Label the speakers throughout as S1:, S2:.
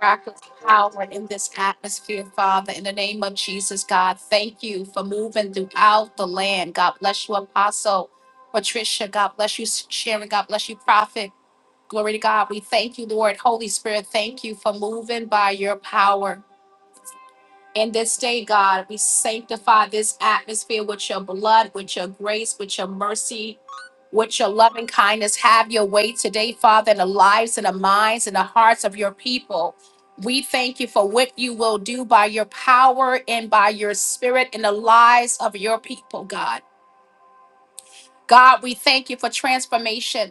S1: miraculous power in this atmosphere, Father. In the name of Jesus, God, thank you for moving throughout the land. God bless you, Apostle Patricia. God bless you, Sharon. God bless you, Prophet. Glory to God. We thank you, Lord. Holy Spirit, thank you for moving by your power in this day, God. We sanctify this atmosphere with your blood, with your grace, with your mercy, with your loving kindness. Have your way today, Father, in the lives and the minds and the hearts of your people. We thank you for what you will do by your power and by your spirit in the lives of your people, God. God, we thank you for transformation.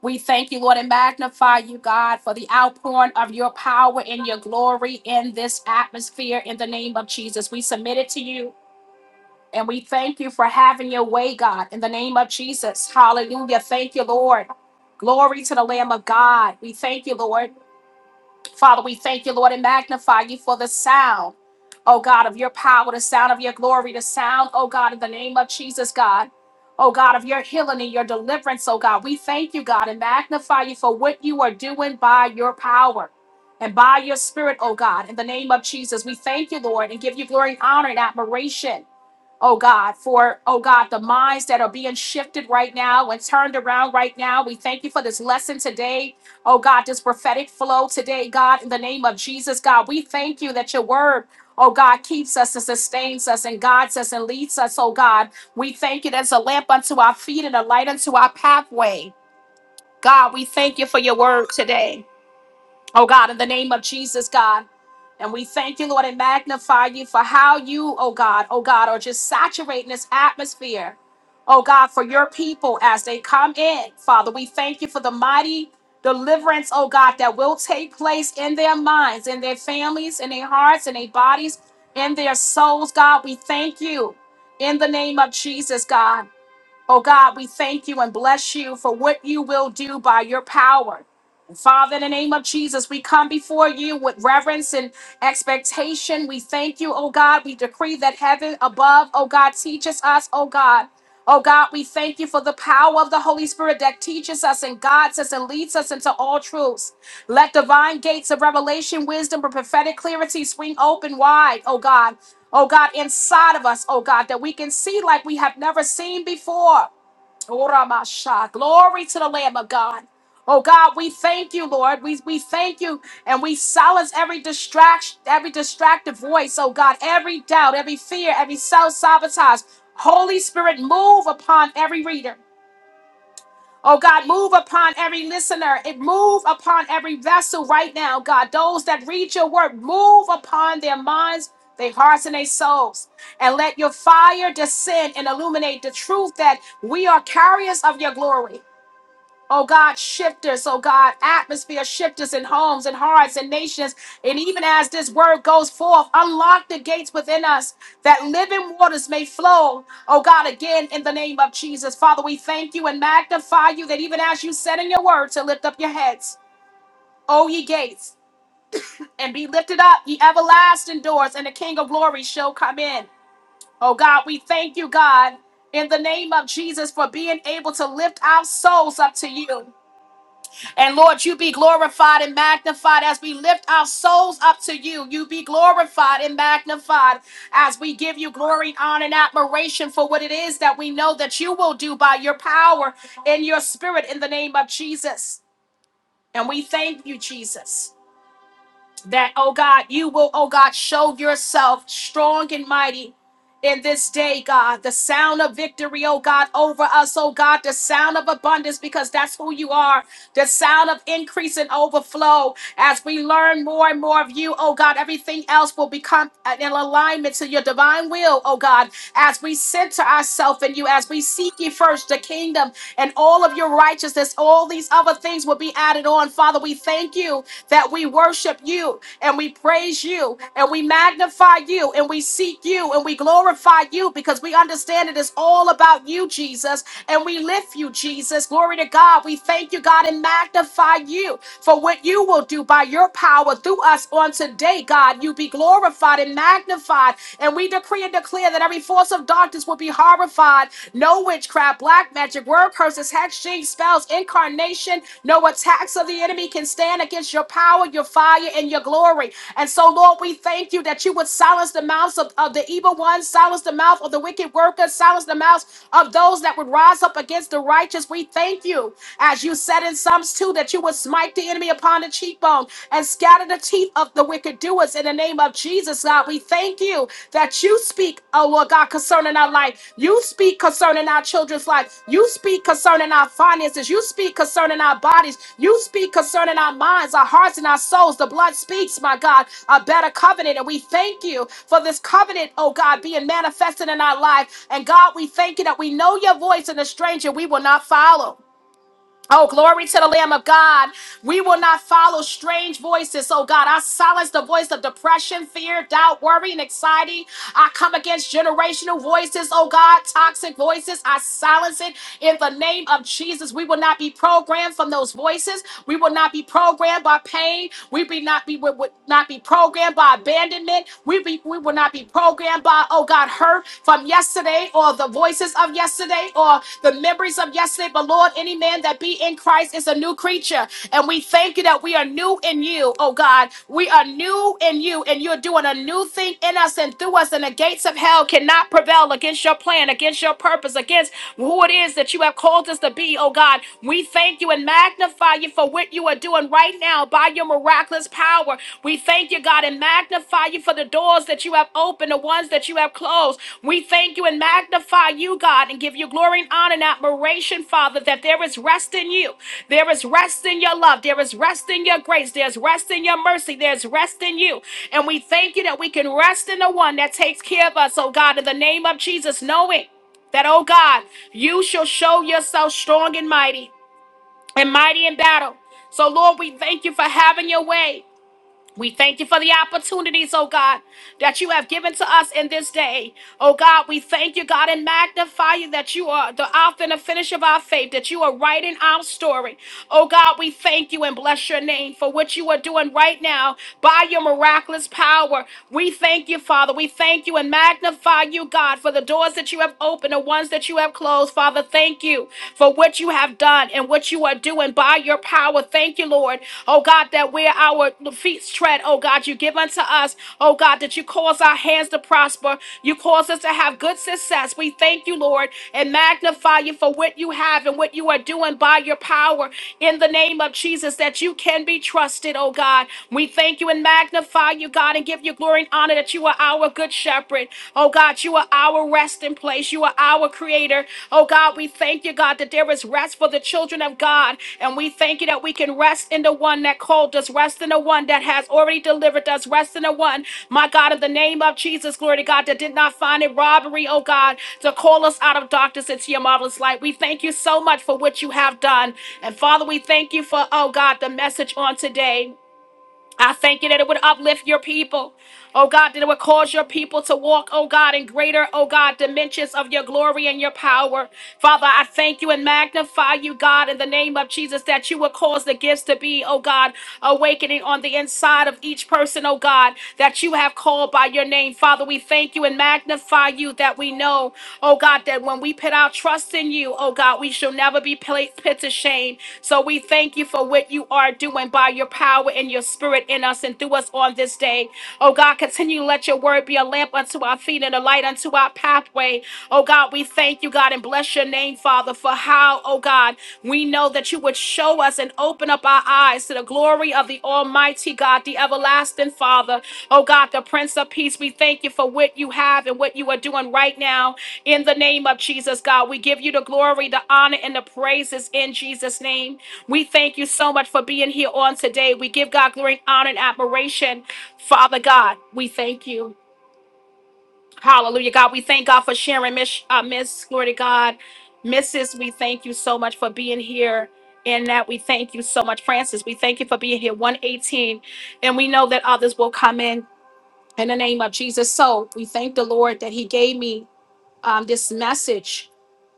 S1: We thank you, Lord, and magnify you, God, for the outpouring of your power and your glory in this atmosphere in the name of Jesus. We submit it to you and we thank you for having your way, God, in the name of Jesus. Hallelujah. Thank you, Lord. Glory to the Lamb of God. We thank you, Lord. Father, we thank you, Lord, and magnify you for the sound, oh God, of your power, the sound of your glory, the sound, oh God, in the name of Jesus, God. Oh God, of your healing and your deliverance, oh God. We thank you, God, and magnify you for what you are doing by your power and by your spirit, oh God. In the name of Jesus, we thank you, Lord, and give you glory, honor, and admiration oh God, for, oh God, the minds that are being shifted right now and turned around right now. We thank you for this lesson today. Oh God, this prophetic flow today, God, in the name of Jesus, God, we thank you that your word. Oh God, keeps us and sustains us and guides us and leads us. Oh God, we thank you that's a lamp unto our feet and a light unto our pathway. God, we thank you for your word today. Oh God, in the name of Jesus, God. And we thank you, Lord, and magnify you for how you, oh God, oh God, are just saturating this atmosphere. Oh God, for your people as they come in, Father, we thank you for the mighty deliverance, oh God, that will take place in their minds, in their families, in their hearts, in their bodies, in their souls, God. We thank you in the name of Jesus, God. Oh God, we thank you and bless you for what you will do by your power. And Father, in the name of Jesus, we come before you with reverence and expectation. We thank you, oh God. We decree that heaven above, oh God, teaches us, oh God. Oh God, we thank you for the power of the Holy Spirit that teaches us and guides us and leads us into all truths. Let divine gates of revelation, wisdom, and prophetic clarity swing open wide, oh God oh God, inside of us, oh God, that we can see like we have never seen before. Oh, Ramasha. Glory to the Lamb of God. Oh God, we thank you, Lord. We, we thank you and we silence every distraction, every distractive voice, oh God, every doubt, every fear, every self sabotage. Holy Spirit, move upon every reader. Oh God, move upon every listener. It move upon every vessel right now, God. Those that read your word, move upon their minds, their hearts, and their souls. And let your fire descend and illuminate the truth that we are carriers of your glory. Oh God, shift us, oh God, atmosphere shift us in homes and hearts and nations. And even as this word goes forth, unlock the gates within us that living waters may flow. Oh God, again in the name of Jesus. Father, we thank you and magnify you that even as you said in your word to lift up your heads, O ye gates, and be lifted up, ye everlasting doors, and the King of glory shall come in. Oh God, we thank you, God, in the name of Jesus for being able to lift our souls up to you. And Lord, you be glorified and magnified as we lift our souls up to you. You be glorified and magnified as we give you glory, honor, and admiration for what it is that we know that you will do by your power and your spirit in the name of Jesus. And we thank you, Jesus that, oh God, you will, oh God, show yourself strong and mighty in this day, God. The sound of victory, oh God, over us, oh God, the sound of abundance, because that's who you are. The sound of increase and overflow. As we learn more and more of you, oh God, everything else will become in alignment to your divine will, oh God. As we center ourselves in you, as we seek you first, the kingdom and all of your righteousness, all these other things will be added on. Father, we thank you you, that we worship you and we praise you and we magnify you and we seek you and we glorify you because we understand it is all about you, Jesus, and we lift you, Jesus. Glory to God. We thank you, God, and magnify you for what you will do by your power through us on today, God. You be glorified and magnified, and we decree and declare that every force of darkness will be horrified. No no witchcraft, black magic, word curses, hex, jinx, spells, incarnation. No attacks of the enemy can stand against your power, your fire, and your glory. And so, Lord, we thank you that you would silence the mouths of, of the evil ones, silence the mouth of the wicked workers, silence the mouths of those that would rise up against the righteous. We thank you, as you said in Psalms 2, that you would smite the enemy upon the cheekbone and scatter the teeth of the wicked doer do us in the name of Jesus, God. We thank you that you speak, oh Lord God, concerning our life. You speak concerning our children's life. You speak concerning our finances. You speak concerning our bodies. You speak concerning our minds, our hearts, and our souls. The blood speaks, my God, a better covenant. And we thank you for this covenant, oh God, being manifested in our life. And God, we thank you that we know your voice and a stranger we will not follow. Oh, glory to the Lamb of God. We will not follow strange voices. Oh, God, I silence the voice of depression, fear, doubt, worry, and anxiety. I come against generational voices. Oh, God, toxic voices. I silence it in the name of Jesus. We will not be programmed from those voices. We will not be programmed by pain. We be not be, we would not be programmed by abandonment. We, be, we will not be programmed by uh, oh God, hurt from yesterday or the voices of yesterday or the memories of yesterday. But Lord, any man that be in Christ is a new creature. And we thank you that we are new in you, oh God. We are new in you, and you're doing a new thing in us and through us. And the gates of hell cannot prevail against your plan, against your purpose, against who it is that you have called us to be, oh God. We thank you and magnify you for what you are doing doing right now by your miraculous power. We thank you, God, and magnify you for the doors that you have opened, the ones that you have closed. We thank you and magnify you, God, and give you glory and honor and admiration, Father, that there is rest in you. There is rest in your love. There is rest in your grace. There's rest in your mercy. There's rest in you. And we thank you that we can rest in the one that takes care of us, oh God, in the name of Jesus, knowing that, oh God, you shall show yourself strong and mighty and mighty in battle. So, Lord, we thank you for having your way. We thank you for the opportunities, oh God, that you have given to us in this day. Oh God, we thank you, God, and magnify you that you are the author and the finish of our faith, that you are writing our story. Oh God, we thank you and bless your name for what you are doing right now by your miraculous power. We thank you, Father. We thank you and magnify you, God, for the doors that you have opened, the ones that you have closed. Father, thank you for what you have have done and what you are doing by your power. Thank you, Lord. Oh God, that where our feet tread, oh God, you give unto us, oh God, that you cause our hands to prosper. You cause us to have good success. We thank you, Lord, and magnify you for what you have and what you are doing by your power in the name of Jesus, that you can be trusted, oh God. We thank you and magnify you, God, and give you glory and honor that you are our good shepherd. Oh, Oh God, you are our resting place. You are our creator. Oh God, we thank you, God, that there is rest for the children of God. And we thank you that we can rest in the one that called us, rest in the one that has already delivered us, rest in the one, my God, in the name of Jesus, glory to God, that did not find it robbery, oh God, to call us out of darkness into your marvelous light. We thank you so much for what you have done. And Father, we thank you for, oh God, the message on today. I thank you that it would uplift your people. Oh God, that it would cause your people to walk, oh God, in greater, oh God, dimensions of your glory and your power. Father, I thank you and magnify you, God, in the name of Jesus, that you would cause the gifts to be, oh God, awakening on the inside of each person, oh God, that you have called by your name. Father, we thank you and magnify you that we know, oh God, that when we put our trust in you, oh God, we shall never be pla- put to shame. So we thank you for what you are doing do and by your power and your spirit in us and through us on this day. Oh God, continue to let your word be a lamp unto our feet and a light unto our pathway. Oh God, we thank you, God, and bless your name, Father, for how, oh God, we know that you would show us and open up our eyes to the glory of the Almighty God, the everlasting Father. Oh God, the Prince of Peace, we thank you for what you have and what you are doing right now. In the name of Jesus, God, we give you the glory, the honor, and the praises in Jesus' name. We thank you so much for being here on today. We give God glory, honor, and admiration. Father God, we thank you. Hallelujah, God. We thank God for sharing, Miss, uh, Miss, glory to God. Mrs., we thank you so much for being here. And that we thank you so much, Francis. We thank you for being here, 118. And we know that others will come in in the name of Jesus. So we thank the Lord that He gave me um, this message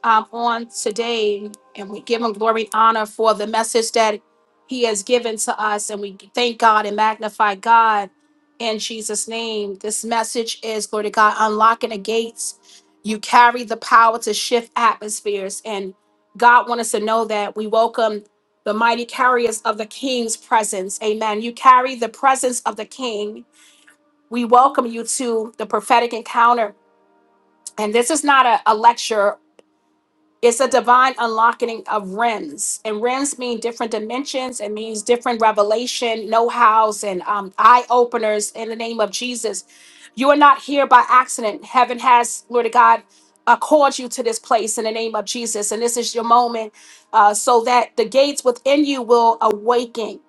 S1: um, on today, and we give him glory and honor for the message that he has given to us, and we thank God and magnify God in Jesus' name. This message is, glory to God, unlocking the gates. You carry the power to shift atmospheres, and God wants us to know that we welcome the mighty carriers of the King's presence. Amen. You carry the presence of the King. We welcome you to the prophetic encounter and this is not a, a lecture it's a divine unlocking of realms, and realms mean different dimensions. It means different revelation, know-hows, and um, eye openers. In the name of Jesus, you are not here by accident. Heaven has, Lord of God, uh, called you to this place in the name of Jesus, and this is your moment, uh, so that the gates within you will awaken.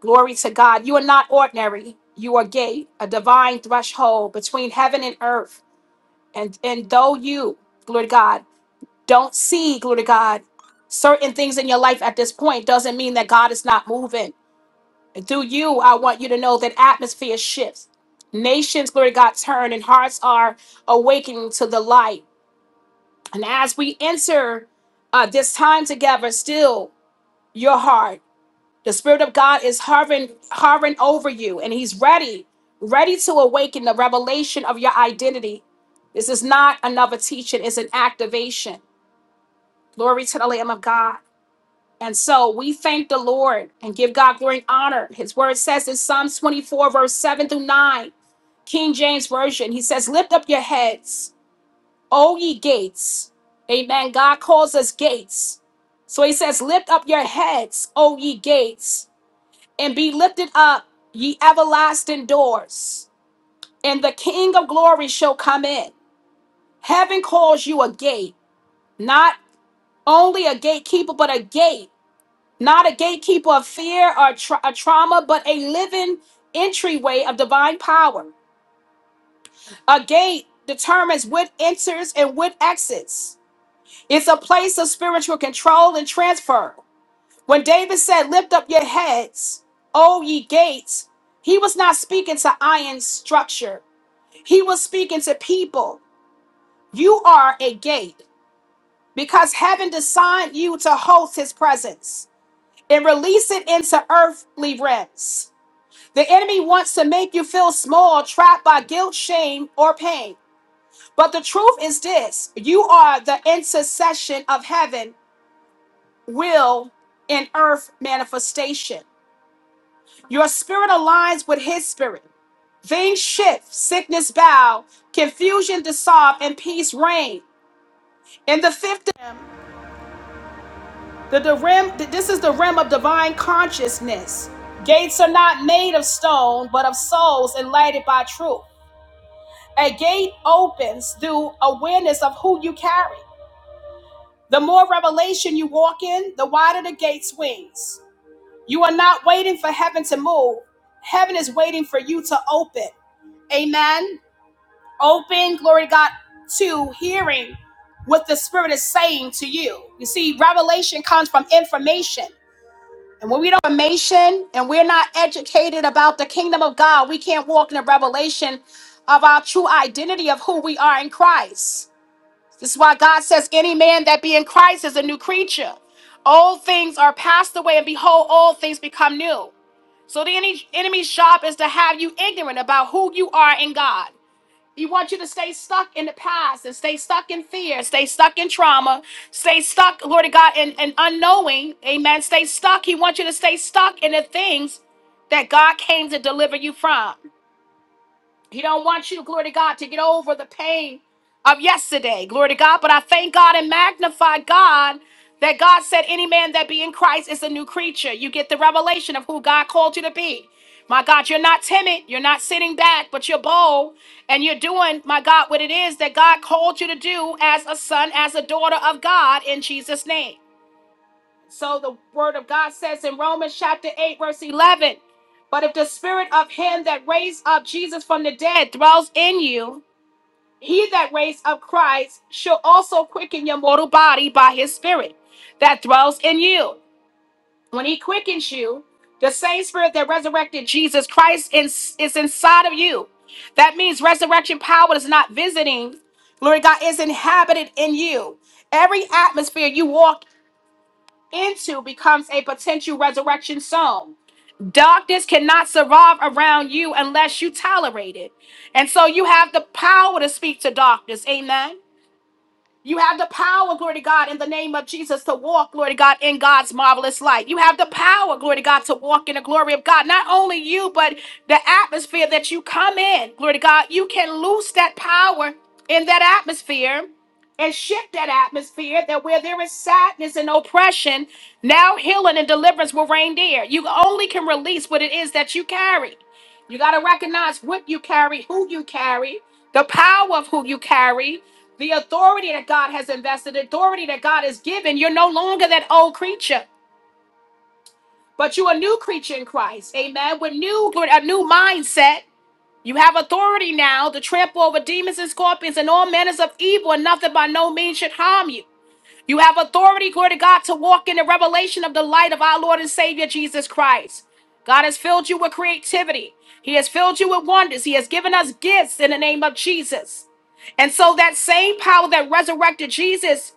S1: Glory to God. You are not ordinary. You are gate, a divine threshold between heaven and earth, and and though you, Lord God don't see, glory to God, certain things in your life at this point doesn't mean that God is not moving. Through you, I want you to know that atmosphere shifts. Nations, glory to God, turn and hearts are awakening to the light. And as we enter uh, this time together, still your heart, the Spirit of God is hovering, hovering over you, and He's ready, ready to awaken the revelation of your identity. This is not another teaching, it's an activation. Glory to the Lamb of God. And so we thank the Lord and give God glory and honor. His word says in Psalms 24, verse 7 through 9, King James Version, he says, Lift up your heads, O ye gates. Amen. God calls us gates. So he says, Lift up your heads, O ye gates, and be lifted up, ye everlasting doors, and the King of glory shall come in. Heaven calls you a gate, not only a gatekeeper, but a gate. not a gatekeeper of fear or tra- a trauma, but a living entryway of divine power. A gate determines what enters and what exits. It's a place of spiritual control and transfer. When David said, Lift up your heads, O ye gates, he was not speaking to iron structure. He was speaking to people. You are a gate because heaven designed you to host his presence and release it into earthly realms. The enemy wants to make you feel small, trapped by guilt, shame, or pain. But the truth is this you are the intercession of heaven, will, and earth manifestation. Your spirit aligns with his spirit. Things shift, sickness bow, confusion dissolve, and peace reign. In the fifth, realm, the, the rim, this is the rim of divine consciousness. Gates are not made of stone, but of souls enlightened by truth. A gate opens through awareness of who you carry. The more revelation you walk in, the wider the gate swings. You are not waiting for heaven to move, heaven is waiting for you to open. Amen. Open, glory to God, to hearing what the Spirit is saying to you. You see, revelation comes from information. And when we don't have information and we're not educated about the kingdom of God, we can't walk in the revelation of our true identity of who we are in Christ. This is why God says, Any man that be in Christ is a new creature. Old things are passed away, and behold, all things become new. So the ene- enemy's job is to have you ignorant about who you are in God. He wants you to stay stuck in the past and stay stuck in fear, stay stuck in trauma, stay stuck, Lord of God, in, in unknowing. Amen. Stay stuck. He wants you to stay stuck in the things that God came to deliver you from. He don't want you, glory to God, to get over the pain of yesterday, glory to God. But I thank God and magnify God that God said, any man that be in Christ is a new creature. You get the revelation of who God called you to be. My God, you're not timid, you're not sitting back, but you're bold, and you're doing, my God, what it is that God called you to do as a son, as a daughter of God in Jesus' name. So the word of God says in Romans chapter 8, verse 11 But if the spirit of him that raised up Jesus from the dead dwells in you, he that raised up Christ shall also quicken your mortal body by his spirit that dwells in you. When he quickens you, the same spirit that resurrected Jesus Christ is, is inside of you. That means resurrection power is not visiting, glory to God, is inhabited in you. Every atmosphere you walk into becomes a potential resurrection zone. Darkness cannot survive around you unless you tolerate it. And so you have the power to speak to darkness. Amen. You have the power, glory to God, in the name of Jesus to walk, glory to God, in God's marvelous light. You have the power, glory to God, to walk in the glory of God. Not only you, but the atmosphere that you come in, glory to God, you can loose that power in that atmosphere and shift that atmosphere that where there is sadness and oppression, now healing and deliverance will reign there. You only can release what it is that you carry. You got to recognize what you carry, who you carry, the power of who you carry, the authority that God has invested, the authority that God has given. You're no longer that old creature, but you're a new creature in Christ. Amen. With new, with a new mindset. You have authority now to trample over demons and scorpions and all manners of evil, and nothing by no means should harm you. You have authority, glory to God, to walk in the revelation of the light of our Lord and Savior Jesus Christ. God has filled you with creativity. He has filled you with wonders. He has given us gifts in the name of Jesus. And so that same power that resurrected Jesus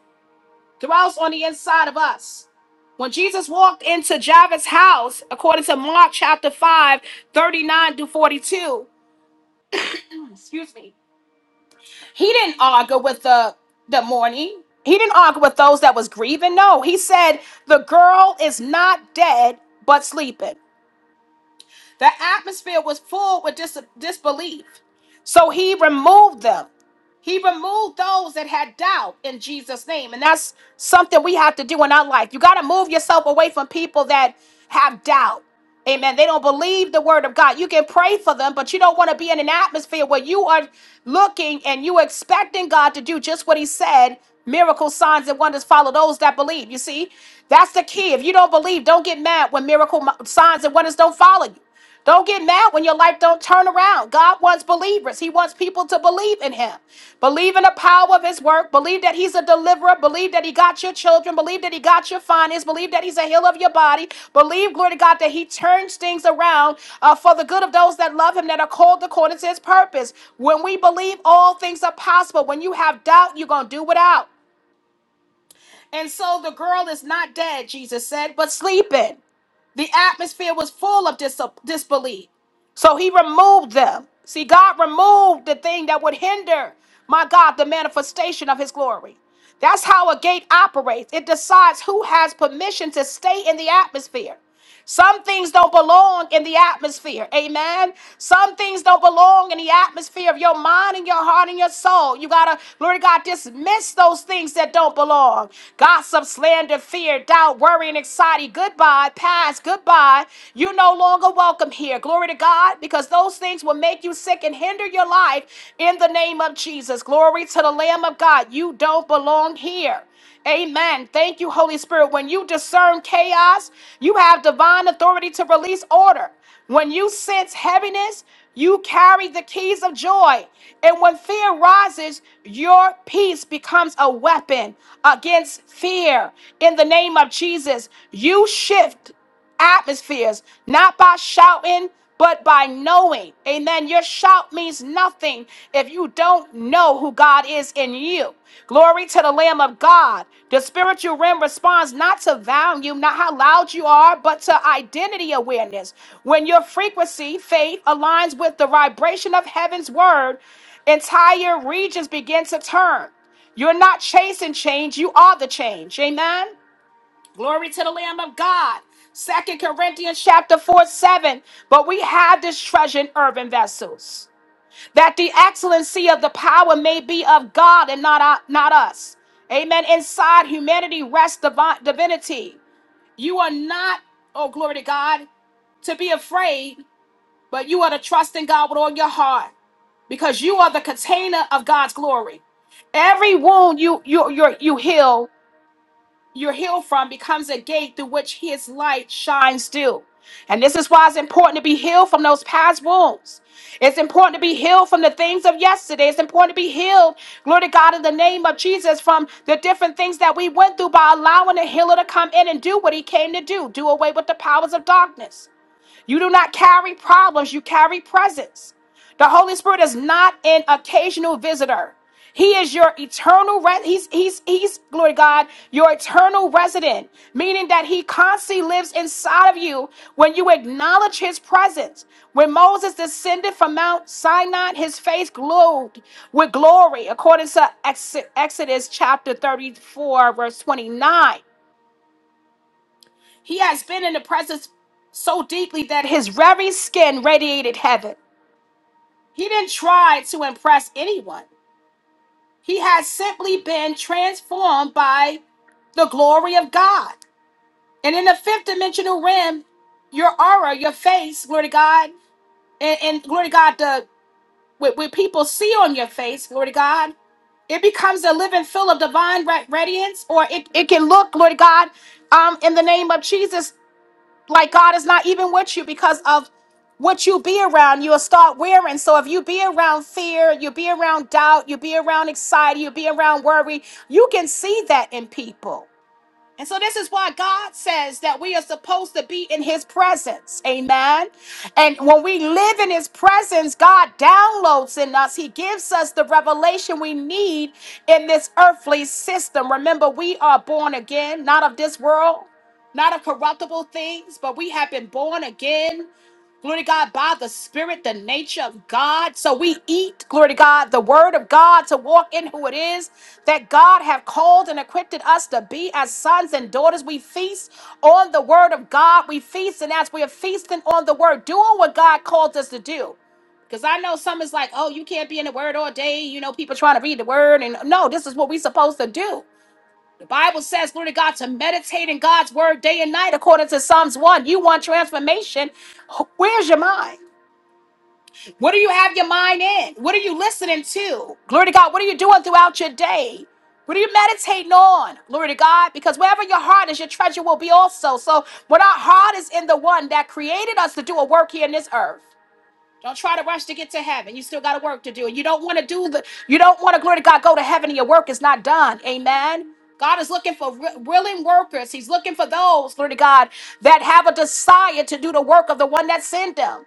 S1: dwells on the inside of us. When Jesus walked into Jairus' house, according to Mark chapter five thirty nine to 42, Excuse me. He didn't argue with the the mourning. He didn't argue with those that was grieving. No, he said the girl is not dead but sleeping. The atmosphere was full with dis- disbelief. So he removed them. He removed those that had doubt in Jesus' name. And that's something we have to do in our life. You got to move yourself away from people that have doubt. Amen. They don't believe the word of God. You can pray for them, but you don't want to be in an atmosphere where you are looking and you expecting God to do just what he said. Miracle signs and wonders follow those that believe. You see, that's the key. If you don't believe, don't get mad when miracle signs and wonders don't follow you. Don't get mad when your life don't turn around. God wants believers. He wants people to believe in him. Believe in the power of his work. Believe that he's a deliverer. Believe that he got your children. Believe that he got your finances. Believe that he's a healer of your body. Believe, glory to God, that he turns things around uh, for the good of those that love him that are called according to his purpose. When we believe all things are possible, when you have doubt, you're going to do without. And so the girl is not dead, Jesus said, but sleeping. The atmosphere was full of dis- disbelief. So he removed them. See, God removed the thing that would hinder, my God, the manifestation of his glory. That's how a gate operates. It decides who has permission to stay in the atmosphere. Some things don't belong in the atmosphere. Amen. Some things don't belong in the atmosphere of your mind and your heart and your soul. You gotta, Lord God, dismiss those things that don't belong. Gossip, slander, fear, doubt, worry, and anxiety. Goodbye. Pass. Goodbye. You're no longer welcome here. Glory to God, because those things will make you sick and hinder your life in the name of Jesus. Glory to the Lamb of God. You don't belong here. Amen. Thank you, Holy Spirit. When you discern chaos, you have divine authority to release order. When you sense heaviness, you carry the keys of joy. And when fear rises, your peace becomes a weapon against fear. In the name of Jesus, you shift atmospheres, not by shouting, but by knowing. Amen. Your shout means nothing if you don't know who God is in you. Glory to the Lamb of God. The spiritual realm responds not to value, not how loud you are, but to identity awareness. When your frequency, faith, aligns with the vibration of heaven's word, entire regions begin to turn. You're not chasing change, you are the change. Amen. Glory to the Lamb of God. Second Corinthians chapter 4 7. But we have this treasure in earthen vessels, that the excellency of the power may be of God and not, our- not us. Amen. Inside humanity rests divi- divinity. You are not, oh, glory to God, to be afraid, but you are to trust in God with all your heart because you are the container of God's glory. Every wound you you you you heal you're healed from becomes a gate through which his light shines through. And this is why it's important to be healed from those past wounds. It's important to be healed from the things of yesterday. It's important to be healed, glory to God, in the name of Jesus, from the different things that we went through by allowing the healer to come in and do what he came to do do away with the powers of darkness. You do not carry problems, you carry presence. The Holy Spirit is not an occasional visitor. He is your eternal re- he's he's he's glory to God, your eternal resident, meaning that he constantly lives inside of you when you acknowledge his presence. When Moses descended from Mount Sinai, his face glowed with glory, according to Ex- Exodus chapter 34 verse 29. He has been in the presence so deeply that his very skin radiated heaven. He didn't try to impress anyone. He has simply been transformed by the glory of God. And in the fifth dimensional realm, your aura, your face, glory to God, and, and glory to God, the what, what people see on your face, glory to God, it becomes a living fill of divine ra- radiance, or it, it can look, glory to God, um, in the name of Jesus. like God is not even with you because of what you be around, you'll start wearing. So if you be around fear, you be around doubt, you be around anxiety, you be around worry, you can see that in people. And so this is why God says that we are supposed to be in his presence. Amen. And when we live in his presence, God downloads in us. He gives us the revelation we need in this earthly system. Remember, we are born again, not of this world, not of corruptible things, but we have been born again glory to God, by the Spirit, the nature of God. So we eat, glory to God, the Word of God to walk in who it is that God have called and equipped us to be as sons and daughters. We feast on the Word of God. We feast, and as we are feasting on the Word, doing what God called us to do. Because I know some is like, oh, you can't be in the Word all day. You know, people trying to read the Word. And no, this is what we supposed to do. The Bible says, glory to God, to meditate in God's word day and night, according to Psalms 1. You want transformation. Where's your mind? What do you have your mind in? What are you listening to? Glory to God. What are you doing throughout your day? What are you meditating on? Glory to God. Because wherever your heart is, your treasure will be also. So, when our heart is in the one that created us to do a work here in this earth. Don't try to rush to get to heaven. You still got work to do. You don't want to do the, you don't want to, glory to God, go to heaven and your work is not done. Amen. God is looking for wi- willing workers. He's looking for those, glory to God, that have a desire to do the work of the one that sent them.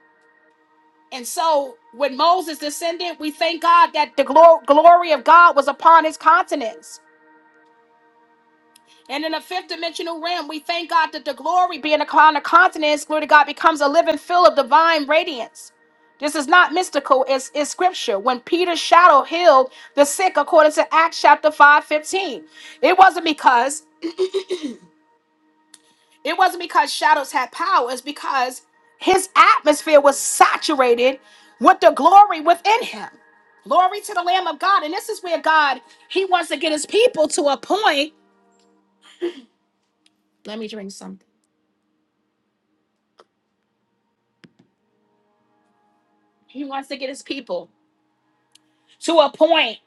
S1: And so when Moses descended, we thank God that the glo- glory of God was upon his countenance. And in the fifth dimensional realm, we thank God that the glory being upon the continents, glory to God, becomes a living fill of divine radiance. This is not mystical, it's, it's scripture. When Peter's shadow healed the sick, according to Acts chapter five fifteen, it wasn't because it wasn't because shadows had power, it's because his atmosphere was saturated with the glory within him. Glory to the Lamb of God. And this is where God, He wants to get His people to a point. Let me drink something. He wants to get His people to a point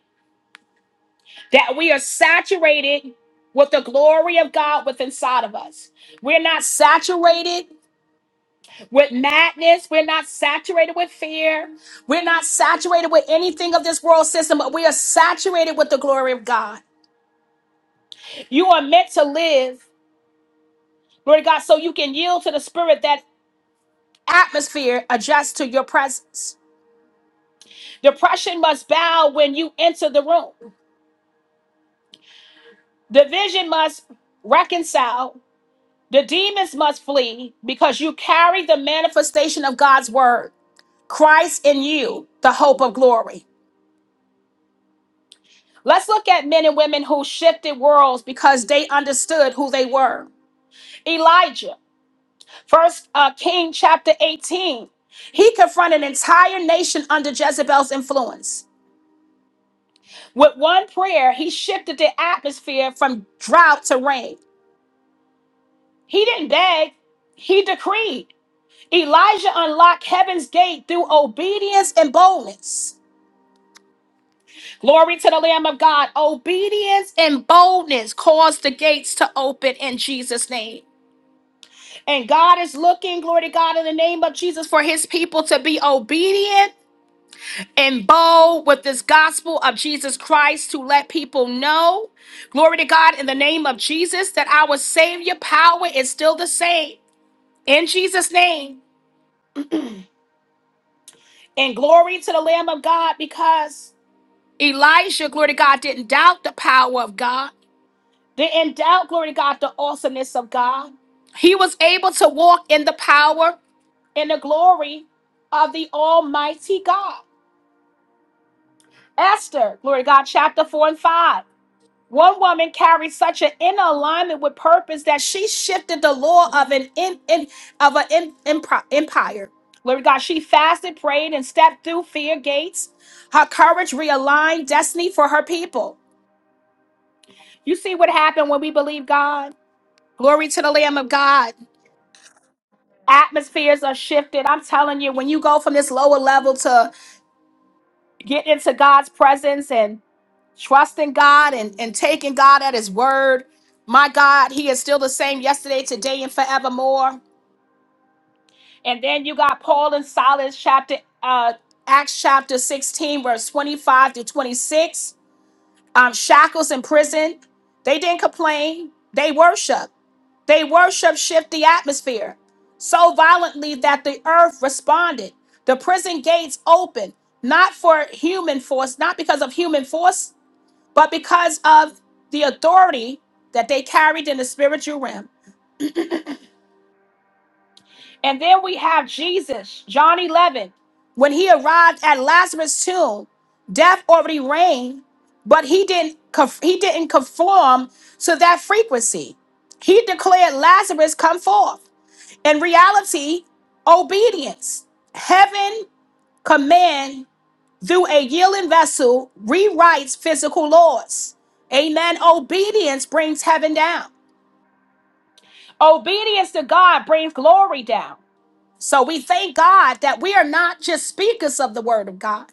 S1: that we are saturated with the glory of God within inside of us. We're not saturated with madness. We're not saturated with fear. We're not saturated with anything of this world system, but we are saturated with the glory of God. You are meant to live, Lord God, so you can yield to the spirit that atmosphere adjusts to your presence. Depression must bow when you enter the room. Division must reconcile The demons must flee because you carry the manifestation of God's word, Christ in you, the hope of glory. Let's look at men and women who shifted worlds because they understood who they were. Elijah, first uh, King chapter 18, he confronted an entire nation under Jezebel's influence. With one prayer, he shifted the atmosphere from drought to rain. He didn't beg, he decreed. Elijah unlocked heaven's gate through obedience and boldness. Glory to the Lamb of God. Obedience and boldness caused the gates to open in Jesus' name. And God is looking, glory to God, in the name of Jesus, for his people to be obedient and bold with this gospel of Jesus Christ to let people know, glory to God, in the name of Jesus, that our Savior power is still the same in Jesus' name. And glory to the Lamb of God because Elijah, glory to God, didn't doubt the power of God, didn't doubt, glory to God, the awesomeness of God. He was able to walk in the power and the glory of the Almighty God. Esther, glory to God, chapter 4 and 5. One woman carried such an inner alignment with purpose that she shifted the law of an in, in- of an in- empri- empire. Glory to God, she fasted, prayed, and stepped through fear gates. Her courage realigned destiny for her people. You see what happened when we believe God? Glory to the Lamb of God. Atmospheres are shifted. I'm telling you, when you go from this lower level to get into God's presence and trusting God and, and taking God at His word, my God, He is still the same yesterday, today, and forevermore. And then you got Paul and Silas, chapter uh, Acts chapter 16, verse 25 to 26. Um, shackles in prison. They didn't complain. They worshiped. They worship shift the atmosphere so violently that the earth responded. The prison gates opened, not for human force, not because of human force, but because of the authority that they carried in the spiritual realm. And then we have Jesus, John 11. When he arrived at Lazarus' tomb, death already reigned, but he didn't conf- he didn't conform to that frequency. He declared Lazarus come forth. In reality, obedience, heaven command through a yielding vessel rewrites physical laws. Amen. Obedience brings heaven down. Obedience to God brings glory down. So we thank God that we are not just speakers of the word of God.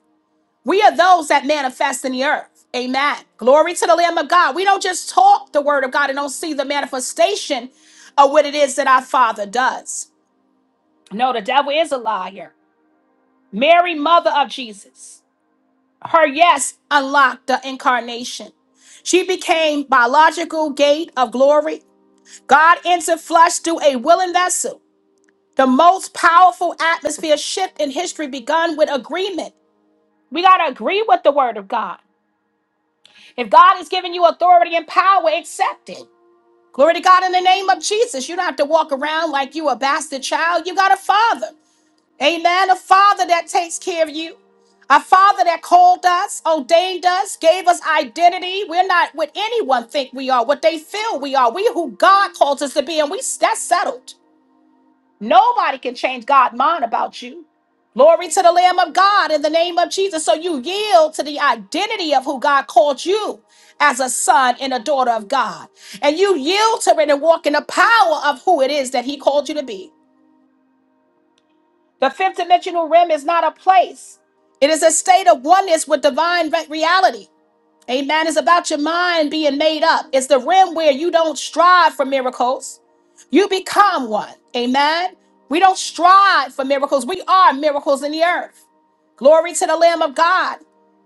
S1: We are those that manifest in the earth. Amen. Glory to the Lamb of God. We don't just talk the word of God and don't see the manifestation of what it is that our Father does. No, the devil is a liar. Mary, mother of Jesus, her yes unlocked the incarnation. She became biological gate of glory. God entered flesh through a willing vessel. The most powerful atmosphere shift in history begun with agreement. We got to agree with the word of God. If God has given you authority and power, accept it. Glory to God in the name of Jesus. You don't have to walk around like you a bastard child. You got a father. Amen. A father that takes care of you. A father that called us, ordained us, gave us identity. We're not what anyone think we are, what they feel we are. We who God calls us to be, and we that's settled. Nobody can change God's mind about you. Glory to the Lamb of God in the name of Jesus. So you yield to the identity of who God called you as a son and a daughter of God. And you yield to it and walk in the power of who it is that He called you to be. The fifth dimensional realm is not a place, it is a state of oneness with divine re- reality. Amen. It's about your mind being made up. It's the realm where you don't strive for miracles, you become one. Amen. We don't strive for miracles, we are miracles in the earth. Glory to the Lamb of God.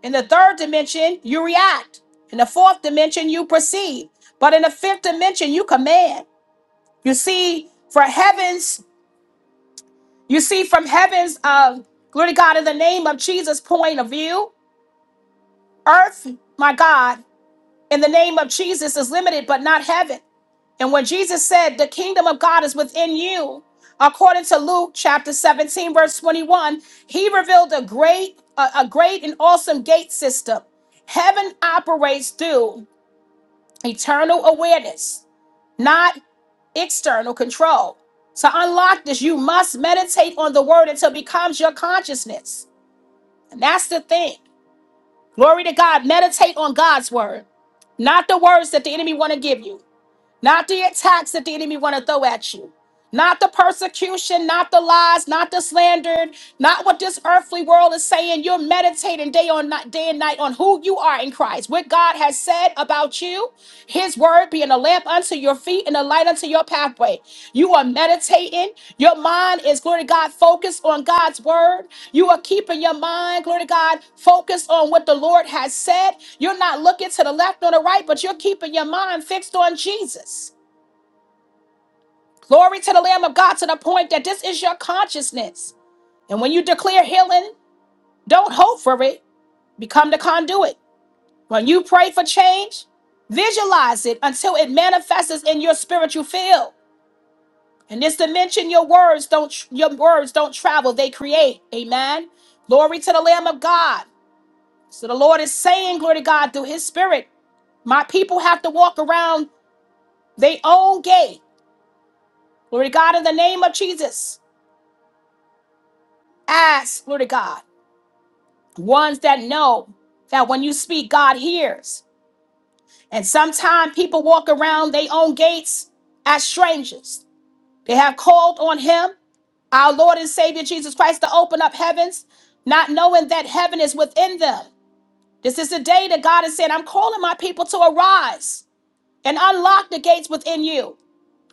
S1: In the third dimension, you react. In the fourth dimension, you perceive. But in the fifth dimension, you command. You see, for heavens. You see, from heaven's, uh, glory to God, in the name of Jesus' point of view, earth, my God, in the name of Jesus is limited, but not heaven. And when Jesus said, The kingdom of God is within you, according to Luke chapter 17, verse 21, he revealed a great, a, a great and awesome gate system. Heaven operates through eternal awareness, not external control. To unlock this, you must meditate on the word until it becomes your consciousness. That's the thing. Glory to God. Meditate on God's word, not the words that the enemy want to give you, not the attacks that the enemy want to throw at you. Not the persecution, not the lies, not the slander, not what this earthly world is saying. You're meditating day on night, day and night on who you are in Christ, what God has said about you, his word being a lamp unto your feet and a light unto your pathway. You are meditating. Your mind is, glory to God, focused on God's word. You are keeping your mind, glory to God, focused on what the Lord has said. You're not looking to the left or the right, but you're keeping your mind fixed on Jesus. Glory to the Lamb of God to the point that this is your consciousness. And when you declare healing, don't hope for it, become the conduit. When you pray for change, visualize it until it manifests in your spiritual field. In this dimension, your words don't your words don't travel, they create. Amen. Glory to the Lamb of God. So the Lord is saying, glory to God, through his spirit, my people have to walk around their own gate. Glory to God in the name of Jesus. Ask, glory to God. ones that know that when you speak, God hears. And sometimes people walk around their own gates as strangers. They have called on Him, our Lord and Savior Jesus Christ, to open up heavens, not knowing that heaven is within them. This is the day that God has said, I'm calling my people to arise and unlock the gates within you.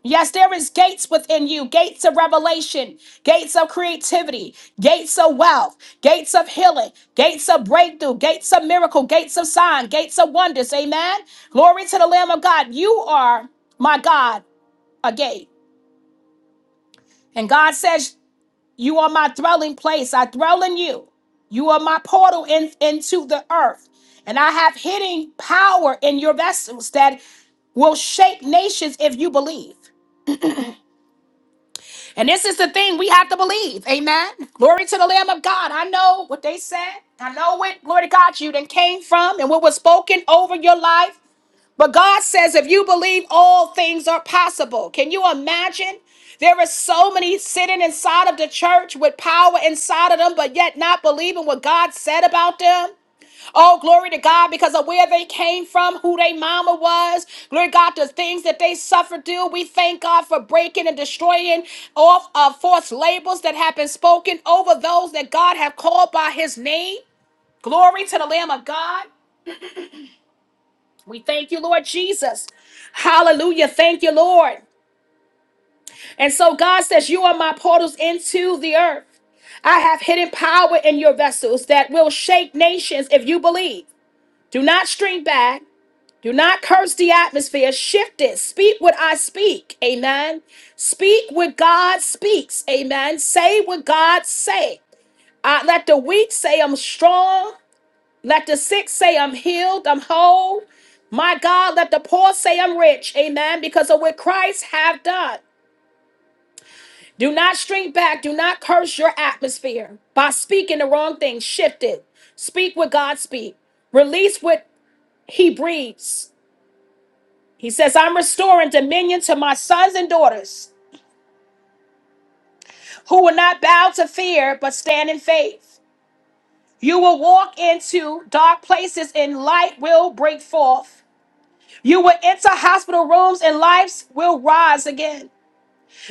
S1: Yes, there is gates within you, gates of revelation, gates of creativity, gates of wealth, gates of healing, gates of breakthrough, gates of miracle, gates of sign, gates of wonders. Amen. Glory to the Lamb of God. You are my God, a gate. And God says, You are my dwelling place. I dwell in you. You are my portal in- into the earth. And I have hidden power in your vessels that will shape nations if you believe. And this is the thing we have to believe. Amen. Glory to the Lamb of God. I know what they said. I know what, glory to God, you then came from and what was spoken over your life. But God says, if you believe, all things are possible. Can you imagine? There are so many sitting inside of the church with power inside of them, but yet not believing what God said about them. Oh, glory to God, because of where they came from, who their mama was. Glory to God, the things that they suffered through. We thank God for breaking and destroying off of false labels that have been spoken over those that God have called by his name. Glory to the Lamb of God. We thank you, Lord Jesus. Hallelujah. Thank you, Lord. And so God says, You are my portals into the earth. I have hidden power in your vessels that will shake nations if you believe. Do not shrink back. Do not curse the atmosphere. Shift it. Speak what I speak. Amen. Speak what God speaks. Amen. Say what God say. Uh, let the weak say I'm strong. Let the sick say I'm healed. I'm whole. My God, let the poor say I'm rich. Amen. Because of what Christ have done. Do not shrink back. Do not curse your atmosphere by speaking the wrong thing. Shift it. Speak what God speak. Release what He breathes. He says, I'm restoring dominion to my sons and daughters who will not bow to fear but stand in faith. You will walk into dark places and light will break forth. You will enter hospital rooms and lives will rise again.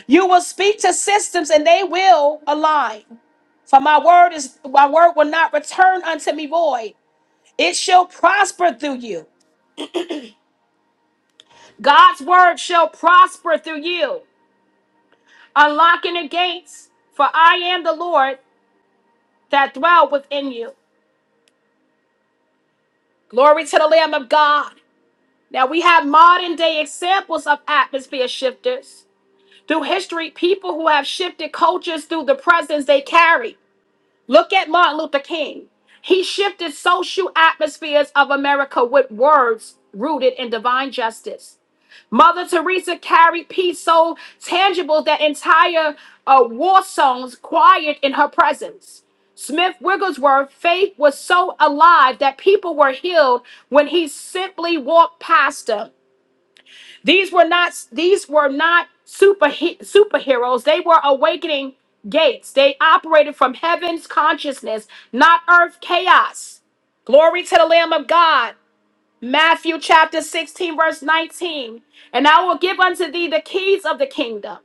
S1: You will speak to systems and they will align. For my word is my word will not return unto me void. It shall prosper through you. God's word shall prosper through you. Unlocking the gates, for I am the Lord that dwell within you. Glory to the Lamb of God. Now we have modern day examples of atmosphere shifters. Through history, people who have shifted cultures through the presence they carry. Look at Martin Luther King. He shifted social atmospheres of America with words rooted in divine justice. Mother Teresa carried peace so tangible that entire uh, war songs quiet in her presence. Smith Wigglesworth, faith was so alive that people were healed when he simply walked past them. These were not these were not super superheroes. They were awakening gates. They operated from heaven's consciousness, not earth chaos. Glory to the Lamb of God. Matthew chapter 16, verse 19. And I will give unto thee the keys of the kingdom.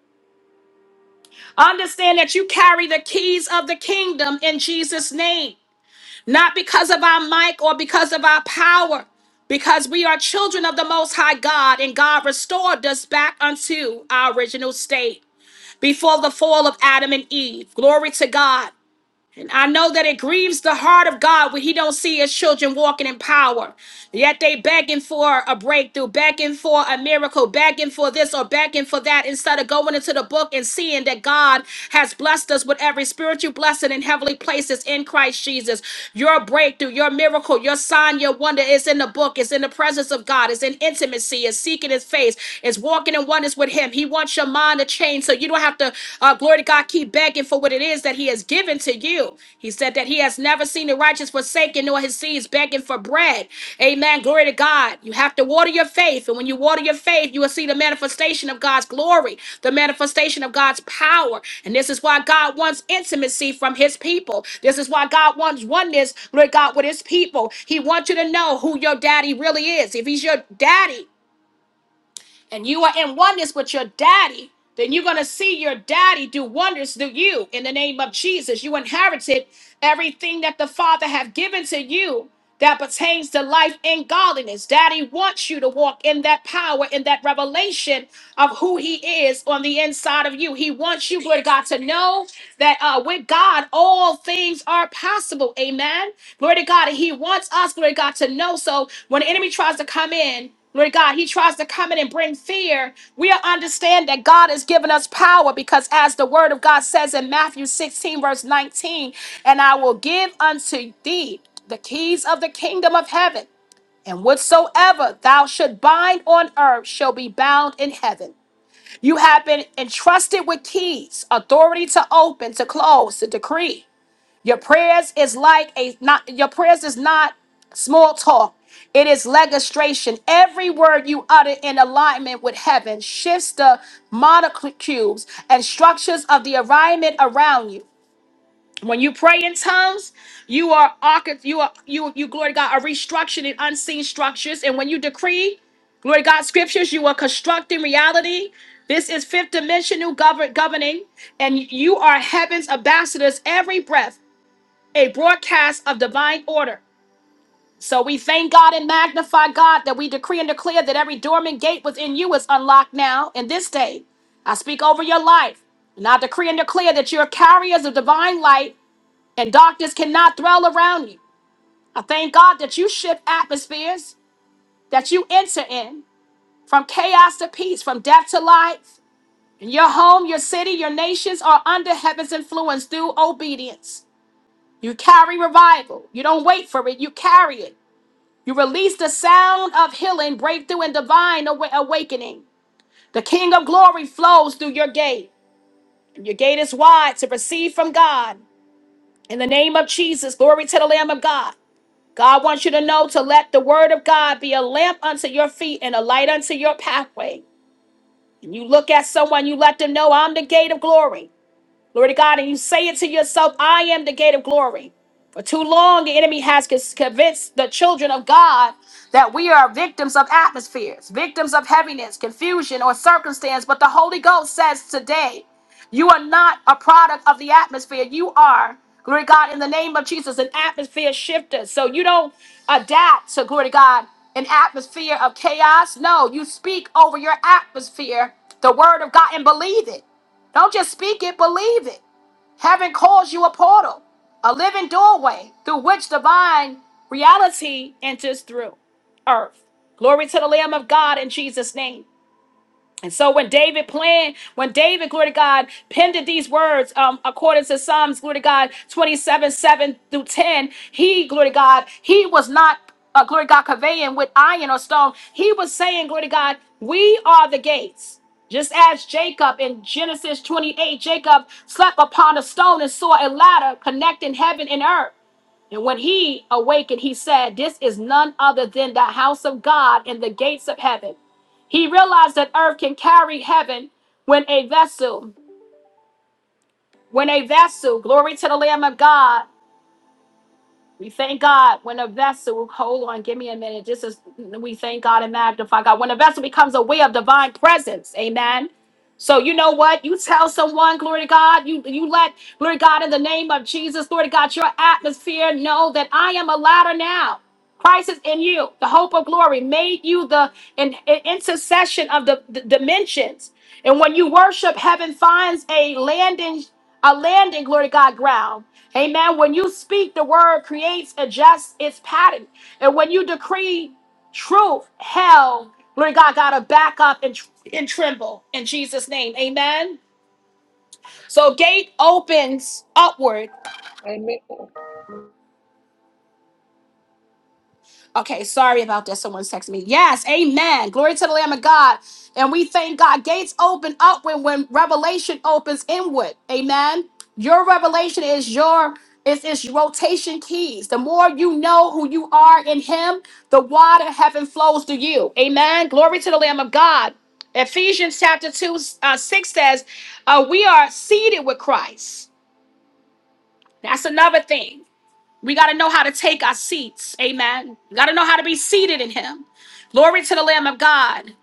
S1: Understand that you carry the keys of the kingdom in Jesus' name, not because of our might or because of our power, because we are children of the Most High God, and God restored us back unto our original state before the fall of Adam and Eve. Glory to God. I know that it grieves the heart of God when He don't see His children walking in power. Yet they begging for a breakthrough, begging for a miracle, begging for this or begging for that, instead of going into the book and seeing that God has blessed us with every spiritual blessing in heavenly places in Christ Jesus. Your breakthrough, your miracle, your sign, your wonder is in the book. It's in the presence of God. It's in intimacy. It's seeking His face. It's walking in oneness with Him. He wants your mind to change so you don't have to, uh, glory to God, keep begging for what it is that He has given to you. He said that He has never seen the righteous forsaken nor His seeds begging for bread. Amen. Glory to God. You have to water your faith. And when you water your faith, you will see the manifestation of God's glory, the manifestation of God's power. And this is why God wants intimacy from His people. This is why God wants oneness, glory to God, with His people. He wants you to know who your daddy really is. If He's your daddy, and you are in oneness with your daddy, then you're going to see your daddy do wonders to you in the name of Jesus. You inherited everything that the Father have given to you that pertains to life and godliness. Daddy wants you to walk in that power, in that revelation of who he is on the inside of you. He wants you, glory to God, to know that uh, with God, all things are possible. Amen. Glory to God. And he wants us, glory to God, to know. So when the enemy tries to come in, Lord God, he tries to come in and bring fear. We understand that God has given us power because, as the word of God says in Matthew 16, verse 19, and I will give unto thee the keys of the kingdom of heaven, and whatsoever thou should bind on earth shall be bound in heaven. You have been entrusted with keys, authority to open, to close, to decree. Your prayers is like a not your prayers is not small talk. It is legislation. Every word you utter in alignment with heaven shifts the molecules and structures of the environment around you. When you pray in tongues, you are archi- you are you you glory to God are restructuring unseen structures. And when you decree, glory to God scriptures, you are constructing reality. This is fifth dimensional govern governing, and you are heaven's ambassadors every breath a broadcast of divine order. So we thank God and magnify God that we decree and declare that every dormant gate within you is unlocked now in this day. I speak over your life. And I decree and declare that you're carriers of divine light and darkness cannot dwell around you. I thank God that you shift atmospheres that you enter in from chaos to peace, from death to life. And your home, your city, your nations are under heaven's influence through obedience. You carry revival. You don't wait for it, you carry it. You release the sound of healing, breakthrough, and divine awa- awakening. The King of glory flows through your gate. and Your gate is wide to receive from God. In the name of Jesus, glory to the Lamb of God. God wants you to know to let the word of God be a lamp unto your feet and a light unto your pathway. And you look at someone, you let them know, I'm the gate of glory. Glory to God. And you say it to yourself, I am the gate of glory. For too long, the enemy has con- convinced the children of God that we are victims of atmospheres, victims of heaviness, confusion, or circumstance. But the Holy Ghost says today, you are not a product of the atmosphere. You are, glory to God, in the name of Jesus, an atmosphere shifter. So you don't adapt to, glory to God, an atmosphere of chaos. No, you speak over your atmosphere the word of God and believe it. Don't just speak it, believe it. Heaven calls you a portal, a living doorway through which divine reality enters through earth. Glory to the Lamb of God in Jesus' name. And so when David planned, when David, glory to God, penned these words, um, according to Psalms, glory to God, 27, 7 through 10, he, glory to God, he was not, uh, glory to God, conveying with iron or stone. He was saying, glory to God, we are the gates. Just as Jacob in Genesis 28, Jacob slept upon a stone and saw a ladder connecting heaven and earth. And when he awakened, he said, This is none other than the house of God and the gates of heaven. He realized that earth can carry heaven when a vessel, when a vessel, glory to the Lamb of God, we thank God when a vessel, hold on, give me a minute. This is, we thank God and magnify God. When a vessel becomes aware of divine presence, amen. So you know what? You tell someone, glory to God, you, you let, glory to God, in the name of Jesus, glory to God, your atmosphere know that I am a ladder now. Christ is in you, the hope of glory, made you the an, an intercession of the the dimensions. And when you worship, heaven finds a landing a landing, glory to God, ground. Amen. When you speak, the word creates, adjusts its pattern. And when you decree truth, hell, glory to God, got to back up and, and tremble in Jesus' name. Amen. So, gate opens upward
S2: Amen. Amen.
S1: Okay, sorry about that. Someone's texting me. Yes, amen. Glory to the Lamb of God. And we thank God. Gates open up when, when revelation opens inward. Amen. Your revelation is your is is rotation keys. The more you know who you are in him, the water of heaven flows to you. Amen. Glory to the Lamb of God. Ephesians chapter 2, uh, 6 says, uh, we are seated with Christ. That's another thing. We got to know how to take our seats. Amen. We got to know how to be seated in Him. Glory to the Lamb of God.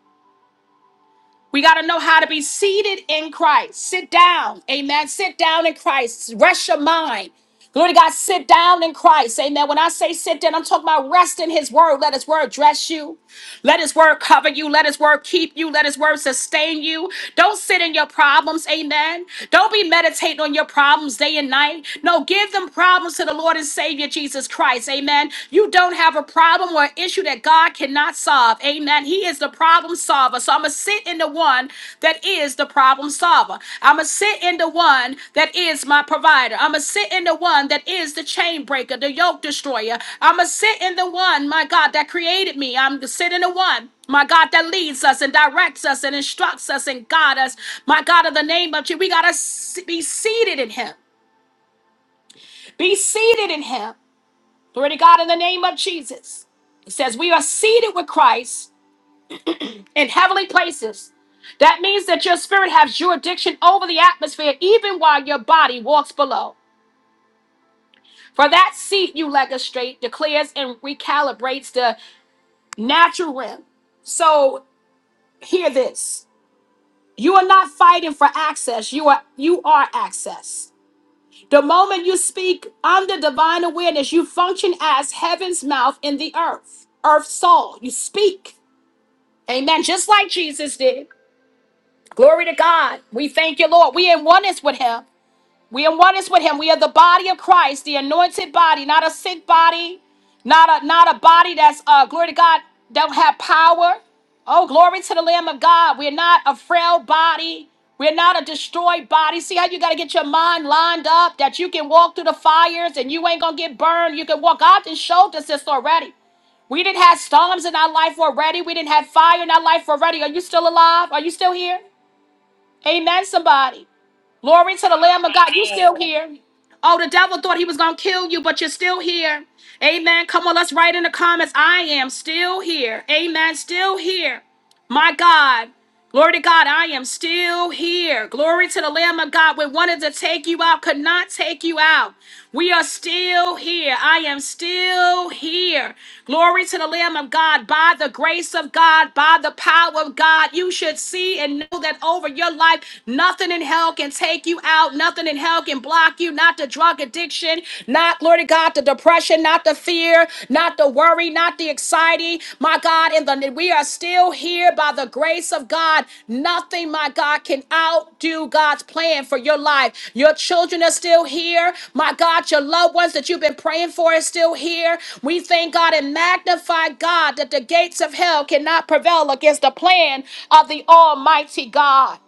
S1: We got to know how to be seated in Christ. Sit down. Amen. Sit down in Christ. Rest your mind. Glory to God. Sit down in Christ. Amen. When I say sit down, I'm talking about rest in His word. Let His word dress you. Let his word cover you. Let his word keep you. Let his word sustain you. Don't sit in your problems. Amen. Don't be meditating on your problems day and night. No, give them problems to the Lord and Savior Jesus Christ. Amen. You don't have a problem or issue that God cannot solve. Amen. He is the problem solver. So I'm going to sit in the one that is is the problem solver. I'm going to sit in the one that is my provider. I'm going to sit in the one that is the chain breaker, the yoke destroyer. I'm going to sit in the one, my God, that created me. I'm going to sit in the one. My God, that leads us and directs us and instructs us and guides us. My God, in the name of Jesus, we got to be seated in Him. Be seated in Him. Glory to God, in the name of Jesus. It says, We are seated with Christ in heavenly places. That means that your spirit has jurisdiction over the atmosphere even while your body walks below. For that seat you legislate declares and recalibrates the natural realm. So hear this. You are not fighting for access. You are you are access. The moment you speak under divine awareness, you function as heaven's mouth in the earth, earth's soul. You speak. Amen. Just like Jesus did. Glory to God. We thank you, Lord. We in oneness with Him. We in oneness with Him. We are the body of Christ, the anointed body, not a sick body, not a not a body that's uh glory to God, don't have power. Oh, glory to the Lamb of God. We're not a frail body. We're not a destroyed body. See how you got to get your mind lined up that you can walk through the fires and you ain't going to get burned. You can walk. God and showed us this already. We didn't have storms in our life already. We didn't have fire in our life already. Are you still alive? Are you still here? Amen, somebody. Glory to the Lamb of God. You still here. Oh, the devil thought he was going to kill you, but you're still here. Amen. Come on, let's write in the comments. I am still here. Amen. Still here. My God. Glory to God, I am still here. Glory to the Lamb of God. We wanted to take you out, could not take you out. We are still here. I am still here. Glory to the Lamb of God. By the grace of God, by the power of God, you should see and know that over your life, nothing in hell can take you out. Nothing in hell can block you. Not the drug addiction, not, glory to God, the depression depression, not the fear, not the worry, not the anxiety. My God, in the we are still here by the grace of God. Nothing, my God, can outdo God's plan for your life. Your children are still here. My God, your loved ones that you've been praying for is still here. We thank God and magnify God that the gates of hell cannot prevail against the plan of the Almighty God.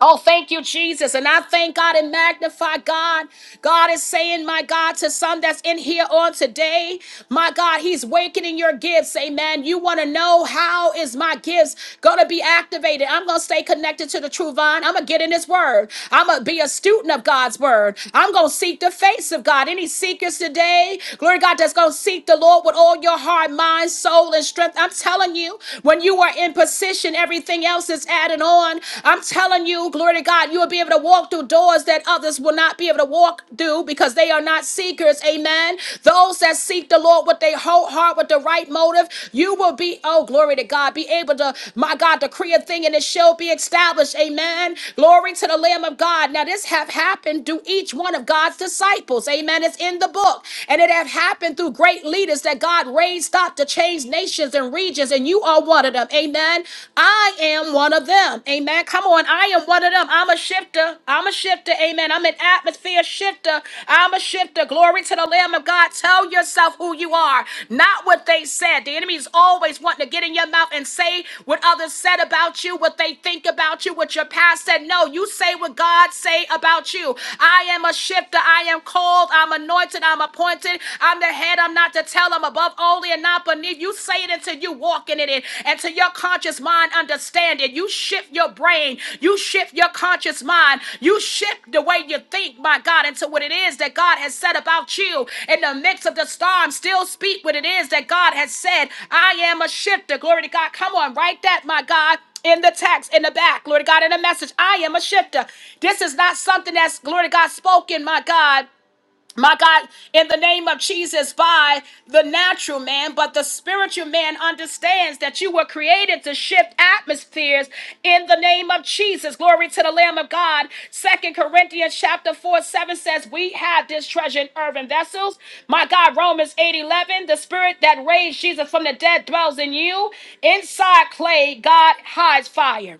S1: Oh, thank you, Jesus. And I thank God and magnify God. God is saying, my God, to some that's in here on today, my God, He's wakening your gifts. Amen. You want to know how is my gifts going to be activated? I'm going to stay connected to the true vine. I'm going to get in His word. I'm going to be a student of God's word. I'm going to seek the face of God. Any seekers today, glory to God, that's going to seek the Lord with all your heart, mind, soul, and strength. I'm telling you, when you are in position, and everything else is added on. I'm telling you, glory to God, you will be able to walk through doors that others will not be able to walk through because they are not seekers. Amen. Those that seek the Lord with their whole heart, with the right motive, you will be, oh, glory to God, be able to, my God, decree a thing and it shall be established. Amen. Glory to the Lamb of God. Now, this have happened to each one of God's disciples. Amen. It's in the book. And it have happened through great leaders that God raised up to change nations nations and regions, and you are one of them. Amen. I am one of them. Amen. Come on. I am one of them. I'm a shifter. I'm a shifter. Amen. I'm an atmosphere shifter. I'm a shifter. Glory to the Lamb of God. Tell yourself who you are, not what they said. The enemy is always wanting to get in your mouth and say what others said about you, what they think about you, what your past said. No, you say what God say about you. I am a shifter. I am called. I'm anointed. I'm appointed. I'm the head said I'm not to tell them above only and not beneath. You say it until you walk in it and to your conscious mind understand it. You shift your brain. You shift your conscious mind. You shift the way you think, my God, into what it is that God has said about you. In the midst of the storm, still speak what it is that God has said. I am a shifter. Glory to God. Come on, write that, my God in the text, in the back, Lord God, in the message. I am a shifter. This is not something that's, glory to God, spoken, my God my God, in the name of Jesus, by the natural man, but the spiritual man understands that you were created to shift atmospheres in the name of Jesus. Glory to the Lamb of God. Second Corinthians chapter 4, 7 says, We have this treasure in earthen vessels. My God, Romans eight eleven, the spirit that raised Jesus from the dead dwells in you. Inside clay, God hides fire.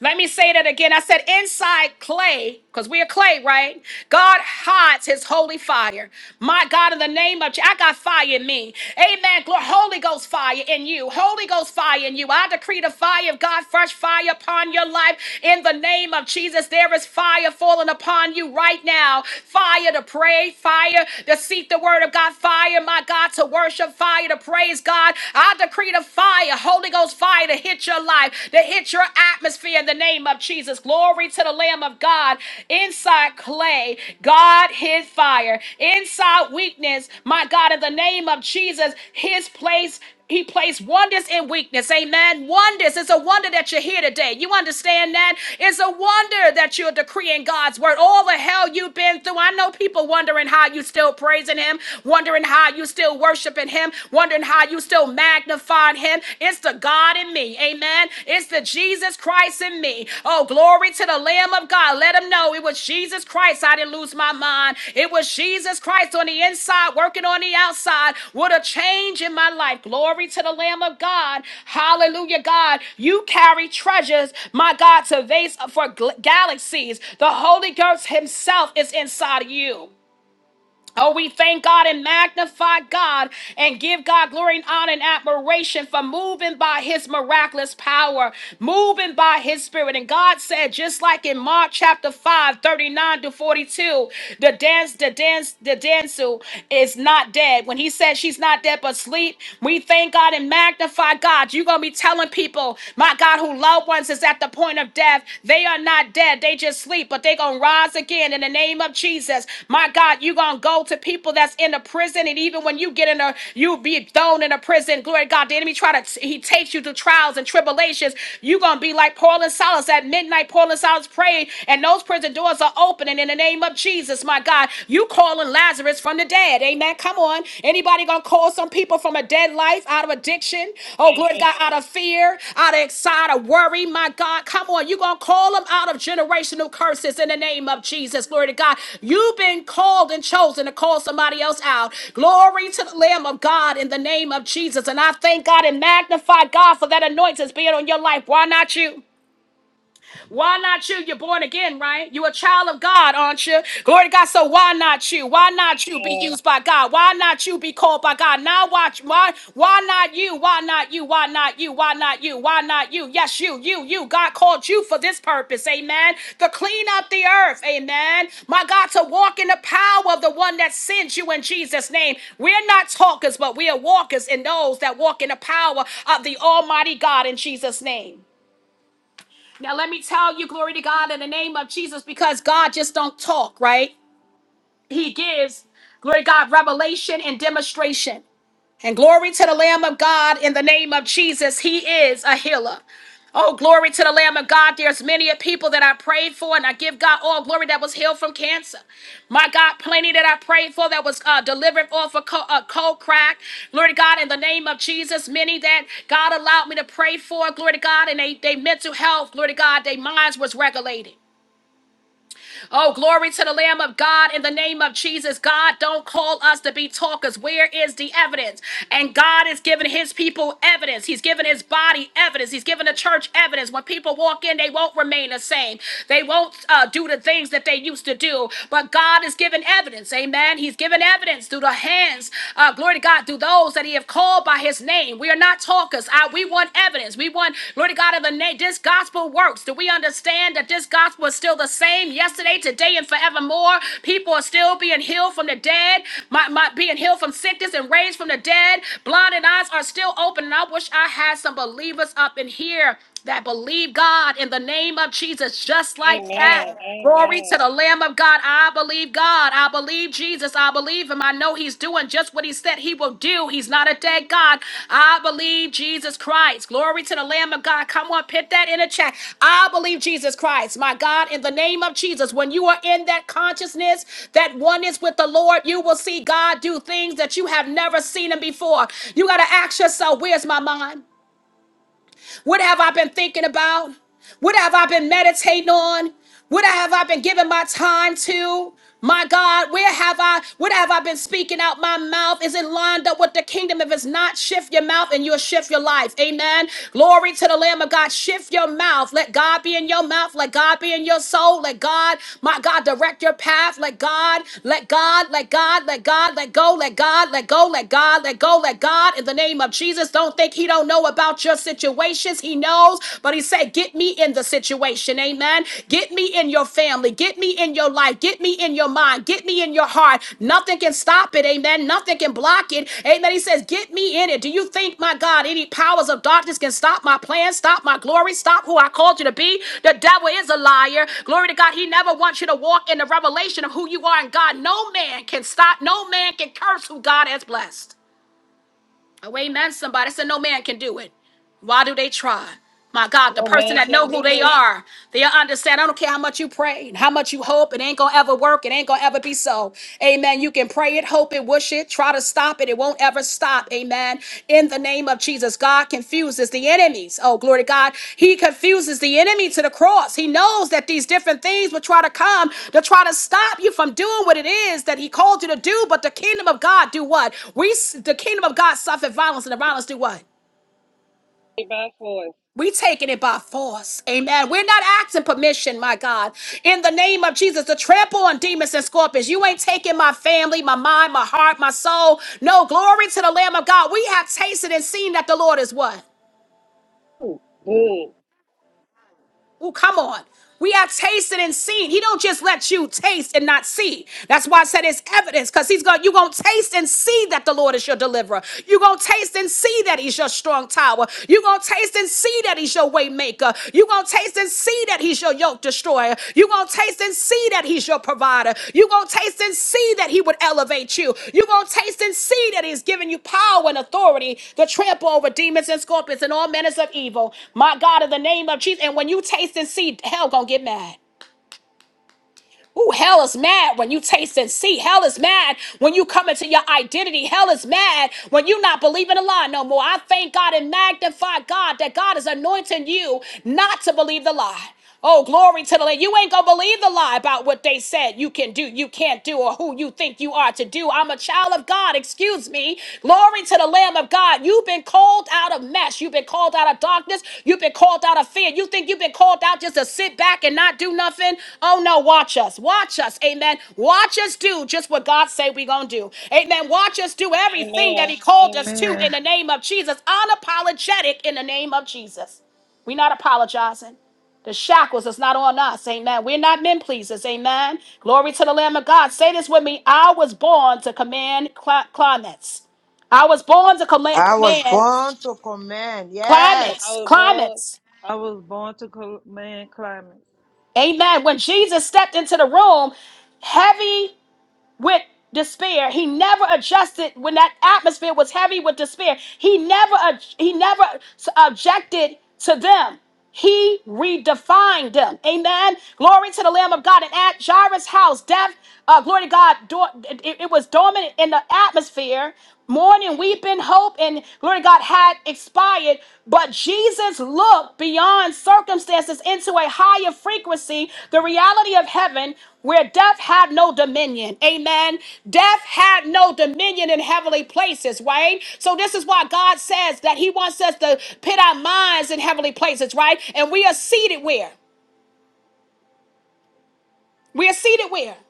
S1: Let me say that again. I said, inside clay, because we are clay, right? God hides his holy fire. My God, in the name of Je- I got fire in me. Amen. Glory. Holy Ghost fire in you. Holy Ghost fire in you. I decree the fire of God, fresh fire upon your life. In the name of Jesus, there is fire falling upon you right now. Fire to pray, fire to seek the word of God, fire, my God, to worship, fire to praise God. I decree the fire the Holy Ghost fire to hit your life, to hit your atmosphere in the name of Jesus. Glory to the Lamb of God. Inside clay, God, his fire. Inside weakness, my God, in the name of Jesus, his place he placed wonders in weakness. Amen. Wonders. It's a wonder that you're here today. You understand that? It's a wonder that you're decreeing God's word. All the hell you've been through. I know people wondering how you still praising him, wondering how you still worshiping worshiping him, wondering how you still magnified him. It's the God in me. Amen. It's the Jesus Christ in me. Oh, glory to the Lamb of God. Let him know it was Jesus Christ. I didn't lose my mind. It was Jesus Christ on the inside, working on the outside. What a change in my life. Glory to the Lamb of God. Hallelujah, God. You carry treasures, my God, to vase for galaxies. The Holy Ghost Himself is inside of you. Oh, we thank God and magnify God and give God glory and honor and admiration for moving by his miraculous power, moving by his spirit. And God said, just like in Mark chapter five, thirty-nine to 42, the dance, the dance, the dancer is not dead. When he said she's not dead but sleep, we thank God and magnify God. You're gonna be telling people, my God, who having loved ones is at the point of death. They are not dead. They just sleep, but they going to rise again in the name of Jesus. My God, you going to go to people that's in the prison. And even when you get in a, you be thrown in a prison. Glory to God. The enemy try to, he takes you to trials and tribulations. you going to be like Paul and Silas at midnight. Paul and Silas prayed and those prison doors are opening in the name of Jesus. My God, you calling Lazarus from the dead dead. Amen. Come on. Anybody gonna call some people from a dead life out of addiction? Oh, glory to God, out of fear, out of excited, out of worry. My God, come on. you gonna call them out of generational curses in the name of Jesus. Glory to God. You've been called and chosen to call somebody else out. Glory to the Lamb of God in the name of Jesus. And I thank God and magnify God for that anointing being on your life. Why not you? Why not you? You're born again, right? You're a child of God, aren't you? Glory to God. So why not you? Why not you be
S2: Amen.
S1: used by God? Why not you be called by God? Now watch. Why? Why not you? Why not you? Why not you? Why not you? Why not you? Yes, you, you, you. God called you for this purpose. Amen. To clean up the earth. Amen. My God, to walk in the power of the one that sent you in Jesus' name. We're not talkers, but we are walkers in those that walk in the power of the Almighty God in Jesus' name. Now let me tell you, glory to God, in the name of Jesus, because God just don't talk, right? He gives, glory to God, revelation and demonstration. And glory to the Lamb of God in the name of Jesus. He is a healer. Oh, glory to the Lamb of God. There's many a people that I prayed for, and I give God all glory that was healed from cancer. My God, plenty that I prayed for that was uh, delivered off a cold, a cold crack. Glory to God, in the name of Jesus. Many that God allowed me to pray for, glory to God, and they, they mental health, glory to God, their minds was regulated. Oh, glory to the Lamb of God in the name of Jesus. God, don't call us to be talkers. Where is the evidence? And God is giving his people evidence. He's giving his body evidence. He's giving the church evidence. When people walk in, they won't remain the same. They won't uh, do the things that they used to do. But God is giving evidence. Amen. He's giving evidence through the hands, uh, glory to God, through those that he have called by his name. We are not not talkers. I, we want evidence. We want, Lord God of the name, this gospel works. Do we understand that this gospel is still the same yesterday, today, and forevermore? People are still being healed from the dead, my, my, being healed from sickness and raised from the dead. Blinded eyes are still open. And I wish I had some believers up in here that believe God in the name of Jesus, just like that.
S2: Amen.
S1: Glory to
S2: Amen.
S1: the Lamb of God. I believe God. I believe Jesus. I believe Him. I know He's doing just what He said He will do. He's not a dead God. I believe Jesus Christ. Glory to the Lamb of God. Come on, put that in the chat. I believe Jesus Christ. My God, in the name of Jesus, when you are in that consciousness, that oneness with the Lord, you will see God do things that you have never seen Him before. You got to ask yourself, where's my mind? What have I been thinking about? What have I been meditating on? What have I been giving my time to? My God, where have I, what have I been speaking out my mouth? Is it lined up with the kingdom? If it's not, shift your mouth and you'll shift your life. Amen. Glory to the Lamb of God. Shift your mouth. Let God be in your mouth. Let God be in your soul. Let God, my God, direct your path. Let God, let God, let God, let God, let go, let God, let go, let God, let go, let God. In the name of Jesus, don't don't think he don't know about your situations. He knows, but he said, "Get me in the situation." Amen. Get me in your family. Get me in your life. Get me in your mind. Get me in your heart. Nothing can stop it. Amen. Nothing can block it. Amen. He says, "Get me in it." Do you think, my God, any powers of darkness can stop my plans, stop my glory, stop who I called you to be? The devil is a liar. Glory to God. He never wants you to walk in the revelation of who you are in God. No man can stop. No man can curse who God has blessed. Oh, ain't that somebody? I said, no man can do it. Why do they try? My God, the
S2: No
S1: person
S2: man
S1: that know
S2: can
S1: who they
S2: do it.
S1: are, they'll understand. I don't care how much you pray and how much you hope, it ain't gonna ever work. It ain't gonna ever be so. Amen. You can pray it, hope it, wish it, try to stop it. It won't ever stop. Amen. In the the name of Jesus. God confuses the enemies. Oh, glory to God. He confuses the enemy to the cross. He knows that these different things will try to come to try to stop you from doing what it is that he called you to do. But the kingdom of God do what? We the kingdom of God suffered violence, and the violence do what?
S2: Pray by force.
S1: We taking it by force. Amen. We're not asking permission, my God. In the name of Jesus, to trample on demons and scorpions. You ain't taking my family, my mind, my heart, my soul. No, glory to the Lamb of God. We have tasted and seen that the Lord is what?
S2: Ooh, Good.
S1: Oh, come on. We are tasting and seeing. He don't just let you taste and not see. That's why I said it's evidence, because he's going, to you're going to taste and see that the Lord is your deliverer. You're going to taste and see that he's your strong tower. You're going to taste and see that he's your way maker. You're going to taste and see that he's your your yoke destroyer. You're going to taste and see that he's your provider. You're going to taste and see that he would elevate you. You're going to taste and see that he's given you power and authority to trample over demons and scorpions and all manners of evil. My God, in the name of Jesus. And when you taste and see, hell going to get mad. Ooh, hell is mad when you taste and see. Hell is mad when you come into your identity. Hell is mad when you not believing a lie no more. I thank God and magnify God that God is anointing you not to believe the lie. Oh, glory to the Lord. You ain't gonna believe the lie about what they said you can do, you can't do, or who you think you are to do. I'm a child of God, excuse me me. Glory to the Lamb of God. You've been called out of mess. You've been called out of darkness. You've been called out of fear. You think you've been called out just to sit back and not do nothing? Oh no, watch us. Watch us. Amen. Watch us do just what God say we going to do. Amen. Watch us do everything that
S2: Amen.
S1: he called us to in
S2: Amen.
S1: the name of Jesus. Unapologetic in the name of Jesus. We're not apologizing. The shackles is not on us, amen. We're not men pleasers, amen. Glory to the Lamb of God. Say this with me. I was born to command cli- climates. I was born to command, command
S2: I
S1: climates,
S2: was born.
S1: climates.
S2: I was born to command climates
S1: Amen. When Jesus stepped into the room, heavy with despair. He never adjusted when that atmosphere was heavy with despair. He never ad- he never s- objected to them. He redefined them. Amen. Glory to the Lamb of God. And at Jairus' house, death, uh, glory to God, do- it, it was dormant in the atmosphere. Mourning, weeping, hope, and glory to God had expired, but Jesus looked beyond circumstances into a higher frequency, the reality of heaven, where death had no dominion. Amen. Death had no dominion in heavenly places, right? So, this is why God says that He wants us to pit our minds in heavenly places, right? And we are seated where? We are seated where?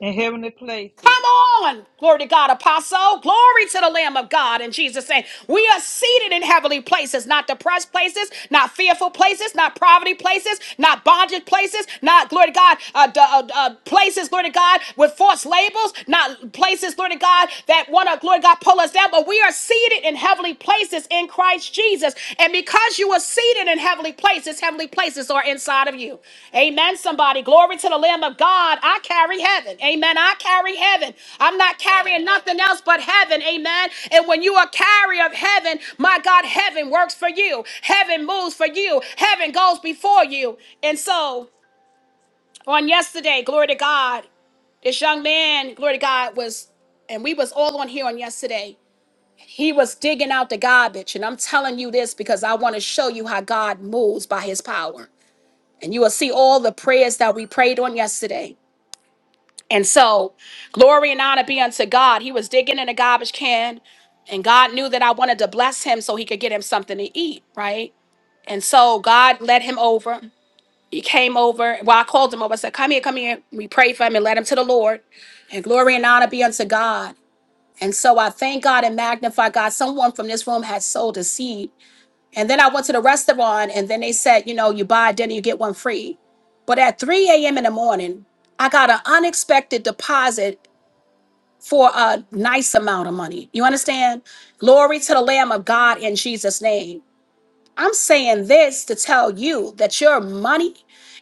S2: in heavenly places.
S1: Come on, glory to God, apostle. Glory to the Lamb of God in Jesus' name. We are seated in heavenly places, not depressed places, not fearful places, not poverty places, not bondage places, not, glory to God, uh, d- uh, uh, places, glory to God, with false labels, not places, glory to God, that want to, glory to God, pull us down, but we are seated in heavenly places in. Christ Jesus. And because you were seated in heavenly places, heavenly places are inside of you. Amen. Somebody, glory to the Lamb of God. I carry heaven. Amen. I carry heaven. I'm not carrying nothing else but heaven. Amen. And when you are a carrier of heaven, my God, heaven works for you. Heaven moves for you. Heaven goes before you. And so on yesterday, glory to God, this young man, glory to God, was, and we was all on here on yesterday. He was digging out the garbage. And I'm telling you this because I want to show you how God moves by his power. And you will see all the prayers that we prayed on yesterday. And so, glory and honor be unto God. He was digging in a garbage can, and God knew that I wanted to bless him so he could get him something to eat, right? And so, God led him over. He came over. Well, I called him over. I said, Come here, come here. We prayed for him and led him to the Lord. And glory and honor be unto God. And so I thank God and magnify God. Someone from this room had sold a seed. And then I went to the restaurant and then they said, you know, you buy dinner, you get one free. But at 3 a.m. in the morning, I got an unexpected deposit for a nice amount of money. You understand? Glory to the Lamb of God in Jesus' name. I'm saying this to tell you that your money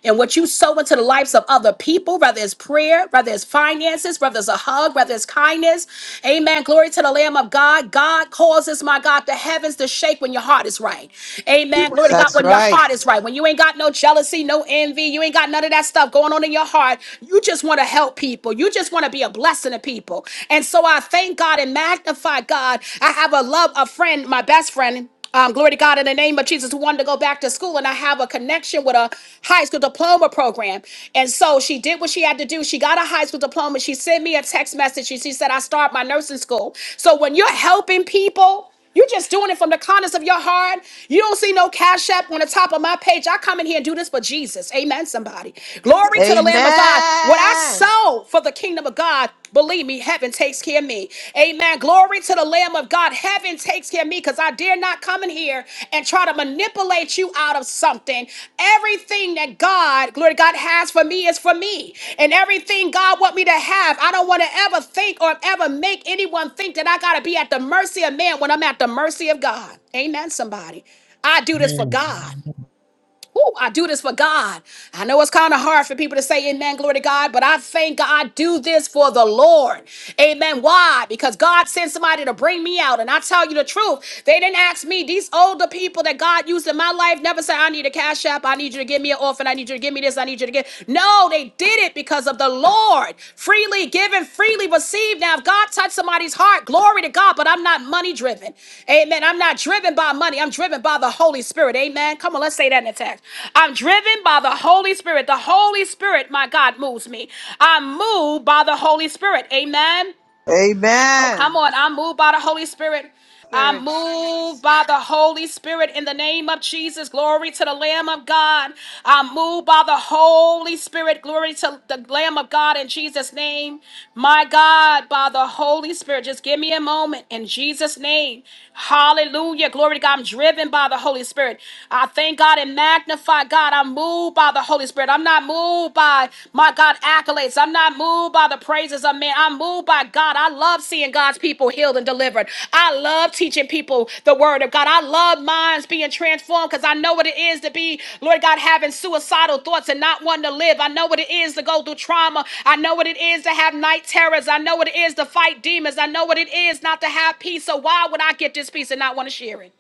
S1: and what you sow into the lives of other people, whether it's prayer, whether it's finances, whether it's a hug, whether it's kindness, amen. Glory to the Lamb of God. God causes, my God, the heavens to shake when your heart is right. Amen. Glory to God, when your heart is right. When you ain't got no jealousy, no envy, you ain't got none of that stuff going on in your heart. You just want to help people. You just want to be a blessing to people. And so I thank God and magnify God. I have a love, a friend, my best friend um, glory to God in the name of Jesus, who wanted to go back to school. And I have a connection with a high school diploma program. And so she did what she had to do. She got a high school diploma. She sent me a text message. and She said, I start my nursing school. So when you're helping people, you're just doing it from the kindness of your heart. You don't see no cash app on the top of my page. I come in here and do this for Jesus. Amen, somebody. Glory to the Lamb of God. What I sow for the kingdom of God, Believe me, heaven takes care of me. Amen. Glory to the Lamb of God. Heaven takes care of me because I dare not come in here and try to manipulate you out of something. Everything that God, glory to God, has for me is for me. And everything God want me to have, I don't want to ever think or ever make anyone think that I got to be at the mercy of man when I'm at the mercy of God. Amen, somebody. I do this for
S3: Amen.
S1: God. Woo, I do this for God. I know it's kind of hard for people to say amen, glory to God, but I thank God, do this for the Lord. Amen. Why? Because God sent somebody to bring me out. And I tell you the truth, they didn't ask me. These older people that God used in my life never said, I need a cash app. I need you to give me an orphan. I need you to give me this. I need you to get. No, they did it because of the Lord. Freely given, freely received. Now, if God touched somebody's heart, glory to God, but I'm not money driven. Amen. I'm not driven by money. I'm driven by the Holy Spirit. Amen. Come on, let's say that in the text. I'm driven by the Holy Spirit. The Holy Spirit, my God, moves me. I'm moved by the Holy Spirit. Amen. Come on. I'm moved by the Holy Spirit. I'm moved by the Holy Spirit in the name of Jesus. Glory to the Lamb of God. I'm moved by the Holy Spirit. Glory to the Lamb of God in Jesus' name. My God, by the Holy Spirit. Just give me a moment in Jesus' name. Hallelujah. Glory to God. I'm driven by the Holy Spirit. I thank God and magnify God. I'm moved by the Holy Spirit. I'm not moved moved by, my God, accolades. I'm not moved by the praises of man. I'm moved by God. I love seeing God's people healed and delivered. I love teaching people the word of God. I love minds being transformed because I know what it is to be, Lord God, having suicidal thoughts and not wanting to live. I know what it is to go through trauma. I know what it is to have night terrors. I know what it is to fight demons. I know what it is not to have peace. So why would I get this peace and not want to share it?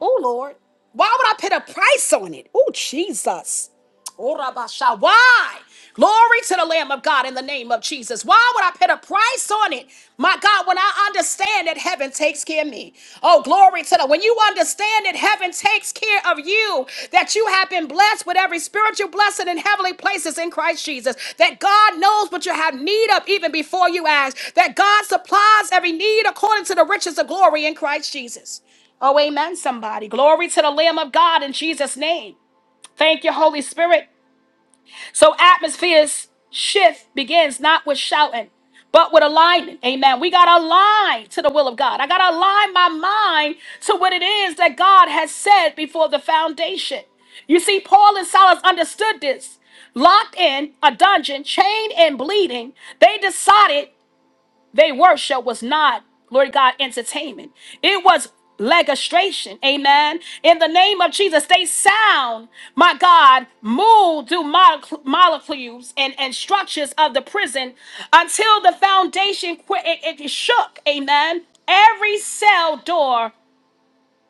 S1: Oh, Lord. Why would I put a price on it? Oh, Jesus. Orabasha. Why? Glory to the Lamb of God in the name of Jesus. Why would I put a price on it? My God, when I understand that heaven takes care of me. Oh, glory to the when you understand that heaven takes care of you, that you have been blessed with every spiritual blessing in heavenly places in Christ Jesus, that God knows what you have need of even before you ask, that God supplies every need according to the riches of glory in Christ Jesus. Oh, amen, somebody. Glory to the Lamb of God in Jesus' name. Thank you, Holy Spirit. So atmospheres shift begins not with shouting, but with alignment. Amen. We got to align to the will of God. I got to align my mind to what it is that God has said before the foundation. You see, Paul and Silas understood this. Locked in a dungeon, chained and bleeding, they decided they worship was not, Lord God, entertainment. It was legistration. Amen. In the name of Jesus, they sound, my God, moved through molecule- molecules and, and structures of the prison until the foundation qu- it, it shook. Amen. Every cell door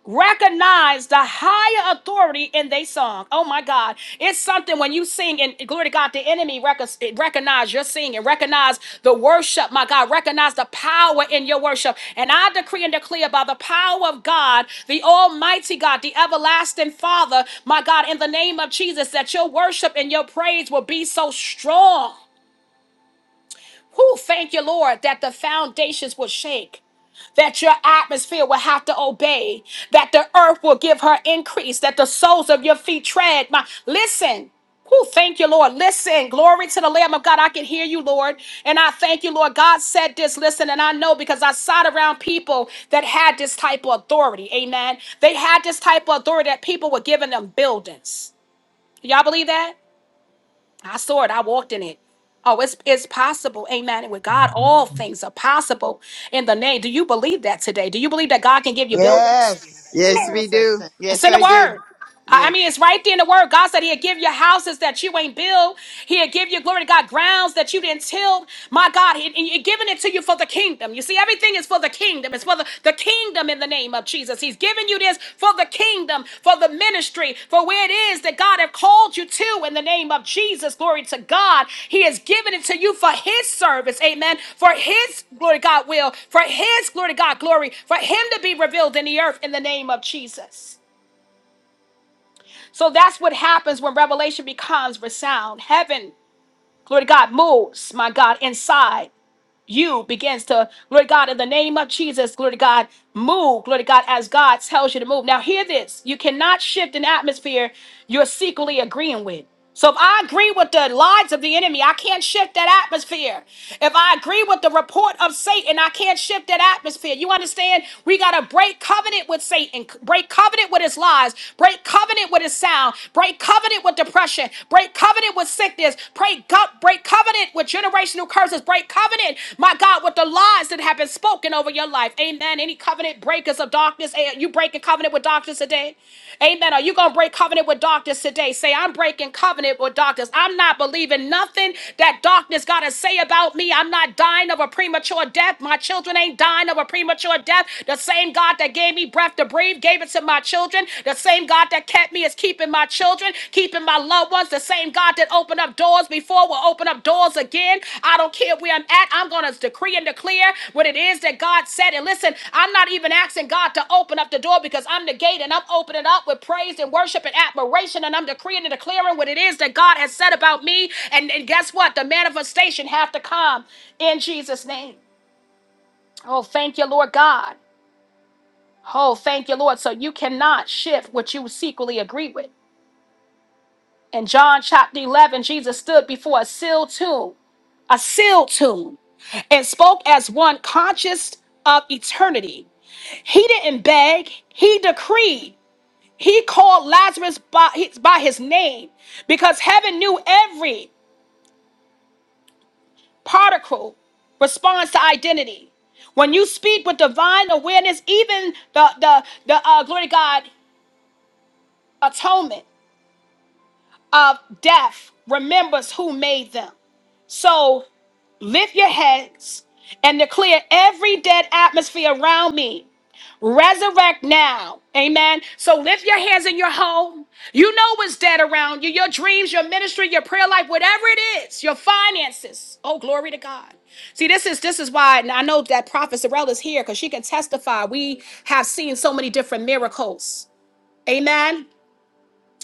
S1: recognize the higher authority in their song. Oh my God. It's something when you sing and glory to God, the enemy rec- recognize your singing, recognize the worship, my God, recognize the power in your worship. And I decree and declare by the power of God, the almighty God, the everlasting Father, my God, in the name of Jesus, that your worship and your praise will be so strong. Who thank you, Lord, that the foundations will shake. That your atmosphere will have to obey, that the earth will give her increase, that the soles of your feet tread. My listen. Who thank you, Lord. Listen, glory to the Lamb of God. I can hear you, Lord. And I thank you, Lord. God said this, listen, and I know because I sat around people that had this type of authority. Amen. They had this type of authority that people were giving them buildings. Y'all believe that? I saw it. I walked in it. Oh, it's it's possible. Amen. And with God, all
S3: Amen.
S1: things are possible in the name. Do you believe that today? Do you believe that God can give you buildings?
S4: Yes, we do.
S1: It's
S4: Yes,
S1: in the
S4: I do.
S1: word. I
S4: Yeah.
S1: I mean, it's right there in the word. God said he'll give you houses that you ain't built. He'll give you glory to God grounds that you didn't till. My God, he, he- he giving it to you for the kingdom. You see, everything is for the kingdom. It's for the, the kingdom in the name of Jesus. He's giving you this for the kingdom, for the ministry, for where it is that God have called you to in the name of Jesus. Glory to God. He has given it to you for his service. Amen. For his glory to God will, for his glory to God glory, for him to be revealed in the earth in the name of Jesus. So that's what happens when revelation becomes resound. Heaven, glory to God, moves, my God, inside you begins to, glory to God, in the name of Jesus, glory to God, move, glory to God, as God tells you to move. Now, hear this you cannot shift an atmosphere you're secretly agreeing with. So, if I agree with the lies of the enemy, I can't shift that atmosphere. If I agree with the report of Satan, I can't shift that atmosphere. You understand? We got to break covenant with Satan, break covenant with his lies, break covenant with his sound, break covenant with depression, break. Break covenant with sickness. Pray God, break covenant with generational curses. Break covenant, my God, with the lies that have been spoken over your life. Amen. Any covenant breakers of darkness, eh, you break a covenant with darkness today. Amen. Are you going to break covenant with darkness today? Say, I'm breaking covenant with darkness. I'm not believing nothing that darkness got to say about me. I'm not dying of a premature death. My children ain't dying of a premature death. The same God that gave me breath to breathe gave it to my children. The same God that kept me is keeping my children, keeping my loved ones. The same God that opened up doors before will open up doors again. I don't care where I'm at. I'm going to decree and declare what it is that God said. And listen, I'm not even asking God to open up the door because I'm the gate and I'm opening up with praise and worship and admiration. And I'm decreeing and declaring what it is that God has said about me. And, and guess what? The manifestation have to come in Jesus' name. Oh, thank you, Lord God. Oh, thank you, Lord. So you cannot shift what you secretly agree with. In John chapter 11, Jesus stood before a sealed tomb, a sealed tomb, and spoke as one conscious of eternity. He didn't beg, he decreed. He called Lazarus by his, by his name because heaven knew every particle responds to identity. When you speak with divine awareness, even the, the, the uh, glory to God, atonement. of death remembers who made them. So lift your heads and declare every dead atmosphere around me. Resurrect now. Amen. So lift your hands in your home. You know what's dead around you your dreams, your ministry, your prayer life, whatever it is, your finances. Oh, glory to God. See, this is this is why and I know that Prophet Sorrell is here because she can testify. We have seen so many different miracles. Amen.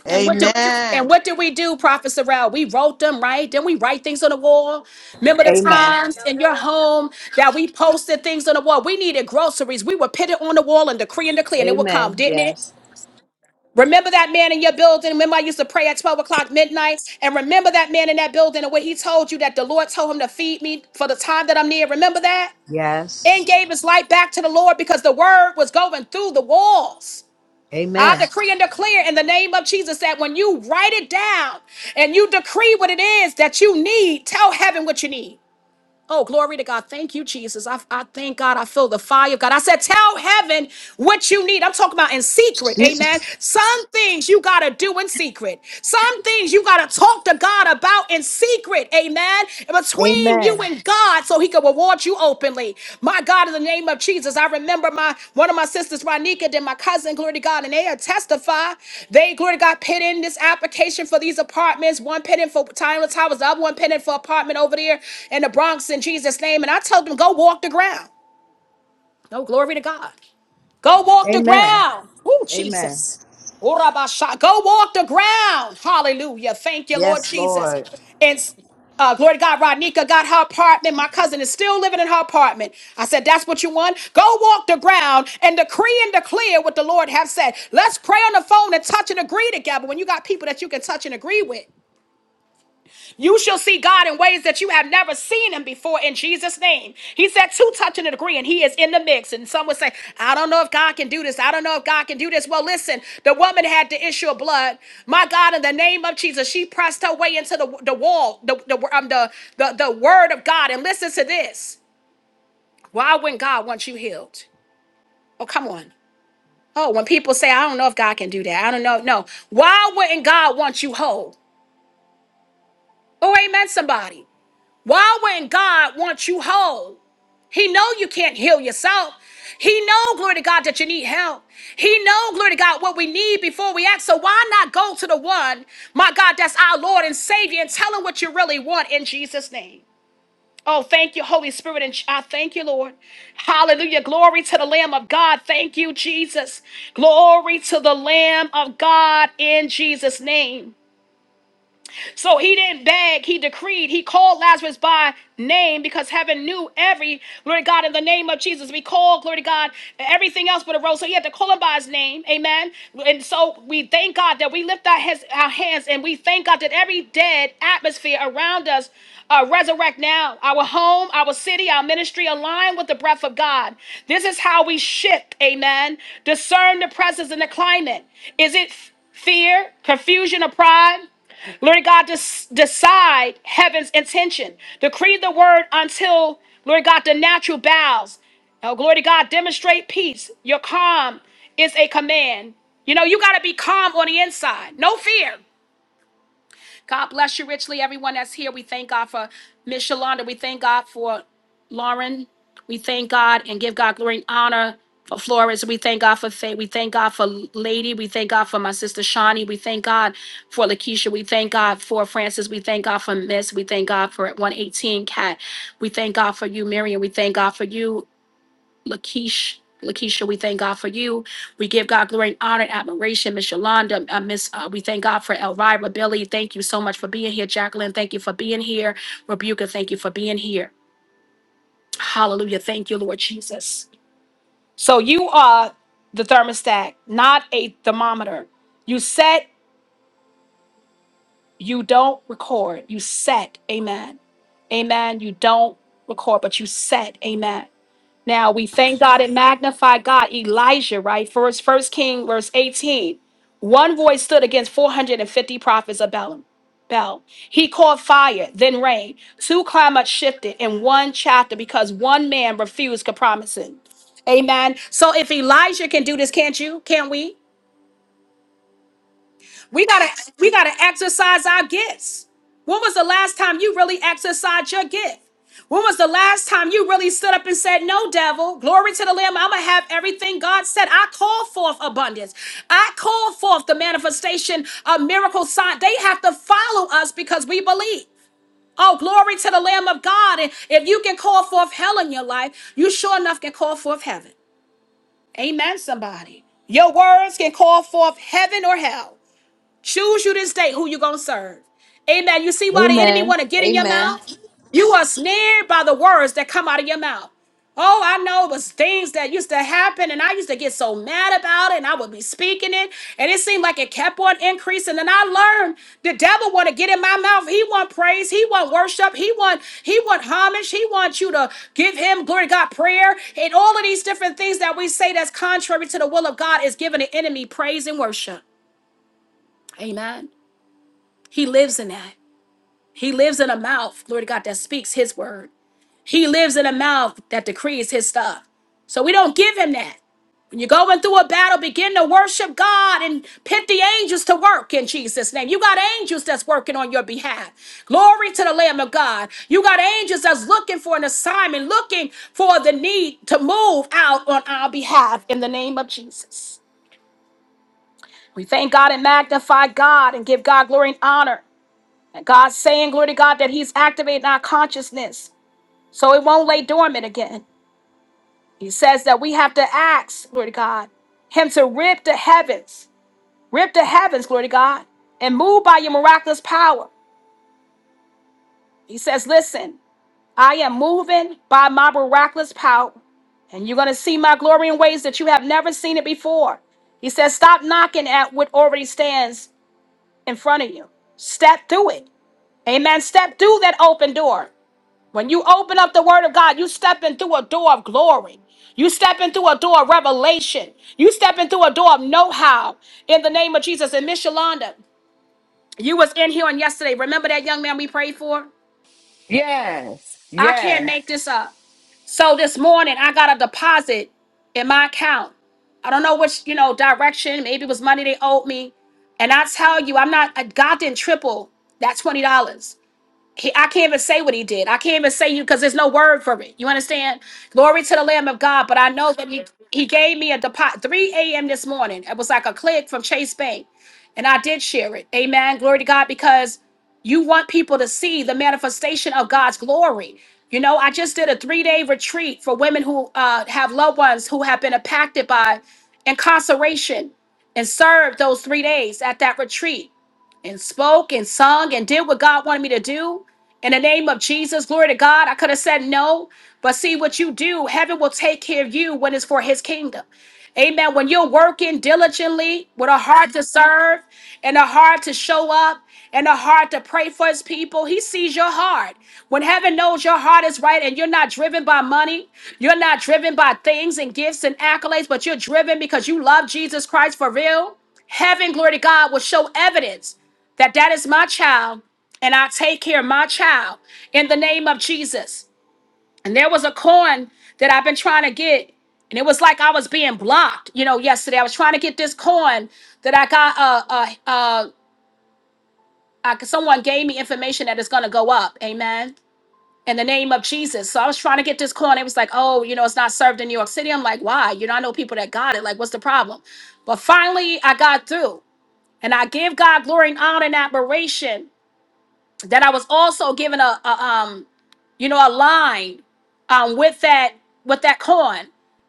S1: And what do and what did we do, Prophet Sorrell? We wrote them, right? Then we write things on the wall. Remember the
S5: Amen.
S1: times in your home that we posted things on the wall. We needed groceries. We would put it on the wall and decree and declare, and it would come,
S5: Amen.
S1: didn't it?
S5: Yes.
S1: Remember that man in your building? Remember I used to pray at 12 o'clock midnight? And remember that man in that building and what he told you that the Lord told him to feed me for the time that I'm near. Remember that?
S5: Yes.
S1: And gave his life back to the Lord because the word was going through the walls. I
S5: Amen.
S1: decree and declare in the name of Jesus that when you write it down and you decree what it is that you need, tell heaven what you need. Oh, glory to God. Thank you, Jesus. I, I thank God. I feel the fire of God. I said, tell heaven what you need. I'm talking about in secret.
S5: You-
S1: Amen. Some things you got to do in secret. Some things you got to talk to God about in secret. Amen. Between you
S5: Amen.
S1: and God so he can reward you openly. My God, in the name of Jesus, I remember my one of my sisters, Ronika, then my cousin, glory to God, and they had testified. They, glory to God, put in this application for these apartments. One put in for Tyler Towers, the other one put in for apartment over there in the Bronx in Jesus' name. And I told them, go walk the ground. No glory to God. Go walk the
S5: Amen.
S1: ground. Oh,
S5: Amen.
S1: Jesus. Urabasha. Go walk the ground. Hallelujah. Thank you, Lord
S5: Yes,
S1: Jesus.
S5: Lord.
S1: And uh, glory to God, Rodnika got her apartment. My cousin is still living in her apartment. I said, That's what you want? Go walk the ground and decree and declare what the Lord has said. Let's pray on the phone and touch and agree together when you got people that you can touch and agree with. You shall see God in ways that you have never seen him before in Jesus' name. He said, two touch and agree, and he is in the mix. And some would say, I don't know if God can do this. I don't know if God can do this. Well, listen, the woman had the issue of blood. My God, in the name of Jesus, she pressed her way into the, the wall, the, the, um, the, the, the word of God. And listen to this. Why wouldn't God want you healed? Oh, come on. Oh, when people say, I don't know if God can do that. I don't know. No. Why wouldn't God want you whole? Oh, amen, somebody. Why wouldn't God want you whole? He know you can't heal yourself. He know, glory to God, that you need help. He know, glory to God, what we need before we act. So why not go to the one, my God, that's our Lord and Savior and tell him what you really want in Jesus' name. Oh, thank you, Holy Spirit, and I thank you, Lord. Hallelujah. Glory to the Lamb of God. Thank you, Jesus. Glory to the Lamb of God in Jesus' name. So he didn't beg, he decreed, he called Lazarus by name because heaven knew every, glory to God, in the name of Jesus. We call, glory to God, everything else but a rose. So he had to call him by his name, amen. And so we thank God that we lift our, his, our hands and we thank God that every dead atmosphere around us uh, resurrect now. Our home, our city, our ministry align with the breath of God. This is how we shift, amen. Discern the presence and the climate. Is it f- fear, confusion, or pride? Lord God, des- decide heaven's intention. Decree the word until, Lord God, the natural bows. Oh, glory to God, demonstrate peace. Your calm is a command. You know, you got to be calm on the inside. No fear. God bless you richly, everyone that's here. We thank God for Miss Shalonda. We thank God for Lauren. We thank God and give God glory and honor for Flores. We thank God for Faye. We thank God for Lady. We thank God for my sister Shawnee. We thank God for Lakeisha. We thank God for Francis. We thank God for Miss. We thank God for 118 Cat. We thank God for you, Miriam. We thank God for you. Lakeisha. Lakeisha, we thank God for you. We give God glory and honor and admiration. Miss Yolanda, uh, Miss, uh, we thank God for Elvira, Billy. Thank you so much for being here. Jacqueline, thank you for being here. Rebuka, thank you for being here. Hallelujah. Thank you, Lord Jesus. So you are the thermostat, not a thermometer. You set, you don't record. You set. Amen. Amen. You don't record, but you set. Amen. Now we thank God and magnify God, Elijah, right? First, First King, verse 18. One voice stood against 450 prophets of Balaam. Bel. He called fire, then rain. Two climates shifted in one chapter because one man refused compromising. Amen. So if Elijah can do this, can't you? Can't we? We gotta we gotta exercise our gifts. When was the last time you really exercised your gift? When was the last time you really stood up and said, No, devil, glory to the Lamb, I'm gonna have everything God said. I call forth abundance. I call forth the manifestation of miracle sign. They have to follow us because we believe. Oh, glory to the Lamb of God. And if you can call forth hell in your life, you sure enough can call forth heaven. Amen, somebody. Your words can call forth heaven or hell. Choose you this day who you gonna serve. Amen. You see why the enemy
S5: Amen.
S1: want to get in your
S5: Amen.
S1: mouth? You are snared by the words that come out of your mouth. Oh, I know it was things that used to happen, and I used to get so mad about it, and I would be speaking it, and it seemed like it kept on increasing. And I learned the devil want to get in my mouth. He want praise, he want worship, he want he want homage, he wants you to give him glory, to God, prayer, and all of these different things that we say that's contrary to the will of God is giving the enemy praise and worship. Amen. He lives in that. He lives in a mouth, Lord God, that speaks his word. He lives in a mouth that decrees his stuff. So we don't give him that. When you're going through a battle, begin to worship God and pit the angels to work in Jesus' name. You got angels that's working on your behalf. Glory to the Lamb of God. You got angels that's looking for an assignment, looking for the need to move out on our behalf in the name of Jesus. We thank God and magnify God and give God glory and honor. And God's saying, glory to God, that He's activating our consciousness so it won't lay dormant again. He says that we have to ask, glory to God, Him to rip the heavens, rip the heavens, glory to God, and move by your miraculous power. He says, Listen, I am moving by my miraculous power, and you're going to see my glory in ways that you have never seen it before. He says, Stop knocking at what already stands in front of you. Step through it. Amen. Step through that open door. When you open up the word of God, you step in through a door of glory. You step in through a door of revelation. You step in through a door of know-how in the name of Jesus. And Miss Yolanda, you was in here on yesterday. Remember that young man we prayed for?
S6: Yes.
S1: I can't
S6: Yes.
S1: make this up. So this morning I got a deposit in my account. I don't know which, you know, direction. Maybe it was money they owed me. And I tell you, I'm not uh, God didn't triple that $20. dollars. He, I can't even say what he did. I can't even say you because there's no word for it. You understand? Glory to the Lamb of God. But I know that he, he gave me a deposit 3 a.m. this morning. It was like a click from Chase Bank. And I did share it. Amen. Glory to God because you want people to see the manifestation of God's glory. You know, I just did a three day retreat for women who uh, have loved ones who have been impacted by incarceration and served those three days at that retreat and spoke and sung and did what God wanted me to do. In the name of Jesus, glory to God. I could have said no, but see what you do, heaven will take care of you when it's for his kingdom. Amen. When you're working diligently with a heart to serve and a heart to show up and a heart to pray for his people, he sees your heart. When heaven knows your heart is right and you're not driven by money, you're not driven by things and gifts and accolades, but you're driven because you love Jesus Christ for real, heaven, glory to God, will show evidence that that is my child and I take care of my child in the name of Jesus. And there was a coin that I've been trying to get and it was like I was being blocked, you know, yesterday. I was trying to get this coin that I got uh uh uh, uh someone gave me information that it's going to go up. Amen. In the name of Jesus. So I was trying to get this coin. It was like, oh, you know, it's not served in New York City. I'm like, why? You know, I know people that got it. Like, what's the problem? But finally, I got through. And I give God glory and honor and admiration that I was also given a, a um, you know, a line um with that with that coin,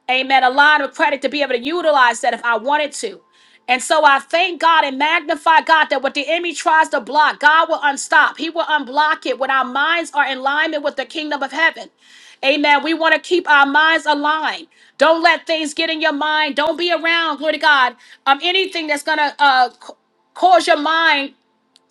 S1: amen, a line of credit to be able to utilize that if I wanted to. And so I thank God and magnify God that what the enemy tries to block, God will unstop. He will unblock it when our minds are in alignment with the kingdom of heaven. Amen. We want to keep our minds aligned. Don't let things get in your mind. Don't be around, glory to God, um, anything that's going to uh, c- cause your mind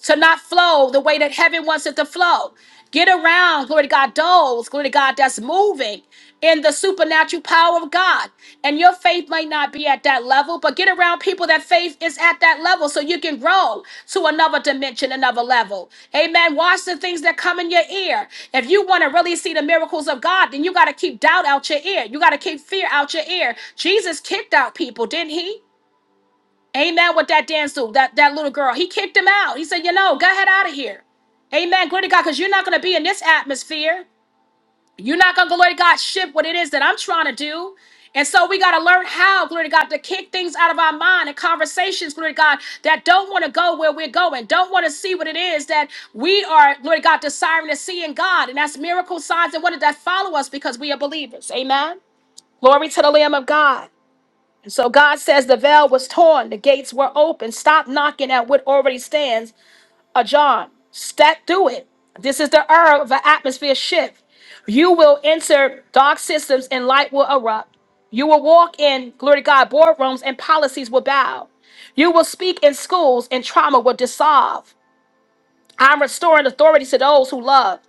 S1: to not flow the way that heaven wants it to flow. Get around, glory to God, those, glory to God, that's moving in the supernatural power of God. And your faith might not be at that level, but get around people that faith is at that level so you can grow to another dimension, another level. Amen. Watch the things that come in your ear. If you want to really see the miracles of God, then you got to keep doubt out your ear. You got to keep fear out your ear. Jesus kicked out people, didn't he? Amen. With that dance dude, that, that little girl, he kicked him out. He said, You know, go ahead out of here. Amen. Glory to God, because you're not going to be in this atmosphere. You're not going to, glory to God, shift what it is that I'm trying to do. And so we got to learn how, glory to God, to kick things out of our mind and conversations, glory to God, that don't want to go where we're going, don't want to see what it is that we are, glory to God, desiring to see in God. And that's miracle signs and wonders that follow us because we are believers. Amen. Glory to the Lamb of God. So God says the veil was torn, the gates were open. Stop knocking at what already stands ajar. Step through it. This is the era of an atmosphere shift. You will enter dark systems and light will erupt. You will walk in, glory to God, boardrooms and policies will bow. You will speak in schools and trauma will dissolve. I'm restoring authority to those who love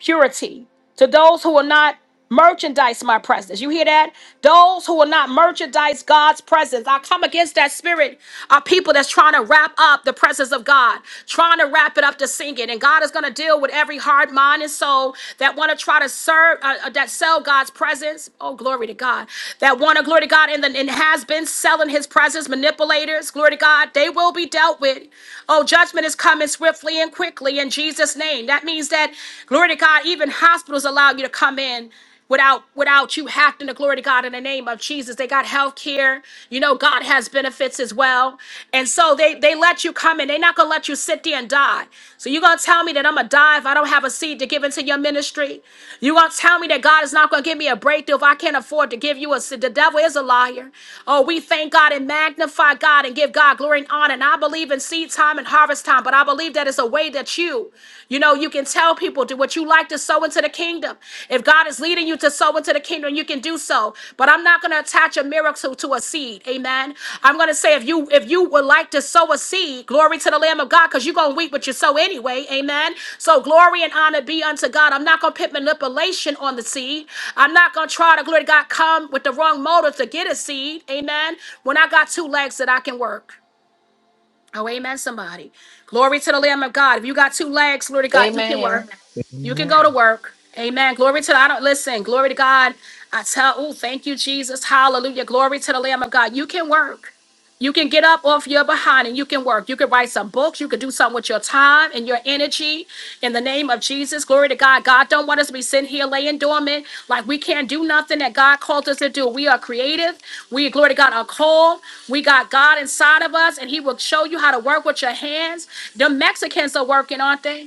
S1: purity to those who will not merchandise my presence. You hear that? Those who will not merchandise God's presence. I come against that spirit of people that's trying to wrap up the presence of God, trying to wrap it up to sing it. And God is going to deal with every heart, mind, and soul that want to try to serve, uh, uh, that sell God's presence. Oh, glory to God. That want to, glory to God, and, then and has been selling his presence, manipulators, glory to God. They will be dealt with. Oh, judgment is coming swiftly and quickly in Jesus' Jesus' name. That means that, glory to God, even hospitals allow you to come in without without you having to glory to God in the name of Jesus. They got health care. You know, God has benefits as well. And so they they let you come in. They're not gonna let you sit there and die. So you're gonna tell me that I'm gonna die if I don't have a seed to give into your ministry. You're gonna tell me that God is not gonna give me a breakthrough if I can't afford to give you a seed. The devil is a liar. Oh, we thank God and magnify God and give God glory and honor. And I believe in seed time and harvest harvest time. But I believe that is a way that you, you know, you can tell people do what you like to sow into the kingdom. If God is leading you to sow into the kingdom, you can do so. But I'm not going to attach a miracle to a seed. Amen. I'm going to say if you if you would like to sow a seed, glory to the Lamb of God, because you're going to reap what you sow anyway. Amen. So glory and honor be unto God. I'm not going to put manipulation on the seed. I'm not going to try to glory to God come with the wrong motive to get a seed. Amen. When I got two legs that I can work. Oh, amen, somebody. Glory to the Lamb of God. If you got two legs, glory to God, you can
S6: Amen.
S1: work. You can go to
S3: Amen.
S1: work. Amen. Glory to I don't listen. Glory to God. I tell, oh, thank you, Jesus. Hallelujah. Glory to the Lamb of God. You can work. You can get up off your behind and you can work. You can write some books. You can do something with your time and your energy. In the name of Jesus, glory to God. God don't want us to be sitting here laying dormant like we can't do nothing that God called us to do. We are creative. We, glory to God, are called. We got God inside of us and he will show you how to work with your hands. The Mexicans are working, aren't they?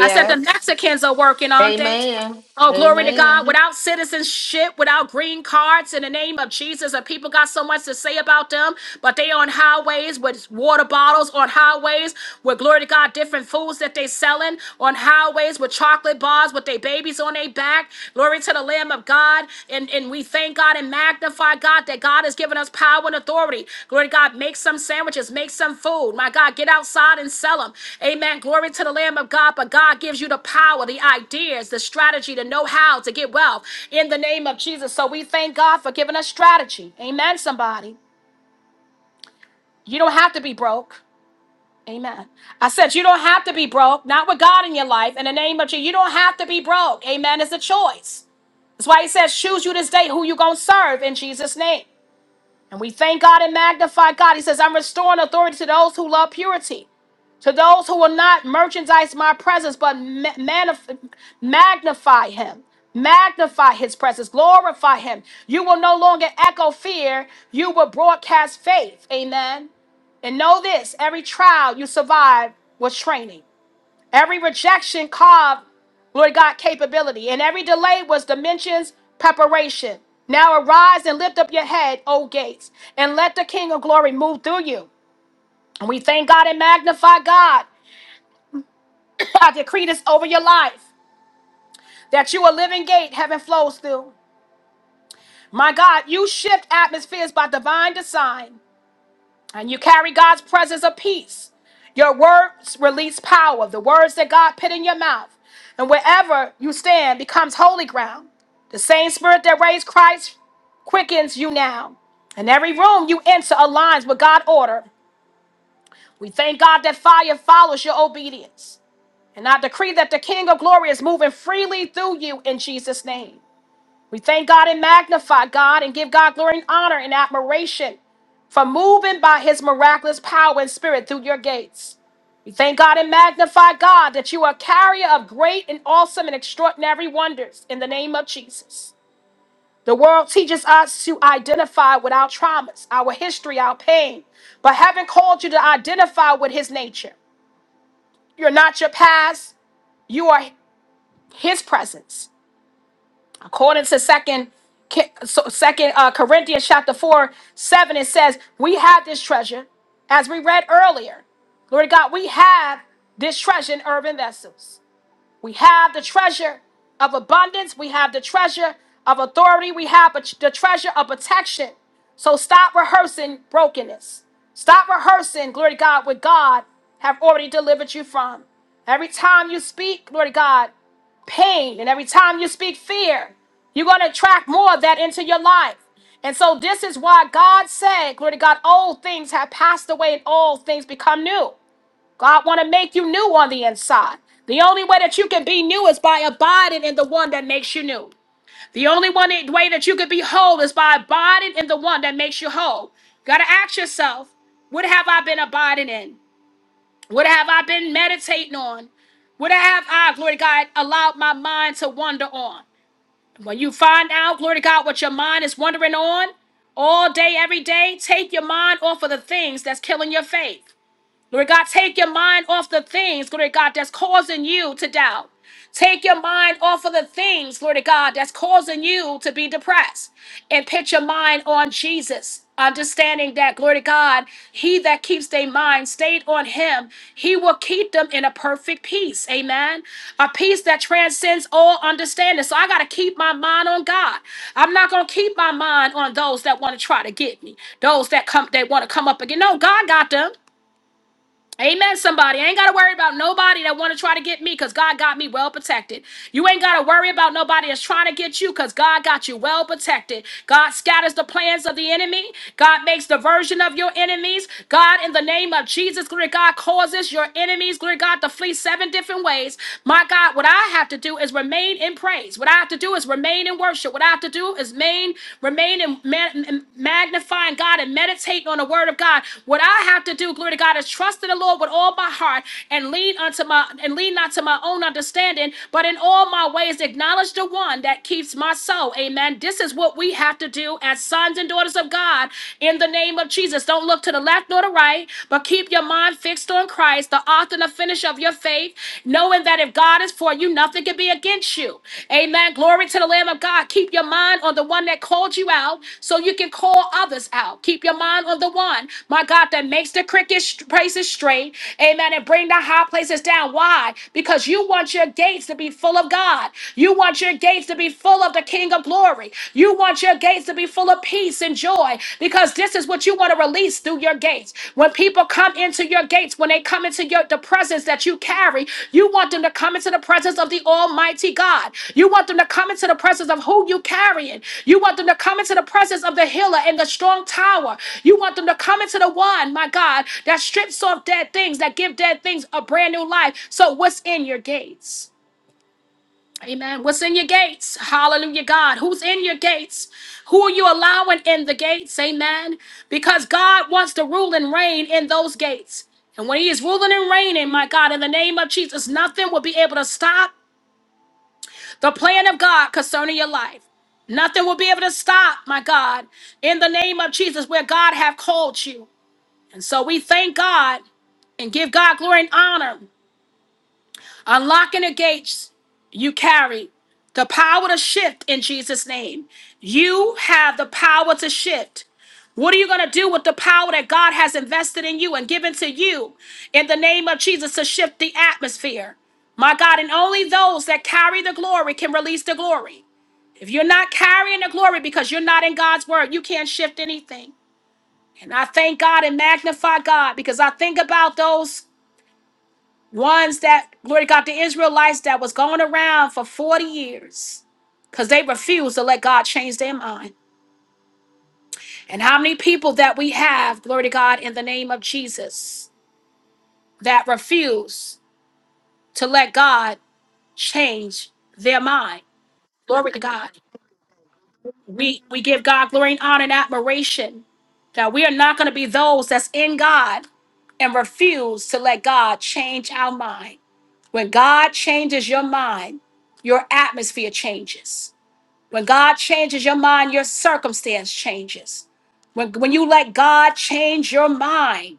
S1: I said the Mexicans are working, aren't they?
S6: Amen.
S1: Oh, glory to God.
S6: Amen.
S1: Without citizenship, without green cards, in the name of Jesus, and people got so much to say about them, but they on highways with water bottles on highways with glory to God, different foods that they selling on highways with chocolate bars with their babies on their back. Glory to the Lamb of God. And, and we Thank God and magnify God that God has given us power and authority. Glory to God. Make some sandwiches, make some food. My God, get outside and sell them. Amen. Glory to the Lamb of God. But God gives you the power, the ideas, the strategy, the know how to get wealth in the name of Jesus. So we thank God for giving us strategy. Amen, somebody. You don't have to be broke. Amen. I said, you don't have to be broke, not with God in your life. In the name of Jesus, you don't have to be broke. Amen. It's a choice. That's why he says, choose you this day who you going to serve in Jesus' name. And we thank God and magnify God. He says, I'm restoring authority to those who love purity, to those who will not merchandise my presence, but ma- manif- magnify him. Magnify his presence, glorify him. You will no longer echo fear, you will broadcast faith. Amen. And know this every trial you survive was training. Every rejection carved, Lord God, capability, and every delay was dimensions, preparation. Now arise and lift up your head, O gates, and let the King of glory move through you. And we thank God and magnify God. I decree this over your life that you a living gate heaven flows through. My God, you shift atmospheres by divine design. And you carry God's presence of peace. Your words release power, the words that God put in your mouth. And wherever you stand becomes holy ground. The same spirit that raised Christ quickens you now. And every room you enter aligns with God's order. We thank God that fire follows your obedience. And I decree that the King of glory is moving freely through you in Jesus' name. We thank God and magnify God and give God glory and honor and admiration for moving by his miraculous power and spirit through your gates. We thank God and magnify God that you are a carrier of great and awesome and extraordinary wonders in the name of Jesus. The world teaches us to identify with our traumas, our history, our pain, but heaven called you to identify with his nature. You're not your past, you are his presence. according to second Ki- so second uh, corinthians chapter 4 7 it says we have this treasure as we read earlier lord god we have this treasure in urban vessels we have the treasure of abundance. We have the treasure of authority. We have a- the treasure of protection. So stop rehearsing brokenness. Stop rehearsing, glory to God, what God have already delivered you from. Every time you speak, glory to God, pain. And every time you speak fear, you're going to attract more of that into your life. And so this is why God said, glory to God, old things have passed away and all things become new. God want to make you new on the inside. The only way that you can be new is by abiding in the one that makes you new. The only one way that you can be whole is by abiding in the one that makes you whole. Got to ask yourself, what have I been abiding in? What have I been meditating on? What have I, glory to God, allowed my mind to wander on? When you find out, glory to God, what your mind is wandering on all day, every day, take your mind off of the things that's killing your faith. Lord God, take your mind off the things, Lord God, that's causing you to doubt. Take your mind off of the things, Lord God, that's causing you to be depressed. And put your mind on Jesus. Understanding that, glory to God, he that keeps their mind stayed on him, he will keep them in a perfect peace. Amen. A peace that transcends all understanding. So I got to keep my mind on God. I'm not going to keep my mind on those that want to try to get me, those that come, that want to come up again. No, God got them. Amen, somebody. I ain't got to worry about nobody that want to try to get me because God got me well protected. You ain't got to worry about nobody that's trying to get you because God got you well protected. God scatters the plans of the enemy. God makes diversion of your enemies. God, in the name of Jesus, glory to God, causes your enemies, glory to God, to flee seven different ways. My God, what I have to do is remain in praise. What I have to do is remain in worship. What I have to do is remain remain, remain in man, magnifying God and meditating on the word of God. What I have to do, glory to God, is trust in the Lord with all my heart and lean unto my and lean not to my own understanding, but in all my ways acknowledge the one that keeps my soul. Amen. This is what we have to do as sons and daughters of God in the name of Jesus. Don't look to the left nor the right, but keep your mind fixed on Christ, the author and the finisher of your of faith, knowing that if God is for you, nothing can be against you. Amen. Glory to the Lamb of God. Keep your mind on the one that called you out so you can call others out. Keep your mind on the one, my God, that makes the cricket st- places straight. Amen. And bring the high places down. Why? Because you want your gates to be full of God. You want your gates to be full of the King of glory. You want your gates to be full of peace and joy joy because this is what you want to release through your gates. When people come into your gates, when they come into your the presence that you carry, you want them to come into the presence of the Almighty God. You want them to come into the presence of who you carrying. You want them to come into the presence of the healer and the strong tower. You want them to come into the one, my God, that strips off dead things, that give dead things a brand new life. So what's in your gates? Amen. What's in your gates? Hallelujah, God. Who's in your gates? Who are you allowing in the gates? Amen. Because God wants to rule and reign in those gates. And when He is ruling and reigning, my God, in the name of Jesus, nothing will be able to stop the plan of God concerning your life. Nothing will be able to stop, my God, in the name of Jesus, where God have called you. And so we thank God and give God glory and honor Unlocking the gates you carry the power to shift in Jesus' name. You have the power to shift. What are you going to do with the power that God has invested in you and given to you in the name of Jesus to shift the atmosphere? My God, and only those that carry the glory can release the glory. If you're not carrying the glory because you're not in God's word, you can't shift anything. And I thank God and magnify God because I think about those ones that glory to God, the Israelites that was going around for 40 years because they refused to let God change their mind. And how many people that we have, glory to God, in the name of Jesus, that refuse to let God change their mind. Glory to God. We we give God glory and honor and admiration that we are not going to be those that's in God and refuse to let God change our mind. When God changes your mind, your atmosphere changes. When God changes your mind, your circumstance changes. When, when you let God change your mind,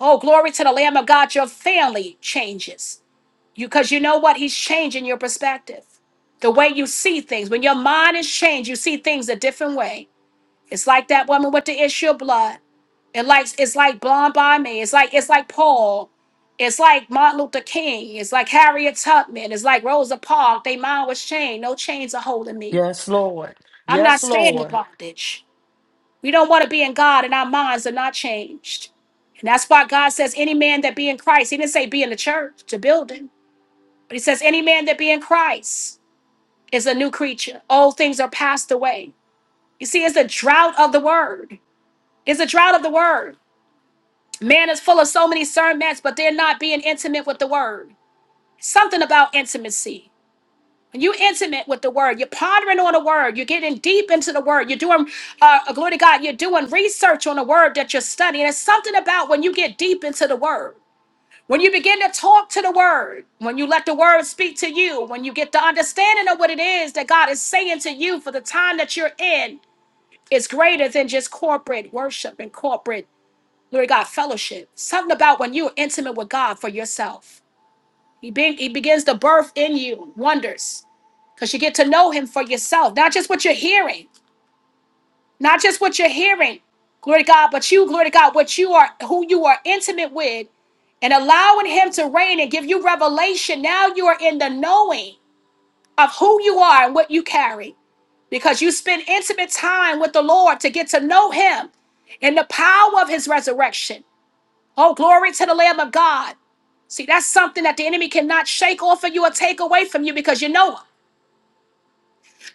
S1: oh, glory to the Lamb of God, your family changes. You Because you know what? He's changing your perspective. The way you see things. When your mind is changed, you see things a different way. It's like that woman with the issue of blood. It likes it's like Blonde by It's like it's like Paul. It's like Martin Luther King. It's like Harriet Tubman. It's like Rosa Parks. They mind was chained. No chains are holding me.
S6: Yes, Lord.
S1: I'm not
S6: Yes,
S1: staying in
S6: Lord.
S1: bondage. We don't want to be in God and our minds are not changed. And that's why God says any man that be in Christ, he didn't say be in the church, the building, but he says any man that be in Christ is a new creature. Old things are passed away. You see, it's a drought of the word. It's a drought of the word. Man is full of so many sermons, but they're not being intimate with the word. Something about intimacy. When you're intimate with the word, you're pondering on the word, you're getting deep into the word, you're doing, uh, uh, glory to God, you're doing research on the word that you're studying. It's something about when you get deep into the word, when you begin to talk to the word, when you let the word speak to you, when you get the understanding of what it is that God is saying to you for the time that you're in, is greater than just corporate worship and corporate Glory to God, fellowship. Something about when you're intimate with God for yourself. He, be- he begins to birth in you wonders because you get to know Him for yourself, not just what you're hearing, not just what you're hearing, glory to God, but you, glory to God, what you are, who you are intimate with, and allowing Him to reign and give you revelation. Now you are in the knowing of who you are and what you carry because you spend intimate time with the Lord to get to know Him and the power of His resurrection. Oh, glory to the Lamb of God. See, that's something that the enemy cannot shake off of you or take away from you because you know him.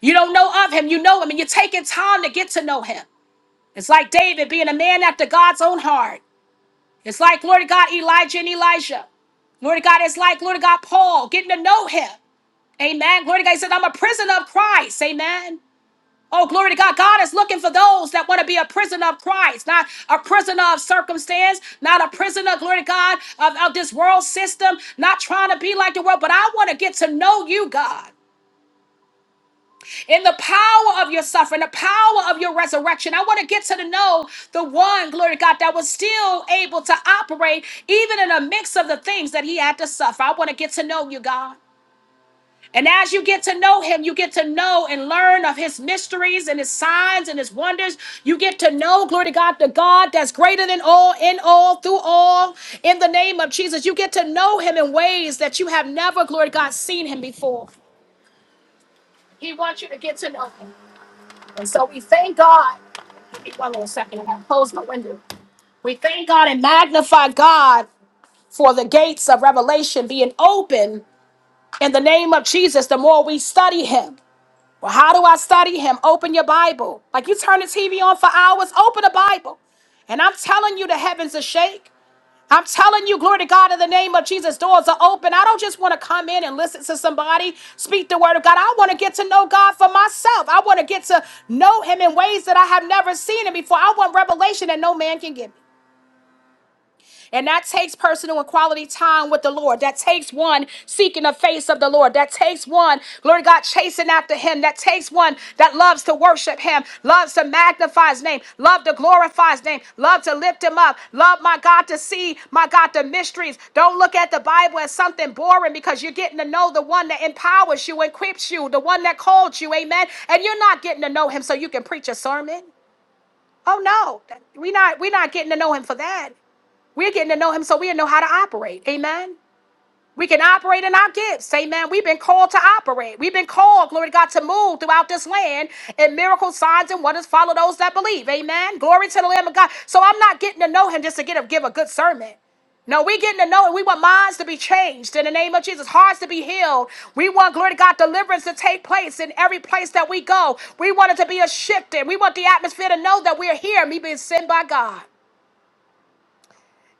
S1: You don't know of him, you know him, and you're taking time to get to know him. It's like David being a man after God's own heart. It's like, Lord God, Elijah and Elijah. Lord God, it's like, Lord God, Paul getting to know him. Amen. Glory to God. He said, I'm a prisoner of Christ. Amen. Oh, glory to God. God is looking for those that want to be a prisoner of Christ, not a prisoner of circumstance, not a prisoner, glory to God, of, of this world system, not trying to be like the world, but I want to get to know you, God. In the power of your suffering, the power of your resurrection, I want to get to the know the one, glory to God, that was still able to operate even in the mix of the things that he had to suffer. I want to get to know you, God. And as you get to know him, you get to know and learn of his mysteries and his signs and his wonders. You get to know, glory to God, the God that's greater than all, in all, through all, in the name of Jesus. You get to know him in ways that you have never, glory to God, seen him before. He wants you to get to know him. And so we thank God. Give me One little second, I'm going to close my window. We thank God and magnify God for the gates of revelation being open in the name of Jesus the more we study him. Well, how do I study him? Open your Bible. Like you turn the TV on for hours, open a Bible. And I'm telling you, the heavens are shake. I'm telling you, glory to God, in the name of Jesus, doors are open. I don't just want to come in and listen to somebody speak the word of God. I want to get to know God for myself. I want to get to know him in ways that I have never seen him before. I want revelation that no man can give me. And that takes personal and quality time with the Lord. That takes one seeking the face of the Lord. That takes one, Lord God, chasing after him. That takes one that loves to worship him, loves to magnify his name, love to glorify his name, love to lift him up, love, my God, to see, my God, the mysteries. Don't look at the Bible as something boring because you're getting to know the one that empowers you, equips you, the one that called you, amen. And you're not getting to know him so you can preach a sermon. Oh no, that- we not we not getting to know him for that. We're getting to know him so we know how to operate. Amen. We can operate in our gifts. Amen. We've been called to operate. We've been called, glory to God, to move throughout this land and miracles, signs, and wonders follow those that believe. Amen. Glory to the Lamb of God. So I'm not getting to know him just to get a, give a good sermon. No, we getting to know it. We want minds to be changed in the name of Jesus, hearts to be healed. We want, glory to God, deliverance to take place in every place that we go. We want it to be a shift in. We want the atmosphere to know that we're here and we being sent by God.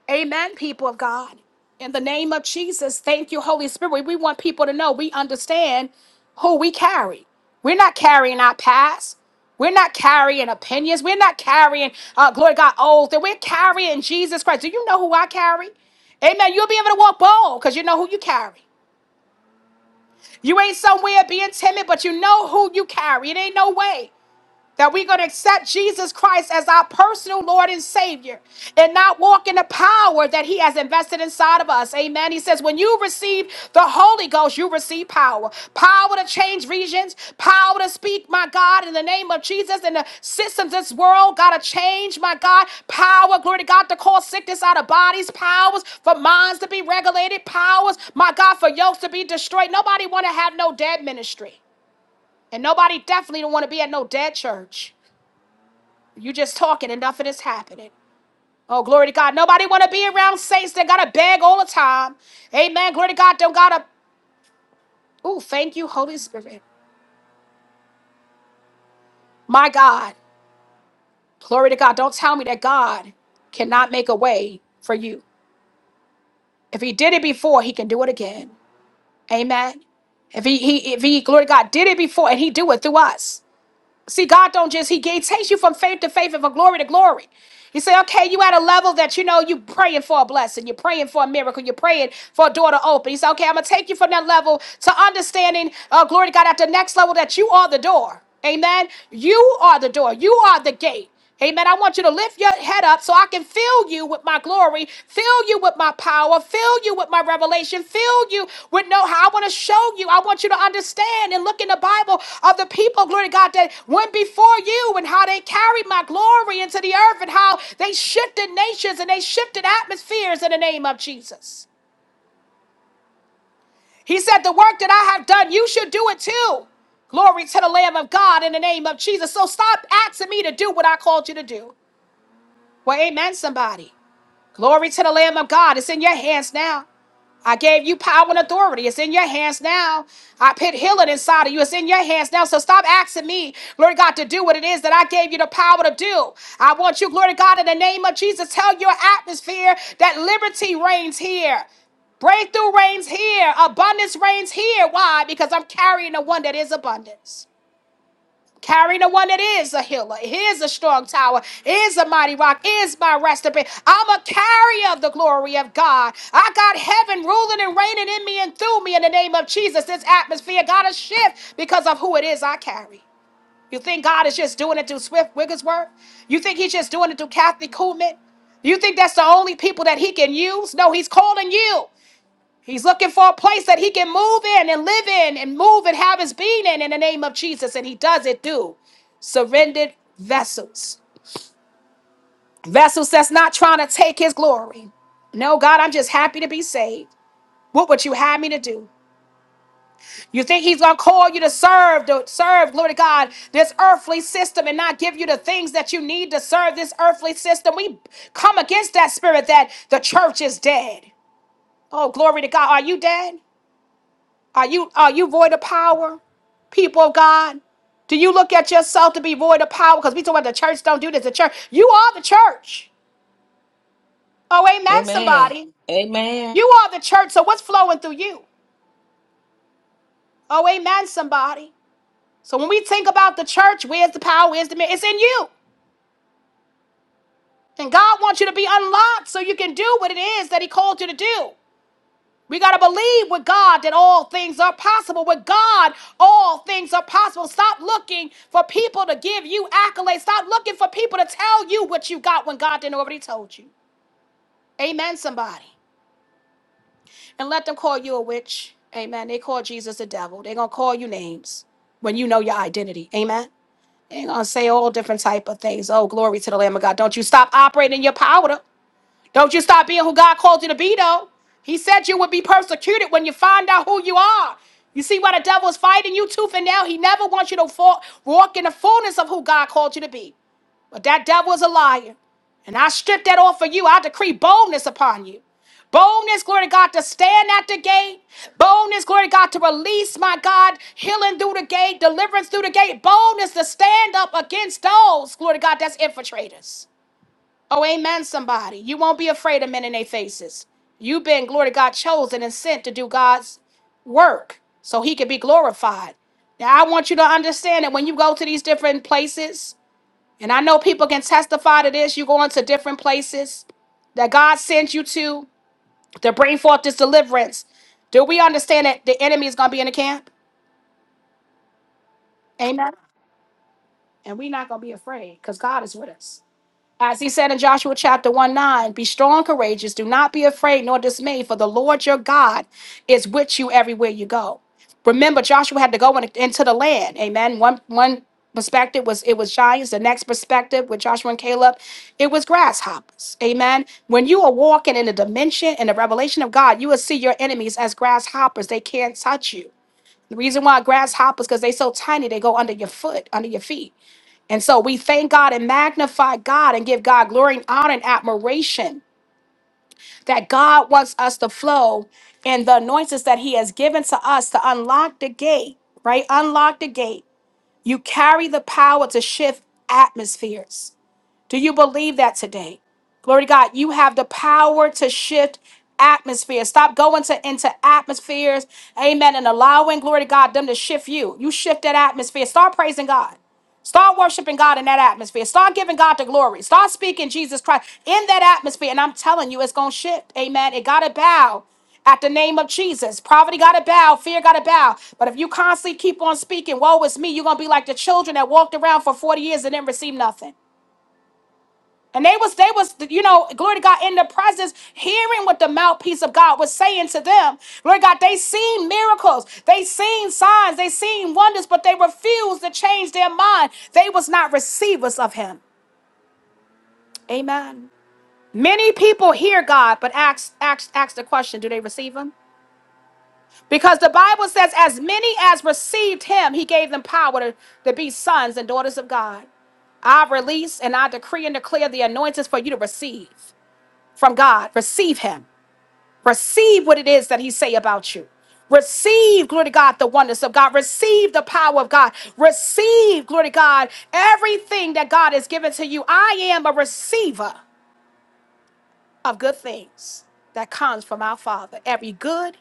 S1: Amen, people of God. In the name of Jesus, thank you, Holy Spirit. We want people to know we understand who we carry. We're not carrying our past. We're not carrying opinions. We're not carrying, uh, glory to God, oaths. That We're carrying Jesus Christ. Do you know who I carry? Amen. You'll be able to walk bold because you know who you carry. You ain't somewhere being timid, but you know who you carry. It ain't no way that we're going to accept Jesus Christ as our personal Lord and Savior and not walk in the power that He has invested inside of us. Amen. He says, when you receive the Holy Ghost, you receive power power to change regions, power to speak, my God, in the name of Jesus, and the systems of this world got to change, my God. Power, glory to God, to call sickness out of bodies, powers for minds to be regulated, powers, my God, for yokes to be destroyed. Nobody want to have no dead ministry. And nobody definitely don't want to be at no dead church. You just talking and nothing is happening. Oh, glory to God. Nobody want to be around saints that got to beg all the time. Amen. Glory to God. Don't got to. Oh, thank you, Holy Spirit. My God. Glory to God. Don't tell me that God cannot make a way for you. If he did it before, he can do it again. Amen. If he, he if he glory to God did it before and he do it through us. See, God don't just He He takes you from faith to faith and from glory to glory. You say, okay, you at a level that you know you praying for a blessing, you're praying for a miracle, you're praying for a door to open. You say, okay, I'm gonna take you from that level to understanding, uh, glory to God, at the next level that you are the door. Amen. You are the door. You are the gate. Amen. I want you to lift your head up so I can fill you with my glory, fill you with my power, fill you with my revelation, fill you with know how I want to show you. I want you to understand and look in the Bible of the people, glory to God, that went before you and how they carried my glory into the earth and how they shifted nations and they shifted atmospheres in the name of Jesus. He said, The work that I have done, you should do it too. Glory to the Lamb of God in the name of Jesus. So stop asking me to do what I called you to do. Well, amen, somebody. Glory to the Lamb of God. It's in your hands now. I gave you power and authority. It's in your hands now. I put healing inside of you. It's in your hands now. So stop asking me, glory to God, to do what it is that I gave you the power to do. I want you, glory to God, in the name of Jesus, tell your atmosphere that liberty reigns here. Breakthrough reigns here. Abundance reigns here. Why? Because I'm carrying the one that is abundance. Carrying the one that is a healer, is a strong tower, is a mighty rock, is my resting place. I'm a carrier of the glory of God. I got heaven ruling and reigning in me and through me in the name of Jesus. This atmosphere got to shift because of who it is I carry. You think God is just doing it through Swift Wigglesworth? You think He's just doing it through Kathy Kuhlman? You think that's the only people that He can use? No, He's calling you. He's looking for a place that he can move in and live in and move and have his being in in the name of Jesus. And he does it through surrendered vessels. Vessels that's not trying to take his glory. No, God, I'm just happy to be saved. What would you have me to do? You think he's gonna call you to serve, to serve, glory to God, this earthly system and not give you the things that you need to serve this earthly system? We come against that spirit that the church is dead. Oh, glory to God. Are you dead? Are you are you void of power, people of God? Do you look at yourself to be void of power? Because we talk about the church don't do this. The church, you are the church. Oh, amen,
S6: Amen.
S1: somebody.
S6: Amen.
S1: You are the church. So what's flowing through you? Oh, amen, somebody. So when we think about the church, where's the power? Where's the man? It's in you. And God wants you to be unlocked so you can do what it is that He called you to do. We got to believe with God that all things are possible. With God, all things are possible. Stop looking for people to give you accolades. Stop looking for people to tell you what you got when God didn't already told you. Amen, somebody. And let them call you a witch. Amen. They call Jesus the devil. They're going to call you names when you know your identity. Amen. They're going to say all different type of things. Oh, glory to the Lamb of God. Don't you stop operating in your power. Don't you stop being who God called you to be, though. He said you would be persecuted when you find out who you are. You see why the devil is fighting you too for now? He never wants you to fall, walk in the fullness of who God called you to be. But that devil is a liar. And I strip that off for you. I decree boldness upon you. Boldness, glory to God, to stand at the gate. Boldness, glory to God, to release, my God, healing through the gate, deliverance through the gate. Boldness to stand up against those, glory to God, that's infiltrators. Oh, amen, somebody. You won't be afraid of men in their faces. You've been, glory to God, chosen and sent to do God's work so he can be glorified. Now, I want you to understand that when you go to these different places, and I know people can testify to this, you go into different places that God sent you to to bring forth this deliverance. Do we understand that the enemy is going to be in the camp? Amen. And we're not going to be afraid because God is with us. As he said in Joshua chapter 1 9, be strong, courageous, do not be afraid nor dismayed, for the Lord your God is with you everywhere you go. Remember, Joshua had to go in- into the land. Amen. One one perspective was it was giants. The next perspective with Joshua and Caleb, it was grasshoppers. Amen. When you are walking in the dimension and the revelation of God, you will see your enemies as grasshoppers. They can't touch you. The reason why grasshoppers, because they're so tiny, they go under your foot, under your feet. And so we thank God and magnify God and give God glory and honor and admiration that God wants us to flow in the anointings that He has given to us to unlock the gate, right? Unlock the gate. You carry the power to shift atmospheres. Do you believe that today? Glory to God, you have the power to shift atmospheres. Stop going to into atmospheres, amen, and allowing, glory to God, them to shift you. You shift that atmosphere. Start praising God. Start worshiping God in that atmosphere. Start giving God the glory. Start speaking Jesus Christ in that atmosphere. And I'm telling you, it's going to shift. Amen. It got to bow at the name of Jesus. Poverty got to bow. Fear got to bow. But if you constantly keep on speaking, woe is me, you're going to be like the children that walked around for 40 years and didn't receive nothing. And they was they was you know glory to God in the presence, hearing what the mouthpiece of God was saying to them. Glory to God, they seen miracles, they seen signs, they seen wonders, but they refused to change their mind. They was not receivers of Him. Amen. Many people hear God, but ask ask ask the question: Do they receive Him? Because the Bible says, as many as received Him, He gave them power to, to be sons and daughters of God. I release and I decree and declare the anointings for you to receive. from God. Receive him. Receive what it is that he say about you. Receive, glory to God, the oneness of God. Receive the power of God. Receive, glory to God, everything that God has given to you. I am a receiver of good things that comes from our Father. Every good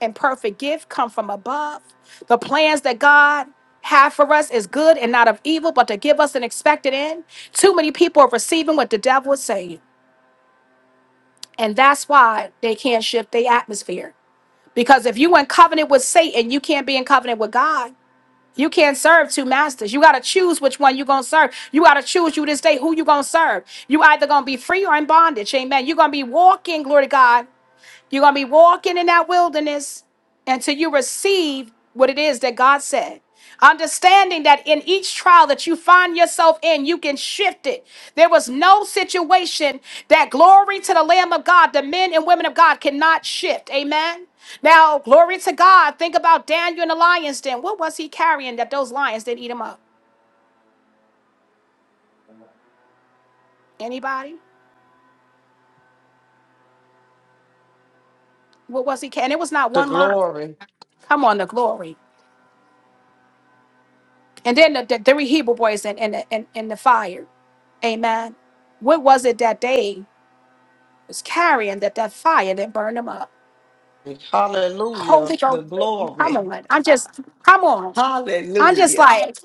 S1: and perfect gift come from above. The plans that God have for us is good and not of evil, but to give us an expected end. Too many people are receiving what the devil is saying. And that's why they can't shift their atmosphere. Because if you in covenant with Satan, you can't be in covenant with God. You can't serve two masters. You gotta choose which one you're gonna serve. You gotta choose you this day who you gonna serve. You either gonna be free or in bondage. Amen. You're gonna be walking, glory to God. You're going to be walking in that wilderness until you receive what it is that God said. Understanding that in each trial that you find yourself in, you can shift it. There was no situation that glory to the Lamb of God, the men and women of God cannot shift. Amen. Now, glory to God. Think about Daniel in the lion's den. What was he carrying that those lions didn't eat him up? Anybody? What was he carrying? It was not
S6: The
S1: one lion.
S6: glory.
S1: Come on, the glory. And then the, the three Hebrew boys in, in, the, in, in the fire. Amen. What was it that they was carrying that that fire that burned them up? Holy
S6: Hallelujah.
S1: Ghost,
S6: The
S1: come
S6: glory.
S1: on! I'm just, come on! I'm just
S6: Hallelujah.
S1: like,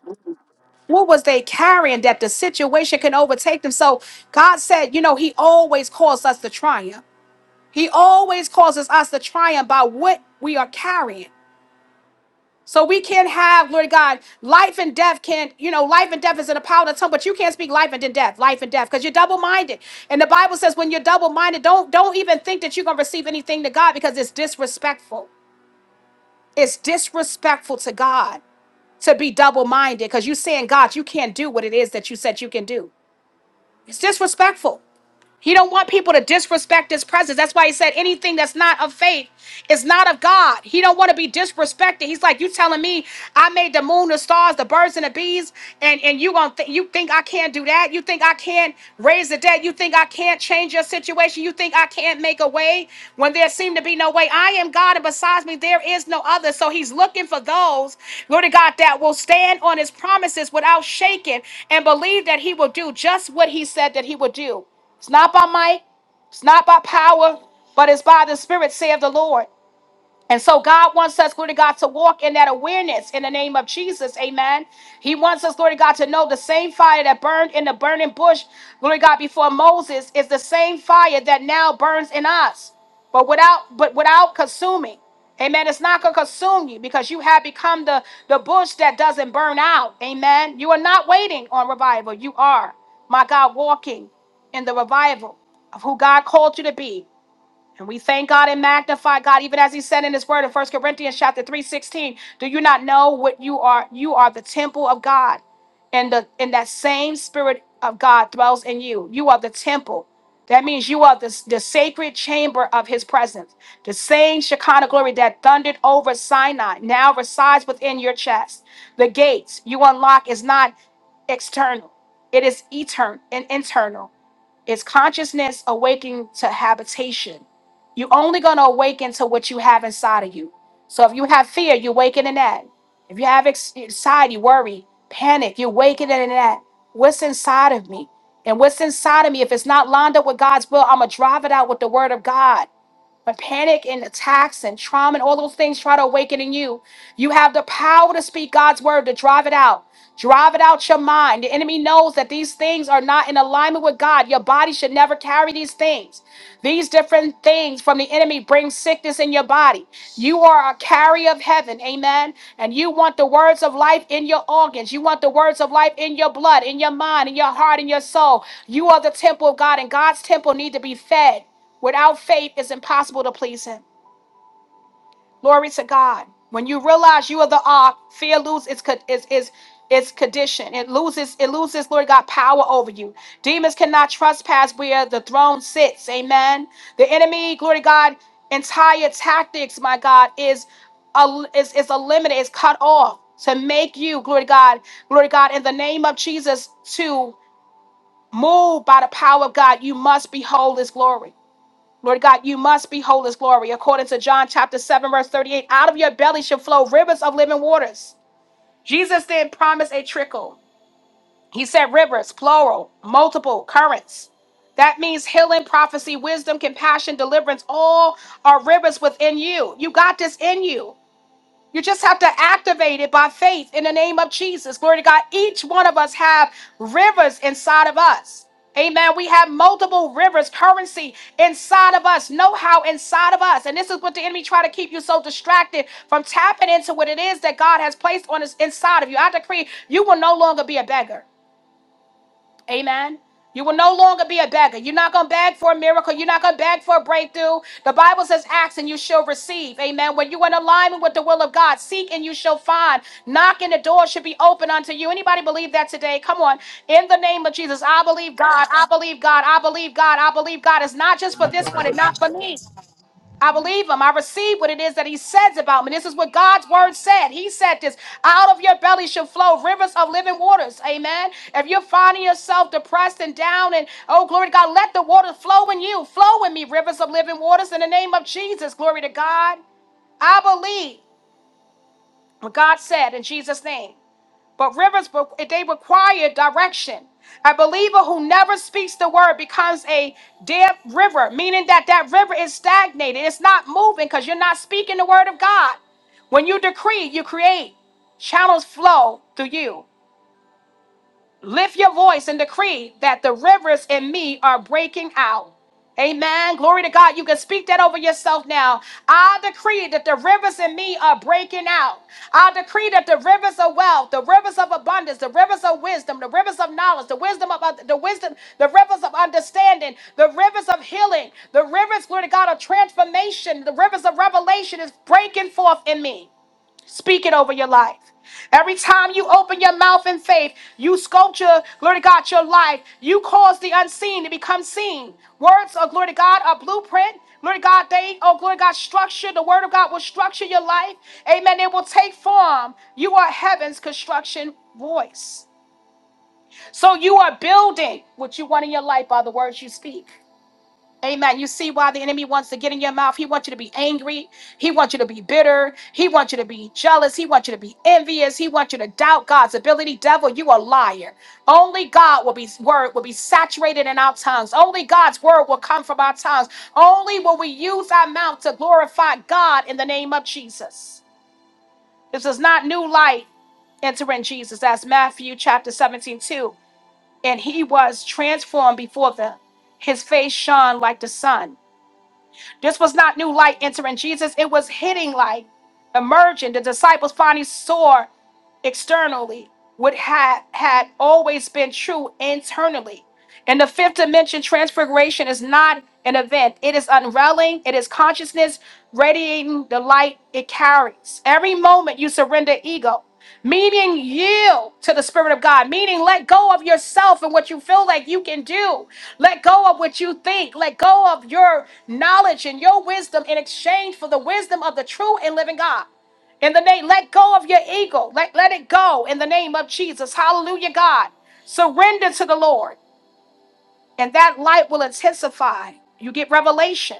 S1: what was they carrying that the situation can overtake them? So God said, you know, He always calls us to triumph. He always causes us to triumph by what we are carrying. So we can't have, Lord God, life and death can't, you know, life and death is in the power of the tongue, but you can't speak life and then death, life and death, because you're double-minded. And the Bible says when you're double-minded, don't don't even think that you're gonna receive anything to God because it's disrespectful. It's disrespectful to God to be double-minded because you're saying, God, you can't do what it is that you said you can do. It's disrespectful. He don't want people to disrespect his presence. That's why he said anything that's not of faith is not of God. He don't want to be disrespected. He's like, you telling me I made the moon, the stars, the birds, and the bees, and and you gonna th- you think I can't do that? You think I can't raise the dead? You think I can't change your situation? You think I can't make a way when there seemed to be no way? I am God, and besides me there is no other. So he's looking for those, Lord God, that will stand on his promises without shaking and believe that he will do just what he said that he would do. It's not by might, it's not by power, but it's by the Spirit, saith the Lord. And so God wants us, glory to God, to walk in that awareness in the name of Jesus. Amen. He wants us, glory to God, to know the same fire that burned in the burning bush, glory to God, before Moses is the same fire that now burns in us. But without, but without consuming. Amen. It's not gonna consume you because you have become the, the bush that doesn't burn out. Amen. You are not waiting on revival. You are, my God, walking in the revival of who God called you to be. And we thank God and magnify God, even as He said in His Word in First Corinthians chapter three, sixteen. Do you not know what you are? You are the temple of God, and the and that same Spirit of God dwells in you. You are the temple. That means you are the, the sacred chamber of His presence. The same Shekinah glory that thundered over Sinai now resides within your chest. The gates you unlock is not external; it is eternal and internal. It's consciousness awakening to habitation. You're only going to awaken to what you have inside of you. So if you have fear, you're wakening that. If you have ex- anxiety, worry, panic, you're wakening in that. What's inside of me? And what's inside of me, if it's not lined up with God's will, I'm going to drive it out with the word of God. When panic and attacks and trauma and all those things try to awaken in you, you have the power to speak God's word to drive it out. Drive it out your mind. The enemy knows that these things are not in alignment with God. Your body should never carry these things. These different things from the enemy bring sickness in your body. You are a carrier of heaven, amen. And you want the words of life in your organs. You want the words of life in your blood, in your mind, in your heart, in your soul. You are the temple of God, and God's temple need to be fed. Without faith, it's impossible to please Him. Glory to God. When you realize you are the ark, fear lose its co- is is its condition. It loses it loses Lord God power over you. Demons cannot trespass where the throne sits. Amen. The enemy, glory to God, entire tactics, my God, is a, is is eliminated, is cut off to make you, glory to God, glory to God, in the name of Jesus, to move by the power of God. You must behold His glory. Lord God, you must behold his glory. According to John chapter 7, verse 38, out of your belly shall flow rivers of living waters. Jesus didn't promise a trickle. He said rivers, plural, multiple currents. That means healing, prophecy, wisdom, compassion, deliverance, all are rivers within you. You got this in you. You just have to activate it by faith in the name of Jesus. Glory to God. Each one of us have rivers inside of us. Amen. We have multiple rivers, currency inside of us, know-how inside of us. And this is what the enemy try to keep you so distracted from tapping into what it is that God has placed on us inside of you. I decree you will no longer be a beggar. Amen. You will no longer be a beggar. You're not going to beg for a miracle. You're not going to beg for a breakthrough. The Bible says, Ask and you shall receive. Amen. When you're in alignment with the will of God, seek and you shall find. Knock and the door should be open unto you. Anybody believe that today? Come on. In the name of Jesus, I believe God. I believe God. I believe God. I believe God. It's not just for this one and not for me. I believe him. I receive what it is that he says about me. This is what God's word said. He said this out of your belly shall flow rivers of living waters. Amen. If you're finding yourself depressed and down, and oh, glory to God, let the water flow in you. Flow in me, rivers of living waters in the name of Jesus. Glory to God. I believe what God said in Jesus' name. But rivers, they require direction. A believer who never speaks the word becomes a dead river, meaning that that river is stagnated. It's not moving because you're not speaking the word of God. When you decree, you create. Channels flow through you. Lift your voice and decree that the rivers in me are breaking out. Amen. Glory to God. You can speak that over yourself now. I decree that the rivers in me are breaking out. I decree that the rivers of wealth, the rivers of abundance, the rivers of wisdom, the rivers of knowledge, the wisdom of the wisdom, the rivers of understanding, the rivers of healing, the rivers, glory to God, of transformation, the rivers of revelation is breaking forth in me. Speak it over your life. Every time you open your mouth in faith, you sculpture, glory to God, your life. You cause the unseen to become seen. Words oh glory to God are blueprint. Glory to God, they, oh, glory to God, structure. The word of God will structure your life. Amen. It will take form. You are heaven's construction voice. So you are building what you want in your life by the words you speak. Amen. You see why the enemy wants to get in your mouth. He wants you to be angry. He wants you to be bitter. He wants you to be jealous. He wants you to be envious. He wants you to doubt God's ability. Devil, you a liar. Only God will be word will be saturated in our tongues. Only God's word will come from our tongues. Only will we use our mouth to glorify God in the name of Jesus. This is not new light entering Jesus. That's Matthew chapter seventeen two, And he was transformed before them. His face shone like the sun this was not new light entering Jesus, it was hitting light, emerging. The disciples finally saw externally what had, had always been true internally. And the fifth dimension, transfiguration is not an event, it is unraveling, it is consciousness radiating the light it carries. Every moment you surrender ego, meaning yield to the Spirit of God, meaning let go of yourself and what you feel like you can do, let go of what you think, let go of your knowledge and your wisdom in exchange for the wisdom of the true and living God. In the name, let go of your ego. Let, let it go in the name of Jesus. Hallelujah, God. Surrender to the Lord and that light will intensify. You get revelation.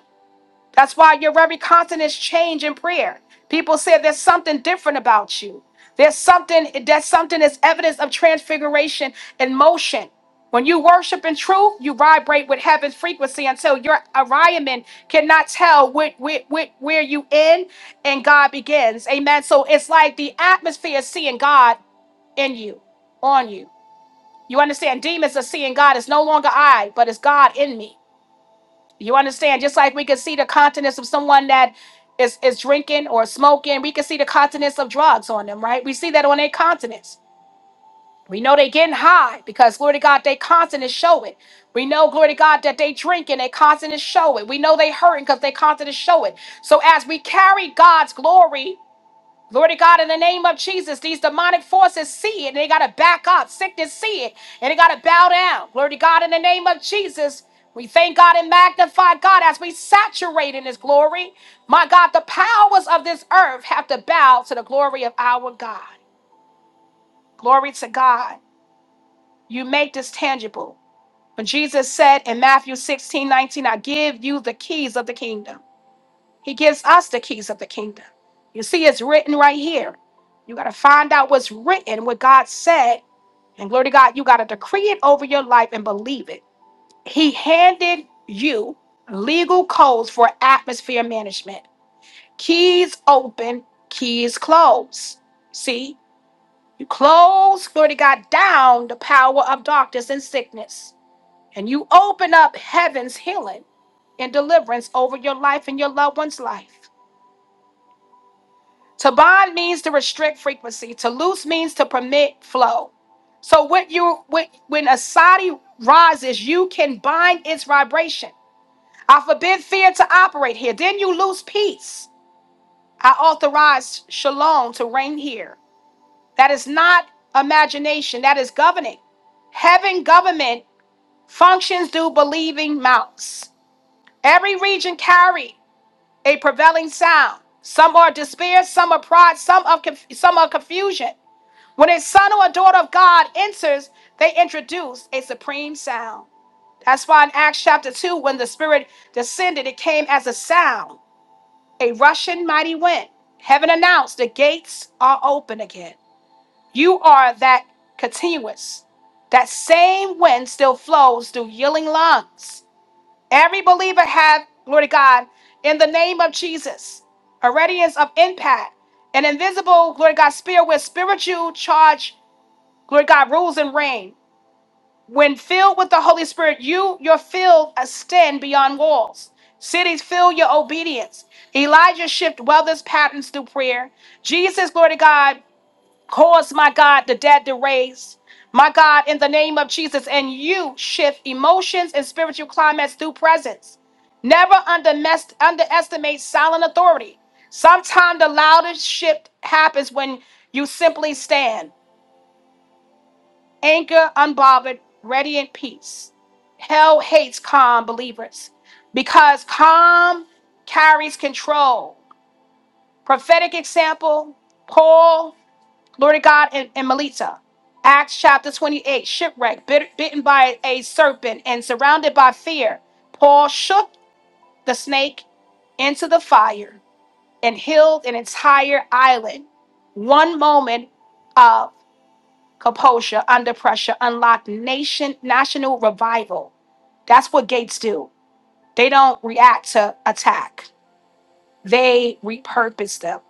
S1: That's why your very countenance change in prayer. People say there's something different about you. There's something that's something that's evidence of transfiguration and motion. When you worship in truth, you vibrate with heaven's frequency until your Orion cannot tell where, where, where, where you end and God begins. Amen. So it's like the atmosphere is seeing God in you, on you. You understand? Demons are seeing God. It's no longer I, but it's God in me. You understand? Just like we can see the continence of someone that is, is drinking or smoking, we can see the continence of drugs on them, right? We see that on their continents. We know they getting high because, glory to God, their continents show it. We know, glory to God, that they drinking, their continents show it. We know they hurting because their continents show it. So as we carry God's glory, Glory to God, in the name of Jesus, these demonic forces see it and they got to back up. Sickness see it and they got to bow down. Glory to God, in the name of Jesus. We thank God and magnify God as we saturate in His glory. My God, the powers of this earth have to bow to the glory of our God. Glory to God. You make this tangible. When Jesus said in Matthew 16:19, I give you the keys of the kingdom. He gives us the keys of the kingdom. You see, it's written right here. You got to find out what's written, what God said. And glory to God, you got to decree it over your life and believe it. He handed you legal codes for atmosphere management keys open, keys close. See, you close, glory to God, down the power of darkness and sickness. And you open up heaven's healing and deliverance over your life and your loved one's life. To bond means to restrict frequency. To loose means to permit flow. So when you when, when a sadi rises, you can bind its vibration. I forbid fear to operate here. Then you lose peace. I authorize shalom to reign here. That is not imagination. That is governing. Heaven government functions through believing mouths. Every region carry a prevailing sound. Some are despair, some are pride, some of conf- some are confusion. When a son or a daughter of God enters, they introduce a supreme sound. That's why in Acts chapter 2, when the Spirit descended, it came as a sound, a rushing mighty wind. Heaven announced the gates are open again. You are that continuous. That same wind still flows through yielding lungs. Every believer have, glory to God, in the name of Jesus, a radiance of impact, an invisible, glory to God, spirit with spiritual charge Lord God rules and reign. When filled with the Holy Spirit, you, your field, extend beyond walls. Cities feel your obedience. Elijah shift weather's patterns through prayer. Jesus, Lord God, cause my God the dead to raise. My God, in the name of Jesus, and you shift emotions and spiritual climates through presence. Never undermes- underestimate silent authority. Sometimes the loudest shift happens when you simply stand anger unbothered, ready in peace. Hell hates calm believers because calm carries control. Prophetic example Paul, Lord of God, and, and Melita. Acts chapter 28, shipwreck, bit, bitten by a serpent and surrounded by fear. Paul shook the snake into the fire and healed an entire island. One moment composure under pressure unlock nation national revival that's what gates do they don't react to attack they repurpose them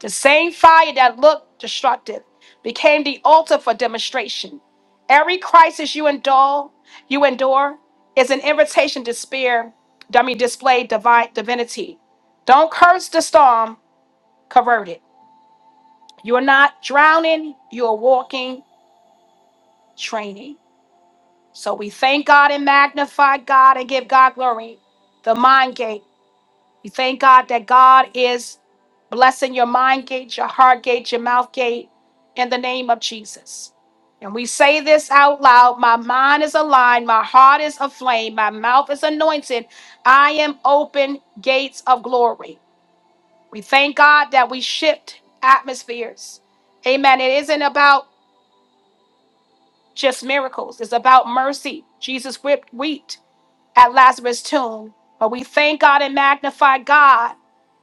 S1: the same fire that looked destructive became the altar for demonstration every crisis you endure you endure is an invitation to spear i mean display divine divinity don't curse the storm convert it you're not drowning you're walking training So we thank God and magnify God and give God glory. The mind gate. We thank God that God is blessing your mind gate, your heart gate, your mouth gate in the name of Jesus. And we say this out loud My mind is aligned, my heart is aflame, my mouth is anointed. I am open gates of glory. We thank God that we shift atmospheres. Amen. It isn't about just miracles, it's about mercy. Jesus whipped wheat. at Lazarus' tomb. But we thank God and magnify God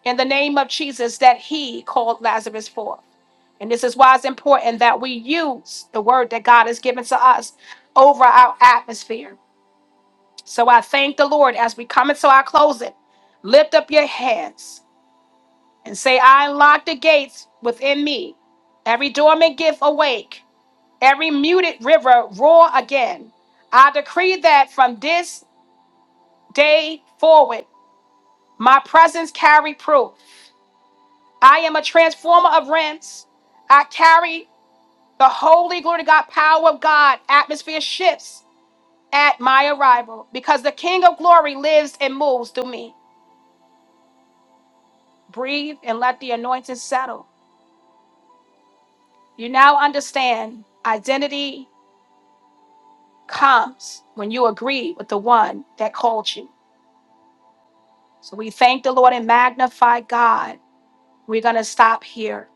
S1: in the name of Jesus that He called Lazarus forth. And this is why it's important that we use the word that God has given to us over our atmosphere. So I thank the Lord as we come into our closing. Lift up your hands and say, I unlock the gates within me. Every dormant gift awake, every muted river roar again. I decree that from this day forward, My presence carry proof. I am a transformer of rents. I carry the holy glory to God, power of God. Atmosphere shifts at my arrival because the King of glory lives and moves through me. Breathe and let the anointing settle. You now understand identity comes when you agree with the one that called you. So we thank the Lord and magnify God. We're going to stop here.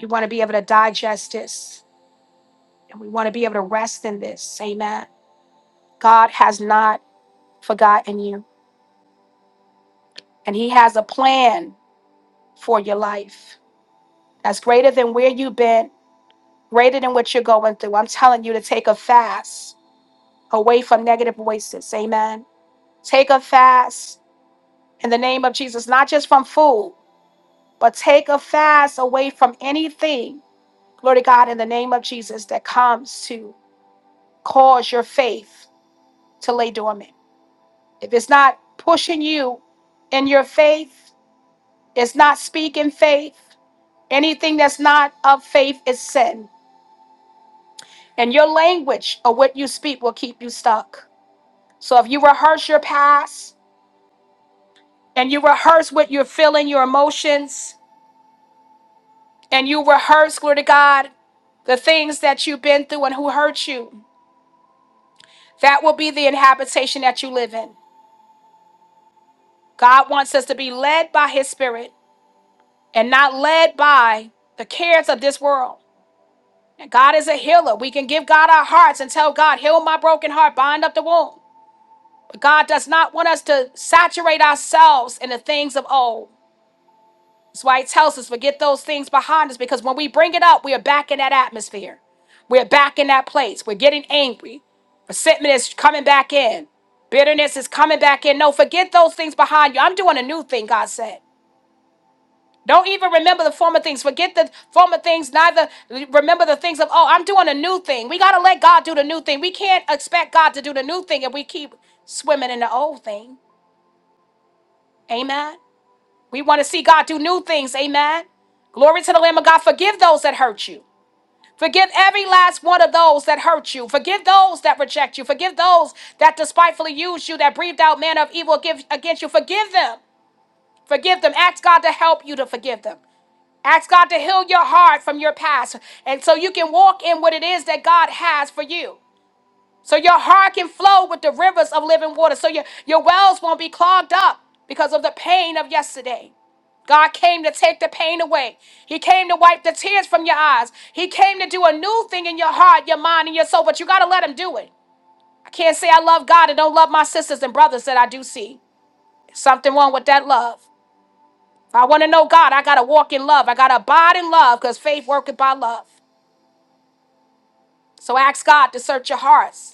S1: We want to be able to digest this and we want to be able to rest in this. Amen. God has not forgotten you, and He has a plan for your life that's greater than where you've been, greater than what you're going through. I'm telling you to take a fast away from negative voices. Amen. Take a fast in the name of Jesus, not just from food, but take a fast away from anything, glory to God, in the name of Jesus, that comes to cause your faith to lay dormant. If it's not pushing you in your faith, it's not speaking faith. Anything that's not of faith is sin. And your language or what you speak will keep you stuck. So if you rehearse your past and you rehearse what you're feeling, your emotions, and you rehearse, glory to God, the things that you've been through and who hurt you, that will be the inhabitation that you live in. God wants us to be led by his spirit and not led by the cares of this world. And God is a healer. We can give God our hearts and tell God, heal my broken heart, bind up the wound. God does not want us to saturate ourselves in the things of old. That's why He tells us forget those things behind us because when we bring it up, we are back in that atmosphere. We're back in that place. We're getting angry. Resentment is coming back in. Bitterness is coming back in. No, forget those things behind you. I'm doing a new thing, God said. Don't even remember the former things. Forget the former things. Neither remember the things of, oh, I'm doing a new thing. We got to let God do the new thing. We can't expect God to do the new thing if we keep swimming in the old thing. Amen. We want to see God do new things. Amen. Glory to the Lamb of God. Forgive those that hurt you. Forgive every last one of those that hurt you. Forgive those that reject you. Forgive those that despitefully use you, that breathed out manner of evil give- against you. Forgive them. Forgive them. Ask God to help you to forgive them. Ask God to heal your heart from your past and so you can walk in what it is that God has for you. So your heart can flow with the rivers of living water. So your, your wells won't be clogged up because of the pain of yesterday. God came to take the pain away. He came to wipe the tears from your eyes. He came to do a new thing in your heart, your mind, and your soul, but you got to let Him do it. I can't say I love God and don't love my sisters and brothers that I do see. Something wrong with that love. If I want to know God, I got to walk in love. I got to abide in love because faith worketh by love. So ask God to search your hearts.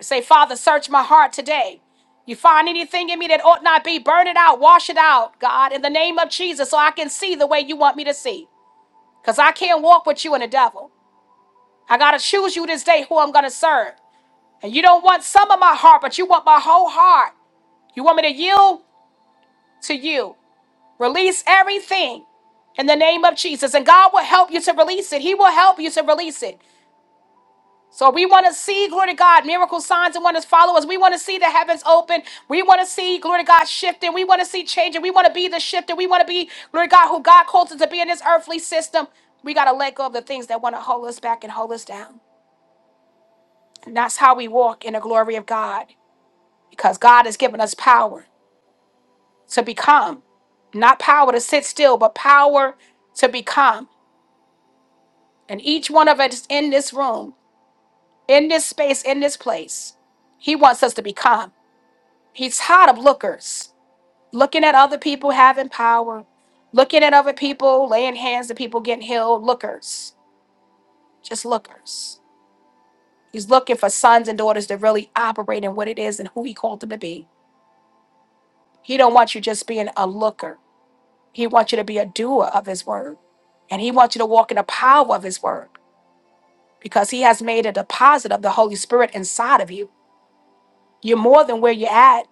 S1: Say, Father, search my heart today. You find anything in me that ought not be, burn it out, wash it out, God, in the name of Jesus, so I can see the way you want me to see. Because I can't walk with you and the devil. I got to choose you this day who I'm going to serve. And you don't want some of my heart, but you want my whole heart. You want me to yield to you. Release everything in the name of Jesus. And God will help you to release it. He will help you to release it. So we want to see, glory to God, miracle signs and wonders follow us. We want to see the heavens open. We want to see, glory to God, shifting. We want to see changing. We want to be the shifter. We want to be, glory to God, who God calls us to be in this earthly system. We got to let go of the things that want to hold us back and hold us down. And that's how we walk in the glory of God because God has given us power to become, not power to sit still, but power to become. And each one of us in this room, in this space, in this place, He wants us to become. He's tired of lookers, looking at other people having power, looking at other people, laying hands to people getting healed, lookers, just lookers. He's looking for sons and daughters that really operate in what it is and who he called them to be. He don't want you just being a looker. He wants you to be a doer of his word. And he wants you to walk in the power of his word because he has made a deposit of the Holy Spirit inside of you. You're more than where you're at.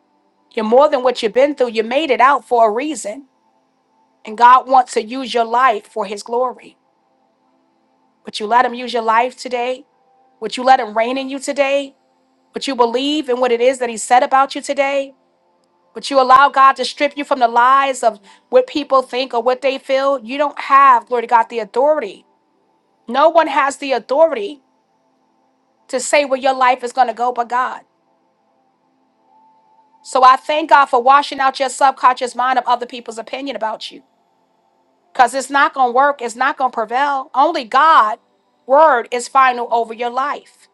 S1: You're more than what you've been through. You made it out for a reason And God wants to use your life for his glory. Would you let him use your life today? Would you let him reign in you today? Would you believe in what it is that he said about you today? Would you allow God to strip you from the lies of what people think or what they feel? You don't have, glory to God, the authority. No one has the authority to say where your life is going to go but God. So I thank God for washing out your subconscious mind of other people's opinion about you. because it's not going to work. It's not going to prevail. Only God' word is final over your life.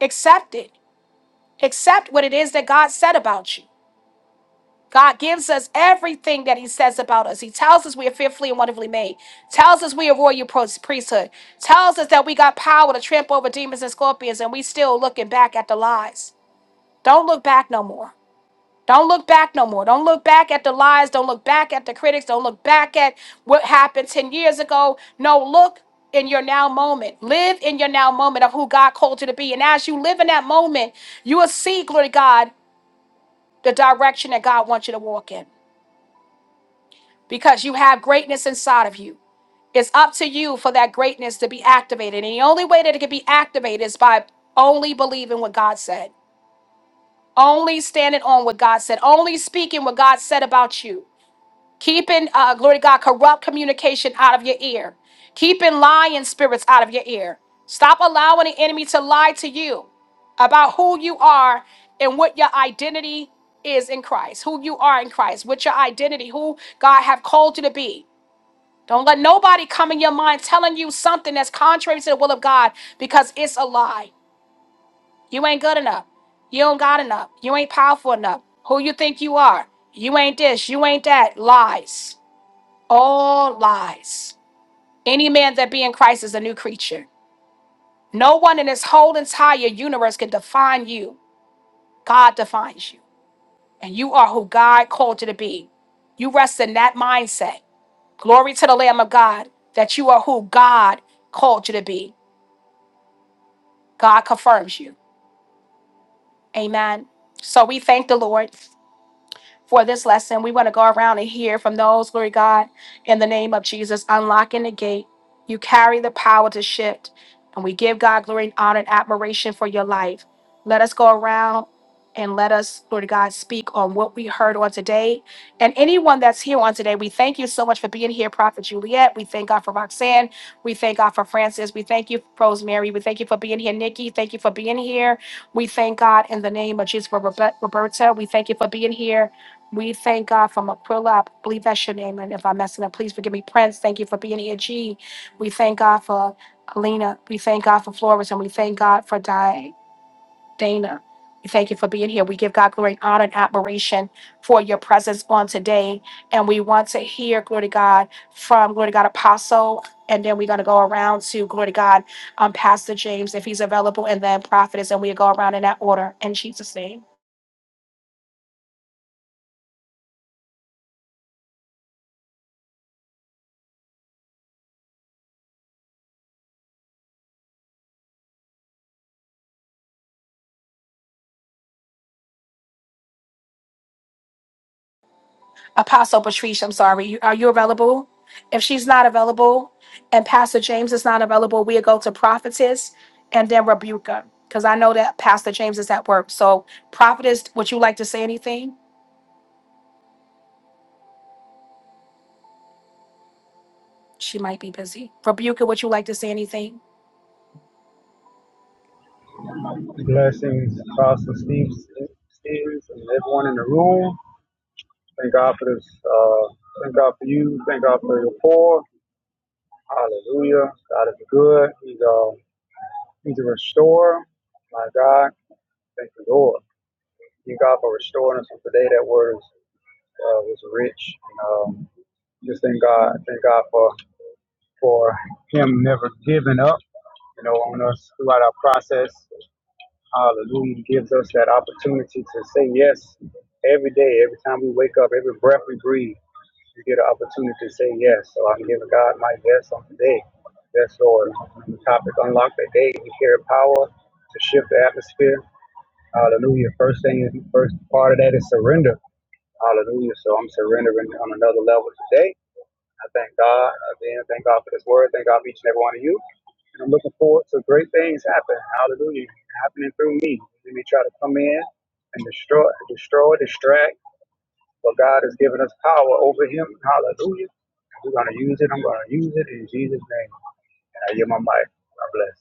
S1: Accept it. Accept what it is that God said about you. God gives us everything that He says about us. He tells us we are fearfully and wonderfully made. Tells us we are royal pro- priesthood. Tells us that we got power to trample over demons and scorpions, and we still looking back at the lies. Don't look back no more. Don't look back no more. Don't look back at the lies. Don't look back at the critics. Don't look back at what happened 10 years ago. No, look in your now moment. Live in your now moment of who God called you to be. And as you live in that moment, you will see, glory to God, the direction that God wants you to walk in because you have greatness inside of you. It's up to you for that greatness to be activated. And the only way that it can be activated is by only believing what God said, only standing on what God said, only speaking what God said about you. keeping uh, glory to god corrupt communication out of your ear keeping lying spirits out of your ear stop allowing the enemy to lie to you about who you are and what your identity is in christ who you are in christ what your identity who god have called you to be don't let nobody come in your mind telling you something that's contrary to the will of god because it's a lie you ain't good enough you don't got enough you ain't powerful enough who you think you are you ain't this you ain't that lies all lies. Any man that be in Christ is a new creature. No one in this whole entire universe can define you. God defines you, and you are who God called you to be. You rest in that mindset. Glory to the Lamb of God that you are who God called you to be. God confirms you. Amen. So we thank the Lord. for this lesson. We want to go around and hear from those, glory God, in the name of Jesus, unlocking the gate. You carry the power to shift. And we give God glory and honor and admiration for your life. Let us go around and let us, Lord God, speak on what we heard on today. And anyone that's here on today, we thank you so much for being here, Prophet Juliet. We thank God for Roxanne. We thank God for Francis. We thank you, for Rosemary. We thank you for being here, Nikki. Thank you for being here. We thank God in the name of Jesus for Robe- Roberta. We thank you for being here. We thank God from Aquila. I believe that's your name. And if I'm messing up, please forgive me. Prince, thank you for being here. G. We thank God for Alina. We thank God for Flores. And we thank God for Di- Dana. We thank you for being here. We give God glory and honor and admiration for your presence on today. And we want to hear, glory to God, from glory to God Apostle. And then we're going to go around to glory to God, um, Pastor James, if he's available, and then prophetess. And we go around in that order in Jesus' name. Apostle Patrice, I'm sorry, you- are you available? If she's not available and Pastor James is not available, we'll go to prophetess and then rebuke her. Because I know that Pastor James is at work. So, prophetess, would you like to say anything? She might be busy. Rebuke her, would you like to say anything?
S3: Blessings, Apostle Steve, Stevens, and everyone in the room. Thank God for this. Uh, thank God for you. Thank God for your poor. Hallelujah. God is good. He's uh, He's a restorer. My God, thank the Lord. Thank God for restoring us. And today, that word is, uh, was rich. And, um, just thank God. Thank God for for Him never giving up. You know, on us throughout our process. Hallelujah gives us that opportunity to say yes every day, every time we wake up, every breath we breathe, we get an opportunity to say yes. So I'm giving God my yes on today. Yes, Lord. On the topic unlock the day, we carry power to shift the atmosphere. Hallelujah. First thing is first part of that is surrender. Hallelujah. So I'm surrendering on another level today. I thank God. Again, thank God for this word. Thank God for each and every one of you. And I'm looking forward to great things happen. Hallelujah. Happening through me. Let me try to come in and destroy, destroy, distract. But God has given us power over him. Hallelujah. We're going to use it. I'm going to use it in Jesus' name. And I give my mic. God bless.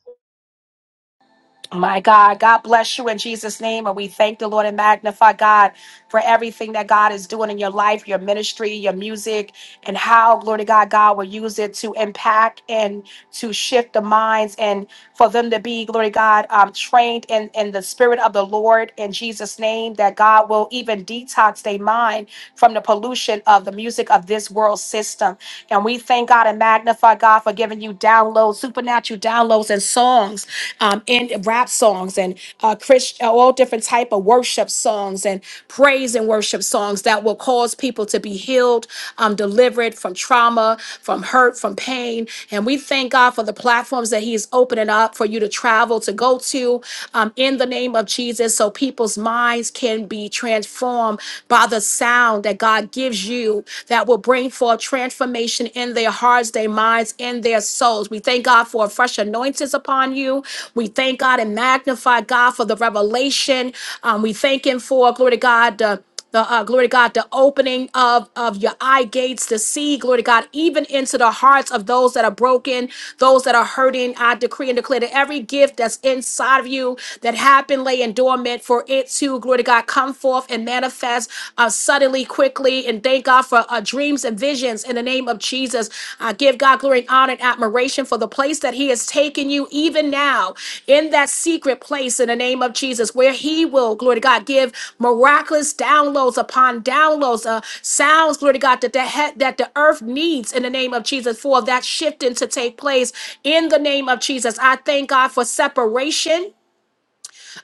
S1: My God, God bless you in Jesus' name. And we thank the Lord and magnify God for everything that God is doing in your life, your ministry, your music, and how, glory to God, God will use it to impact and to shift the minds and for them to be, glory to God, um, trained in, in the spirit of the Lord in Jesus' name, that God will even detox their mind from the pollution of the music of this world system. And we thank God and magnify God for giving you giving you downloads, supernatural downloads and songs, um, and rap songs and uh, Christ, uh, all different type of worship songs and praise and worship songs that will cause people to be healed, um, delivered from trauma, from hurt, from pain. And we thank God for the platforms that He is opening up for you to travel to go to um, in the name of Jesus, so people's minds can be transformed by the sound that God gives you. That will will bring forth transformation in their hearts, their minds, and their souls. We thank God for a fresh anointings upon you. We thank God and magnify God for the revelation. Um, we thank Him for, glory to God, the the uh, glory to God, the opening of of your eye gates to see, glory to God, even into the hearts of those that are broken, those that are hurting. I decree and declare that every gift that's inside of you that have been laying dormant for it to, glory to God, come forth forth and manifest uh, suddenly, quickly. And thank God for uh, dreams and visions in the name of Jesus. I give God glory and honor and admiration for the place that He has taken you, even now, in that secret place in the name of Jesus, where He will, glory to God, give miraculous downloads upon downloads, uh, sounds, glory to God, that the, he- that the earth needs in the name of Jesus for that shifting to take place in the name of Jesus. I thank God for separation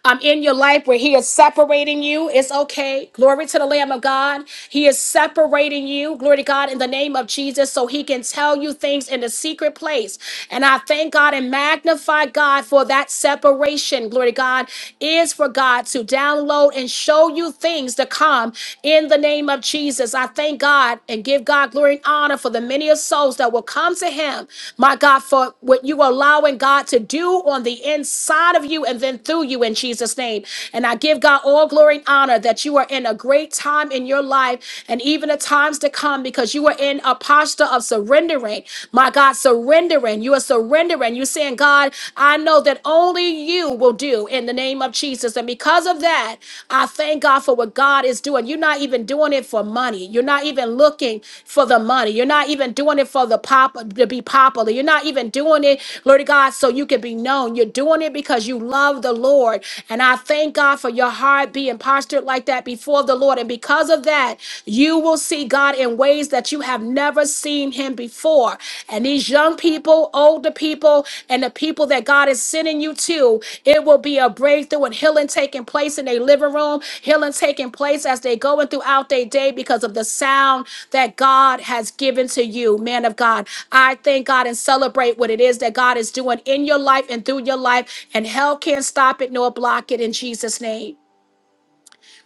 S1: um, in your life where He is separating you. It's okay. Glory to the Lamb of God. He is separating you. Glory to God in the name of Jesus so He can tell you things in the secret place. And I thank God and magnify God for that separation. Glory to God is for God to download and show you things to come in the name of Jesus. I thank God and give God glory and honor for the men many of souls that will come to him, my God, for what you are allowing God to do on the inside of you and then through you in Jesus' name. And I give God all glory and honor that you are in a great time in your life and even the times to come because you are in a posture of surrendering. My God, surrendering. You are surrendering. You're saying, God, I know that only you will do in the name of Jesus. and and because of that, I thank God for what God is doing. You're not even doing it for money. You're not even looking for the money. You're not even doing it for the pop to be popular. You're not even doing it, Lord God, so you can be known. You're doing it because you love the Lord. And I thank God for your heart being postured like that before the Lord. And because of that, you will see God in ways that you have never seen him before for. And these young people, older people, and the people that God is sending you to, it will be a breakthrough and healing taking place in their living room, healing taking place as they going throughout their day because of the sound that God has given to you, man of God. I thank God and celebrate what it is that God is doing in your life and through your life, and hell can't stop it nor block it in Jesus' name.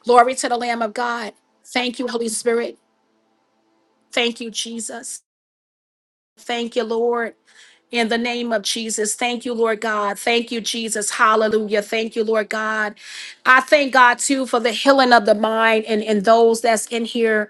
S1: Glory to the Lamb of God. Thank you, Holy Spirit. Thank you, Jesus. Thank you, Lord. In the name of Jesus, thank you, Lord God. Thank you, Jesus. Hallelujah. Thank you, Lord God. I thank God too for the healing of the mind and, and those that's in here.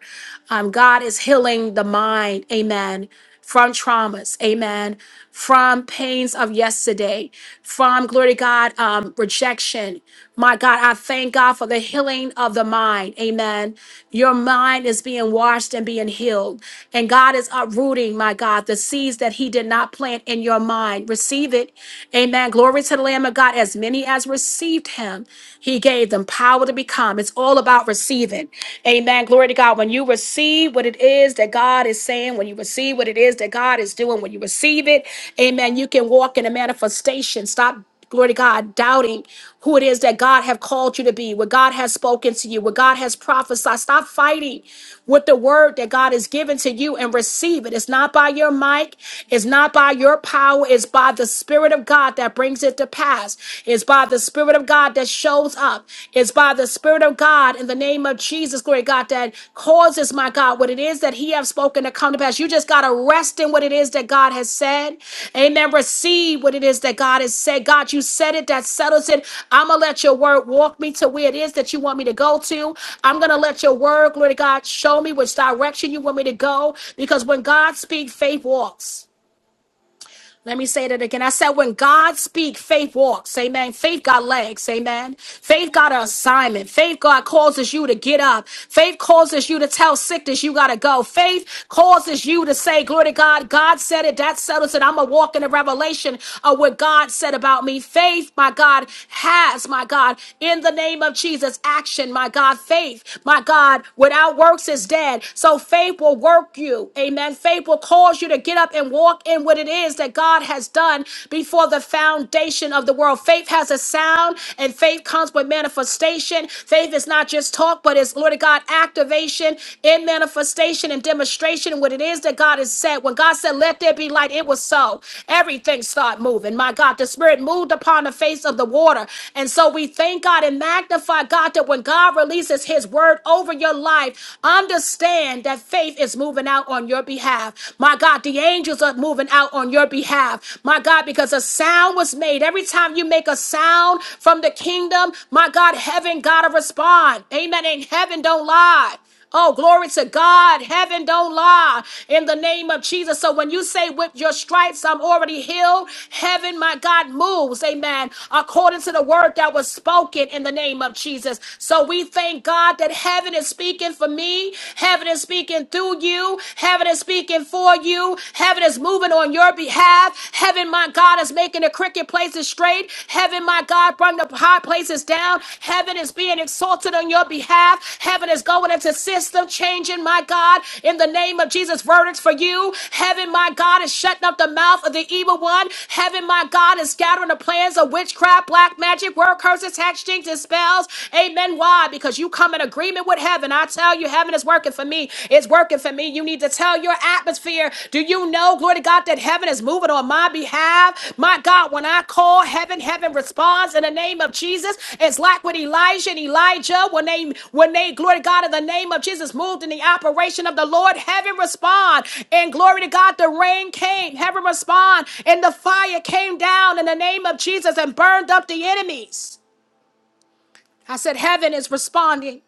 S1: Um, God is healing the mind. Amen. From traumas. Amen. From pains of yesterday. From, glory to God, um, rejection. My God, I thank God for the healing of the mind. Amen. Your mind is being washed and being healed. And God is uprooting, my God, the seeds that He did not plant plant in your mind. Receive it. Amen. Glory to the Lamb of God. As many as received him, he gave them power to become. It's all about receiving. Amen. Glory to God. When you receive what it is that God is saying, when you receive what it is that God is doing, when you receive it, amen, you can walk in a manifestation. Stop glory to God, doubting who it is that God have called you to be, what God has spoken to you, what God has prophesied. Stop fighting with the word that God has given to you and receive it. It's not by your mic, it's not by your power, it's by the Spirit of God that brings it to pass. It's by the Spirit of God that shows up. It's by the Spirit of God in the name of Jesus. Jesus, glory to God, that causes, my God, what it is that He have spoken to come to pass. You just got to rest in what it is that God has said. Amen. Receive what it is that God has said. God, you said it, that settles it. I'm going to let your word walk me to where it is that you want me to go to. I'm going to let your word, glory to God, show me which direction you want me to go. Because when God speaks, faith walks. Let me say that again. I said, when God speaks, faith walks. Amen. Faith got legs. Amen. Faith got an assignment. Faith, God causes you to get up. Faith causes you to tell sickness you got to go. Faith causes you to say, glory to God. God said it. That settles it. I'm going to walk in the revelation of what God said about me. Faith, my God, has, my God, in the name of Jesus, action, my God, faith, my God, without works is dead. So faith will work you. Amen. Faith will cause you to get up and walk in what it is that God has done before the foundation of the world. Faith has a sound, and faith comes with manifestation. Faith is not just talk, but it's, Lord God, activation in manifestation and demonstration. And what it is that God has said, when God said, Let there be light, it was so. Everything started moving. My God, the Spirit moved upon the face of the water. And so we thank God and magnify God that when God releases His word over your life, understand that faith is moving out on your behalf. My God, the angels are moving out on your behalf. My God, because a sound was made. Every time you make a sound from the kingdom, my God, heaven gotta respond. Amen. And heaven don't lie. Oh, glory to God. Heaven don't lie in the name of Jesus. So when you say, with your stripes, I'm already healed, heaven, my God, moves. Amen. According to the word that was spoken in the name of Jesus. So we thank God that heaven is speaking speaking for me. Heaven is speaking through you. Heaven is speaking for you. Heaven is moving on your behalf. Heaven, my God, is making the crooked places straight. Heaven, my God, bring the high places down. Heaven is being exalted on your behalf. Heaven is going into system changing, my God, in the name of Jesus. Verdicts for you. Heaven, my God, is shutting up the mouth of the evil one. Heaven, my God, is scattering the plans of witchcraft, black magic, word curses, hex, jinx, and spells. Amen. Why? Because you come in agreement with heaven. I tell you, heaven is working for me. It's working for me. You need to tell your atmosphere. Do you know, glory to God, that heaven is moving on my behalf? My God, when I call heaven, heaven responds in the name of Jesus. It's like with Elijah and Elijah when they when they glory to God in the name of Jesus moved in the operation of the Lord. Heaven respond and glory to God. The rain came. Heaven respond and the fire came down in the name of Jesus and burned up the enemies. I said, Heaven is responding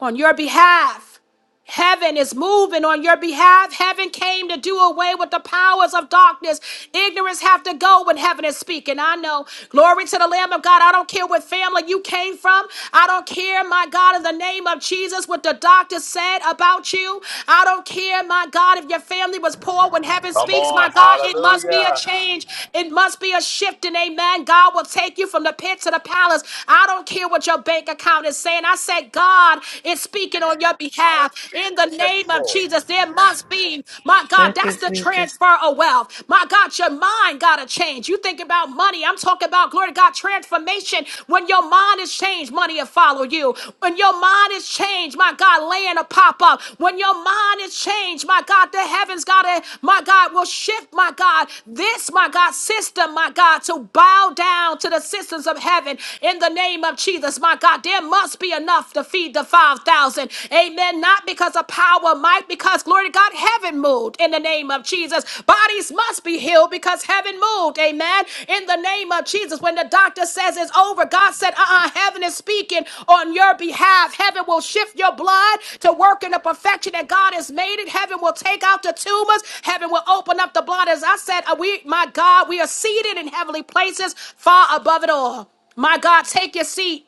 S1: on your behalf. Heaven is moving on your behalf. Heaven came to do away with the powers of darkness. Ignorance have to go when heaven is speaking. I know. Glory to the Lamb of God. I don't care what family you came from. I don't care, my God, in the name of Jesus, what the doctor said about you. I don't care, my God, if your family was poor. When heaven
S7: Come
S1: speaks, my
S7: on.
S1: God, it must be a
S7: Hallelujah.
S1: change. It must be a shift. And amen. God will take you from the pit to the palace. I don't care what your bank account is saying. I said, God, it's. speaking speaking on your behalf in the
S7: Yes,
S1: name of
S7: Lord.
S1: Jesus. There must be, my God,
S2: Thank you,
S1: that's the
S2: Jesus.
S1: transfer of wealth. My God, your mind got to change. You think about money. I'm talking about, glory to God, transformation. When your mind is changed, money will follow you. When your mind is changed, my God, land will pop up. When your mind is changed, my God, the heavens got to, my God, will shift, my God, this, my God, system, my God, to bow down to the systems of heaven in the name of Jesus, my God. There must be a enough to feed the 5,000. Amen. Not because of power, might, because glory to God, heaven moved in the name of Jesus. Bodies must be healed because heaven moved. Amen. In the name of Jesus, when the doctor says it's over, God said, uh uh heaven is speaking on your behalf. Heaven will shift your blood to work in the perfection that God has made it. Heaven will take out the tumors. Heaven will open up the blood. As I said, uh, we, my God, we are seated in heavenly places far above it all. My God, take your seat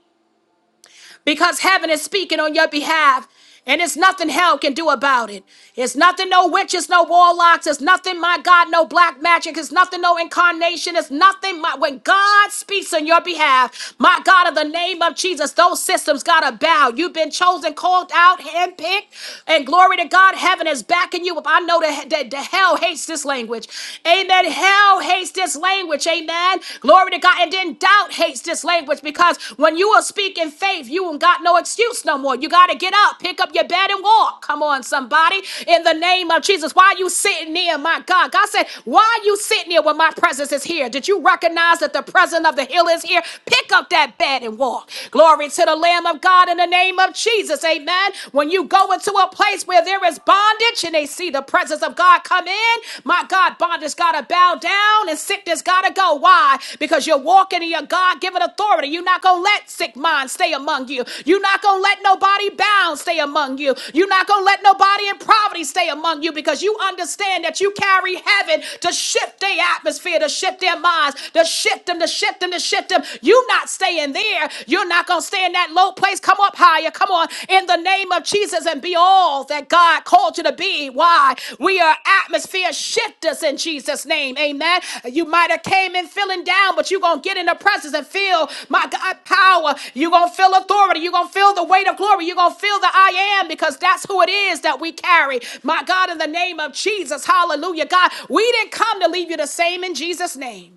S1: because heaven is speaking on your behalf. And it's nothing hell can do about it. It's nothing, no witches, no warlocks. It's nothing, my God, no black magic. It's nothing, no incarnation. It's nothing, my, when God speaks on your behalf, my God, in the name of Jesus, those systems got to bow. You've been chosen, called out, handpicked, and glory to God, heaven is backing you up. I know that the, the hell hates this language. Amen. Hell hates this language language. Amen. Glory to God. And then doubt hates this language because when you will speak in faith, you ain't got no excuse no more. You got to get up, pick up your bed, and walk. Come on, somebody. In the name of Jesus, why are you sitting there, my God? God said, why are you sitting here when my presence is here? Did you recognize that the presence of the hill is here? Pick up that bed and walk. Glory to the Lamb of God in the name of Jesus. Amen. When you go into a place where there is bondage, and they see the presence of God come in, my God, bondage got to bow down and sickness got to go. Why? Because you're walking in your God given authority. You're not going to let sick minds stay among you. You're not going to let nobody bound stay among you. You're not going to let nobody in poverty stay among you because you understand that you carry heaven to shift their atmosphere, to shift their minds, to shift them, to shift them, to shift them. you not staying there. You're not going to stay in that low low place. Come up higher. Come on. In the name of Jesus and be all that God called you to be. Why? We are atmosphere shifters in Jesus' name. Amen. You might have came in feeling down, but you're going to get in the presence and feel my God power. You're going to feel authority. You're going to feel the weight of glory. You're going to feel the I am because that's who it is that we carry. My God, in the name of Jesus. Hallelujah. God, we didn't come to leave you the same in Jesus' name.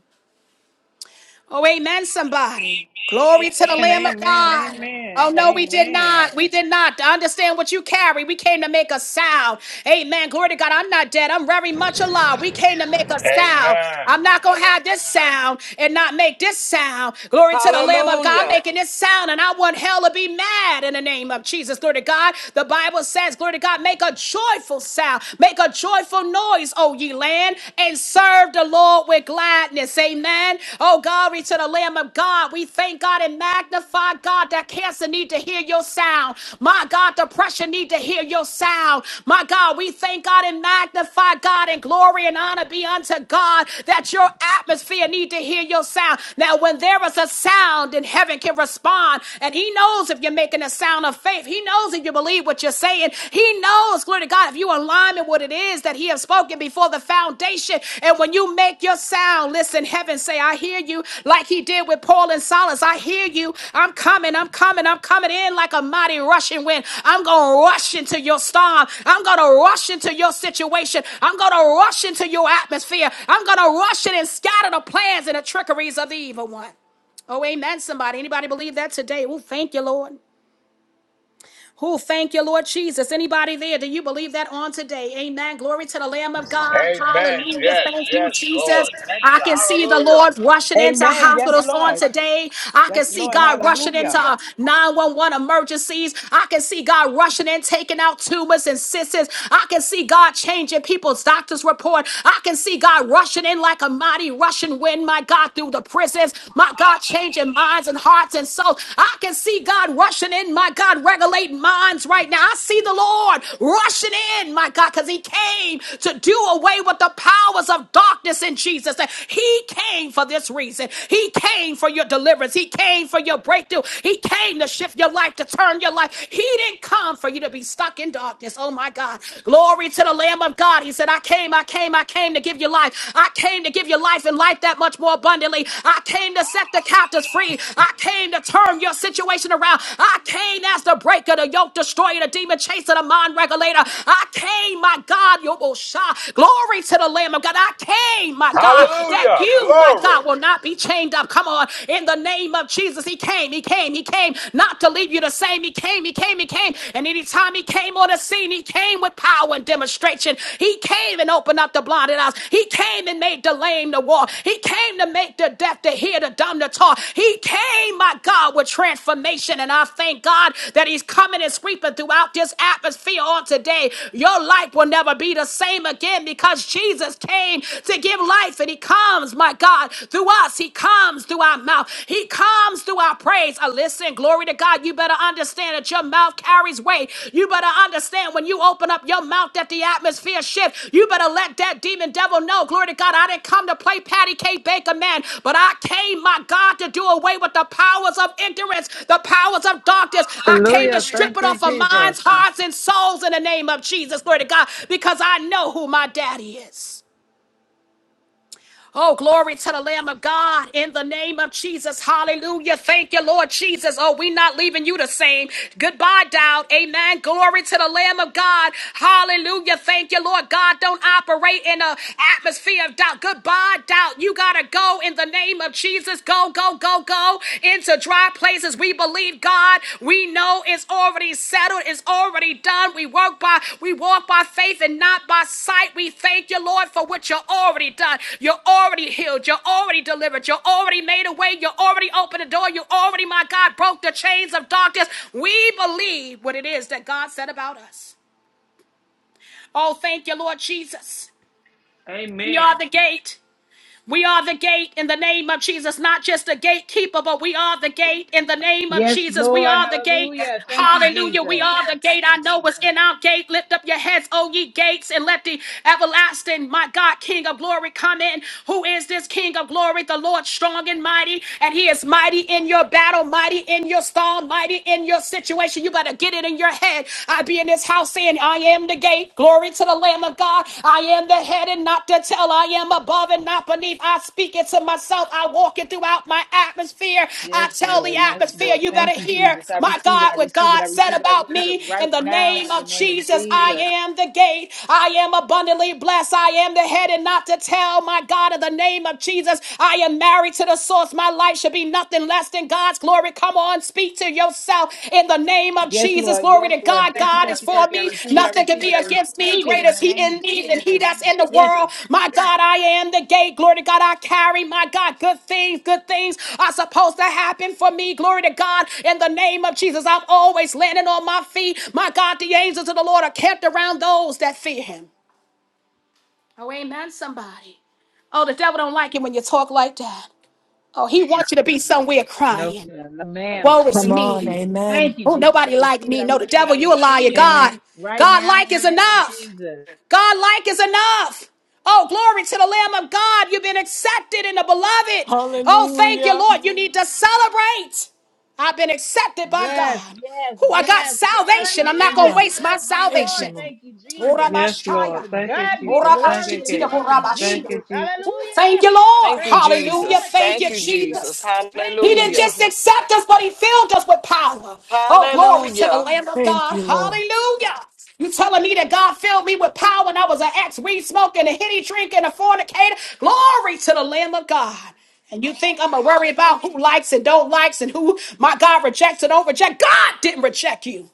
S1: Oh, amen, somebody. Glory to the
S2: Amen.
S1: Lamb of
S2: Amen. Amen.
S1: God.
S2: Amen.
S1: Oh, no, we did
S2: Amen.
S1: not. We did not understand what you carry. We came to make a sound. Amen. Glory to God. I'm not dead. I'm very much alive. We came to make a sound.
S7: Amen.
S1: I'm not going to have this sound and not make this sound. Glory to the Lamb of God. I'm
S6: Hallelujah.
S1: making this sound, and I want hell to be mad in the name of Jesus. Glory to God. The Bible says, Glory to God, make a joyful sound. Make a joyful noise rejoice, O ye land, and serve the Lord with gladness. Amen. Oh, glory to the Lamb of God. We thank God and magnify God that cancer need to hear your sound. My God, depression need to hear your sound. My God, we thank God and magnify God and glory and honor be unto God that your atmosphere need to hear your sound. Now, when there is a sound, then heaven can respond. And he knows if you're making a sound of faith. He knows knows if you believe what you're saying. He knows, glory to God, if you align with what it is that He has spoken before the foundation. And when you make your sound, listen, heaven say, I hear you, like He did with Paul and Silas. I hear you. I'm coming, I'm coming, I'm coming in like a mighty rushing wind. I'm going to rush into your storm. I'm going to rush into your situation. I'm going to rush into your atmosphere. I'm going to rush in and scatter the plans and the trickeries of the evil one. Oh, amen, somebody. Anybody believe that today? Oh, thank you, Lord. Who thank you, Lord Jesus. Anybody there? Do you believe that on today? Amen. Glory to the Lamb of God.
S7: Amen.
S1: Hallelujah.
S7: Yes,
S1: Thank you,
S7: yes,
S2: Amen.
S1: Jesus.
S7: Lord. Thank
S1: I
S7: you.
S1: can see the
S7: Hallelujah.
S1: Lord rushing into
S8: Amen. Yes,
S1: hospitals on
S8: Lord.
S1: today. I can
S8: Yes,
S1: see
S8: Lord.
S1: God rushing into
S8: Hallelujah.
S1: uh, 911 emergencies. I can see God rushing in, taking out tumors and cysts. I can see God changing people's doctor's report. I can see God rushing in like a mighty Russian wind, my God, through the prisons. My God. God changing minds and hearts and souls. I can see God rushing in, my God, regulating minds right now. I see the Lord rushing in, my God, because He came to do away with the powers of darkness in Jesus. He came for this reason. He came for your deliverance. He came for your breakthrough. He came to shift your life, to turn your life. He didn't come for you to be stuck in darkness. Oh my God. Glory to the Lamb of God. He said, I came, I came name. I came to give you life. I came to give you life and life that much more abundantly. I came to set the captives free. I came to turn your situation around. I came as the breaker, the yoke destroyer, the demon chaser, the mind regulator. I came, my God, Yobosha. Glory to the Lamb of God. I came, my God, that
S7: Hallelujah.
S1: you, my
S7: Glory.
S1: God, will not be chained up. Come on. In the name of Jesus, He came, He came, He came, not to leave you the same. He came, He came, He came. And anytime he came on the scene, he came with power and demonstration. He came and opened up the blinded eyes. He came and made the lame to walk. He came to make the deaf to hear, the dumb to talk. He came, my God, with transformation. And I thank God that he's coming and sweeping throughout this atmosphere on today. Your life will never be the same again because Jesus came to give life and he comes, my God, through us. He comes through our mouth. He comes through our praise. Uh, listen, glory to God. You better understand that your mouth carries weight. You better understand when you open up your mouth that the atmosphere shifts. You better let that demon devil know, glory to God, I didn't come to play Patty K. Baker, man, but I came, my God, to do away with the powers of ignorance, the powers of darkness. I
S2: Amen.
S1: came
S2: Hallelujah.
S1: to
S2: Hallelujah.
S1: strip
S2: Thank
S1: it
S2: you,
S1: off of
S2: Jesus.
S1: minds, hearts, and souls in the name of Jesus, glory to God, because I know who my daddy is. Oh, glory to the Lamb of God in the name of Jesus. Hallelujah. Thank you, Lord Jesus. Oh, we're not leaving you the same. Goodbye, doubt. Amen. Glory to the Lamb of God. Hallelujah. Thank you, Lord God. Don't operate in an atmosphere of doubt. Goodbye, doubt. You got to go in the name of Jesus. Go, go, go, go into dry places Jesus, we believe God. We know it's already settled. It's already done. We work by we walk by faith and not by sight. We thank you, Lord, for what you're already done. You're already healed. You're already delivered. You're already made a way. You're already opened the door. You already, my God, broke the chains of darkness. We believe what it is that God said about us. Oh, thank you, Lord Jesus. You're
S2: Amen.
S1: the gate. We are the gate in the name of Jesus, not just the gatekeeper, but we are the gate in the name of
S9: Yes,
S1: Jesus. We
S9: Lord.
S1: are the gate.
S9: Hallelujah. Thank you,
S1: Hallelujah. We
S9: Jesus.
S1: are the gate. I know what's in our gate. Lift up your heads, O ye gates, and let the everlasting, my God, King of glory come in. Who is this King of glory? The Lord strong and mighty, and he is mighty in your battle, mighty in your storm, mighty in your situation. You better get it in your head. I be in this in this house saying, I am the gate. Glory to the Lamb of God. I am the head and not the tail. I am above and not beneath. I speak it to myself. I walk it throughout my atmosphere. I
S9: Yes,
S1: tell the
S9: Lord. Yes,
S1: atmosphere,
S9: Lord.
S1: you
S9: Thank
S1: better
S9: you,
S1: hear
S9: Jesus. I
S1: my
S9: receive it. I
S1: God, what
S9: receive it.
S1: God
S9: I
S1: said
S9: receive it. I
S1: about
S9: receive it
S1: me. In
S9: right
S1: the
S9: now
S1: name
S9: in the
S1: of
S9: name of
S1: Jesus, I
S9: Jesus.
S1: am the gate. I am abundantly blessed. I am the head and not the tail. My God, in the name of Jesus, I am married to the source. My life light should be nothing less than God's glory. Come on, speak to yourself in the name of
S9: Yes,
S1: Jesus.
S9: Lord.
S1: Glory
S9: Yes,
S1: to
S9: Lord.
S1: God.
S9: Thank you.
S1: God is
S9: Thank you.
S1: for
S9: Thank you. I
S1: me.
S9: receive it. I
S1: Nothing can
S9: receive it.
S1: be
S9: I
S1: against me.
S9: receive it
S1: Greater
S9: in
S1: is
S9: the
S1: He
S9: name
S1: in
S9: of
S1: me than He
S9: Jesus.
S1: that's in the
S9: Yes.
S1: world. My God, I am the gate. Glory to God. I carry, my God, good things. Good things are supposed to happen for me. Glory to God. In the name of Jesus, I'm always landing on my feet. My God, the angels of the Lord are kept around those that fear Him. Oh, amen, somebody. Oh, the devil don't like it when you talk like that. Oh, he wants you to be somewhere
S9: No,
S1: crying.
S9: sir. No, ma'am.
S1: Woe is
S10: Come
S9: Thank you,
S10: on,
S1: me.
S9: Jesus.
S10: amen.
S9: Thank you,
S1: Oh,
S9: Jesus. I
S1: nobody like
S9: receive it.
S1: me.
S9: I
S1: No, the
S9: receive it.
S1: devil,
S9: I
S1: you a liar.
S9: receive it
S2: Amen.
S1: God,
S9: right
S1: God
S9: now
S1: like
S9: in the
S1: is
S9: name of
S1: enough.
S9: Jesus.
S1: God like is enough. Oh, glory to the Lamb of God. You've been accepted in the beloved. Oh, thank you,
S10: Hallelujah.
S1: Lord. You need to celebrate. I've been accepted by
S9: Yes,
S1: God.
S9: yes,
S1: Who I got
S9: yes.
S1: salvation. I'm not going
S9: Hallelujah.
S1: to
S10: Yeah,
S1: waste my
S9: Praise the
S10: thank you,
S9: Lord.
S1: salvation.
S10: Lord.
S9: Thank you, Jesus.
S2: Yes, Lord.
S1: Orabashaya.
S9: To
S2: Thank you,
S9: God be the
S2: Jesus. Thank
S9: glory
S2: you,
S9: in the
S1: Orabashitia.
S9: name
S2: Jesus.
S9: of
S2: Thank
S1: Orabashia.
S2: you,
S9: Jesus.
S2: Jesus.
S1: Ooh, Thank
S9: Hallelujah.
S1: you, Lord.
S6: Thank you,
S9: Praise the
S1: Hallelujah.
S6: Jesus.
S9: Lord.
S1: Thank
S9: Thank
S6: Thank
S1: you,
S9: you,
S6: you,
S9: Jesus.
S6: Jesus.
S1: Jesus.
S9: Thank
S1: He
S9: you,
S1: didn't
S6: Hallelujah.
S1: just
S9: Jesus.
S1: accept us, but he filled us with power. Oh, glory to the
S6: Hallelujah.
S1: Lamb of
S10: Thank
S1: God.
S10: you, Lord.
S1: Hallelujah. You telling me that God filled me with power and I was an ex weed smoking, a hitty drinking, a fornicator? Glory to the Lamb of God. And you think I'm gonna worry about who likes and don't likes and who my God rejects and don't reject? God didn't reject you.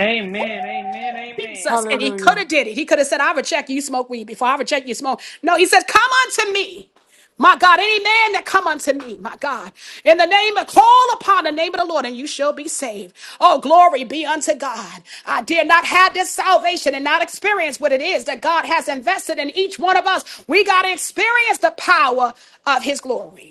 S2: Amen. Amen. Amen.
S1: Jesus. And he could
S10: Hallelujah.
S1: have did it. He could have said, I will check you you smoke weed before I will check you you smoke. No, he said, Come unto me. My God, any man that come unto me, my God, in the name of, call upon the name of the Lord and you shall be saved. Oh, glory be unto God. I dare not have this salvation and not experience what it is that God has invested in each one of us. We got to experience the power of his glory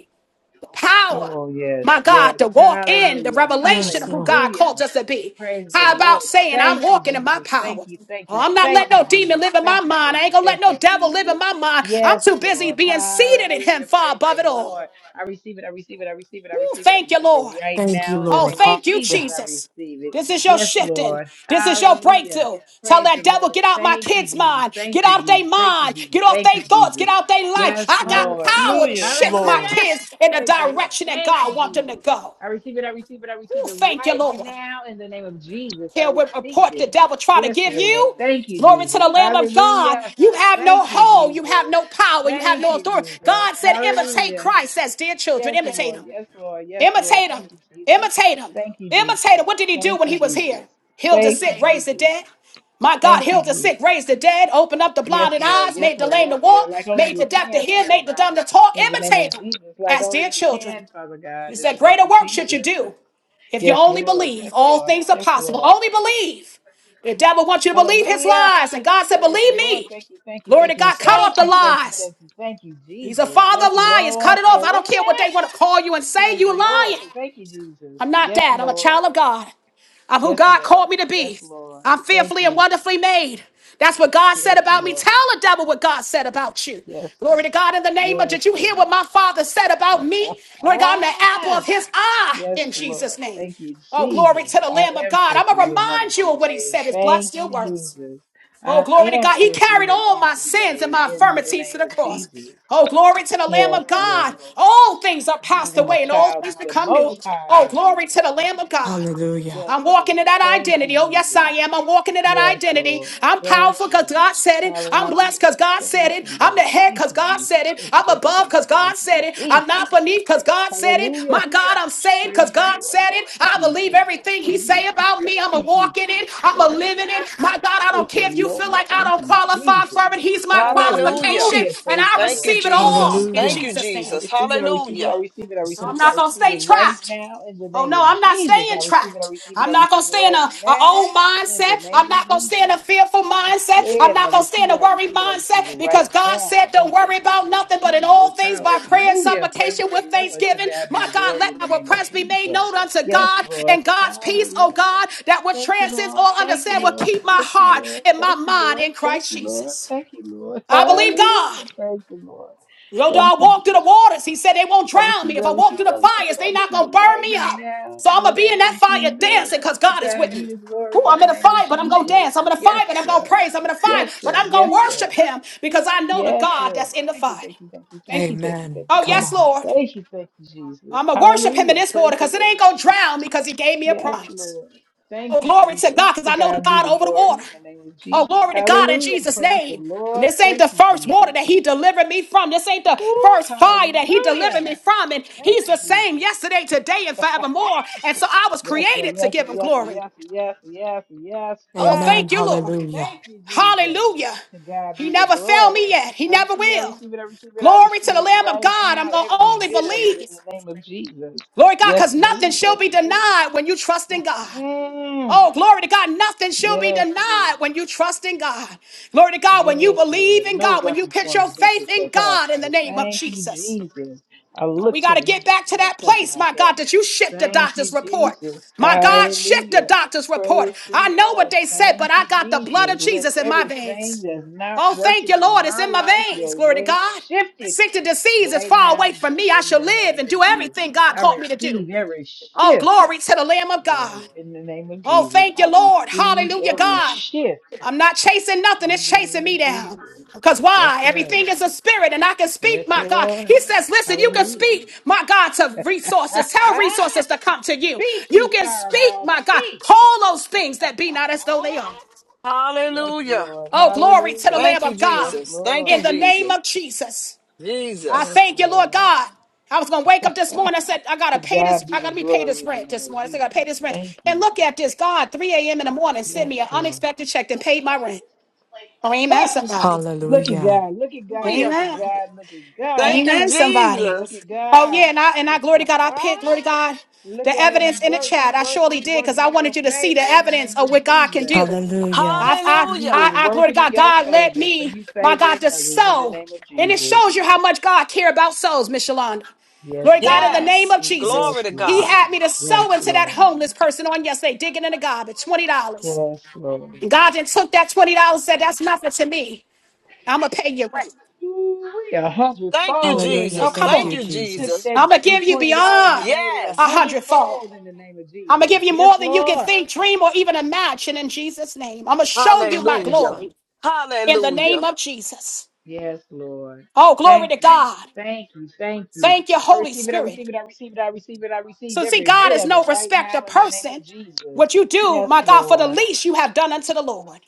S1: power,
S9: Oh, yes,
S1: my God,
S9: yes.
S1: to walk in the
S9: Hallelujah.
S1: revelation
S10: Yes,
S1: of who
S10: Lord.
S1: God called
S9: Hallelujah.
S1: us to be.
S9: Praise the
S1: How
S9: Lord.
S1: about saying, I'm
S9: Thank you,
S1: walking in my
S9: Jesus. Thank
S1: power?
S9: you, thank
S1: Oh,
S9: you,
S1: I'm not
S9: thank
S1: letting
S9: you,
S1: no demon
S9: Jesus.
S1: live in my
S9: Thank you,
S1: mind. I
S9: thank
S1: ain't
S9: you,
S1: gonna let
S9: thank you,
S1: no devil live in
S9: Jesus.
S1: my mind. I'm
S9: Yes,
S1: too busy
S9: Lord.
S1: being seated in Him
S9: Hallelujah.
S1: far
S9: Praise the
S1: above it all.
S9: Lord. I receive it. I receive it. I receive it. I
S1: Ooh,
S9: receive it. I
S1: thank you,
S9: receive it
S1: Lord.
S9: right
S10: Thank you,
S9: now in the
S1: Oh,
S10: Lord.
S9: name of
S1: thank you,
S9: Jesus.
S10: Hallelujah.
S9: I
S1: Jesus.
S9: receive it.
S1: This is your
S9: Yes,
S1: shifting.
S9: Lord.
S1: This is your
S9: Hallelujah.
S1: breakthrough. Tell
S9: Praise the
S1: that devil,
S9: Lord.
S1: get out my
S9: Thank you,
S1: kids'
S9: Jesus.
S1: mind. Get
S9: Thank you,
S1: out their
S9: Jesus. Thank you,
S1: mind.
S9: Jesus.
S1: Get off
S9: Thank
S1: their
S9: you,
S1: thoughts.
S9: Jesus.
S1: Get out their life.
S9: Yes,
S1: I got
S9: Lord.
S1: power to
S2: Hallelujah.
S10: Yes,
S1: shift my
S10: Lord.
S9: Hallelujah.
S1: kids in the
S9: Praise the Lord.
S1: direction that
S9: Thank you,
S1: God wants them to
S9: Jesus.
S1: go.
S9: I receive it. I receive it. I receive
S1: Ooh,
S9: it
S1: thank you,
S9: right
S1: Lord.
S9: now in the name of Jesus. I
S1: Here we
S9: receive
S1: report the
S9: it.
S1: devil try to
S9: Yes,
S1: give
S9: Lord.
S1: you.
S9: Thank you,
S1: Glory to
S9: Jesus.
S1: the Lamb of God.
S9: Hallelujah.
S1: You have no
S9: Thank you,
S1: hold. You have
S9: Jesus.
S1: no power. You have
S9: Thank
S1: no
S9: you,
S1: authority.
S9: Jesus.
S1: God said, imitate
S9: Hallelujah.
S1: Christ, says, dear children,
S9: Yes,
S1: imitate
S9: Lord.
S1: him.
S9: Yes, Lord. Yes, Lord.
S1: Imitate
S9: Thank
S1: him.
S9: you, Jesus.
S1: Imitate him.
S9: Thank you,
S1: Imitate
S9: Jesus.
S1: him. What did he do
S9: Thank
S1: when he
S9: you,
S1: was here?
S9: Jesus.
S1: Healed the
S9: Thank you,
S1: sick, raised the
S9: Jesus.
S1: dead. My God,
S9: Thank you,
S1: healed the sick,
S9: Jesus.
S1: raised the dead, opened up the
S9: Yes,
S1: blinded
S9: Lord.
S1: eyes,
S9: Yes,
S1: made the
S9: Lord.
S1: lame to
S9: Yes, Lord.
S1: walk,
S9: Like only
S1: made
S9: you
S1: the deaf to
S9: can,
S1: hear,
S9: Father
S1: made the
S9: God.
S1: dumb to talk.
S9: In the name of
S1: Imitate him
S9: Jesus. Like
S1: as
S9: only
S1: dear
S9: you
S1: children.
S9: can, Father
S1: You
S9: God. In the
S1: said,
S9: name
S1: Greater
S9: of
S1: work should you
S9: Jesus.
S1: do. If you
S9: Yes,
S1: only
S9: Lord.
S1: believe,
S9: Yes,
S1: all
S9: Lord.
S1: things are
S9: Yes,
S1: possible.
S9: Lord.
S1: Only believe. The devil wants you to believe his
S9: Hallelujah.
S1: lies. And God said,
S9: Praise the
S1: Believe
S9: Lord.
S1: me.
S9: Thank you. Thank you.
S1: Glory to
S9: Thank you.
S1: God.
S10: Yes,
S1: Cut
S10: Lord.
S9: Thank
S1: off the
S9: you. Thank you.
S1: lies.
S9: Thank you. Thank you,
S1: He's a
S9: Jesus.
S1: father
S9: Yes,
S1: of liars. Cut
S9: Lord.
S1: it off. I don't
S9: Hallelujah.
S1: care what they want to call you and say.
S9: Praise the
S1: You
S9: Lord.
S1: lying.
S9: Thank you, Jesus.
S1: I'm not
S9: Yes,
S1: that. I'm a
S9: Lord.
S1: child of God. I'm who
S9: Yes,
S1: God
S9: Lord.
S1: called me to
S9: Yes,
S1: be.
S9: Lord.
S1: I'm
S9: Thank
S1: fearfully and
S9: you.
S1: wonderfully made. That's what God said
S9: Yes,
S1: about me.
S9: Lord.
S1: Tell the devil what God said about you.
S9: Yes,
S1: Glory to
S9: Lord.
S1: God in the name of,
S9: Yes,
S1: did you hear
S9: Lord.
S1: what my father said about me? Lord God, I'm the apple of his eye
S9: Yes,
S1: in Jesus'
S9: Lord.
S1: name.
S9: Thank you,
S1: Oh, glory
S9: Jesus.
S1: to the
S9: I
S1: Lamb of
S9: am
S1: God. I'm going to
S9: fearfully and
S1: remind
S9: wonderfully
S1: you of what he
S9: made.
S1: said. His blood
S9: Thank
S1: still
S9: you,
S1: works.
S9: Jesus.
S1: Oh,
S9: I
S1: glory to
S9: am
S1: God. He
S9: fearfully
S1: carried
S9: and
S1: all my
S9: wonderfully
S1: sins and
S9: made
S1: my
S9: in the
S1: infirmities to
S9: name
S1: the
S9: of
S1: cross.
S9: Jesus.
S1: Oh, glory to the Lamb
S9: Yes,
S1: of God.
S9: Lord.
S1: All things are
S9: I
S1: passed
S9: am a
S1: away and all
S9: child
S1: things
S9: of the
S1: become new.
S9: Most High
S1: Oh,
S9: in the
S1: glory
S9: name
S1: to
S9: of
S1: the
S9: Jesus.
S1: Lamb of God.
S10: Hallelujah.
S9: Yes,
S1: I'm
S9: Lord.
S1: walking in that
S9: Thank you,
S1: identity. Oh, yes,
S9: Jesus.
S1: I am. I'm walking in that
S9: Yes,
S1: identity.
S9: Lord.
S1: I'm
S9: Yes,
S1: powerful because
S9: Lord.
S1: God said it. I'm blessed
S9: Hallelujah.
S1: because God said
S9: Thank
S1: it.
S9: you,
S1: I'm
S9: Lord.
S1: the head
S9: Thank
S1: because
S9: you,
S1: God
S9: Jesus.
S1: said it.
S9: Thank you,
S1: I'm
S9: thank you,
S1: above
S9: thank
S1: because
S9: you,
S1: God
S9: thank you.
S1: said it. I'm
S9: Jesus.
S1: not beneath because God said it.
S9: Hallelujah.
S1: My God, I'm saved because
S9: Praise the
S1: God
S9: Lord.
S1: said
S9: Thank
S1: it.
S9: you,
S1: I believe
S9: Jesus. Thank
S1: everything
S9: you,
S1: He say
S9: Jesus.
S1: about
S9: Thank
S1: me. I'm a
S9: you, Jesus.
S1: walk in it. I'm a
S9: Hallelujah.
S1: live in it. My God, I
S9: Praise
S1: don't
S9: the
S1: care if you feel
S9: Lord.
S1: like I
S9: Thank
S1: don't
S9: you, Jesus.
S1: qualify for it. He's my
S6: Hallelujah.
S1: qualification,
S9: Hallelujah.
S1: and
S9: Praise
S1: I
S9: the
S6: Thank
S9: Lord.
S6: you,
S1: receive
S9: Thank
S1: it
S9: you,
S1: all
S6: Jesus.
S1: in
S9: Jesus.
S10: Hallelujah.
S6: Thank you,
S1: Jesus'
S9: I
S1: name.
S6: Jesus.
S9: receive it. I receive it. I
S6: Hallelujah.
S9: receive it. I
S1: I'm
S9: receive it. I
S1: not
S10: Jesus.
S1: gonna
S9: receive it
S1: stay
S9: right
S1: trapped.
S9: now in the
S1: Oh
S9: name
S1: no,
S9: of
S1: I'm not
S9: Jesus. I
S1: staying
S9: receive it. I
S1: trapped.
S9: receive it.
S1: I'm
S9: I
S1: not gonna
S9: receive it
S1: stay in
S9: right
S1: a, a
S9: now
S1: old
S9: in the
S1: mindset.
S9: name
S1: I'm
S9: of
S1: not gonna stay in
S9: Jesus.
S1: a fearful
S9: I
S1: mindset. I'm
S9: said, I
S1: not gonna stay
S9: receive
S1: in
S9: it,
S1: a
S9: I
S1: worried
S9: receive it, I receive it
S1: mindset because
S9: right
S1: God
S9: now
S1: said, "Don't
S9: in the
S1: worry
S9: name
S1: about
S9: of
S1: nothing, but in
S9: Jesus.
S1: all things by prayer and
S9: Hallelujah. Praise
S1: supplication
S9: the
S1: with
S9: Lord. To
S1: thanksgiving."
S9: God be
S1: My
S9: the
S1: God,
S9: glory in
S1: let
S9: the
S1: my
S9: name of
S1: request be
S9: Jesus.
S1: made known unto
S9: Yes,
S1: God,
S9: Lord.
S1: and God's peace, oh
S9: Hallelujah.
S1: God, that which
S9: Thank you,
S1: transcends
S9: Lord.
S1: all
S9: Thank you,
S1: understanding, will
S9: Lord.
S1: keep my
S9: Thank you,
S1: heart
S9: Lord.
S1: and my
S9: Thank you,
S1: mind
S9: Lord.
S1: in
S9: Thank
S1: Christ
S9: you, Lord.
S1: Jesus.
S9: Thank you, Lord.
S1: I believe God.
S9: Hallelujah. Praise the Lord.
S1: Though
S9: Thank
S1: I
S9: you,
S1: walk through the
S9: Jesus.
S1: waters, he said they won't
S9: I
S1: drown
S9: receive
S1: me. If
S9: it, I
S1: I walk
S9: receive
S1: through
S9: it,
S1: the
S9: I receive
S1: fires,
S9: it, I
S1: they not
S9: receive
S1: gonna
S9: it
S1: burn
S9: right
S1: me up.
S9: now
S1: So I'm
S9: in the
S1: gonna be in
S9: name
S1: that
S9: of
S1: fire
S9: Jesus.
S1: dancing because
S9: To
S1: God is
S9: God
S1: with me.
S9: be the
S1: Ooh,
S9: glory in
S1: I'm
S9: the
S1: in a
S9: name of
S1: fire, but I'm gonna
S9: Jesus.
S1: dance. I'm in a fire,
S9: Yes,
S1: but I'm gonna
S9: God.
S1: praise. I'm in a fire,
S9: Yes,
S1: but
S9: sir.
S1: I'm gonna
S9: Yes, sir.
S1: worship him because I know the
S9: Yes,
S1: God that's
S9: Lord.
S1: in the
S9: Thank you,
S1: fire.
S9: thank you, thank you, thank you, thank you,
S10: Amen.
S9: thank you,
S1: Oh,
S10: Come
S9: thank
S1: yes,
S10: on.
S9: you,
S1: Lord.
S9: thank you, thank you, Jesus.
S1: I'm gonna worship him in
S9: Hallelujah.
S1: this
S9: Praise
S1: water
S9: the
S1: because it
S9: Lord.
S1: ain't gonna drown me because he gave me a
S9: Yes,
S1: promise.
S9: Lord. Thank
S1: Oh,
S9: you,
S1: glory to God,
S9: Jesus.
S1: because
S9: To
S1: I know the
S9: God be
S1: God
S9: the
S1: over the
S9: glory
S1: water.
S9: in the name of
S1: Oh,
S9: Jesus.
S1: glory to God in
S9: Hallelujah.
S1: Jesus'
S9: Praise the
S1: name. And
S9: Lord.
S1: this ain't
S9: Thank
S1: the
S9: you,
S1: first
S9: Jesus.
S1: water that He delivered me from. This ain't the
S9: Woo,
S1: first fire that He delivered
S9: hallelujah.
S1: me from. And
S9: Thank
S1: He's the
S9: you,
S1: same yesterday, today, and
S9: Jesus.
S1: forevermore. And so I was
S9: Yes, sir.
S1: created to
S9: Yes, sir.
S1: give Him
S9: Yes, sir.
S1: glory.
S9: Yes, sir. Yes, sir. Yes, sir. Yes,
S1: Oh,
S9: sir.
S10: Amen.
S1: thank you, Lord.
S10: Hallelujah.
S9: Thank you, Jesus.
S1: Hallelujah.
S9: To God
S1: He
S9: be the
S1: never failed
S9: glory.
S1: me yet. He
S9: I
S1: never
S9: receive it. I
S1: will.
S9: receive it. I receive it. I
S1: Glory to
S9: receive
S1: the
S9: it
S1: Lamb of
S9: right
S1: God.
S9: now.
S1: I'm going to
S9: Every
S1: only
S9: bit of it
S1: believe.
S9: in the name of Jesus.
S1: Glory to God,
S9: Yes,
S1: because
S9: I
S1: nothing
S9: do.
S1: shall
S9: Yes,
S1: be
S9: I do.
S1: denied when you trust in God.
S9: Mm.
S1: Oh, glory to God. Nothing shall be
S9: Yes, Lord.
S1: denied when you trust in God. Glory to God. When you
S9: Yes, Lord.
S1: believe in
S9: No
S1: God, when you
S9: weapon
S1: put
S9: formed
S1: your
S9: against us
S1: faith
S9: shall
S1: in God in the
S9: prosper.
S1: name of
S9: Thank you,
S1: Jesus.
S9: Jesus. I
S1: Oh,
S9: look
S1: we got
S9: to
S1: to
S9: the
S1: get
S9: hills
S1: back to
S9: from whence
S1: that
S9: my
S1: place, my God,
S9: help.
S1: that you shift the
S9: Thank you,
S1: doctor's report.
S9: Jesus.
S1: My God, shift the
S9: Hallelujah.
S1: doctor's report.
S9: Praise the
S1: I know what
S9: Lord.
S1: they said,
S9: Thank
S1: but I
S9: you,
S1: got the blood
S9: Jesus.
S1: of
S9: Let
S1: Jesus in my
S9: everything
S1: veins.
S9: that's not
S1: Oh, thank
S9: working
S1: you,
S9: in
S1: Lord. It's
S9: my
S1: in my
S9: life
S1: veins.
S9: your
S1: Glory to
S9: way
S1: God.
S9: shift it
S1: Sick to disease is
S9: right
S1: far
S9: now
S1: away from me. I
S9: in
S1: shall
S9: the
S1: live
S9: name
S1: and
S9: of
S1: do
S9: Jesus.
S1: everything God
S9: I
S1: called me to do.
S9: receive every
S1: Oh,
S9: shift,
S1: glory to the Lamb of
S9: Lord,
S1: God.
S9: in the name of
S1: Oh,
S9: Jesus.
S1: thank
S9: I
S1: you, Lord.
S9: receive
S1: Hallelujah,
S9: every
S1: God.
S9: shift
S1: I'm not chasing nothing,
S9: in
S1: it's
S9: the
S1: chasing
S9: name
S1: me
S9: of Jesus.
S1: down. Because
S9: That's
S1: why?
S9: right.
S1: Everything is a spirit, and I can
S9: Yes,
S1: speak, my God. He
S9: Lord.
S1: says, Listen, you can
S9: Hallelujah.
S1: speak, my God, to resources. Tell resources to come to you.
S9: Speak, you
S1: You can speak,
S9: fireball.
S1: my God.
S9: Speak.
S1: Call those things that be not as though
S9: Ah,
S1: they are.
S9: yes,
S6: Hallelujah.
S9: Lord.
S1: Oh, glory to the
S9: Hallelujah.
S6: Thank
S1: Lamb
S6: you,
S1: of
S9: Yes,
S1: God
S6: Jesus. Thank you,
S1: in
S9: Lord.
S1: the name
S6: Jesus.
S1: of Jesus. I
S9: Yes,
S6: Jesus.
S1: thank you, Lord
S9: Lord.
S1: God. I was gonna wake up this morning.
S9: to
S1: I said, I gotta pay
S9: God
S1: this,
S9: be
S1: I
S9: the
S1: gotta be paid
S9: glory
S1: this
S9: in the
S1: rent
S9: name
S1: this
S9: of
S1: morning. I said, I gotta pay
S9: Jesus.
S1: this rent.
S9: Thank
S1: And
S9: you.
S1: look at this, God, 3 a.m. in the morning sent
S9: Yes,
S1: me an
S9: Lord.
S1: unexpected check and paid my rent. Oh, amen, somebody.
S9: look at
S10: Hallelujah.
S9: God. Look at God.
S6: Hallelujah.
S9: Look at
S1: Amen.
S9: God. Look at God.
S6: Thank you,
S1: Amen, somebody.
S9: Look
S6: Jesus.
S9: at
S1: Oh,
S9: God.
S1: yeah, and I and I glory to God, I picked, glory to God,
S9: Look
S1: the
S9: at him. He
S1: evidence in the
S9: works. He
S1: chat. I
S9: works.
S1: surely
S9: He's
S1: did, because
S9: working
S1: I
S9: in your
S1: wanted you to see the
S9: favor in the
S1: evidence
S9: name
S1: of
S9: of
S1: what God can
S9: Jesus.
S1: do.
S10: Hallelujah.
S1: I, I,
S9: He
S6: Hallelujah.
S9: is
S1: I, I, glory to
S9: working in
S1: God,
S9: your
S1: God led
S9: favor for
S1: me,
S9: you
S1: my God,
S9: favoring
S1: to
S9: others in the
S1: sow.
S9: name of
S1: And it
S9: Jesus.
S1: shows you how much God care about souls, Miss Shalonda.
S9: Yes,
S1: Lord God,
S9: Lord.
S1: in the name
S6: Yes.
S1: of Jesus,
S9: Yes,
S6: Glory to
S1: He
S9: Lord.
S6: God.
S1: had me to
S9: Yes,
S1: sow into that
S9: Lord.
S1: homeless person on yesterday, digging in the garbage, twenty dollars.
S9: Yes, Lord.
S1: And God then took that twenty dollars, and said, "That's nothing to me. I'm gonna pay you rent."
S9: Ooh, A
S6: Thank you,
S9: hundredfold in the
S10: Hallelujah.
S1: Oh,
S9: name
S6: Jesus.
S9: of
S1: come
S10: Thank
S6: Thank
S10: you,
S1: on!
S6: you,
S9: Jesus. He took
S6: Jesus.
S10: Jesus.
S9: that
S1: I'm gonna give you
S9: twenty dollars and
S1: beyond
S9: made it a
S1: a
S6: Yes.
S1: hundredfold.
S9: hundredfold in the name of
S1: I'm gonna
S9: Jesus.
S1: give you
S9: Yes,
S1: more than you can
S9: Lord.
S1: think, dream, or even imagine. In Jesus' name, I'm gonna show
S9: Yes,
S1: you my
S6: Hallelujah.
S9: Lord.
S1: glory in the name
S6: Hallelujah.
S1: of Jesus.
S9: Yes, Lord.
S1: Oh, glory
S9: Thank
S1: to
S9: you.
S1: God.
S9: Thank you. Thank you.
S1: Thank you,
S9: I
S1: Holy
S9: receive it. I receive
S1: Spirit.
S9: it. I receive it. I receive it. I receive
S1: So, see,
S9: every
S1: God
S9: bit
S1: is
S9: of it
S1: no
S9: right
S1: respecter
S9: now in the name of
S1: person.
S9: Jesus.
S1: What you do,
S9: Yes,
S1: my God, for the
S9: Lord.
S1: least you have done unto the Lord.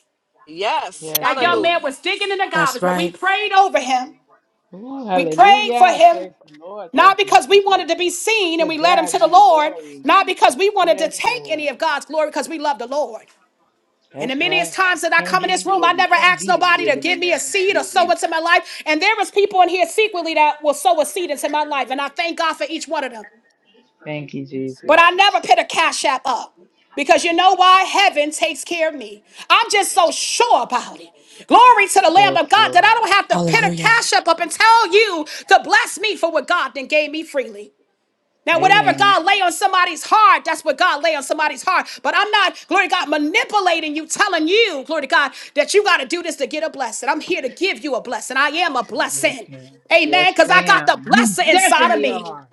S6: Yes.
S9: Yes,
S1: That young
S6: Hallelujah.
S9: Lord.
S1: man was digging in the
S10: That's
S1: garbage, but we
S10: right.
S1: prayed over him.
S9: Ooh,
S1: We prayed for
S9: hallelujah.
S1: him,
S9: Praise the Lord. Thank
S1: not
S9: you,
S1: because we
S9: Jesus.
S1: wanted to be seen and
S9: To
S1: we led him to
S9: God
S1: the
S9: be the
S1: Lord,
S9: glory.
S1: not because we wanted to
S9: Yes,
S1: take any of
S9: Lord.
S1: God's glory because we love the Lord. And the
S9: That's
S1: manyest
S9: right.
S1: times that I
S9: Can't
S1: come in
S9: beat
S1: this
S9: him
S1: room, I
S9: giving.
S1: never
S9: Can't
S1: ask
S9: beat him
S1: nobody to
S9: giving
S1: give
S9: in the
S1: me a
S9: name of
S1: seed or sow
S9: Jesus.
S1: into my life. And there is people in here secretly that will sow a seed into my life. And I thank God for each one of them.
S9: Thank you,
S1: But I
S9: Jesus.
S1: never put a cash app up because you know why? Heaven takes care of me. I'm just so sure about it. Glory to the Lamb of
S9: Yes,
S1: God that I
S9: Lord.
S1: don't have to put a
S10: Hallelujah.
S1: cash app up and tell you to bless me for what God then gave me freely. Now, whatever
S9: Amen.
S1: God lay on somebody's heart, that's what God lay on somebody's heart. But I'm not, glory to God, manipulating you, telling you, glory to God, that you got to do this to get a blessing. I'm here to give you a blessing. I am a
S9: Yes,
S1: blessing.
S9: ma'am.
S1: Amen.
S9: Yes,
S1: Because I got the
S9: ma'am. You
S1: blessing inside of
S9: definitely
S1: me.
S9: are.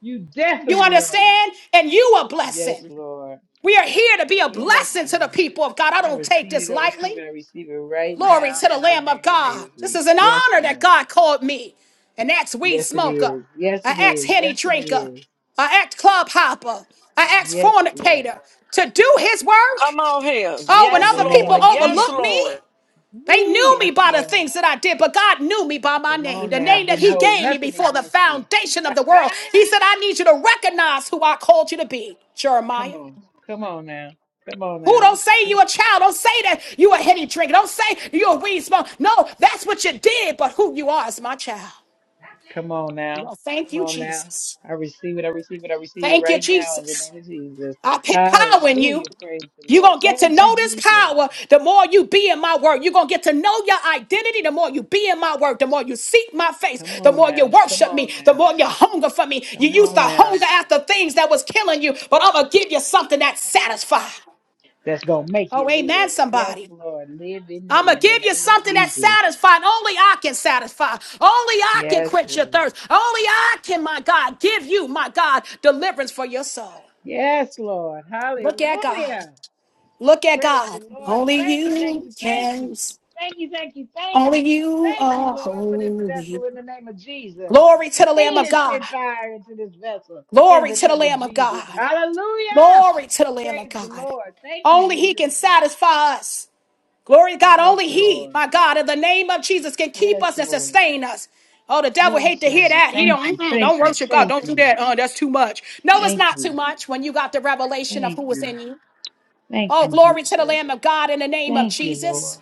S9: You
S1: You
S9: definitely are.
S1: understand? And you a
S9: Yes,
S1: blessing.
S9: Lord.
S1: We are here to be a
S9: Yes,
S1: blessing to the
S9: Lord.
S1: people of God. I
S9: I
S1: don't take
S9: receive
S1: this
S9: it, I
S1: lightly.
S9: receive it, I receive it right
S1: Glory
S9: now
S1: to the
S9: in the
S1: Lamb of
S9: name of
S1: God.
S9: Jesus.
S1: This is an
S9: Yes,
S1: honor that
S9: Lord.
S1: God called me an ex weed
S9: Yes, it
S1: smoker,
S9: is. Yes,
S1: an
S9: it
S1: ex
S9: is.
S1: henny
S9: Yes, it
S1: drinker,
S9: is.
S1: an ex club hopper, an ex
S9: Yes, Lord.
S1: fornicator to do his work.
S6: Come on here.
S1: Oh, when
S9: In
S6: Yes,
S9: the
S1: other people
S9: name
S6: Lord.
S9: of
S6: Yes,
S1: overlook
S9: Jesus.
S1: me,
S6: Lord.
S1: they
S9: Woo,
S1: knew me
S9: yes,
S1: by the
S9: Lord.
S1: things that I did, but God knew me by my
S9: Come
S1: name,
S9: on
S1: the
S9: now.
S1: name that
S9: Didn't
S1: He
S9: hold
S1: gave me
S9: nothing
S1: before the
S9: against you.
S1: foundation of the world. He said, I need you to recognize who I called you to be,
S9: come
S1: Jeremiah.
S9: on. Come on now. Come on
S1: Who
S9: now.
S1: don't say you a child? Don't say that you a henny drinker. Don't say you a weed smoker. No, that's what you did, but who you are is my child.
S9: Come on now.
S1: No, thank
S9: Come
S1: you,
S9: on now.
S1: Jesus.
S9: I receive it. I receive it. I receive it
S1: Thank you,
S9: right now in the
S1: Jesus.
S9: name of Jesus.
S1: I put power in
S9: Hallelujah.
S1: you.
S9: Praise the
S1: You're
S9: Lord.
S1: going to get
S9: Thank
S1: to
S9: you,
S1: know this
S9: Jesus.
S1: power the more you be in my word. You're going to get to know your identity the more you be in my word, the more you seek my face,
S9: Come
S1: the
S9: on
S1: more you
S9: now. Come
S1: worship me,
S9: on
S1: the
S9: now.
S1: more you hunger for me. You
S9: Come
S1: used to
S9: on now.
S1: hunger after things that was killing you, but I'm going to give you something that satisfies.
S9: That's going to make you
S1: Oh, amen,
S9: live. Yes,
S1: somebody.
S9: Lord. Live in
S1: I'm
S9: me
S1: gonna
S9: in the
S1: give you
S9: name of
S1: something that's
S9: Jesus.
S1: satisfying. Only I can satisfy. Only I can
S9: Yes,
S1: quench your
S9: Lord.
S1: thirst. Only I can, my God, give you, my God, deliverance for your soul.
S9: Yes, Lord.
S1: Look at God.
S9: Hallelujah.
S1: Look at
S9: Praise
S1: God.
S9: the Lord.
S1: Only
S9: Thank you, thank
S1: you
S9: you, thank you.
S1: can.
S9: Thank you, thank you, thank you.
S1: Only you
S9: Thank you,
S1: are
S9: Lord, for this
S1: holy.
S9: vessel in the name of Jesus.
S1: Glory to the Lamb
S9: Continue
S1: of
S9: to
S1: God.
S9: spit fire into this vessel in
S1: Glory
S9: the
S1: to the
S9: name of
S1: Lamb of
S9: Jesus.
S1: God.
S9: Hallelujah.
S1: Glory to the Lamb of
S9: Praise the
S1: God.
S9: Lord. Thank you,
S1: Only He
S9: Jesus.
S1: can satisfy us. Glory to God.
S9: Yes,
S1: Only He,
S9: Lord.
S1: my God, in the name of Jesus, can keep
S9: Yes,
S1: us and
S9: Lord.
S1: sustain us. Oh, the devil hate
S9: Yes,
S1: to hear
S9: Lord.
S1: that. He don't
S9: Thank you,
S1: mm-mm, don't
S9: thank you,
S1: worship God.
S9: thank
S1: Don't do
S9: you,
S1: that. Uh, that's too much. No, it's
S9: thank
S1: not too
S9: you,
S1: much when you got the revelation of
S9: thank
S1: who was
S9: you,
S1: in you.
S9: thank
S1: Oh,
S9: you,
S1: glory to the
S9: Jesus.
S1: Lamb of God in the name of
S9: Thank you,
S1: Jesus.
S9: Lord.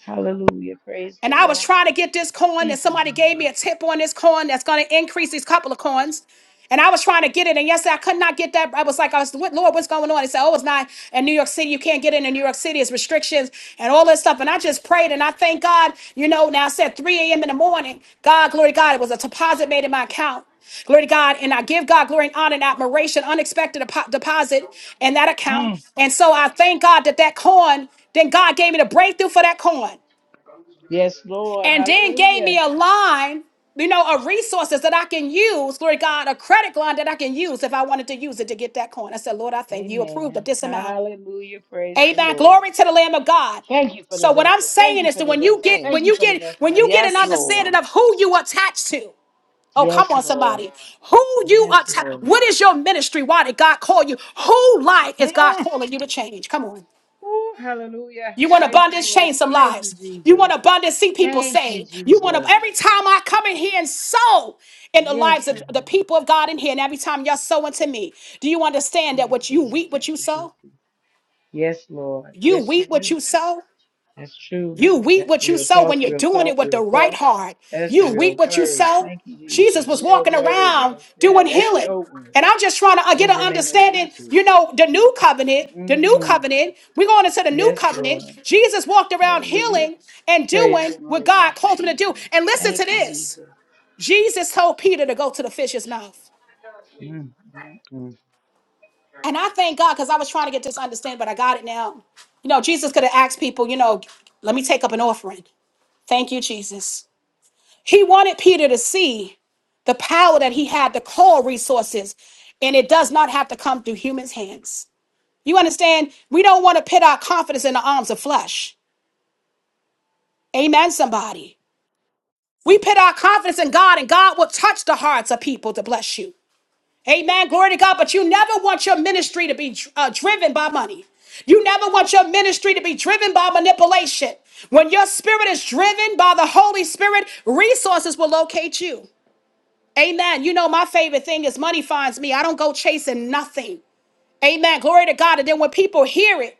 S9: Hallelujah. Praise the
S1: And I was
S9: Lord.
S1: trying to get this coin, and
S9: Thank you, Jesus.
S1: somebody gave me a tip on this coin that's going to increase these couple of coins. And I was trying to get it, and yesterday I could not get that. I was like, I was, "What, Lord, what's going on? He said, Oh, it's not in New York City. You can't get it in New York City. It's restrictions and all this stuff. And I just prayed, and I thank God, you know, now I said 3 a.m. in the morning. God, glory to God, it was a deposit made in my account. Glory to God. And I give God glory and honor and admiration, unexpected depo- deposit in that
S9: Hmm.
S1: account. And so I thank God that that coin, then God gave me the breakthrough for that coin
S9: Yes, Lord.
S1: and then gave
S9: Hallelujah.
S1: me a line, you know, of resources that I can use, glory to God, a credit line that I can use if I wanted to use it to get that coin. I said, Lord, I thank you approved of
S9: Amen.
S1: this amount.
S9: Hallelujah. Praise the
S1: Amen.
S9: Lord.
S1: Glory to the Lamb of God.
S9: Thank you for the
S1: So what I'm
S9: vessel. Thank
S1: saying
S9: you
S1: is
S9: for
S1: that
S9: the
S1: when you
S9: vessel.
S1: get
S6: Amen.
S9: Thank
S1: when
S9: you
S1: you
S9: for the
S1: get
S9: vessel
S1: when
S9: in
S1: you
S9: the
S1: get
S9: name
S1: an
S6: Yes,
S9: of
S6: Lord.
S1: understanding
S9: Jesus.
S1: of who you attach to, oh come
S9: Yes,
S1: on
S9: Lord.
S1: somebody, who you
S9: Yes,
S1: attach,
S9: Lord.
S1: what is your ministry? Why did God call you? Who life is God
S9: Mm.
S1: calling you to change? Come on.
S9: Ooh, hallelujah.
S1: You want
S9: Praise the
S1: abundance,
S9: Lord.
S1: change some
S9: Thank you,
S1: lives. You
S9: Jesus.
S1: want abundance, see people
S9: Thank you,
S1: saved. You want to,
S9: Jesus.
S1: every time I come in here and sow in the
S9: Yes,
S1: lives of
S9: Lord.
S1: the people of God in here, and every time you're sowing to me, do you understand that
S9: Yes,
S1: what you
S9: Lord.
S1: reap, what
S9: Thank
S1: you
S9: you, Jesus.
S1: sow?
S9: Yes, Lord.
S1: You
S9: Yes, you
S1: reap what
S9: do.
S1: you sow.
S9: That's true.
S1: You reap
S9: That's
S1: what you
S9: real
S1: sow
S9: talk,
S1: when you're
S9: real
S1: doing
S9: talk,
S1: it with the
S9: real
S1: right
S9: talk.
S1: heart.
S9: That's
S1: You
S9: real
S1: reap what you
S9: word.
S1: sow.
S9: Thank you, Jesus.
S1: Jesus was
S9: Real
S1: walking
S9: word
S1: around
S9: right there.
S1: doing
S9: That's
S1: healing.
S9: your word.
S1: And I'm just trying to uh, get
S9: In
S1: an
S9: the name of
S1: understanding.
S9: Jesus.
S1: You know, the new covenant, the new
S9: Mm.
S1: covenant, we're going into the new
S9: Yes,
S1: covenant.
S9: Lord.
S1: Jesus walked around
S9: Hallelujah.
S1: healing and
S9: Praise the
S1: doing what
S9: Lord. Thank
S1: God
S9: you,
S1: called him to do.
S9: Jesus.
S1: And listen
S9: Thank
S1: to
S9: you,
S1: this
S9: Jesus.
S1: Jesus told Peter to go to the fish's mouth.
S9: Mm, mm, mm.
S1: And I thank God because I was trying to get this understanding, but I got it now. You know, Jesus could have asked people, you know, let me take up an offering. Thank you, Jesus. He wanted Peter to see the power that he had to call resources, and it does not have to come through humans' hands. You understand? We don't want to put our confidence in the arms of flesh. Amen, somebody. We put our confidence in God, and God will touch the hearts of people to bless you. Amen. Glory to God. But you never want your ministry to be dr- uh, driven by money. You never want your ministry to be driven by manipulation. When your spirit is driven by the Holy Spirit, resources will locate you. Amen. You know, my favorite thing is money finds me. I don't go chasing nothing. Amen. Glory to God. And then when people hear it,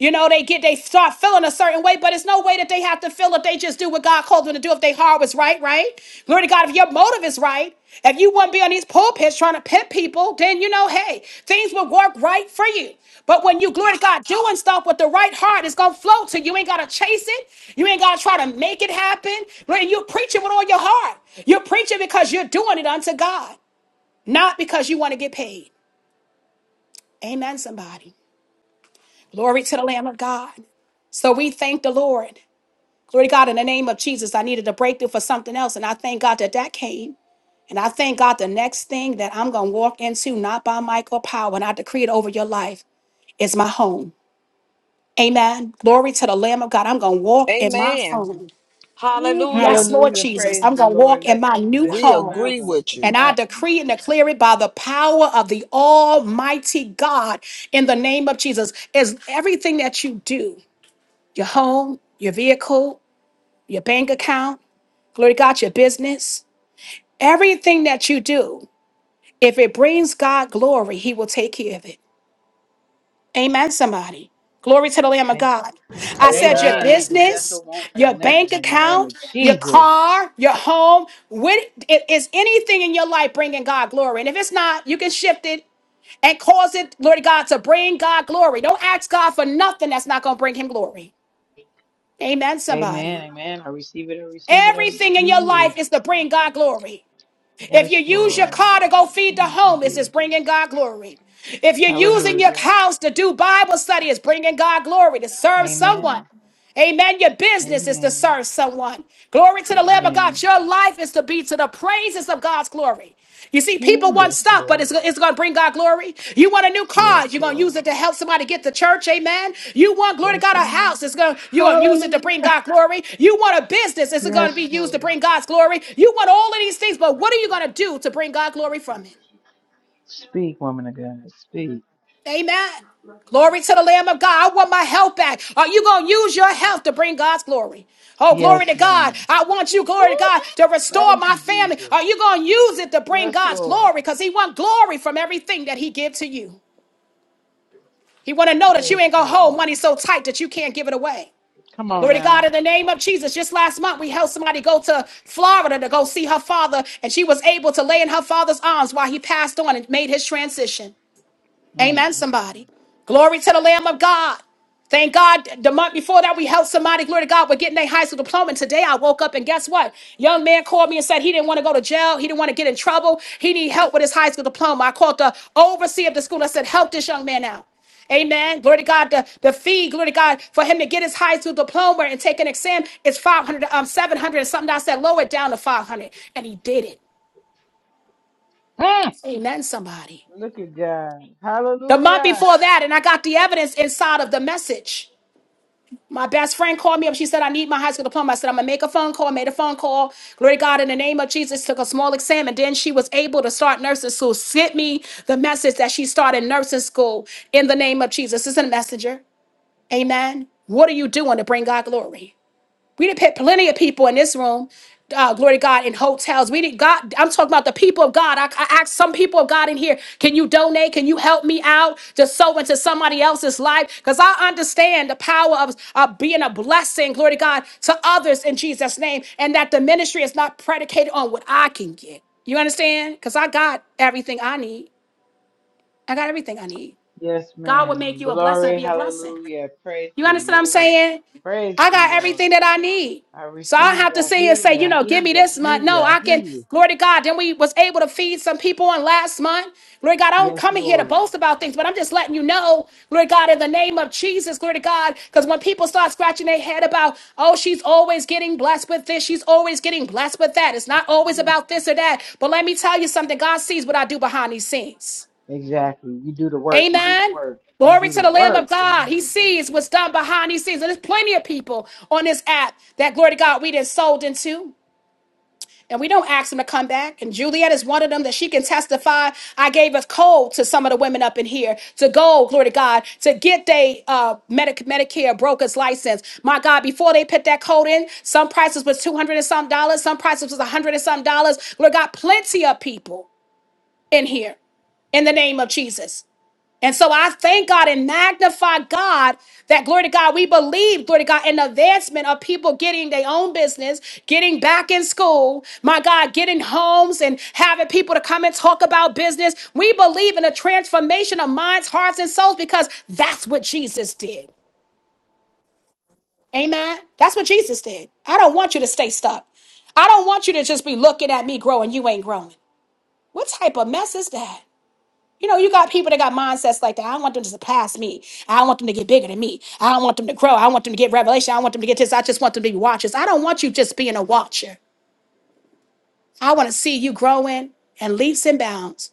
S1: you know, they get they start feeling a certain way, but it's no way that they have to feel if they just do what God called them to do if they heart was right, right? Glory to God, if your motive is right, if you wouldn't be on these pulpits trying to pit people, then you know, hey, things will work right for you. But when you glory to God doing stuff with the right heart, it's gonna flow to you. You ain't gotta chase it, you ain't gotta try to make it happen. When you're preaching with all your heart, you're preaching because you're doing it unto God, not because you want to get paid. Amen, somebody. Glory to the Lamb of God. So we thank the Lord. Glory to God in the name of Jesus. I needed a breakthrough for something else, and I thank God that that came. And I thank God the next thing that I'm going to walk into, not by might or power, and I decree it over your life, is my home. Amen. Glory to the Lamb of God. I'm going to walk in my
S6: Amen.
S1: home.
S9: Ooh,
S1: Yes,
S6: Hallelujah.
S1: Lord
S9: hallelujah.
S1: Jesus.
S9: Praise
S1: I'm
S9: the
S1: going to walk
S9: Lord.
S1: in
S9: Let
S1: my
S9: this
S1: new
S6: We
S9: vessel
S1: home.
S9: not
S6: agree
S9: want
S6: with
S9: for
S6: you.
S1: And I
S9: nothing.
S1: decree and declare it by the power of the Almighty God in the name of Jesus. Is everything that you do. your home, your vehicle, your bank account, glory to God, your business, everything that you do, if it brings God glory, He will take care of it. Amen, somebody. Glory to the Lamb of God. I said, your
S9: Amen.
S7: Amen.
S9: Let this vessel
S1: business,
S9: want for
S1: your bank
S9: nothing in the name
S1: account,
S9: of
S1: your
S9: Jesus.
S1: car, your home. What i- is anything in your life bringing God glory? And if it's not, you can shift it and cause it, glory to God, to bring God glory. Don't ask God for nothing that's not going to bring Him glory. Amen, somebody.
S9: Amen. Amen. I receive it. I receive it. I
S1: Everything in your
S9: receive it.
S1: life is to bring God glory. If you
S9: Yes,
S1: use your
S9: Lord.
S1: car to go feed the
S9: Thank you,
S1: homeless, it's
S9: Jesus.
S1: bringing God glory. If you're using your
S9: Hallelujah.
S1: house to do Bible study, it's bringing God glory to serve someone.
S9: Amen.
S1: Amen. Your business is to
S9: Amen.
S1: serve someone. Glory to the Lamb of God.
S9: Amen.
S1: Your life is to be to the praises of God's glory. You see, people
S9: Ooh,
S1: want
S9: yes,
S1: stuff, but
S9: Lord.
S1: it's, it's going to bring God glory. You want a new
S9: Yes,
S1: car, you're going to use
S9: Lord.
S1: it to help somebody get to church, amen. You want glory to
S9: Yes,
S1: God a
S9: Lord.
S1: house, it's going to you're going to use it to
S9: Hallelujah.
S1: bring God glory. You want a business, it's going to be
S9: Yes,
S1: used to
S9: Lord.
S1: bring God's glory. You want all of these things, but what are you going to do to bring God glory from it?
S9: Speak, woman of God. Speak.
S1: Amen. Glory to the Lamb of God. I want my health back. Are you going to use your health to bring God's glory? Oh, glory
S9: Yes,
S1: to God.
S9: ma'am.
S1: I want you, glory to
S9: Woo-hoo.
S1: God, to restore
S9: Thank
S1: my
S9: you,
S1: family.
S9: Jesus.
S1: Are you going to use it to bring
S9: Yes,
S1: God's
S9: Lord.
S1: glory? Because he wants glory from everything that he gives to you. He want to know that you ain't
S9: Yes,
S1: going to
S9: Lord.
S1: hold money so tight that you can't give it away.
S9: Come on
S1: Glory to God
S9: now.
S1: in the name of Jesus. Just last month, we helped somebody go to Florida to go see her father, and she was able to lay in her father's arms while he passed on and made his transition.
S9: Mm.
S1: Amen, somebody. Glory to the Lamb of God. Thank God the month before that we helped somebody, glory to God, with getting their high school diploma. And today I woke up and guess what? Young man called me and said he didn't want to go to jail. He didn't want to get in trouble. He need help with his high school diploma. I called the overseer of the school and I said, help this young man out. Amen. Glory to God. The, the fee, glory to God, for him to get his high school diploma and take an exam is 500, um, 700 and something. I said, lower it down to 500. And he did it.
S9: Mm.
S1: Amen, somebody.
S9: Look at God.
S1: The month
S9: Hallelujah.
S1: before that, and I got the evidence inside of the message. My best friend called me up. She said, I need my high school diploma. I said, I'm going to make a phone call. Made a phone call. Glory to God, in the name of Jesus, took a small exam. And then she was able to start nursing school. Sent me the message that she started nursing school in the name of Jesus. This is a messenger. Amen. What are you doing to bring God glory? We didn't put plenty of people in this room. Uh, glory to God in hotels. We didn't God. I'm talking about the people of God. I, I asked some people of God in here, can you donate? Can you help me out to sow into somebody else's life? Because I understand the power of uh, being a blessing, glory to God, to others in Jesus' name, and that the ministry is not predicated on what I can get. You understand? Because I got everything I need. I got everything I need.
S9: Yes,
S1: God will make
S9: ma'am.
S1: you a blessing to
S9: Glory,
S1: be a blessing.
S9: hallelujah. Praise
S1: You
S9: the
S1: understand what I'm
S9: Lord.
S1: saying?
S9: Praise
S1: I
S9: the
S1: got
S9: Lord.
S1: everything that I need.
S9: I
S1: So I don't
S9: receive
S1: have
S9: it.
S1: to
S9: I
S1: sit here
S9: hear
S1: and say,
S9: you.
S1: you
S9: I
S1: know,
S9: hear
S1: give me
S9: you. I
S1: this
S9: hear
S1: month.
S9: you.
S1: No,
S9: I
S1: I
S9: hear
S1: can,
S9: you.
S1: glory to God. Then we was able to feed some people on last month. Glory to God, I don't
S9: Yes,
S1: come in here to
S9: Lord.
S1: boast about things, but I'm just letting you know, glory to God, in the name of Jesus, glory to God. Because when people start scratching their head about, oh, she's always getting blessed with this, she's always getting blessed with that. It's not always
S9: Mm,
S1: about this or that. But let me tell you something, God sees what I do behind these scenes.
S9: Exactly. You do the work. You do the
S1: Amen.
S9: work. You
S1: Glory
S9: do
S1: to
S9: the
S1: the Lamb of
S9: work in the
S1: God. He
S9: name of
S1: sees
S9: Jesus.
S1: what's done behind these scenes. And there's plenty of people on this app that, glory to God, we did sold into. And we don't ask them to come back. And Juliet is one of them that she can testify. I gave a code to some of the women up in here to go, glory to God, to get they uh, Medic- Medicare broker's license. My God, before they put that code in, some prices was 200 and some dollars, some prices was 100 and some dollars. Glory to God, plenty of people in here in the name of Jesus. And so I thank God and magnify God that glory to God, we believe, glory to God, in the advancement of people getting their own business, getting back in school, my God, getting homes and having people to come and talk about business. We believe in a transformation of minds, hearts, and souls because that's what Jesus did. Amen. That's what Jesus did. I don't want you to stay stuck. I don't want you to just be looking at me growing. You ain't growing. What type of mess is that? You know, you got people that got mindsets like that. I want them to surpass me. I want them to get bigger than me. I don't want them to grow. I want them to get revelation. I want them to get this. I just want them to be watchers. I don't want you just being a watcher. I want to see you growing and leaps and bounds.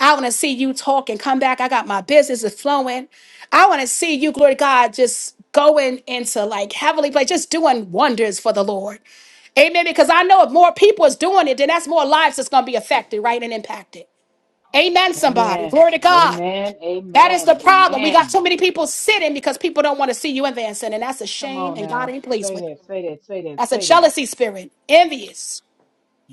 S1: I want to see you talk and come back. I got my business is flowing. I want to see you, glory to God, just going into like heavenly place, just doing wonders for the Lord. Amen. Because I know if more people is doing it, then that's more lives that's going to be affected, right, and impacted. Amen, somebody.
S9: Amen.
S1: Glory to God.
S9: Amen.
S1: That is
S9: Amen.
S1: the problem. We got
S9: Amen.
S1: too many people sitting because people don't want to see you advancing, and that's a
S9: Come
S1: shame,
S9: on
S1: and God
S9: now.
S1: ain't pleased
S9: Say
S1: with it.
S9: that. Say that. Say that.
S1: That's a
S9: Say that.
S1: jealousy spirit, envious.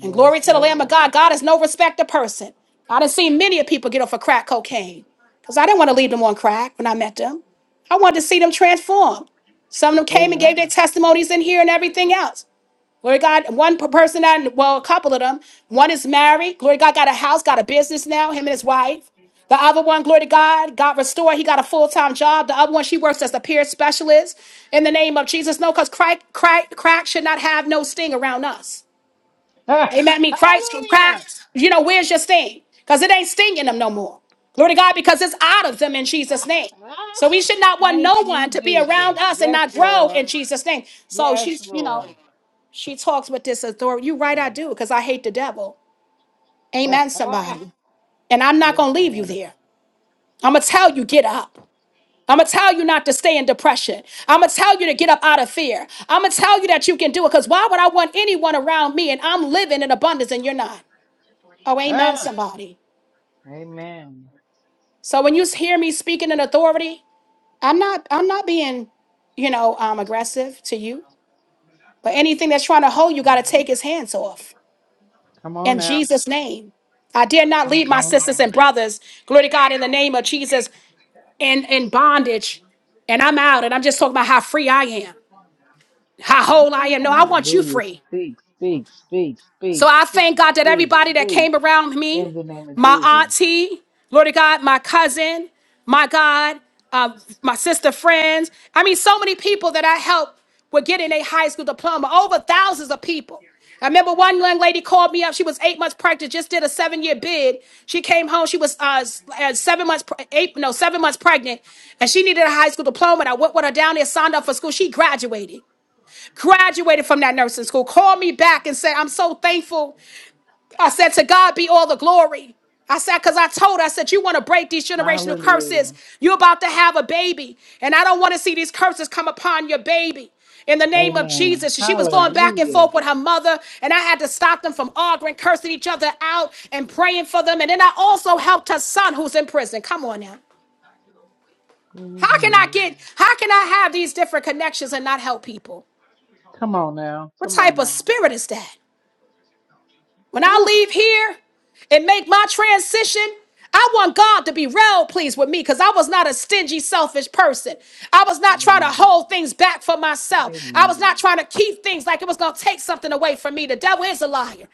S1: And glory to the Lamb of
S9: Lord.
S1: God. God is no respecter person. I done seen many of people get off of crack cocaine because I didn't want to leave them on crack when I met them. I wanted to see them transform. Some of them came and gave
S9: Amen.
S1: their testimonies in here and everything else. Glory to God, one per- person, that, well, a couple of them. One is married. Glory to God, got a house, got a business now, him and his wife. The other one, glory to God, got restored. He got a full time job. The other one, she works as a peer specialist. In the name of Jesus, no, because crack, crack, crack should not have no sting around us.
S9: Ah,
S1: Amen. I mean, Christ, crack,
S9: hallelujah.
S1: you know, where's your sting? Because it ain't stinging them no more. Glory to God, because it's out of them in Jesus' name. So we should not want
S9: Thank
S1: no
S9: you,
S1: one to be around
S9: Jesus.
S1: us and
S9: Yes,
S1: not grow
S9: Lord.
S1: in Jesus' name. So
S9: Yes,
S1: she's, you know,
S9: Lord.
S1: she talks with this authority. you right,
S9: Uh,
S1: I do, because I hate the devil. Amen, somebody. And I'm not
S9: yes,
S1: going to leave you
S9: ma'am.
S1: there. I'm going to tell you, get up. I'm going to tell you not to stay in depression. I'm going to tell you to get up out of fear. I'm going to tell you that you can do it because why would I want anyone around me and I'm living in abundance and you're not? Oh, amen,
S9: Uh,
S1: somebody.
S9: amen.
S1: So when you hear me speaking in authority, I'm not, I'm not being, you know, um, aggressive to you, but anything that's trying to hold you got to take his hands off.
S9: Come on
S1: in
S9: now.
S1: Jesus' name. I dare not
S9: Come
S1: lead my
S9: on
S1: sisters and
S9: now.
S1: brothers, glory to God, in the name of Jesus, in, in bondage. And I'm out, and I'm just talking about how free I am, how whole I am.
S9: Oh,
S1: No, I want you
S9: hallelujah.
S1: free.
S9: Speak, speak, speak,
S1: So
S9: speak,
S1: I thank
S9: speak,
S1: God that
S9: speak,
S1: everybody that
S9: speak.
S1: came around me,
S9: In the name of
S1: my
S9: Jesus.
S1: auntie, Lord of God, my cousin, my God, uh, my sister friends. I mean, so many people that I helped with getting a high school diploma, over thousands of people. I remember one young lady called me up. She was eight months pregnant, just did a seven year bid. She came home. She was uh, s- uh, seven months, pre- eight, no, seven months pregnant, and she needed a high school diploma. And I went with her down there, signed up for school. She graduated graduated from that nursing school, called me back and said, I'm so thankful I said, To God be all the glory. I said, because I told her, I said, you want to break these generational curses.
S9: Hallelujah.
S1: You're about to have a baby. And I don't want to see these curses come upon your baby. In the name of
S9: Amen.
S1: Jesus. She was going back and
S9: Hallelujah.
S1: forth with her mother, and I had to stop them from arguing, cursing each other out, and praying for them. And then I also helped her son who's in prison. Come on now.
S9: Oh,
S1: How can I
S9: hallelujah.
S1: get, how can I have these different connections and not help people?
S9: Come on now.
S1: What
S9: Come on
S1: type of
S9: now.
S1: spirit is that? When I
S9: Whew.
S1: leave here and make my transition, I want God to be real pleased with me because I was not a stingy, selfish person. I was not trying to
S9: Amen.
S1: hold things back for myself. I was not
S9: Amen.
S1: trying to keep things like it was going to take something away from me. The devil is a liar.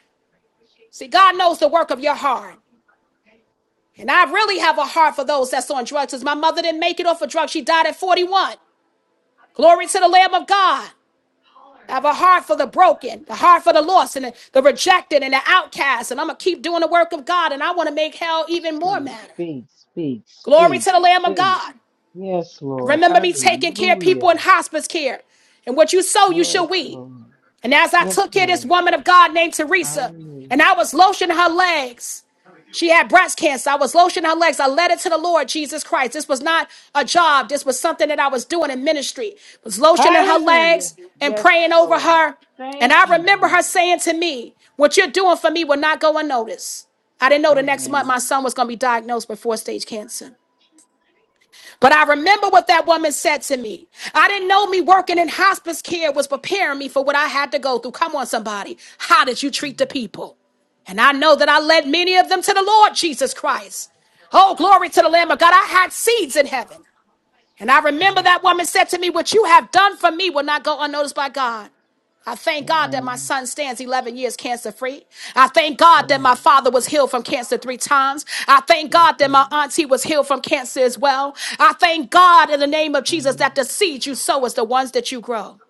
S1: See, God knows the work of your heart. And I really have a heart for those that's on drugs because my mother didn't make it off of drugs. She died at 41. Glory to the Lamb of God. I have a heart for the broken, the heart for the lost, and the, the rejected, and the outcast. And I'm going to keep doing the work of God, and I want to make hell even more
S9: Speak,
S1: matter.
S9: speak, speak,
S1: Glory
S9: speak,
S1: to the Lamb of
S9: speak.
S1: God.
S9: Yes, Lord.
S1: Remember me taking care of people in
S9: Hallelujah.
S1: hospice care. And what you sow, you
S9: Yes,
S1: shall reap.
S9: Lord.
S1: And as I
S9: Yes,
S1: took care of this
S9: Lord.
S1: woman of God named Teresa,
S9: Hallelujah.
S1: and I was lotioning her legs, she had breast cancer. I was lotioning her legs. I led it to the Lord Jesus Christ. This was not a job. This was something that I was doing in ministry. Was lotioning her
S9: Hallelujah.
S1: legs and
S9: Yes,
S1: praying over
S9: Lord.
S1: her. And
S9: Thank
S1: I
S9: you,
S1: remember
S9: Jesus.
S1: her saying to me, "What you're doing for me will not go unnoticed." I didn't know
S9: Amen.
S1: the next month my son was going to be diagnosed with four-stage cancer. But I remember what that woman said to me. I didn't know me working in hospice care was preparing me for what I had to go through. Come on, somebody. How did you treat the people? And I know that I led many of them to the Lord Jesus Christ. Oh, glory to the Lamb of God. I had seeds in heaven. And I
S9: Yes,
S1: remember
S9: Lord.
S1: that woman said to me, What you have done for me will not go unnoticed by God. I thank God that my
S9: Amen.
S1: son stands 11 years cancer free. I thank God that my
S9: Amen.
S1: father was healed from cancer three times. I thank
S9: Yes,
S1: God that my
S9: Lord.
S1: auntie was healed from cancer as well. I thank God in the name of Jesus
S9: Amen.
S1: that the seeds you sow is the ones that you grow.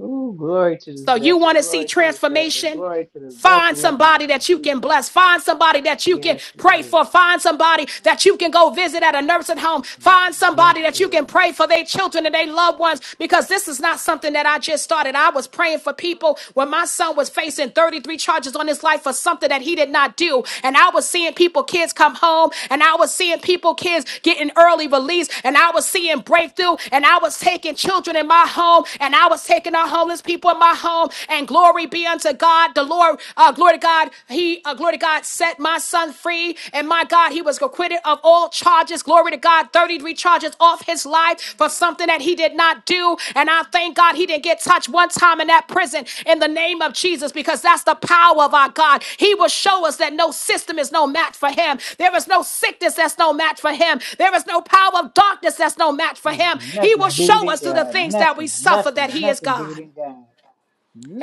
S9: Ooh, glory to this
S1: So you
S9: vessel.
S1: want to see
S9: Glory to this vessel.
S1: transformation?
S9: Glory to the
S1: Find
S9: vessel in the
S1: somebody
S9: name of
S1: that you can
S9: Jesus.
S1: bless. Find somebody that you can
S9: Yes,
S1: pray
S9: Lord.
S1: for. Find somebody that you can go visit at a nursing home. Find
S9: Yes,
S1: somebody that you can
S9: Lord.
S1: pray for their children and their loved ones because this is not something that I just started. I was praying for people when my son was facing 33 charges on his life for something that he did not do. And I was seeing people, kids come home, and I was seeing people, kids getting early release, and I was seeing breakthrough, and I was taking children in my home, and I was taking our homeless people in my home. And glory Glory be unto God. The Lord, uh, glory to God, He, uh, glory to God, set my son free. And my God, he was acquitted of all charges. Glory to God, 33 charges off his life for something that he did not do. And I thank God he didn't get touched one time in that prison in the name of Jesus because that's the power of our God. He will show us that no system is no match for him. There is no sickness that's no match for him. There is no power of darkness that's no match for
S9: There's
S1: him. He will
S9: nothing bigger
S1: show
S9: than
S1: us through the
S9: God.
S1: things that we
S9: Nothing,
S1: suffer that
S9: nothing,
S1: he is
S9: nothing bigger
S1: God.
S9: than God.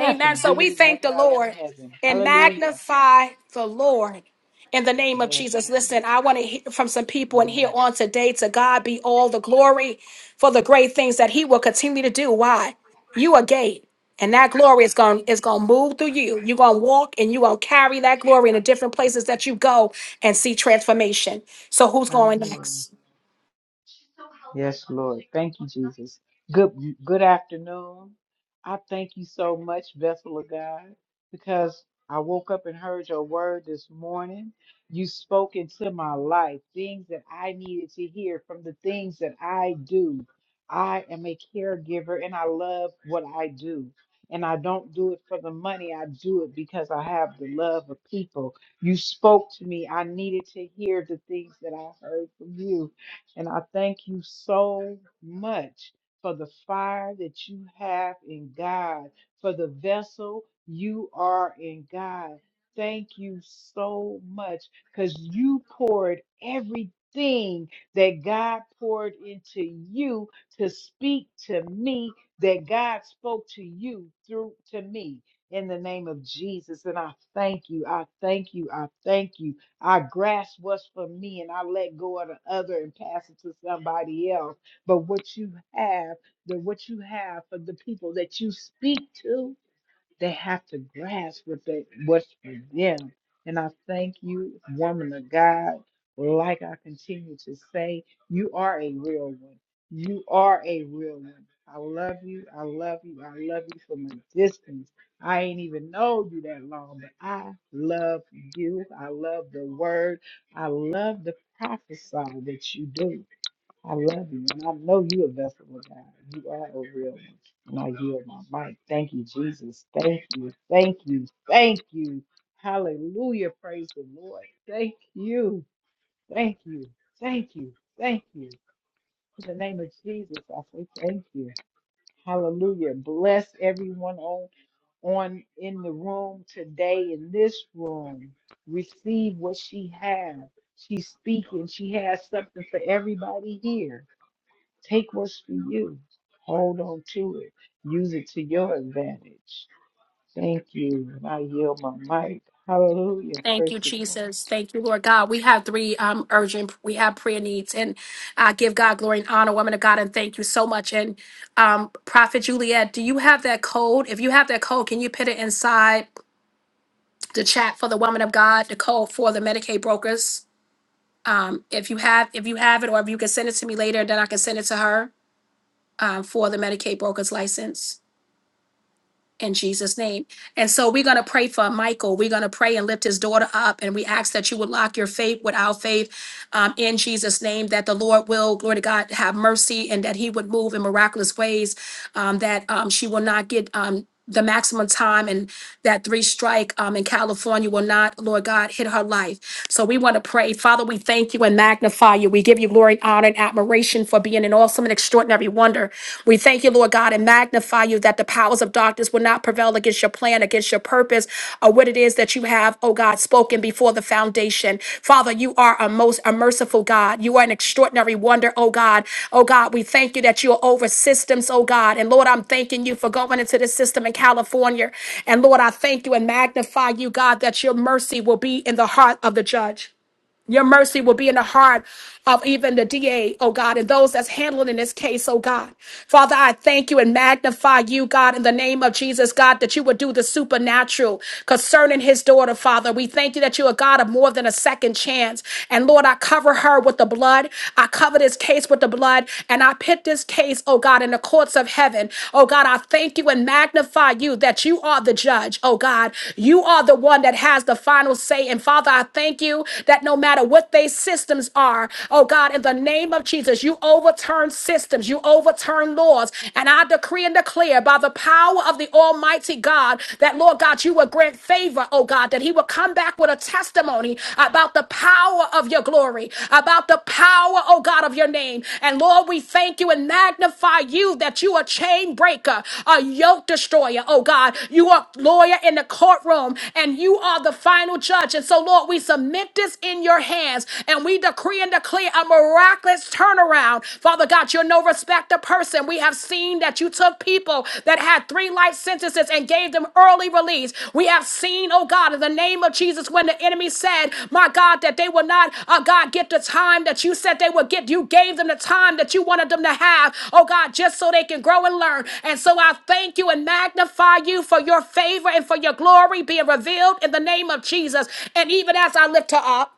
S1: Amen. So
S9: bigger
S1: we
S9: than
S1: thank
S9: that
S1: the
S9: Father in
S1: Lord
S9: heaven.
S1: and
S9: Hallelujah.
S1: magnify the Lord in the name of
S9: Yes,
S1: Jesus.
S9: Lord.
S1: Listen, I want to hear from some people and hear
S9: Amen.
S1: on today to God be all the glory for the great things that He will continue to do. Why? You a gate. And that glory is going is going to move through you. You're going to walk and you're going to carry that glory in the different places that you go and see transformation. So who's going
S9: Hallelujah.
S1: next?
S9: Yes, Lord. Thank you, Jesus. Good good afternoon. I thank you so much, vessel of God, because I woke up and heard your word this morning. You spoke into my life things that I needed to hear from the things that I do. I am a caregiver and I love what I do. And I don't do it for the money. I do it because I have the love of people. You spoke to me. I needed to hear the things that I heard from you. And I thank you so much for the fire that you have in God, for the vessel you are in God. Thank you so much because you poured everything that God poured into you to speak to me, that God spoke to you through to me in the name of Jesus. And I thank you. I thank you. I thank you. I grasp what's for me and I let go of the other and pass it to somebody else. But what you have, the what you have for the people that you speak to, they have to grasp what they what's for them. And I thank you, woman of God. Like I continue to say, you are a real one. You are a real one. I love you. I love you. I love you from a distance. I ain't even know you that long, but I love you. I love the word. I love the prophesy that you do. I love you, and I know you a vessel of God. You are a real one. And I yield my mic. Thank you, Jesus. Thank you. Thank you. Thank you. Hallelujah. Praise the Lord. Thank you. Thank you. Thank you. Thank you. In the name of Jesus, I say thank you. Hallelujah. Bless everyone on on in the room today in this room. Receive what she has. She's speaking. She has something for everybody here. Take what's for you. Hold on to it. Use it to your advantage. Thank you. And I yield my mic. Hallelujah.
S1: Thank
S9: Praise
S1: you,
S9: the Lord.
S1: Jesus. Thank you, Lord God. We have three um, urgent, we have prayer needs, and uh, give God glory and honor, woman of God, and thank you so much. And um, Prophet Juliet, do you have that code? If you have that code, can you put it inside the chat for the woman of God, the code for the Medicaid brokers? Um, if you have, if you have it, or if you can send it to me later, then I can send it to her um, for the Medicaid brokers license. in Jesus' name. And so we're going to pray for Michael. We're going to pray and lift his daughter up. And we ask that you would lock your faith with our faith um, in Jesus' name, that the Lord will, glory to God, have mercy and that he would move in miraculous ways, um, that um, she will not get. Um, the maximum time and that three strike um, in California will not, Lord God, hit her life. So we want to pray. Father, we thank you and magnify you. We give you glory, honor, and admiration for being an awesome awesome and extraordinary wonder. We thank you, Lord God, and magnify you that the powers of darkness will not prevail against your plan, against your purpose, or what it is that you have, oh God, spoken before the foundation. Father, you are a most a merciful God. You are an extraordinary wonder, oh God. Oh God, we thank you that you are over systems, oh God. And Lord, I'm thanking you for going into this system in California. And Lord, I thank you and magnify you, God, that your mercy will be in the heart of the judge. Your mercy will be in the heart of even the DA, oh God, and those that's handling in this case, oh God. Father, I thank you and magnify you, God, in the name of Jesus, God, that you would do the supernatural concerning his daughter, Father. We thank you that you are God of more than a second chance. And Lord, I cover her with the blood. I cover this case with the blood. And I pit this case, oh God, in the courts of heaven. Oh God, I thank you and magnify you that you are the judge, oh God. You are the one that has the final say. And Father, I thank you that no matter matter what they systems are. Oh God, in the name of Jesus, you overturn systems, you overturn laws. And I decree and declare by the power of the Almighty God that, Lord God, you will grant favor, oh God, that He will come back with a testimony about the power of your glory, about the power, oh God, of your name. And Lord, we thank you and magnify you that you are a chain breaker, a yoke destroyer, oh God. You are lawyer in the courtroom and you are the final judge. And so, Lord, we submit this in in your hands. And we decree and declare a miraculous turnaround. Father God, you're no respecter person. We have seen that you took people that had three life sentences and gave them early release. We have seen, oh God, in the name of Jesus, when the enemy said, my God, that they will not, uh, God, get the time that you said they would get. You gave them the time that you wanted them to have, oh God, just so they can grow and learn. And so I thank you and magnify you for your favor and for your glory being revealed in the name of Jesus. And even as I lift her up,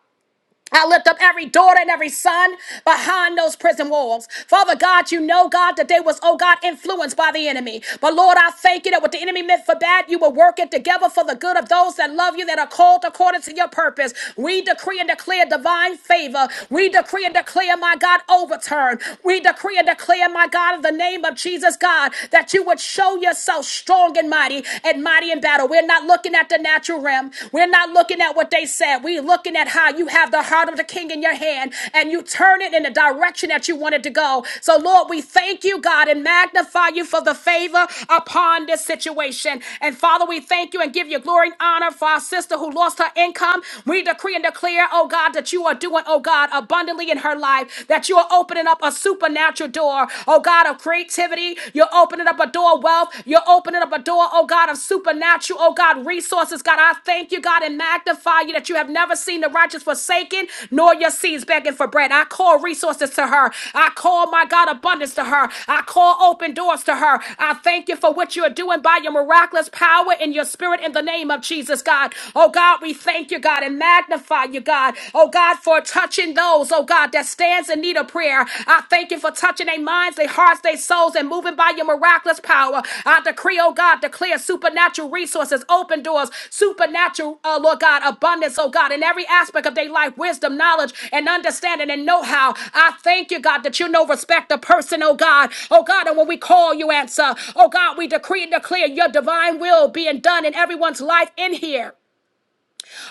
S1: I lift up every daughter and every son behind those prison walls. Father God, you know, God, that they was, oh God, influenced by the enemy. But Lord, I thank you that what the enemy meant for bad, you will work it together for the good of those that love you, that are called according to your purpose. We decree and declare divine favor. We decree and declare, my God, overturn. We decree and declare, my God, in the name of Jesus, God, that you would show yourself strong and mighty and mighty in battle. We're not not looking at the natural realm. We're not looking at what they said. We're looking at how you have the heart of the king in your hand and you turn it in the direction that you wanted to go. So, Lord, we thank you, God, and magnify you for the favor upon this situation. And Father, we thank you and give you glory and honor for our sister who lost her income. We decree and declare, oh God, that you are doing, oh God, abundantly in her life, that you are opening up a supernatural door, oh God, of creativity longevity. You're opening up a door of wealth. You're opening up a door, oh God, of supernatural, oh God, resources. God, I thank you, God, and magnify you that you have never seen the righteous forsaken, nor your seeds begging for bread. I call resources to her. I call, my God, abundance to her. I call open doors to her. I thank you for what you are doing by your miraculous power in your spirit in the name of Jesus, God. Oh God, we thank you, God, and magnify you, God. Oh God, for touching those those, oh God, that stands in need of prayer. I thank you for touching their minds, their hearts, their souls, and moving by your miraculous power. I decree, oh God, declare supernatural resources, open doors, supernatural, uh, Lord God, abundance, oh God, in every aspect of their life, wisdom, knowledge, and understanding and know-how. I thank you, God, that you know respect the person, oh God. Oh God, and when we call you answer, oh God, we decree and declare your divine will being done in everyone's life in here.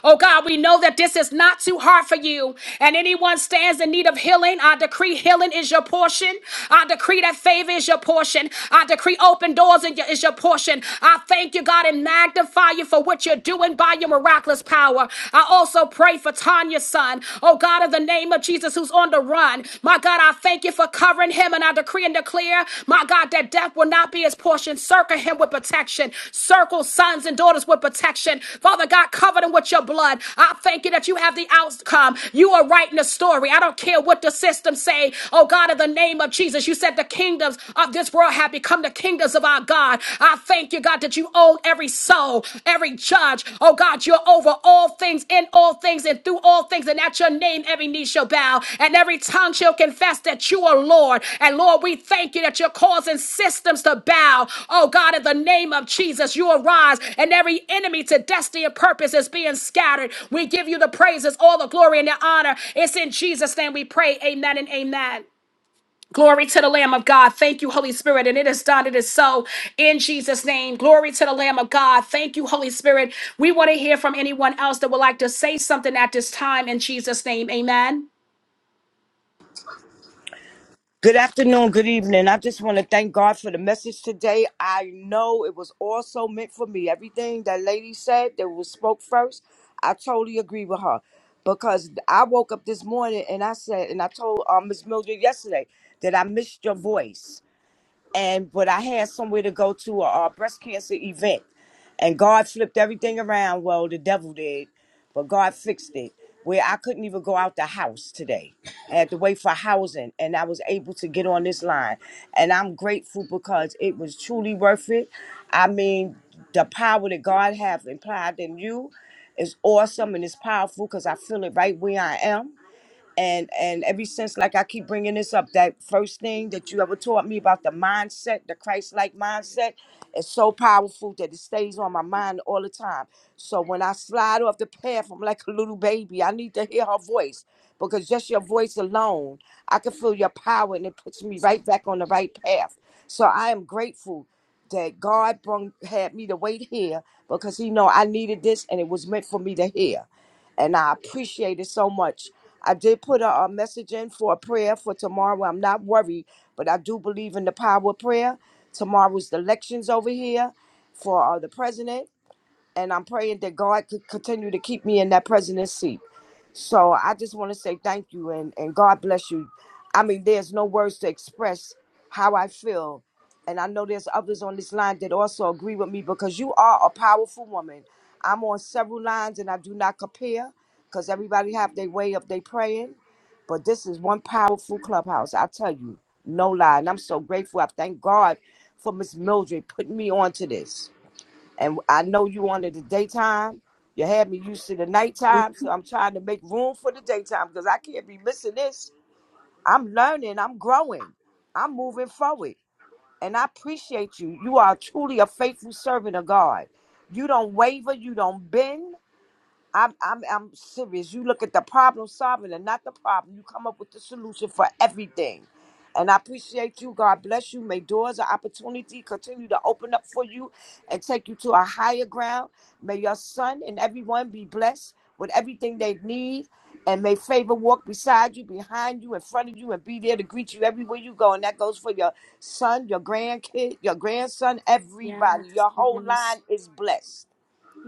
S1: Oh God, we know that this is not too hard for you. And anyone stands in need of healing, I decree healing is your portion. I decree that favor is your portion. I decree open doors in your- is your portion. I thank you, God, and magnify you for what you're doing by your miraculous power. I also pray for Tanya's son. Oh God, in the name of Jesus, who's on the run. My God, I thank you for covering him. And I decree I decree and declare, my God, that death will not be his portion. Circle him with protection. Circle sons and daughters with protection. Father God, cover them with your blood. I thank you that you have the outcome. You are writing the story. I don't care what the system say. Oh God, in the name of Jesus, you said the kingdoms of this world have become the kingdoms of our God. I thank you, God, that you own every soul, every judge, Oh God, you're over all things, in all things, and through all things. And at your name, every knee shall bow, and every tongue shall confess that you are Lord. And Lord, we thank you that you're causing systems to bow. Oh God, in the name of Jesus, you arise, and every enemy to destiny and purpose is being scattered. We give you the praises, all the glory, and the honor. It's in Jesus' name we pray. Amen and amen. Glory to the Lamb of God. Thank you, Holy Spirit. And it is done. It is so in Jesus' name. Glory to the Lamb of God. Thank you, Holy Spirit. We want to hear from anyone else that would like to say something at this time in Jesus' name. Amen.
S8: Good afternoon, good evening. I just want to thank God for the message today. I know it was also meant for me. Everything that lady said that was spoke first, I totally agree with her. Because I woke up this morning and I said, and I told uh, Miss Mildred yesterday that I missed your voice. and but I had somewhere to go to a, a breast cancer event, and God flipped everything around. Well, the devil did, but God fixed it. Where I couldn't even go out the house today, I had to wait for housing, and I was able to get on this line, and I'm grateful because it was truly worth it. I mean, the power that God have implied in you is awesome and it's powerful because I feel it right where I am and and ever since like i keep bringing this up that first thing that you ever taught me about the mindset the christ-like mindset is so powerful that it stays on my mind all the time so when i slide off the path i'm like a little baby i need to hear her voice because just your voice alone i can feel your power and it puts me right back on the right path so i am grateful that god brung, had me to wait here because he know i needed this and it was meant for me to hear and I appreciate it so much. I did put a, a message in for a prayer for tomorrow. I'm not worried, but I do believe in the power of prayer. Tomorrow's the elections over here for uh, the president and I'm praying that God could continue to keep me in that president's seat. So I just want to say thank you and, and God bless you. I mean, there's no words to express how I feel. And I know there's others on this line that also agree with me because you are a powerful woman. I'm on several lines and I do not compare because everybody have their way of their praying. But this is one powerful clubhouse. I tell you, no lie. And I'm so grateful. I thank God for Miss Mildred putting me on to this. And I know you wanted the daytime. You had me used to the nighttime, so I'm trying to make room for the daytime because I can't be missing this. I'm learning, I'm growing, I'm moving forward. And I appreciate you. You are truly a faithful servant of God. You don't waver, you don't bend, I'm I'm I'm serious. You look at the problem solving and not the problem. You come up with the solution for everything. And I appreciate you. God bless you. May doors of opportunity continue to open up for you and take you to a higher ground. May your son and everyone be blessed with everything they need. And may favor walk beside you, behind you, in front of you, and be there to greet you everywhere you go. And that goes for your son, your grandkid, your grandson, everybody.
S1: Yes,
S8: Your whole
S1: yes,
S8: line is blessed.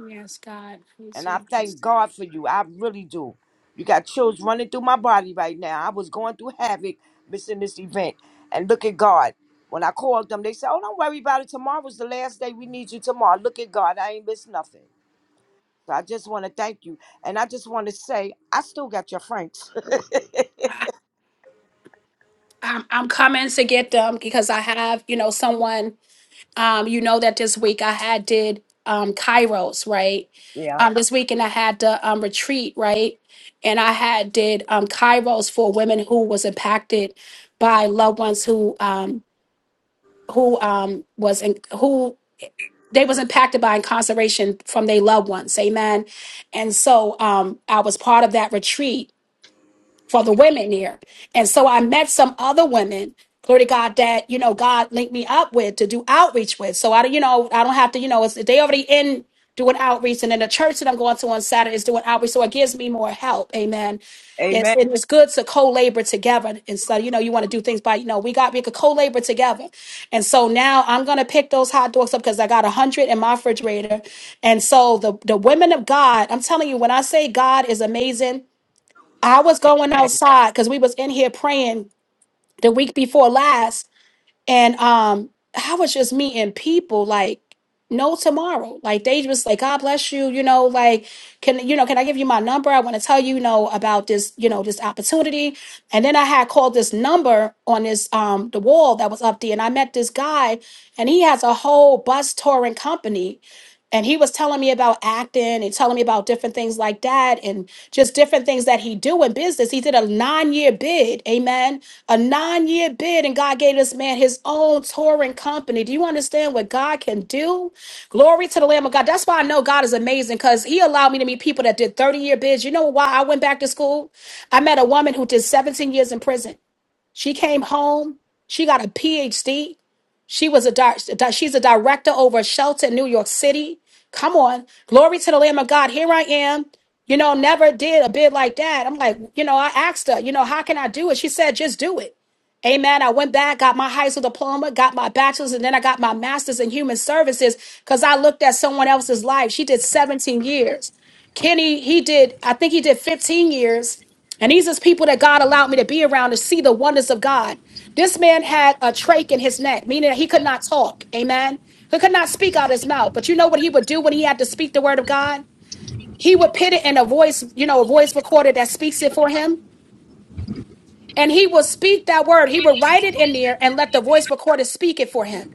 S1: yes, God.
S8: And
S1: Yes,
S8: I thank
S1: yes.
S8: God for you. I really do. You got chills running through my body right now. I was going through havoc missing this event. And look at God. When I called them, they said, Oh, don't worry about it. Tomorrow's the last day. We need you tomorrow. Look at God. I ain't missed nothing. So I just want to thank you. And I just want to say, I still got your friends.
S1: I'm, I'm coming to get them because I have, you know, someone. Um, you know that this week I had did um Kairos, right?
S8: yeah.
S1: Um, this weekend I had the um retreat, right? And I had did um Kairos for women who was impacted by loved ones who um who um was in who they was impacted by incarceration from their loved ones, amen. And so um I was part of that retreat for the women here. And so I met some other women, glory to God, that, you know, God linked me up with to do outreach with. So I, you know, I don't have to, you know, it's, they already in doing outreach. And then the church that I'm going to on Saturday is doing outreach. So it gives me more help. Amen. It's,
S8: Amen.
S1: and it's good to co-labor together. And so, you know, you want to do things by, you know, we got, we could co-labor together. And so now I'm going to pick those hot dogs up because I got a hundred in my refrigerator. And so the, the women of God, I'm telling you, when I say God is amazing, I was going outside because we was in here praying the week before last, and um, I was just meeting people like no tomorrow. Like they just like, God bless you, you know, like can you know, can I give you my number? I want to tell you, you know, about this, you know, this opportunity. And then I had called this number on this um the wall that was up there, and I met this guy, and he has a whole bus touring company and he was telling me about acting and telling me about different things like that and just different things that he do in business he did a nine-year bid amen a nine-year bid and god gave this man his own touring company do you understand what god can do glory to the lamb of god that's why i know god is amazing because he allowed me to meet people that did 30-year bids you know why i went back to school i met a woman who did 17 years in prison she came home she got a phd she was a di- di- she's a director over a shelter in New York City. Come on, glory to the Lamb of God. Here I am. You know, never did a bid like that. I'm like, you know, I asked her, you know, how can I do it? She said, just do it. Amen. I went back, got my high school diploma, got my bachelor's, and then I got my master's in human services because I looked at someone else's life. She did 17 years. Kenny, he did, I think he did 15 years. And these is people that God allowed me to be around to see the wonders of God. This man had a trach in his neck, meaning that he could not talk. Amen. He could not speak out his mouth. But you know what he would do when he had to speak the word of God? He would put it in a voice, you know, a voice recorder that speaks it for him and he will speak that word. He will write it in there and let the voice recorder speak it for him.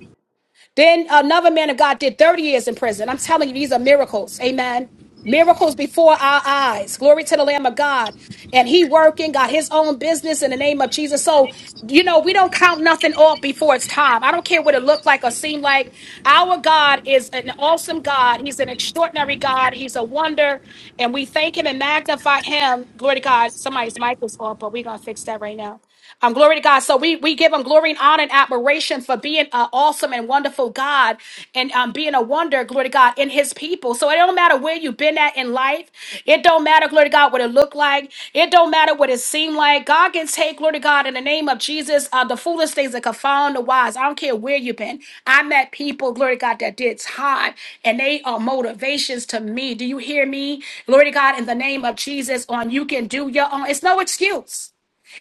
S1: Then another man of God did 30 years in prison. I'm telling you, these are miracles. Amen. Miracles before our eyes. Glory to the Lamb of God. And he working, got his own business in the name of Jesus. So, you know, we don't count nothing off before it's time. I don't care what it looked like or seemed like. Our God is an awesome God. He's an extraordinary God. He's a wonder. And we thank him and magnify him. Glory to God. Somebody's mic was off, but we're going to fix that right now. Um, glory to God. So we we give him glory and honor and admiration for being an awesome and wonderful God and um, being a wonder, glory to God, in his people. So it don't matter where you've been at in life. It don't matter, glory to God, what it looked like. It don't matter what it seemed like. God can take, glory to God, in the name of Jesus, uh, the foolish things that confound the wise. I don't care where you've been. I met people, glory to God, that did time and they are motivations to me. Do you hear me? Glory to God, in the name of Jesus, on you can do your own. It's no excuse.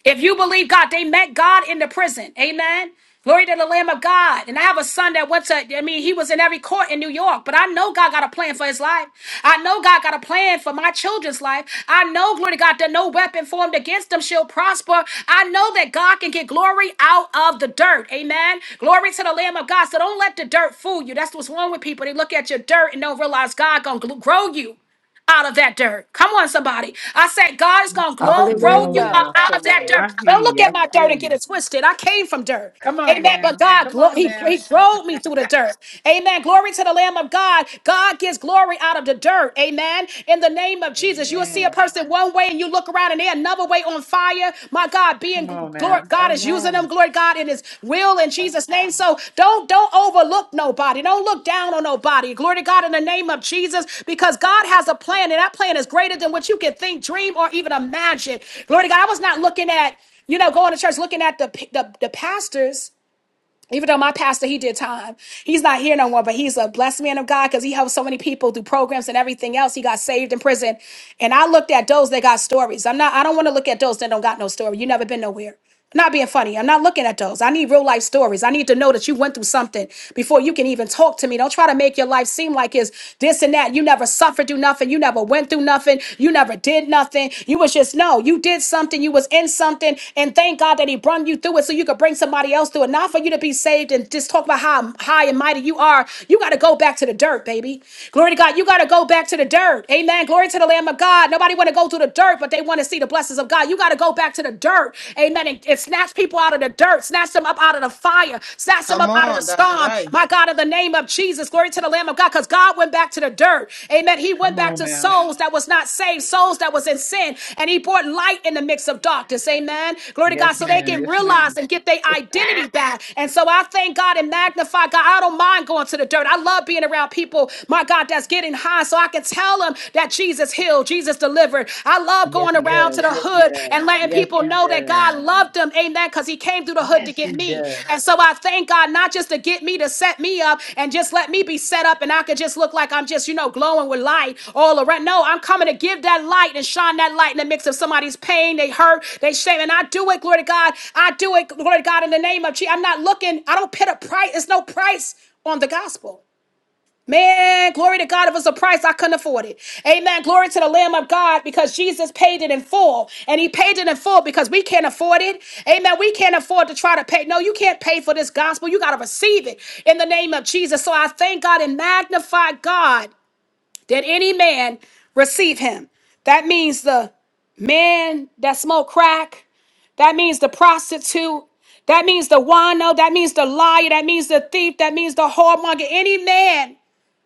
S1: If you believe God, they met God in the prison. Amen. Glory to the Lamb of God. And I have a son that went to, I mean, he was in every court in New York, but I know God got a plan for his life. I know God got a plan for my children's life. I know, glory to God, that no weapon formed against them shall prosper. I know that God can get glory out of the dirt. Amen. Glory to the Lamb of God. So don't let the dirt fool you. That's what's wrong with people. They look at your dirt and don't realize God gonna gl- grow you out of that dirt. Come on, somebody. I said, God is going to grow,
S9: Come
S1: grow
S9: on
S1: you
S11: Hallelujah.
S1: up
S9: now.
S1: out of
S9: Come
S1: that
S9: on. I
S1: dirt.
S9: hear
S1: Don't look
S9: you. I
S1: at my
S9: feel
S1: dirt and get
S9: you.
S1: it twisted. I came from dirt.
S9: Come on
S1: Amen. But
S9: now.
S1: God,
S9: Come
S1: glo-
S9: on
S1: he,
S9: now.
S1: he drove me through the dirt. Amen. Glory to the Lamb of God. God gives glory out of the dirt. Amen. In the name of Jesus, you'll see a
S9: Amen.
S1: person one way and you look around and they're another way on fire. My God,
S9: Come
S1: being
S9: on
S1: glory,
S9: now.
S1: God is using
S11: Amen.
S1: them, glory God, in his will in Jesus' name. So don't don't overlook nobody. Don't look down on nobody. Glory to God in the name of Jesus, because God has a plan, and that plan is greater than what you can think, dream, or even imagine. Glory to God. I was not looking at, you know, going to church, looking at the the, the pastors even though my pastor he did time he's not here no more but he's a blessed man of god because he helped so many people through programs and everything else he got saved in prison and i looked at those that got stories i'm not i don't want to look at those that don't got no story you never been nowhere I'm not being funny i'm not looking at those i need real life stories i need to know that you went through something before you can even talk to me don't try to make your life seem like it's this and that you never suffered through nothing you never went through nothing you never did did nothing. You was just no, you did something, you was in something, and thank God that He brought you through it so you could bring somebody else through it. Not for you to be saved and just talk about how high and mighty you are. You got to go back to the dirt, baby. Glory to God. You got to go back to the dirt. Amen. Glory to the Lamb of God. Nobody want to go to the dirt, but they want to see the blessings of God. You got to go back to the dirt. Amen. And, and snatch people out of the dirt, snatch them up out of the fire, snatch them up out of the storm, come. My God, in the name of Jesus, glory to the Lamb of God, because God went back to the dirt. Amen. He went
S9: Come
S1: back
S9: on
S1: to
S9: now.
S1: souls that was not saved, souls that was in sin, and he brought light in the mix of darkness. Amen. Glory to God,
S9: Yes,
S1: so they
S9: ma'am.
S1: can
S9: Yes,
S1: realize
S9: ma'am.
S1: and get their identity back. And so I thank God and magnify God. I don't mind going to the dirt. I love being around people, my God, that's getting high, so I can tell them that Jesus healed, Jesus delivered. I love
S9: yes,
S1: going
S9: he
S1: around to
S9: does.
S1: the the
S9: Yes, he
S1: hood and
S9: does.
S1: letting
S9: Yes,
S1: people
S9: he
S1: know that
S9: does.
S1: God loved them. Amen. Because he came through the hood to
S9: Yes,
S1: get
S9: he
S1: me.
S9: does.
S1: And so I thank God not just to get me to set me up and just let me be set up and I could just look like I'm just, you know, glowing with light all around. No, I'm coming to give that light and shine that light in the midst of somebody's pain, they hurt, they shame. And I do it, glory to God. I do it, glory to God, in the name of Jesus. I'm not looking, I don't put a price, it's no price on the gospel. Man, glory to God. It was a price I couldn't afford it. Amen. Glory to the Lamb of God because Jesus paid it in full. And he paid it in full because we can't afford it. Amen. We can't afford to try to pay. No, you can't pay for this gospel. You got to receive it in the name of Jesus. So I thank God and magnify God that any man receive him. That means the man that smoke crack. That means the prostitute. That means the wino. That means the liar. That means the thief. That means the whoremonger. Any man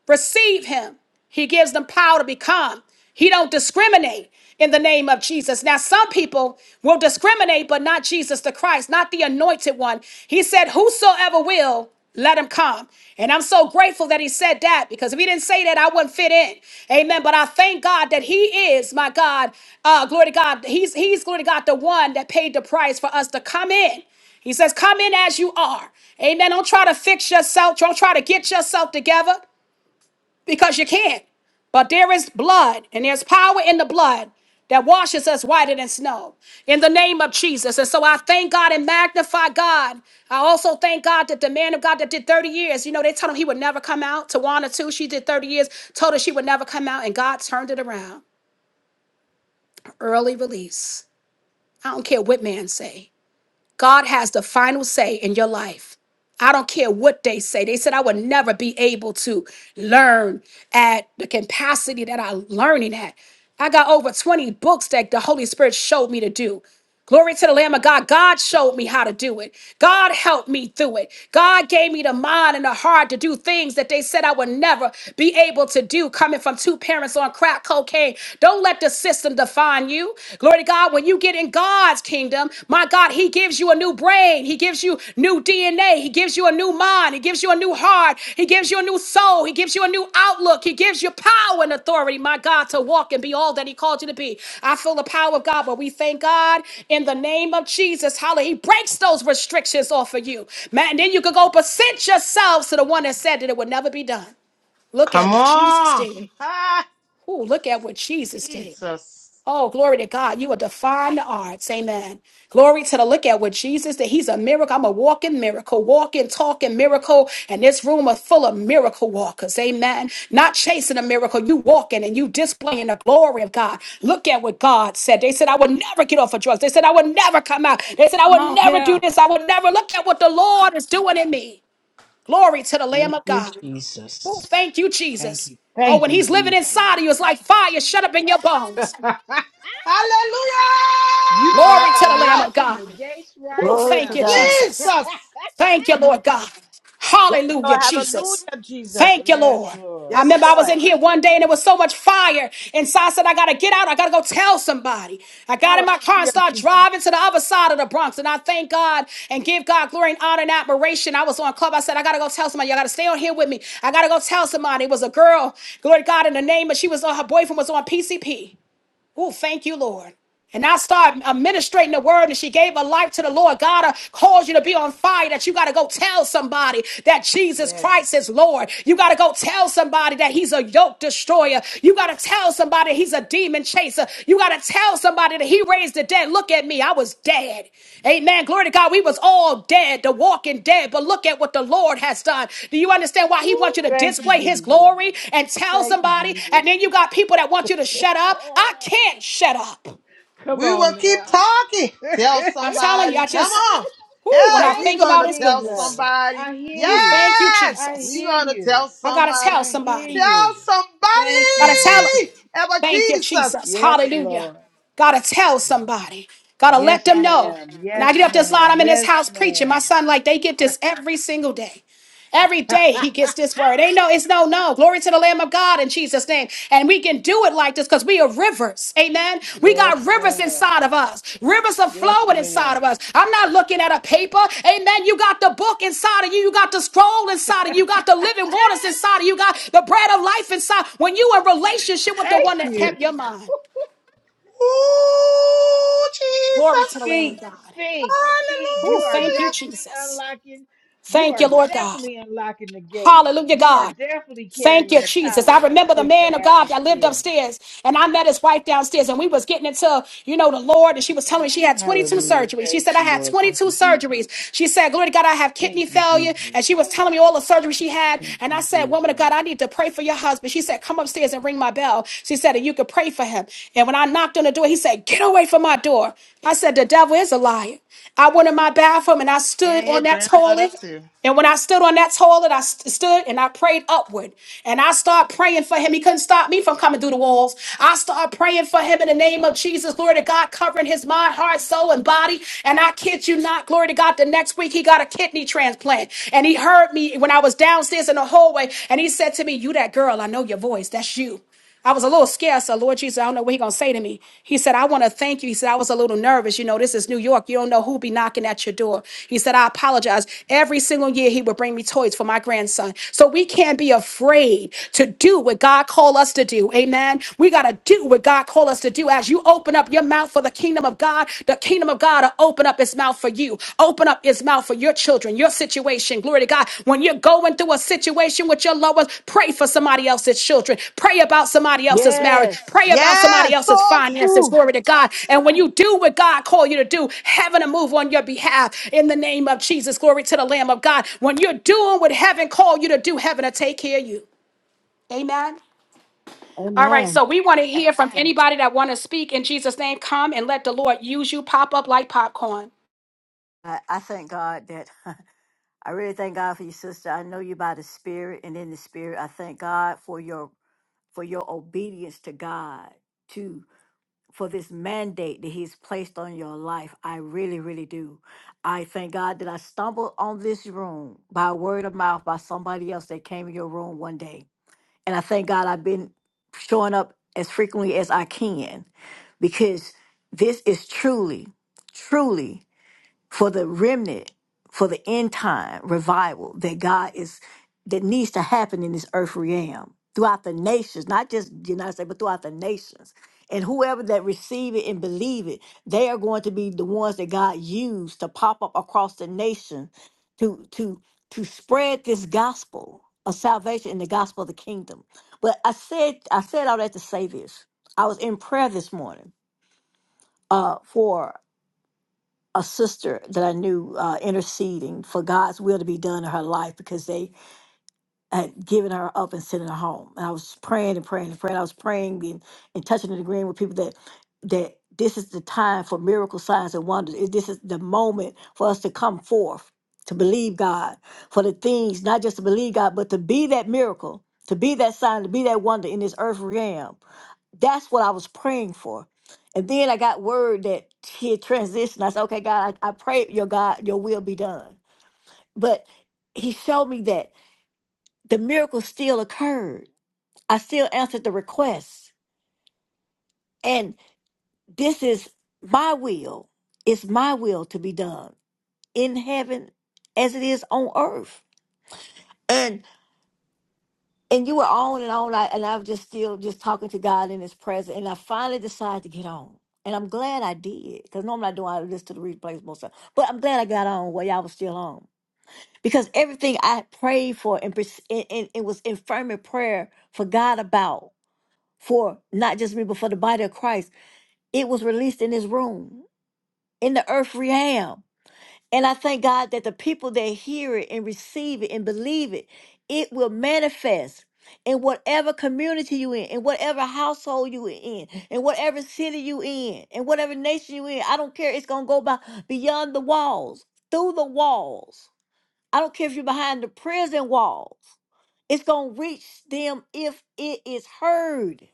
S1: receive him he gives them power to become he don't discriminate in the name of jesus now some people will discriminate but not jesus the christ not the anointed one he said whosoever will let him come and i'm so grateful that he said that because if he didn't say that i wouldn't fit in amen but i thank god that he is my god uh glory to god he's he's glory to god the one that paid the price for us to come in he says, Come in as you are. Amen. Don't try to fix yourself. Don't try to get yourself together because you can't. But there is blood, and there's power in the blood that washes us whiter than snow in the name of Jesus. And so I thank God and magnify God. I also thank God that the man of God that did 30 years, you know, they told him he would never come out. Tawana, too, she did 30 years, told her she would never come out, and God turned it around. Early release. I don't care what man say. God has the final say in your life. I don't care what they say. They said I would never be able to learn at the capacity that I'm learning at. I got over 20 books that the Holy Spirit showed me to do. Glory to the Lamb of God. God showed me how to do it. God helped me through it. God gave me the mind and the heart to do things that they said I would never be able to do coming from two parents on crack cocaine. Don't let the system system define you. Glory to God. When you get in God's kingdom, my God, He gives you a new brain. He gives you new DNA. He gives you a new mind. He gives you a new heart. He gives you a new soul. He gives you a new outlook. He gives you power and authority, my God, to walk and be all that He called you to be. I feel the power of God, but we thank God in the name of Jesus. Hallelujah. He breaks those restrictions off of you. Man, and then you can go present yourselves to the one that said that it would never be done. Look at what Jesus did. Ooh, look at what Jesus did. Oh, glory to God. You are define the arts. Amen. Glory to the look at with Jesus that he's a miracle. I'm a walking miracle, walking, talking miracle. And this room is full of miracle walkers. Amen. Not chasing a miracle. You walking and you displaying the glory of God. Look at what God said. They said, I would never get off of drugs. They said, I would never come out. They said, I
S11: Come
S1: would
S11: on
S1: never
S11: here.
S1: do this. I would never look at what the Lord is doing in me. Glory to the Lamb of God. Oh, thank you,
S9: Thank
S1: Jesus.
S9: you.
S1: Oh,
S9: Thank
S1: when
S9: you,
S1: he's living
S9: Jesus.
S1: inside of you, it's like fire shut up in your bones.
S9: You are
S1: Glory to the Lamb of
S9: unlocking
S1: God.
S9: the gates right
S1: Oh,
S11: Glory
S1: thank
S11: to
S1: you,
S9: now.
S11: God.
S1: Jesus. Thank you, Lord God.
S8: Yes,
S1: Hallelujah,
S8: Lord.
S1: Jesus.
S8: Hallelujah, Jesus.
S1: Thank you,
S9: yes,
S1: Lord.
S9: Lord.
S1: I
S8: Yes,
S1: remember I was
S8: Lord.
S1: in here one day and there was so much fire. And so I said, I got to get out. I got to go tell somebody. I got in my car and
S8: Hallelujah.
S1: started driving to the other side of the Bronx. And I thank God and give God glory and honor and admiration. I was on club. I said, I got to go tell somebody. Y'all got to stay on here with me. I got to go tell somebody. It was a girl, glory to God in the name, but she was on, her boyfriend was on PCP. Oh, thank you, Lord. And I started administrating the word, and she gave her life to the Lord. God uh, calls you to be on fire, that you got to go tell somebody that Jesus Christ is Lord. You got to go tell somebody that He's a yoke destroyer. You got to tell somebody He's a demon chaser. You got to Tell somebody that he raised the dead. Look at me. I was dead. Amen. Glory to God. We was all dead, the walking dead. But look at what the Lord has done. Do you understand why he
S9: Woo,
S1: wants you to
S9: thank you,
S1: display his
S9: Jesus.
S1: glory and tell
S9: Thank you,
S1: somebody?
S9: Jesus.
S1: And then you got people that want you to shut up. I
S9: Ah,
S1: can't shut up.
S9: Come on now. thank
S1: I'm telling you, I just, ooh, when I think
S9: you,
S1: about his goodness,
S9: Jesus. I hear
S1: ooh,
S9: you.
S1: thank you,
S9: I
S1: Jesus.
S9: hear you.
S1: I gotta tell
S9: I hear
S1: somebody.
S9: you. Thank you,
S1: Gotta tell tell them.
S9: Jesus.
S1: Thank you, Jesus.
S9: Yes,
S1: Hallelujah.
S9: Lord.
S1: Gotta tell somebody. Gotta
S9: Yes,
S1: let them know.
S9: ma'am.
S1: When
S9: Yes,
S1: I get up this
S9: ma'am.
S1: line, I'm in this
S9: Yes,
S1: house preaching. My
S9: ma'am.
S1: son, like they get this every single day. Every day he gets this word. Ain't no, it's no, no. Glory to the Lamb of God in Jesus' name. And we can do it like this because we the rivers. Amen. We
S9: yes,
S1: got rivers
S9: ma'am.
S1: inside of us. Rivers are
S9: Yes,
S1: flowing inside
S9: ma'am.
S1: of us. I'm not looking at a paper. Amen. You got the book inside of you. You got the scroll inside of you. You got the living waters inside of you. You got the bread of life inside. When you in relationship with the
S9: Thank
S1: one that
S9: you.
S1: kept your mind. Glory to the Lamb of
S9: Speak,
S1: God.
S9: speak, speak.
S1: Oh,
S9: You are
S1: thank you,
S9: definitely
S1: Jesus.
S9: unlocking. You
S1: Thank
S9: are
S1: you, Lord God.
S9: definitely unlocking the gates.
S1: Hallelujah,
S9: You are
S1: God.
S9: definitely
S1: Thank
S9: carrying
S1: you,
S9: the
S1: Jesus. I
S9: power to
S1: remember the
S9: shift the
S1: man of God that lived
S9: atmosphere.
S1: upstairs, and I met his wife downstairs, and we was getting into, you know, the Lord, and she was telling me she
S9: Ooh,
S1: had 22
S9: hallelujah.
S1: surgeries. She
S9: Praise
S1: said, I
S9: the
S1: had
S9: Lord. Thank
S1: 22
S9: you, Jesus.
S1: surgeries. She said, glory to God, I have kidney
S9: Thank you, Jesus.
S1: failure, and she was telling me all the surgeries she had,
S9: Thank
S1: and I
S9: you,
S1: said, woman of God,
S9: Jesus.
S1: I need to pray for your husband. She said, come upstairs and ring my bell. She said, and you could pray for him. And when I knocked on the door, he said, get away from my door. I said, the devil is a liar. I went in my bathroom, and I stood on that toilet. And when I stood on that toilet, I st- stood and I prayed upward. And I started praying for him. He couldn't stop me from coming through the walls. I started praying for him in the name of Jesus. Glory to God, covering his mind, heart, soul, and body. And I kid you not, glory to God, the next week he got a kidney transplant. And he heard me when I was downstairs in the hallway. And he said to me, You that girl, I know your voice. That's you. I was a little scared. So, Lord Jesus, I don't know what He gonna say to me. He said, I want to thank you. He said, I was a little nervous. You know, this is New York. You don't know who be knocking at your door. He said, I apologize. Every single year he would bring me toys for my grandson. So we can't be afraid to do what God called us to do. Amen. We gotta do what God called us to do. As you open up your mouth for the kingdom of God, the kingdom of God will open up its mouth mouth for you. Open up his mouth for your children, your situation. Glory to God. When you're going through a situation with your loved ones, pray for somebody else's children. Pray about somebody else's marriage.
S11: Yes.
S1: Pray about somebody else's finances. Glory to God. And when you do what God called you to do, heaven will move on your behalf in the name of Jesus. Glory to the Lamb of God. When you're doing what heaven called you to do, heaven will take care of you. Amen. All right,
S11: Amen.
S1: so we want to hear from anybody that want to speak in Jesus' name. Come and let the Lord use you. Pop up like popcorn.
S11: I, I thank God that I really thank God for you, sister. I know you by the Spirit, and in the Spirit, I thank God for your for your obedience to God, to for this mandate that He's placed on your life. I really, really do. I thank God that I stumbled on this room by word of mouth by somebody else that came in your room one day. And I thank God I've been showing up as frequently as I can because this is truly, truly for the remnant, for the end time revival that God is that needs to happen in this earth realm throughout the nations, not just the United States, but throughout the nations. And whoever that receive it and believe it, they are going to be the ones that God used to pop up across the nation to to to spread this gospel of salvation and the gospel of the kingdom. But I said I said all that to say this. I was in prayer this morning uh, for a sister that I knew uh, interceding for God's will to be done in her life because they had given her up and sent her home. And I was praying and praying and praying. I was praying and, and touching and agreeing with people that that this is the time for miracle signs and wonders. It- This is the moment for us to come forth to believe God for the things, not just to believe God, but to be that miracle, to be that sign, to be that wonder in this earth realm. That's what I was praying for. And then I got word that he had transitioned. I said, okay, God, I, I pray your God, your will be done. But he showed me that the miracle still occurred. I still answered the request. And this is my will. It's my will to be done in heaven as it is on earth. And. and you were on and on I, and i was just still just talking to god in his presence and i finally decided to get on and i'm glad i did because normally i don't I listen to the replays most of the time. but i'm glad i got on while y'all was still on because everything i had prayed for and, pers- and, and it was in fervent prayer for god about for not just me but for the body of christ it was released in this room in the earth realm and I thank God that the people that hear it and receive it and believe it, it will manifest in whatever community you in, in whatever household you in, in whatever city you in, in whatever nation you in. I don't care. It's gonna go by beyond the walls, through the walls. I don't care if you're behind the prison walls. It's gonna reach them if it is heard.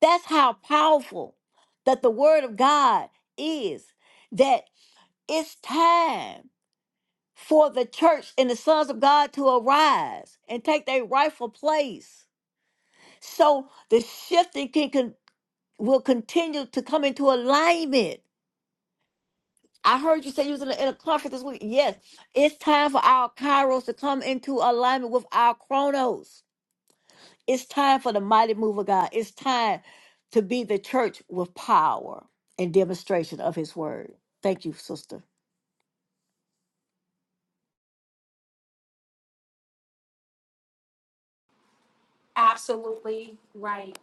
S11: That's how powerful that the word of God is. That it's time for the church and the sons of God to arise and take their rightful place. So the shifting can, can will continue to come into alignment. I heard you say you was in a, in a conference this week. Yes, it's time for our kairos to come into alignment with our chronos. It's time for the mighty move of God. It's time to be the church with power and demonstration of his word. Thank you, sister.
S1: absolutely right.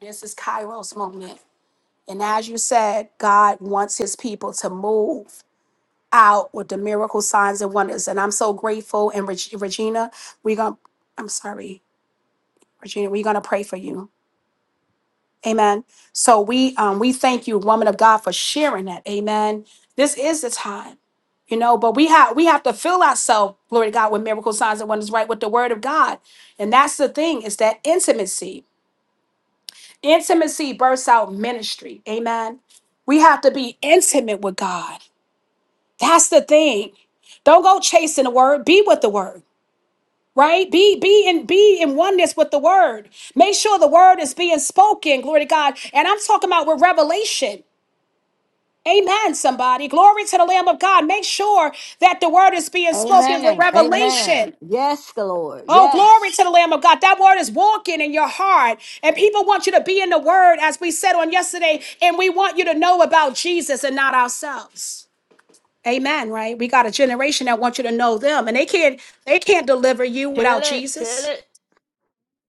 S1: This is Kairos moment. And as you said, God wants his people to move out with the miracle signs and wonders. And I'm so grateful. And Reg- Regina, we're going to, I'm sorry, Regina, we're going to pray for you. Amen. So we um we thank you, woman of God, for sharing that. Amen. This is the time, you know, but we have we have to fill ourselves, glory to God, with miracle signs and wonders, right? With the word of God. And that's the thing, is that intimacy. Intimacy bursts out ministry. Amen. We have to be intimate with God. That's the thing. Don't go chasing the word. Be with the word. Right? Be be in be in oneness with the word. Make sure the word is being spoken. Glory to God. And I'm talking about with revelation. Amen, somebody. Glory to the Lamb of God. Make sure that the word is being spoken with
S11: Amen. Amen.
S1: revelation.
S11: Yes, Lord.
S1: Oh,
S11: Yes.
S1: glory to the Lamb of God. That word is walking in your heart. And people want you to be in the word, as we said on yesterday. And we want you to know about Jesus and not ourselves. Amen, right? We got a generation that wants you to know them. And they can't, they can't deliver you without
S11: Tell it, tell
S1: Jesus.
S11: it,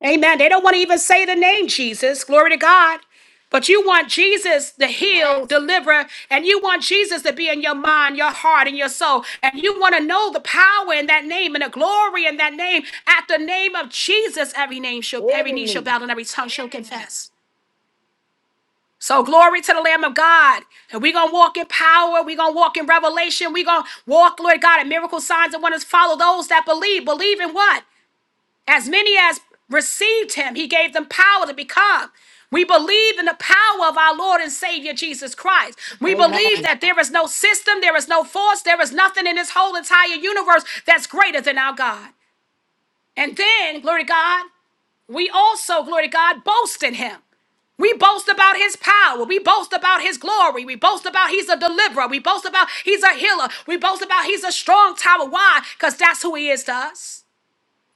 S1: Amen. They don't want to even say the name Jesus. Glory to God. But you want Jesus to heal, deliver, and you want Jesus to be in your mind, your heart, and your soul. And you want to know the power in that name and the glory in that name. At the name of Jesus, every name shall, every
S11: every
S1: knee shall
S11: knee.
S1: bow and every tongue shall confess. So glory to the Lamb of God. And we're gonna walk in power, we're gonna walk in revelation, we're gonna walk, Lord God, in miracle signs and wonders. Follow those that believe. Believe in what? As many as received him, he gave them power to become. We believe in the power of our Lord and Savior Jesus Christ. We believe
S11: Amen.
S1: that there is no system, there is no force, there is nothing in this whole entire universe that's greater than our God. And then, glory to God, we also, glory to God, boast in him. We boast about his power. We boast about his glory. We boast about he's a deliverer. We boast about he's a healer. We boast about he's a strong tower. Why? Because that's who he is to us.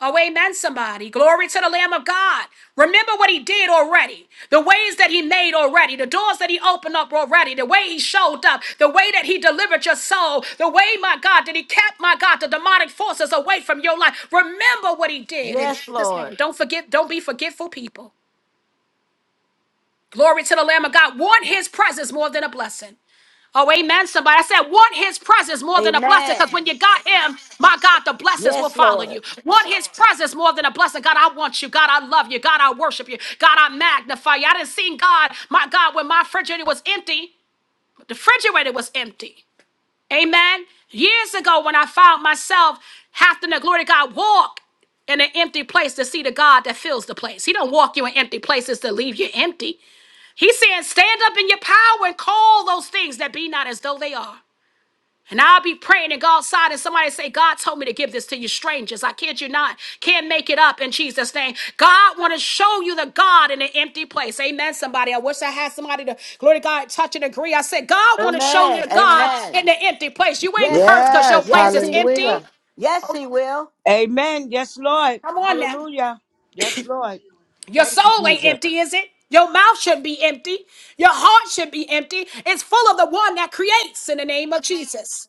S1: Oh, amen, somebody. Glory to the Lamb of God. Remember what he did already, the ways that he made already, the doors that he opened up already, the way he showed up, the way that he delivered your soul, the way, my God, that he kept, my God, the demonic forces away from your life. Remember what he did. And
S11: Yes,
S1: this one,
S11: Lord.
S1: don't forget, don't be forgetful people. Glory to the Lamb of God. Want his presence more than a blessing. Oh, amen, somebody. I said, want his presence more than a blessing
S11: Amen.
S1: because when you got him, my God, the blessings will
S11: Yes,
S1: follow
S11: Lord.
S1: you. Want his presence more than a blessing. God, I want you. God, I love you. God, I worship you. God, I magnify you. I didn't see God, my God, when my refrigerator was empty. The refrigerator was empty. Amen. Years ago, when I found myself having to, glory to God, walk in an empty place to see the God that fills the place. He don't walk you in empty places to leave you empty. He said, Stand up in your power and call those things that be not as though they are. And I'll be praying in God's side, and somebody say, God told me to give this to you strangers. I kid you not. Can't make it up in Jesus' name. God want to show you the God in an empty place. Amen, somebody. I wish I had somebody to, glory to God, touch and agree. I said, God want to show you
S11: Amen.
S1: the God in
S11: Amen.
S1: the empty place. You ain't
S11: Yes,
S1: cursed because your place
S11: yes,
S1: is
S11: He
S1: empty.
S11: will. Yes, He will.
S8: Amen. Yes, Lord.
S1: Come on now.
S8: Hallelujah. Yes, Lord.
S1: Your
S8: Thank you,
S1: soul ain't
S8: Jesus.
S1: empty, is it? Your mouth shouldn't be empty. Your heart should be empty. It's full of the one that creates in the name of Jesus.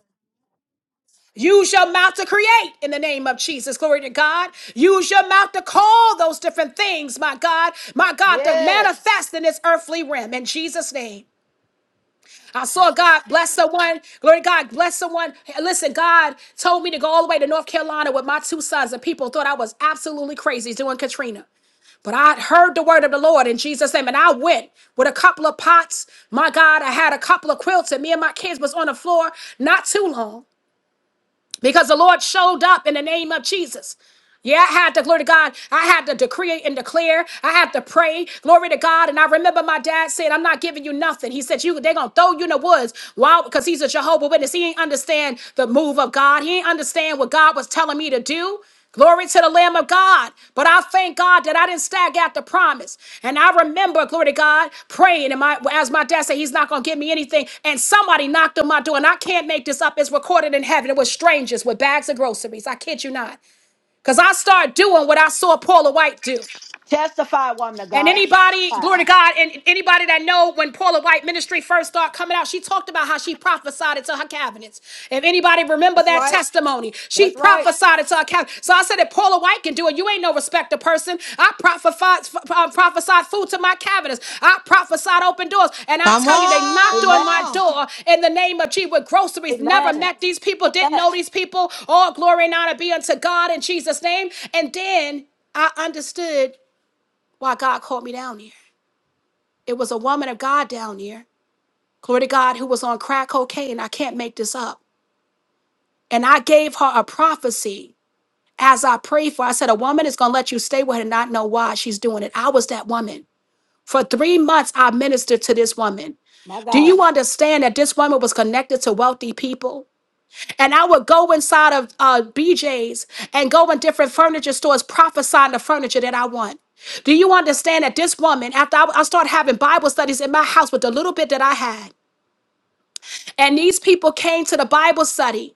S1: Use your mouth to create in the name of Jesus. Glory to God. Use your mouth to call those different things, my God, my God, to
S11: Yes.
S1: manifest in this earthly realm in Jesus' name. I saw God bless someone. Glory to God, bless someone. Hey, Listen, God told me to go all the way to North Carolina with my two sons, and people thought I was absolutely crazy doing Katrina. But I heard the word of the Lord in Jesus' name, and I went with a couple of pots. My God, I had a couple of quilts, and me and my kids was on the floor not too long because the Lord showed up in the name of Jesus. Yeah, I had to, glory to God, I had to decree and declare. I had to pray, glory to God. And I remember my dad said, I'm not giving you nothing. He said, you, they're going to throw you in the woods. Why? Because he's a Jehovah Witness. He ain't understand the move of God. He ain't understand what God was telling me to do. Glory to the Lamb of God. But I thank God that I didn't stag at the promise. And I remember, glory to God, praying and my as my dad said, He's not gonna give me anything. And somebody knocked on my door, and I can't make this up. It's recorded in heaven. It was strangers with bags of groceries. I kid you not. Because I started doing what I saw Paula White do.
S11: Testify, woman of
S1: And
S11: God.
S1: anybody,
S11: Testify.
S1: glory to God, and anybody that know when Paula White ministry first started coming out, she talked about how she prophesied it to her cabinets. If anybody remember
S11: That's
S1: that
S11: right.
S1: testimony, she
S11: That's right.
S1: prophesied it to her cabinet. So I said, if Paula White can do it, you ain't no respecter person. I prophesied, f- uh, prophesied food to my cabinets. I prophesied open doors. And I tell you, they knocked
S11: Amen.
S1: on my door in the name of Jesus with groceries. Never
S11: Amen.
S1: met these people,
S11: Say
S1: didn't
S11: that,
S1: know these people. All glory and honor be unto God in Jesus' name. And then I understood why God called me down here. It was a woman of God down here, glory to God, who was on crack cocaine. I can't make this up. And I gave her a prophecy as I prayed for. her. I said, A woman is going to let you stay with her and not know why she's doing it. I was that woman. For three months, I ministered to this woman.
S11: my
S1: Do
S11: God.
S1: you understand that this woman was connected to wealthy people? And I would go inside of uh, BJ's and go in different furniture stores prophesying the furniture that I want. Do you understand that this woman, after I, I started having Bible studies in my house with the little bit that I had, and these people came to the Bible study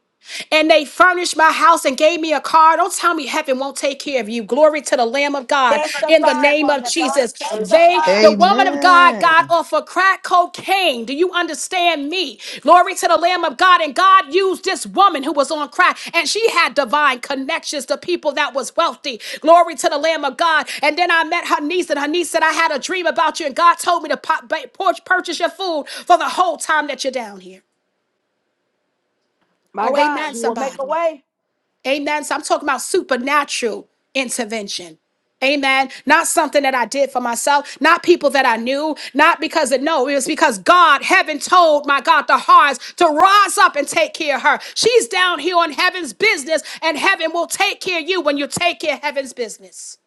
S1: and they furnished my house and gave me a car. Don't tell me heaven won't take care of you. Glory to the Lamb of God in the
S11: Testify,
S1: name
S11: woman
S1: of
S11: of God.
S1: Jesus. They,
S11: Testify,
S1: the woman of God, got off of crack cocaine. Do you understand me? Glory to the Lamb of God. And God used this woman who was on crack and she had divine connections to people that was wealthy. Glory to the Lamb of God. And then I met her niece and her niece said, I had a dream about you and God told me to pop, ba- purchase your food for the whole time that you're down here.
S11: my
S1: Oh,
S11: God.
S1: amen,
S11: He will make a
S1: somebody.
S11: way.
S1: Amen. So I'm talking about supernatural intervention. Amen. Not something that I did for myself, not people that I knew, not because of no, it was because God, heaven told my God the hearts to rise up and take care of her. She's down here on heaven's business, and heaven will take care of you when you take care of heaven's business.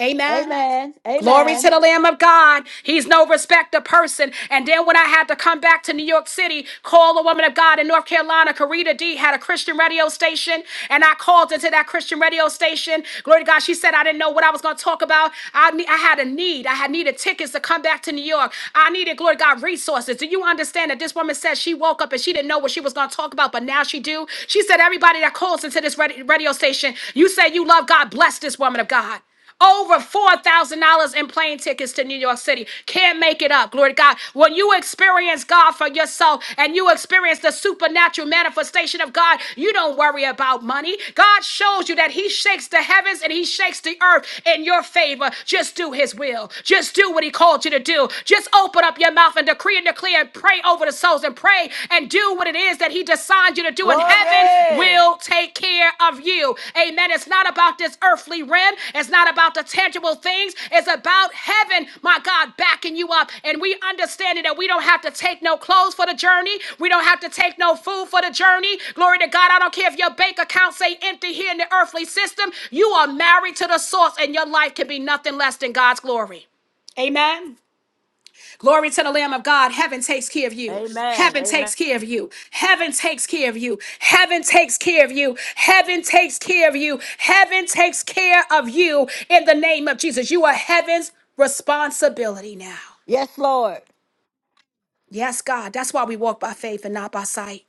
S1: Amen.
S11: Amen.
S1: Glory to
S11: Amen.
S1: the Lamb of God. He's no respecter person. And then when I had to come back to New York City, call a woman of God in North Carolina, Karita D had a Christian radio station, and I called into that Christian radio station. Glory to God. She said I didn't know what I was going to talk about. I need, I had a need. I had needed tickets to come back to New York. I needed, glory to God, resources. Do you understand that this woman said she woke up and she didn't know what she was going to talk about, but now she do? She said everybody that calls into this radi- radio station, you say you love God, bless this woman of God. Over $4,000 in plane tickets to New York City. Can't make it up. Glory to God. When you experience God for yourself and you experience the supernatural manifestation of God, you don't worry about money. God shows you that He shakes the heavens and He shakes the earth in your favor. Just do His will. Just do what He called you to do. Just open up your mouth and decree and declare and pray over the souls and pray and do what it is that He he designed you to do in heaven
S11: Glory.
S1: will take care of you. Amen. It's not about this earthly realm, it's not about the tangible things. It's about heaven, my God, backing you up. And we understanding that we don't have to take no clothes for the journey. We don't have to take no food for the journey. Glory to God. I don't care if your bank account say empty here in the earthly system. You are married to the source, and your life can be nothing less than God's glory. Amen. Glory to the Lamb of God. Heaven takes care of you.
S11: Amen.
S1: Heaven
S11: Amen.
S1: takes care of you. Heaven takes care of you. Heaven takes care of you. Heaven takes care of you. Heaven takes care of you in the name of Jesus. You are heaven's responsibility now.
S11: Yes, Lord.
S1: Yes, God. That's why we walk by faith and not by sight.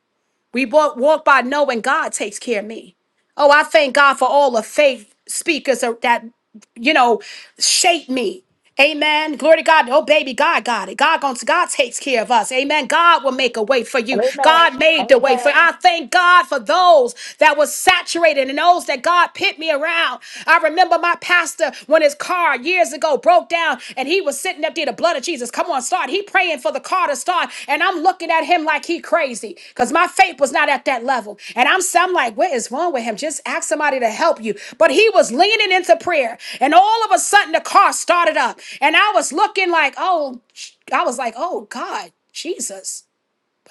S1: We walk, walk by knowing God takes care of me. Oh, I thank God for all the faith speakers are- that, you know, shape me. Amen. Glory to God. Oh, baby, God got it. God going God takes care of us. Amen. God will make a way for you.
S11: Amen.
S1: God made the way for
S11: Amen.
S1: I thank God for those that was saturated and those that God pit me around. I remember my pastor when his car years ago broke down and he was sitting up there, the blood of Jesus, come on, start. He praying for the car to start. And I'm looking at him like he crazy because my faith was not at that level. And I'm, I'm like, what is wrong with him? Just ask somebody to help you. But he was leaning into prayer. And all of a sudden the car started up. And I was looking like, oh, I was like, oh God, Jesus.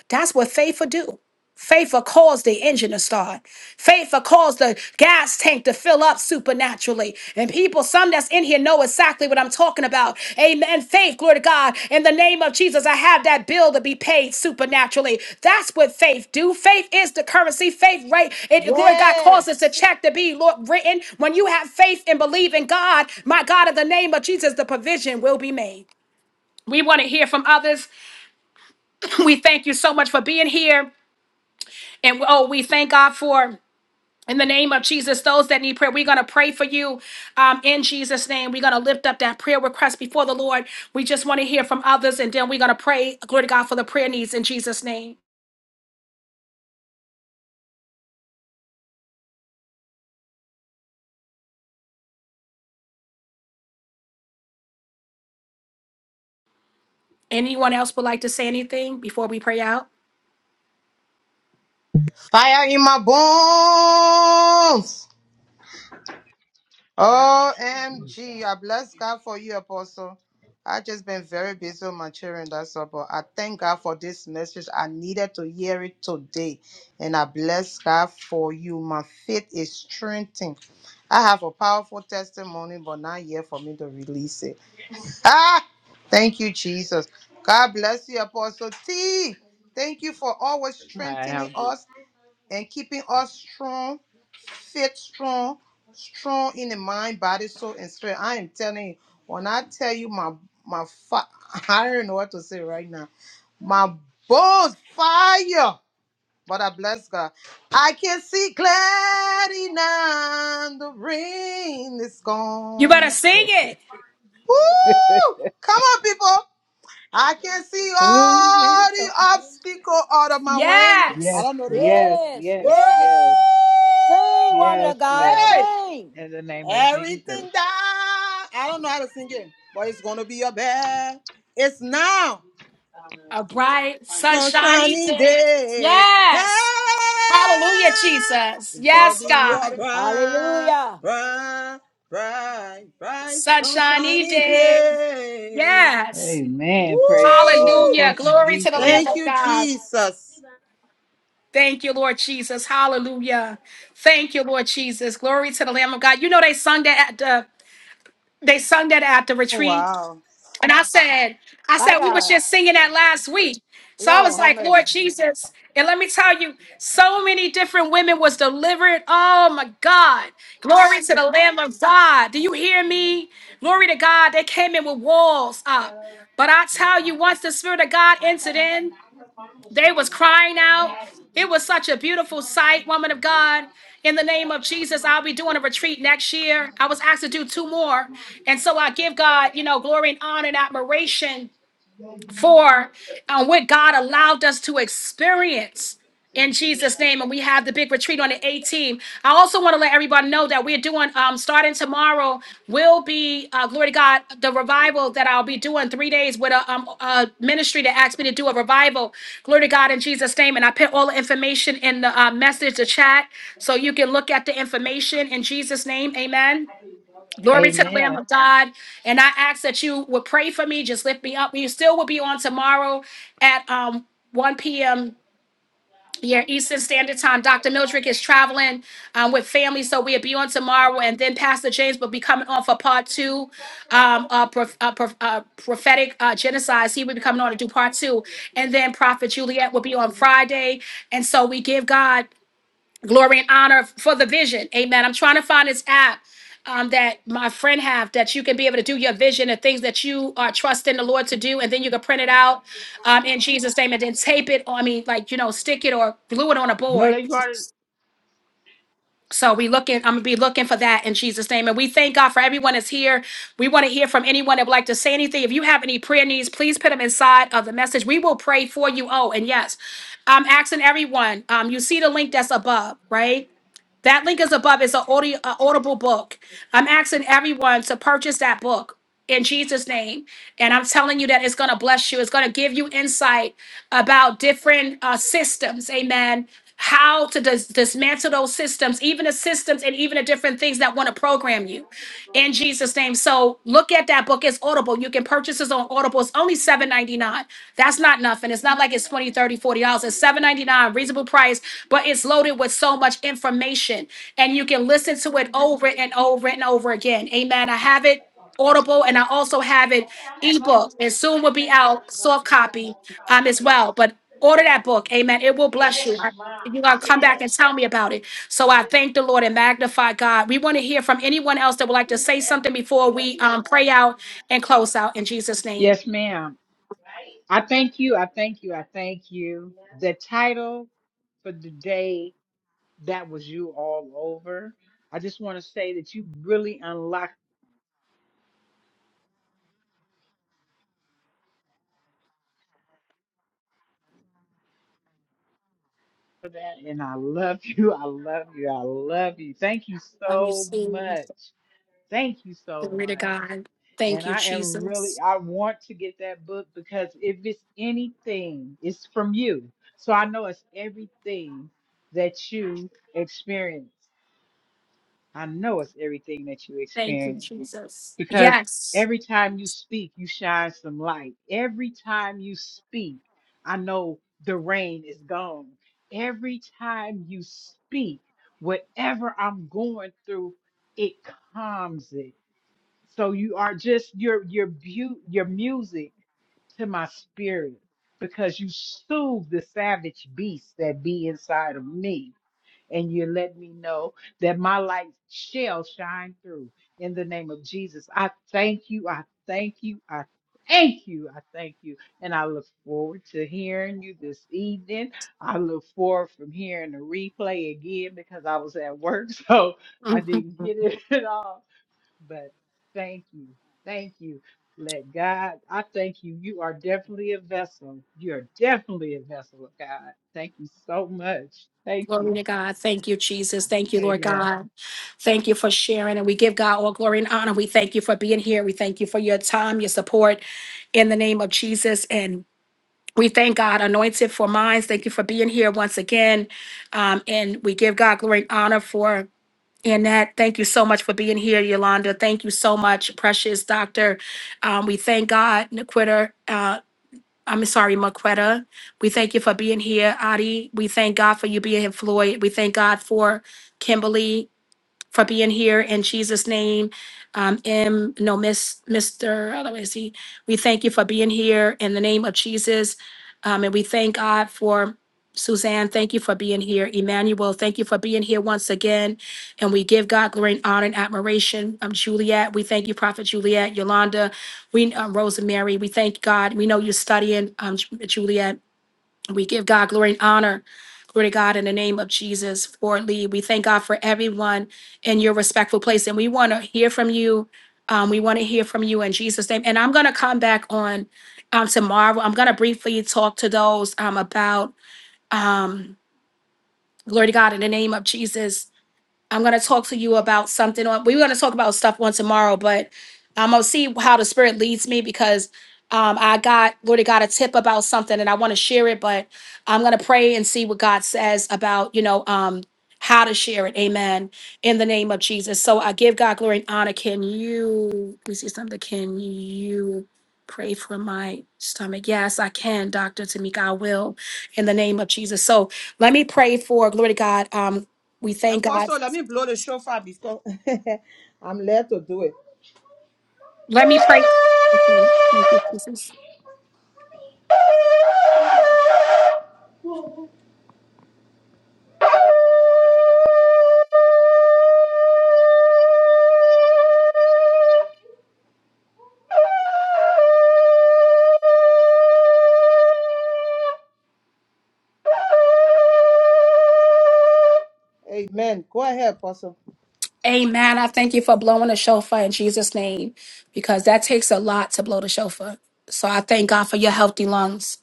S1: That's what faith will do. Faith will cause the engine to start. Faith will cause the gas tank to fill up supernaturally. And people, some that's in here know exactly what I'm talking about. Amen. Faith, glory to God. In the name of Jesus, I have that bill to be paid supernaturally. That's what faith do. Faith is the currency. Faith, right? It, glory to God, causes the
S11: Yes.
S1: check to be Lord, written. When you have faith and believe in God, my God, in the name of Jesus, the provision will be made. We want to hear from others. We thank you so much for being here. And oh, we thank God for. In the name of Jesus, those that need prayer, we're going to pray for you um, in Jesus' name. We're going to lift up that prayer request before the Lord. We just want to hear from others, and then we're going to pray, glory to God, for the prayer needs in Jesus' name. Anyone else would like to say anything before we pray out?
S9: Hi, how good.
S1: You better sing it.
S9: yes,
S1: Yes.
S9: yes,
S11: Yes.
S9: yes,
S11: Yes.
S9: yes.
S11: Sing, woman
S9: Yes,
S11: of God.
S9: Lord.
S11: Sing.
S9: In the name of Jesus.
S1: A bright, sunshiny day. Yes. Hallelujah, Jesus. Yes, God.
S11: Hallelujah.
S1: Sunshiny day. Yes.
S9: Amen. Praise the Lord.
S1: Hallelujah.
S9: Thank you,
S1: Glory to the Lamb
S9: Jesus.
S1: of God. Thank you, Lord Jesus. Hallelujah. Thank you, Lord Jesus. Glory to the Lamb of God. You know they sung that at the they sung that at the retreat. And I said, I
S11: My
S1: said, we was
S11: God.
S1: just singing that last week. So I was
S11: Lord, have
S1: like,
S11: mercy.
S1: Lord Jesus. And let me tell you, so many different women was delivered. Oh my God. Glory to the Lamb of God. Do you hear me? Glory to God. They came in with walls up. But I tell you, once the Spirit of God entered in, They was crying out. It was such a beautiful sight, woman of God. In the name of Jesus, I'll be doing a retreat next year. I was asked to do two more. And so I give God, you know, glory and honor and admiration for uh, what God allowed us to experience in Jesus' name. And we have the big retreat on the 18th. I also want to let everybody know that we're doing, um, starting tomorrow, will be, uh, glory to God, the revival that I'll be doing three days with a, um, a ministry that asked me to do a revival. Glory to God in Jesus' name. And I put all the information in the uh, message, the chat, so you can look at the information in Jesus' name. Amen. Glory to the Lamb
S9: Amen.
S1: of God. And I ask that you would pray for me. Just lift me up. You still will be on tomorrow at um, 1 p.m. Yeah, Eastern Standard Time. Dr. Mildred is traveling um, with family, so we'll be on tomorrow. And then Pastor James will be coming on for part two, um, uh, prof- uh, prof- uh, prophetic uh, genocides. He will be coming on to do part two. And then Prophet Juliet will be on Friday. And so we give God glory and honor for the vision amen i'm trying to find this app um, that my friend have that you can be able to do your vision and things that you are trusting the lord to do and then you can print it out um, in jesus name and then tape it or i mean like you know stick it or glue it on a
S9: No,
S1: board
S9: they got it.
S1: so we looking i'm gonna be looking for that in jesus name and we thank god for everyone that's here we want to hear from anyone that would like to say anything if you have any prayer needs please put them inside of the message we will pray for you oh and yes i'm asking everyone um, you see the link that's above right that link is above. It's an audio, a audible book. I'm asking everyone to purchase that book in Jesus' name. And I'm telling you that it's going to bless you. It's going to give you insight about different uh, systems. Amen. How to dis- dismantle those systems, even the systems and even the different things that want to program you in Jesus' name. So look at that book. It's audible. You can making purchases on Audible, it's only seven ninety nine. That's not nothing. It's not like it's twenty, thirty, forty dollars It's seven ninety nine, reasonable price, but it's loaded with so much information. And you can listen to it over and over and over again. Amen. I have it audible and I also have it ebook. And soon will be out, soft copy um as well. But order that book. Amen. It will bless you. You're gonna come back and tell me about it. So I thank the Lord and magnify God. We want to hear from anyone else that would like to say something before we um, pray out and close out in Jesus' name.
S9: Yes, ma'am. I thank you. I thank you. I thank you. The title for the day that was you all over. I just want to say that you really unlocked that, and I love you. I love you. I love you. Thank you
S1: Love you,
S9: so
S1: Steve.
S9: much. Thank you so
S1: Glory to
S9: much.
S1: God. Thank
S9: And
S1: you,
S9: I am really,
S1: Jesus.
S9: I want to get that book because if it's anything, it's from you. So I know it's everything that you experience. I know it's everything that you
S1: Thank you,
S9: experience
S1: Jesus.
S9: because
S1: Yes.
S9: every time you speak, you shine some light. Every time you speak, I know the rain is gone. Every time you speak, whatever I'm going through, it calms it so you are just your your beauty, your music to my spirit because you soothe the savage beast that be inside of me, and you let me know that my light shall shine through. In the name of Jesus, I thank you. I thank you. I thank you. I thank you, and I look forward to hearing you this evening. I look forward from hearing the replay again because I was at work, so I
S1: Mhm.
S9: didn't get it at all but thank you. Thank you. Let God, I thank you. You are definitely a vessel. You're definitely a vessel of God. Thank you so much. Thank you.
S1: Glory to God. Thank you, Jesus. Thank you, Lord
S9: Amen.
S1: God. Thank you for sharing. And we give God all glory and honor. We thank you for being here. We thank you for your time, your support in the name of Jesus. And we thank God, anointed for minds. Thank you for being here once again. Um, and we give God glory and honor for. Annette, thank you so much for being here. Yolanda, thank you so much. Precious Doctor, um, we thank God. Nikita, uh, I'm sorry, Maquetta, we thank you for being here. Adi, we thank God for you being here. Floyd, we thank God for Kimberly for being here in Jesus' name. Um, M, no, Miss, Mr. Oh, let me see. We thank you for being here in the name of Jesus. Um, and we thank God for Suzanne. Thank you for being here. Emmanuel, thank you for being here once again. And we give God glory and honor and admiration. Um, Juliet, we thank you, Prophet Juliet, Yolanda, we, um, Rosemary, we thank God. We know you're studying, um, Juliet. We give God glory and honor. Glory to God in the name of Jesus for Lee. We thank God for everyone in your respectful place. And we want to hear from you. Um, we want to hear from you in Jesus' name. And I'm going to come back on um, tomorrow. I'm going to briefly talk to those um, about, um, glory to God in the name of Jesus, I'm gonna talk to you about something. or- We are gonna talk about stuff on tomorrow, but I'm gonna see how the spirit leads me because um, I got Lord I got a tip about something and I want to share it, but I'm gonna pray and see what God says about you know um, how to share it. Amen. In the name of Jesus. So I give God glory and honor. Can you? Let me see something. Can you? Pray for my stomach. Yes, I can, Dr. Tamika. I will in the name of Jesus. So let me pray for glory to God. Um, we thank God Let me pray. for you. Thank you, Jesus. Amen. I thank you for blowing the shofar in Jesus' name because that takes a lot to blow the shofar. So I thank God for your healthy lungs.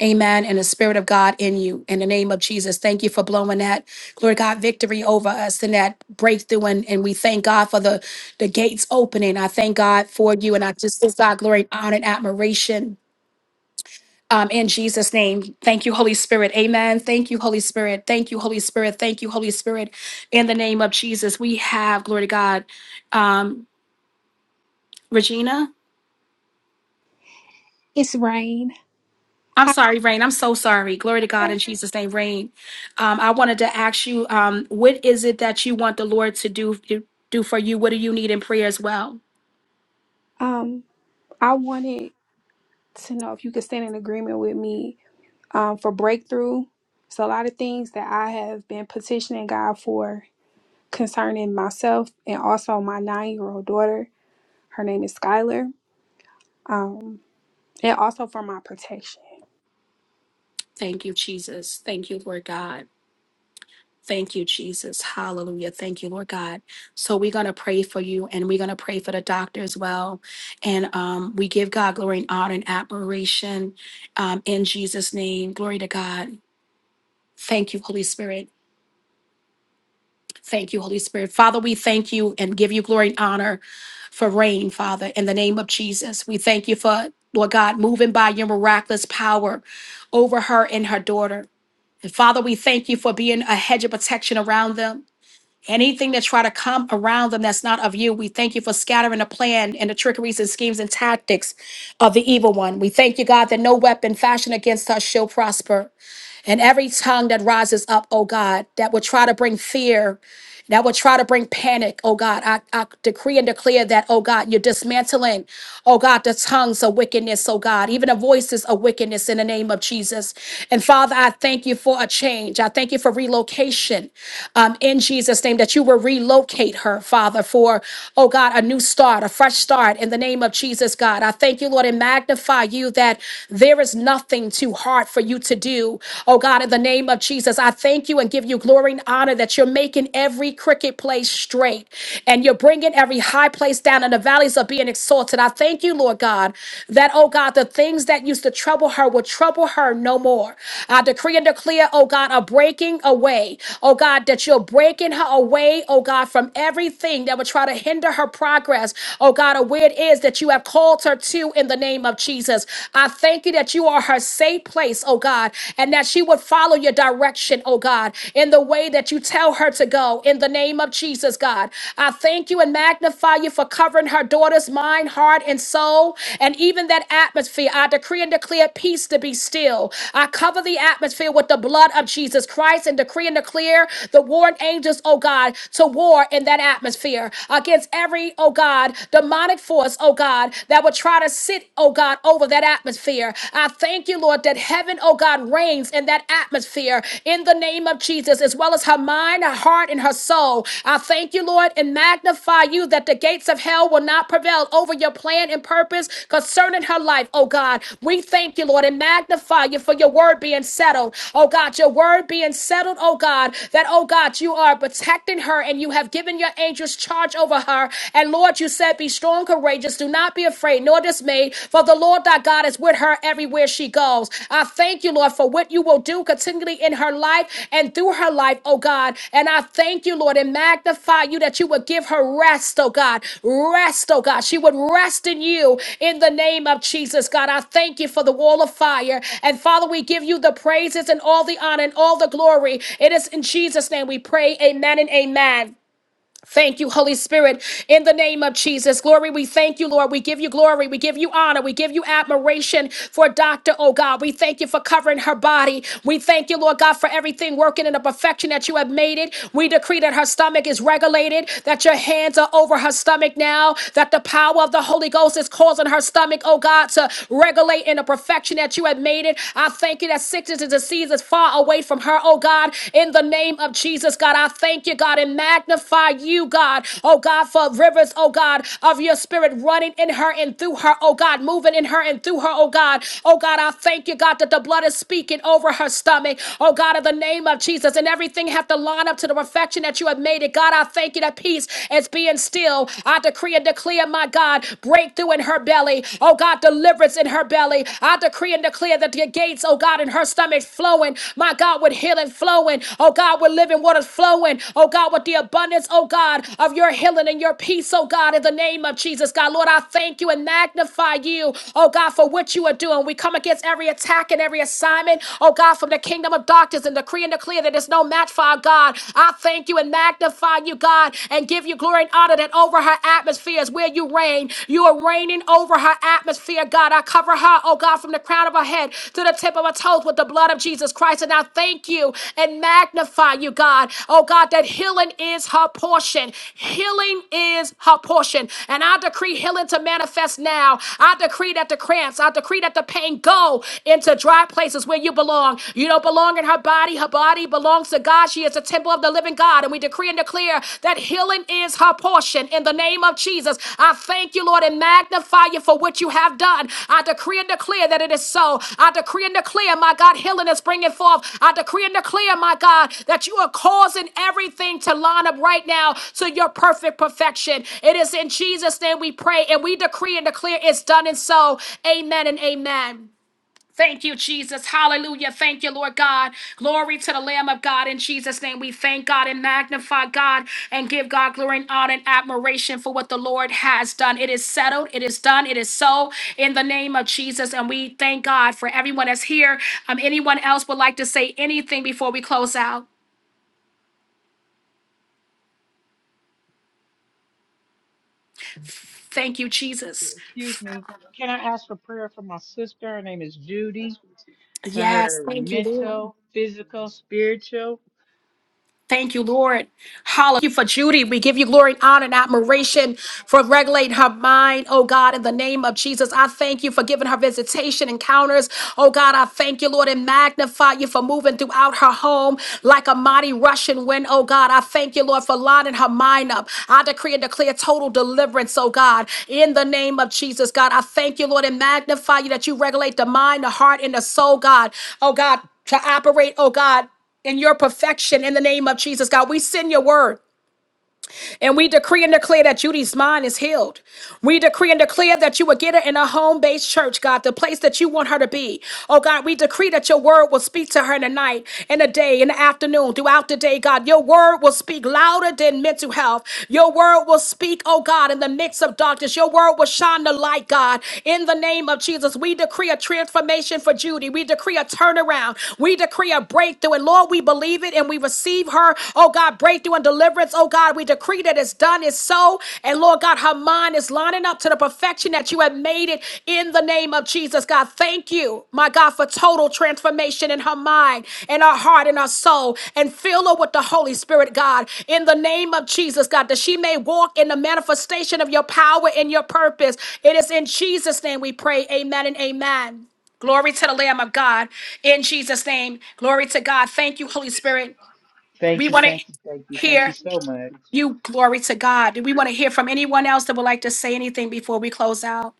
S1: Amen. And the Spirit of God in you. In the name of Jesus, thank you for blowing that, glory to God, victory over us and that breakthrough. And, and we thank God for the, the gates opening. I thank God for you. And I just give God glory, honor, and admiration Um, in Jesus' name, thank you, Holy Spirit. Amen. Thank you, Holy Spirit. Thank you, Holy Spirit. Thank you, Holy Spirit. In the name of Jesus, we have, glory to God, um, Regina.
S12: It's rain.
S1: I'm sorry, Rain. I'm so sorry. Glory to God in
S12: However,
S1: Jesus' name, Rain. Um, I wanted to ask you, um, what is it that you want the Lord to do do for you? What do you need in prayer as well?
S12: um, I wanted to know if you could stand in agreement with me um, for breakthrough. It's a lot of things that I have been petitioning God for concerning myself and also my nine year old daughter. Her name is Skylar. Um, and also for my protection.
S1: Thank you, Jesus. Thank you, Lord God. Thank you, Jesus. Hallelujah. Thank you, Lord God. So we're going to pray for you and we're going to pray for the doctor as well. And um, we give God glory and honor and admiration um, in Jesus' name. Glory to God. Thank you, Holy Spirit. Thank you, Holy Spirit. Father, we thank you and give you glory and honor for rain, Father, in the name of Jesus. We thank you for, Lord God, moving by your miraculous power over her and her daughter. And Father, we thank you for being a hedge of protection around them. Anything that try to come around them that's not of you, we thank you for scattering the plan and the trickeries and schemes and tactics of the evil one. We thank you, God, that no weapon fashioned against us shall prosper. And every tongue that rises up, oh God, that would try to bring fear that would try to bring panic, oh God. I, I decree and declare that, oh God, you're dismantling, oh God, the tongues of wickedness, oh God, even the voices of wickedness in the name of Jesus. And Father, I thank you for a change. I thank you for relocation um, in Jesus' name, that you will relocate her, Father, for, oh God, a new start, a fresh start in the name of Jesus, God. I thank you, Lord, and magnify you that there is nothing too hard for you to do, oh God, in the name of Jesus. I. Jesus, I thank you and give you glory and honor that you're making every crooked place straight and you're bringing every high place down and the valleys are being exalted. I thank you, Lord God, that, oh God, the things that used to trouble her will trouble her no more. I decree and declare, oh God, a breaking away. Oh God, that you're breaking her away, oh God, from everything that would try to hinder her progress. Oh God, or where it is that you have called her to in the name of Jesus. I thank you that you are her safe place, oh God, and that she would follow your direction, oh God, in the way that you tell her to go. In the name of Jesus, God, I thank you and magnify you for covering her daughter's mind, heart, and soul, and even that atmosphere. I decree and declare peace to be still. I cover the atmosphere with the blood of Jesus Christ and decree and declare the warring angels, oh God, to war in that atmosphere against every, oh God, demonic force, oh God, that would try to sit oh God, over that atmosphere. I thank you, Lord, that heaven, oh God, reigns in that atmosphere in the name of Jesus, as well as her mind, her heart, and her soul. I thank you, Lord, and magnify you that the gates of hell will not prevail over your plan and purpose concerning her life, oh God. We thank you, Lord, and magnify you for your word being settled, oh God, your word being settled, oh God, that, oh God, you are protecting her and you have given your angels charge over her. And Lord, you you said, Be strong, courageous. Do not be afraid nor dismayed, for the Lord thy God is with her everywhere she goes. I thank you, Lord, for what you will do continually in her life and through her life, oh God. And I thank you, Lord, and magnify you that you would give her rest, oh God. Rest, oh God. She would rest in you in the name of Jesus, God. I thank you for the wall of fire. And Father, we give you the praises and all the honor and all the glory. It is in Jesus' name we pray. Amen and amen. Thank you, Holy Spirit, in the name of Jesus. Glory, we thank you, Lord. We give you glory. We give you honor. We give you admiration for Dr. Oh God. We thank you for covering her body. We thank you, Lord God, for everything working in the perfection that you have made it. We decree that her stomach is regulated, that your hands are over her stomach now, that the power of the Holy Ghost is causing her stomach, oh God, to regulate in the perfection that you have made it. I thank you that sickness and disease is far away away from her, oh God, in the name of Jesus, God. I thank you, God, and magnify you, God, oh God, for rivers, oh God, of your spirit running in her and through her, oh God, moving in her and through her, oh God. Oh God, I thank you, God, that the blood is speaking over her stomach, oh God, in the name of Jesus, and everything have to line up to the perfection that you have made it. God, I thank you that peace is being still. I decree and declare, my God, breakthrough in her belly, oh God, deliverance rivers in her belly. I decree and declare that the gates, oh God, in her stomach flowing. My God, with healing flowing. Oh God, with living waters flowing. Oh God, with the abundance, oh God, of your healing and your peace, oh God, in the name of Jesus. God, Lord, I thank you and magnify you, oh God, for what you are doing. We come against every attack and every assignment, oh God, from the kingdom of darkness and decree and declare that there's no match for our God. I thank you and magnify you, God, and give you glory and honor that and over her atmosphere is where you reign. You are reigning over her atmosphere, God. I cover her, oh God, from the crown of her head to the tip of her toes with the blood of Jesus Christ. And I thank you and magnify you, God. Oh God, that healing is her portion. Healing is her portion. And I decree healing to manifest now. I decree that the cramps, I decree that the pain go into dry places where you belong. You don't belong in her body. Her body belongs belongs to God. She is a temple of the living God. And we decree and declare that healing is her portion in the name of Jesus. I thank you, Lord, and magnify you for what you have done. I decree and declare that it is so. I decree and declare, my God, healing is bringing forth. I decree and declare, my God, that you are causing everything to line up right now to your perfect perfection. It is in Jesus' name we pray and we decree and declare it's done and so. Amen and amen. Thank you, Jesus. Hallelujah. Thank you, Lord God. Glory to the Lamb of God. In Jesus' name, we thank God and magnify God and give God glory and honor and admiration for what the Lord has done. It is settled. It is done. It is so in the name of Jesus. And we thank God for everyone that's here. Um, anyone else would like to say anything before we close out? Thank you, Jesus.
S9: Excuse me. Can I ask for prayer for my sister? Her name is Judy. For
S1: Yes.
S9: her
S1: Thank you, Lord.
S9: mental, physical, spiritual.
S1: Thank you, Lord. Hallelujah Thank you for Judy. We give you glory and honor and admiration for regulating her mind, oh God, in the name of Jesus. I thank you for giving her visitation encounters. Oh God, I thank you, Lord, and magnify you for moving throughout her home like a mighty rushing wind, oh God. I thank you, Lord, for lining her mind up. I decree and declare total deliverance, oh God, in the name of Jesus, God. I thank you, Lord, and magnify you that you regulate the mind, the heart, and the soul, God. Oh God, to operate, oh God in your perfection in the name of Jesus, God. We send your word. And we decree and declare that Judy's mind is healed. We decree and declare that you will get her in a home based church, God, the place that you want her to be. Oh, God, we decree that your word will speak to her in the night, in the day, in the afternoon, throughout the day, God. Your word will speak louder than mental health. Your word will speak, oh, God, in the midst of darkness. Your word will shine the light, God. In the name of Jesus, we decree a transformation for Judy. We decree a turnaround. We decree a breakthrough. And Lord, we Lord, we believe it and we receive her. Oh God, breakthrough and deliverance. Oh God, we decree that it's done, it's so. And Lord God, her mind is lining up to the perfection that you have made it in the name of Jesus. God, thank you, my God, for total transformation in her mind and her heart and her soul. And fill her with the Holy Spirit, God, in the name of Jesus, God, that she may walk in the manifestation of your power and your purpose. It is in Jesus' name we pray. Amen and amen. Glory to the Lamb of God in Jesus' name. Glory to God. Thank you, Holy Spirit. We
S9: Thank you.
S1: want to
S9: Thank you. Thank you. Thank you
S1: hear
S9: so much.
S1: you. Glory to God. Do we want to hear from anyone else that would like to say anything before we close out?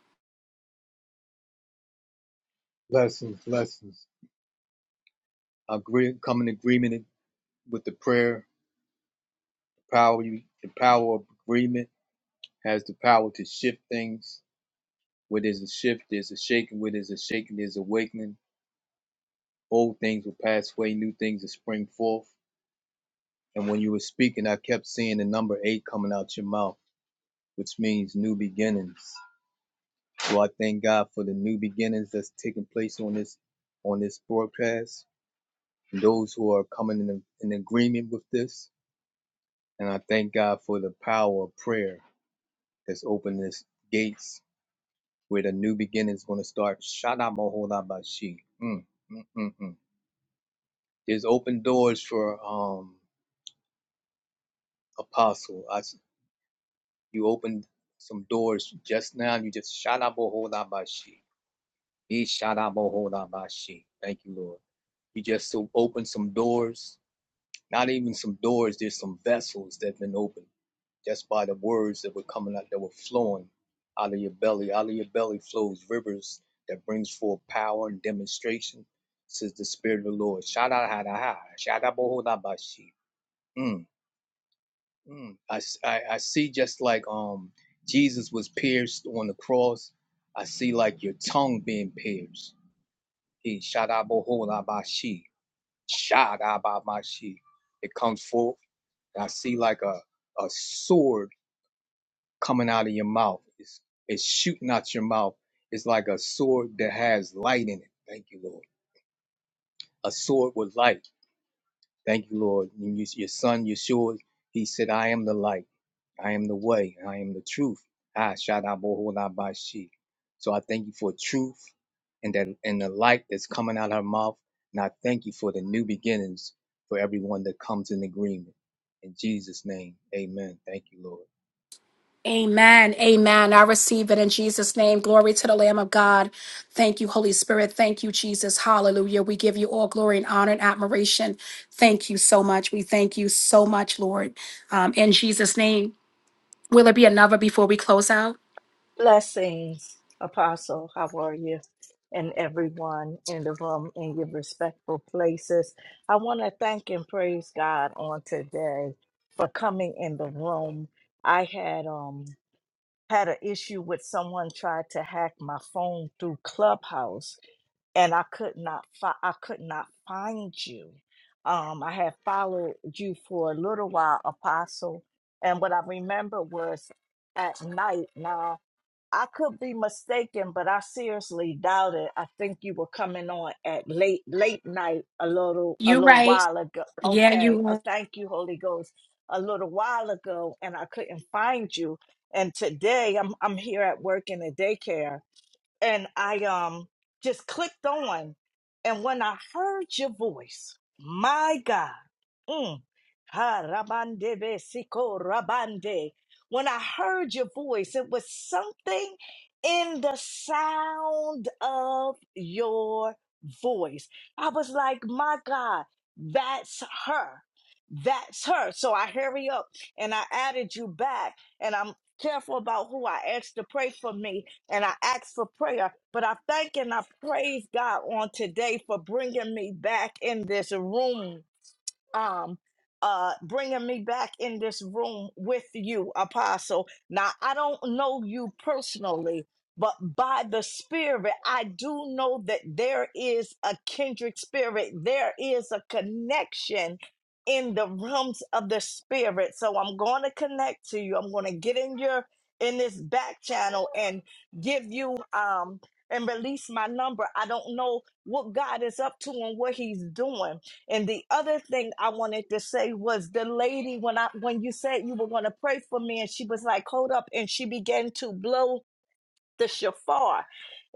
S13: Lessons, lessons. agree, come in agreement with the prayer. The power, you, the power of agreement has the power to shift things. Where there's a shift, there's a shaking. Where there's a shaking, there's awakening. Old things will pass away, new things will spring forth. And when you were speaking, I kept seeing the number eight coming out your mouth, which means new beginnings. So I thank God for the new beginnings that's taking place on this on this broadcast. And those who are coming in, in agreement with this. And I thank God for the power of prayer that's opened this gates where the new beginning is going to start. Shadamohodabashi. Mm, mm, mm, mm. There's open doors for um apostle. I, s- you opened some doors just now. You just shadamohodabashi. He shadamohodabashi. Thank you, Lord. You just so opened some doors. Not even some doors. There's some vessels that have been opened just by the words that were coming out, that were flowing out of your belly. Out of your belly flows rivers that brings forth power and demonstration, says the Spirit of the Lord. Shout out, ha, da, ha. Shout out, da, ba, shi. Mm, mm. I, I, I see just like um Jesus was pierced on the cross. I see like your tongue being pierced. He shout out, da, ba, shi. Shout out, ba, ma, It comes forth. I see like a, a sword coming out of your mouth. It's, it's shooting out your mouth. It's like a sword that has light in it. Thank you, Lord. A sword with light. Thank you, Lord. And you, your son, Yeshua, he said, I am the light. I am the way. I am the truth. Ah, shadaboholabashi. So I thank you for truth and that and the light that's coming out of her mouth. And I thank you for the new beginnings for everyone that comes in agreement. In Jesus' name, amen. Thank you, Lord.
S1: Amen. Amen. I receive it in Jesus' name. Glory to the Lamb of God. Thank you, Holy Spirit. Thank you, Jesus. Hallelujah. We give you all glory and honor and admiration. Thank you so much. We thank you so much, Lord. Um, in Jesus' name. Will there be another before we close out?
S14: Blessings, Apostle. How are you? And everyone in the room in your respectful places. I want to thank and praise God on today for coming in the room. I had um had an issue with someone tried to hack my phone through Clubhouse, and I could not fi- I could not find you. Um, I had followed you for a little while, Apostle, and what I remember was at night now. I could be mistaken, but I seriously doubt it. I think you were coming on at late late night a little a
S1: You
S14: little
S1: right.
S14: while ago.
S1: Yeah, you
S14: Okay, uh,
S1: right.
S14: thank you, Holy Ghost. A little while ago, and I couldn't find you. And today I'm I'm here at work in the daycare, and I um just clicked on, and when I heard your voice, my God, mm, ha, rabande be siko rabande. when I heard your voice, it was something in the sound of your voice. I was like, my God, that's her. That's her. So I hurry up and I added you back, and I'm careful about who I asked to pray for me and I ask for prayer. But I thank and I praise God on today for bringing me back in this room um uh bringing me back in this room with you apostle now i don't know you personally but by the spirit i do know that there is a kindred spirit there is a connection in the realms of the spirit so i'm going to connect to you i'm going to get in your in this back channel and give you um and release my number i don't know what god is up to and what he's doing and the other thing I wanted to say was the lady when I when you said you were going to pray for me and she was like, "Hold up." And she began to blow the shofar.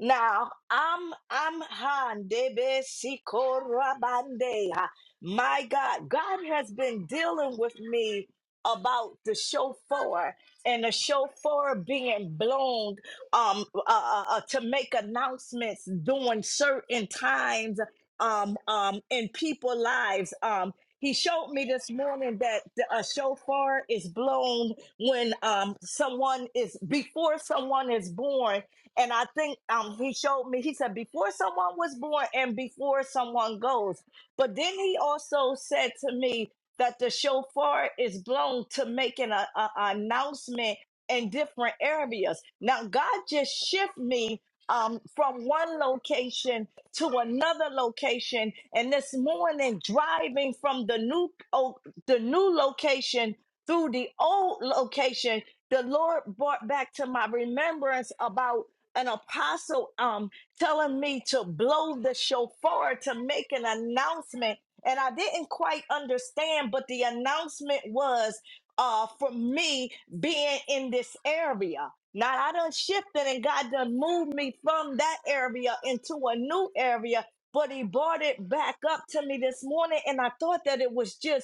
S14: Now I'm I'm Han Debe Sikorabandeha. My God, God has been dealing with me about the shofar and the shofar being blown um uh, uh, uh, to make announcements during certain times um um in people lives um he showed me this morning that the- a shofar is blown when um someone is before someone is born and i think um he showed me he said before someone was born and before someone goes but then he also said to me that the shofar is blown to make an a, a- announcement in different areas now god just shift me um, from one location to another location, and this morning driving from the new oh, the new location through the old location, the Lord brought back to my remembrance about an apostle um telling me to blow the shofar to make an announcement. And I didn't quite understand, but the announcement was uh for me being in this area. Now I done shifted and God done moved me from that area into a new area, but he brought it back up to me this morning. And I thought that it was just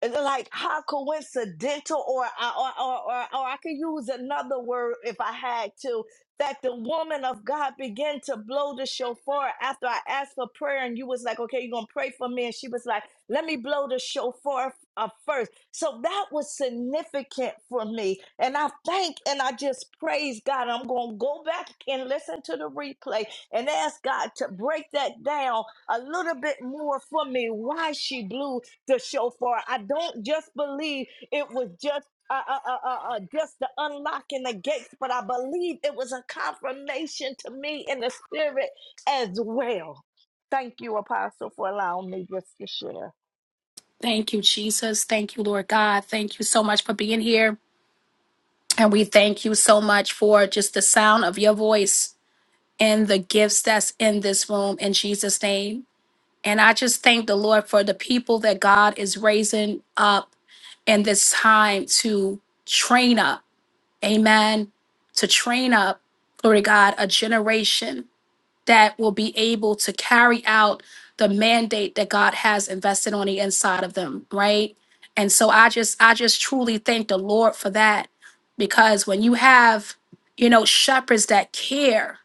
S14: it's like how coincidental, or I or, or or or I could use another word if I had to. That the woman of God began to blow the shofar after I asked for prayer, and you was like, "Okay, you're gonna pray for me," and she was like, "Let me blow the shofar uh, first. So that was significant for me, and I thank and I just praise God. I'm gonna go back and listen to the replay and ask God to break that down a little bit more for me. Why she blew the shofar. I don't just believe it was just. Uh, uh, uh, uh, uh, just the unlocking the gates, but I believe it was a confirmation to me in the spirit as well. Thank you, Apostle, for allowing me just to share.
S1: Thank you, Jesus. Thank you, Lord God. Thank you so much for being here. And we thank you so much for just the sound of your voice and the gifts that's in this room in Jesus' name. And I just thank the Lord for the people that God is raising up in this time to train up. Amen. To train up, glory to God, a generation that will be able to carry out the mandate that God has invested on the inside of them, right? And so I just I just truly thank the Lord for that because when you have you know shepherds that care,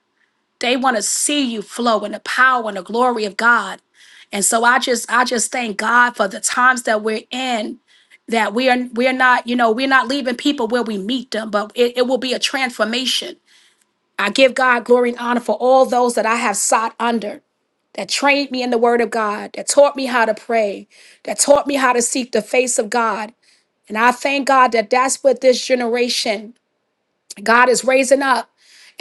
S1: they want to see you flow in the power and the glory of God. And so I just I just thank God for the times that we're in that we are we're not you know we're not leaving people where we meet them, but it, it will be a transformation. I give God glory and honor for all those that I have sought under that trained me in the Word of God, that taught me how to pray, that taught me how to seek the face of God. And I thank God that that's what this generation, God is raising up.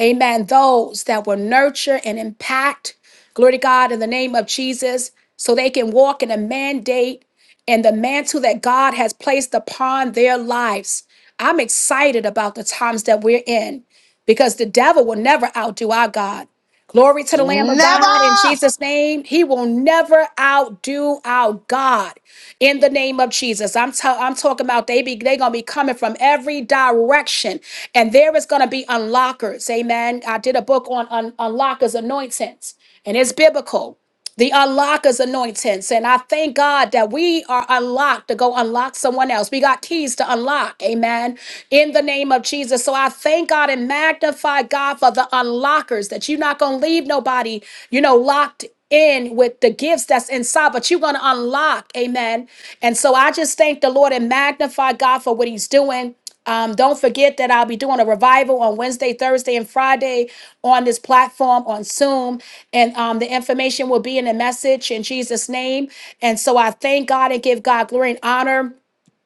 S1: Amen. Those that will nurture and impact, glory to God, in the name of Jesus, so they can walk in a mandate and the mantle that God has placed upon their lives. I'm excited about the times that we're in because the devil will never outdo our God. Glory to the Lamb of God in Jesus' name. He will never outdo our God in the name of Jesus. I'm, ta- I'm talking about they be they gonna be coming from every direction, and there is gonna be unlockers. Amen. I did a book on un- unlockers anointings, and it's biblical the unlockers anointance. And I thank God that we are unlocked to go unlock someone else. We got keys to unlock. Amen. In the name of Jesus. So I thank God and magnify God for the unlockers that you're not going to leave nobody, you know, locked in with the gifts that's inside, but you're going to unlock. Amen. And so I just thank the Lord and magnify God for what he's doing. Um, don't forget that I'll be doing a revival on Wednesday, Thursday, and Friday on this platform on Zoom. And um, the information will be in the message in Jesus' name. And so I thank God and give God glory and honor.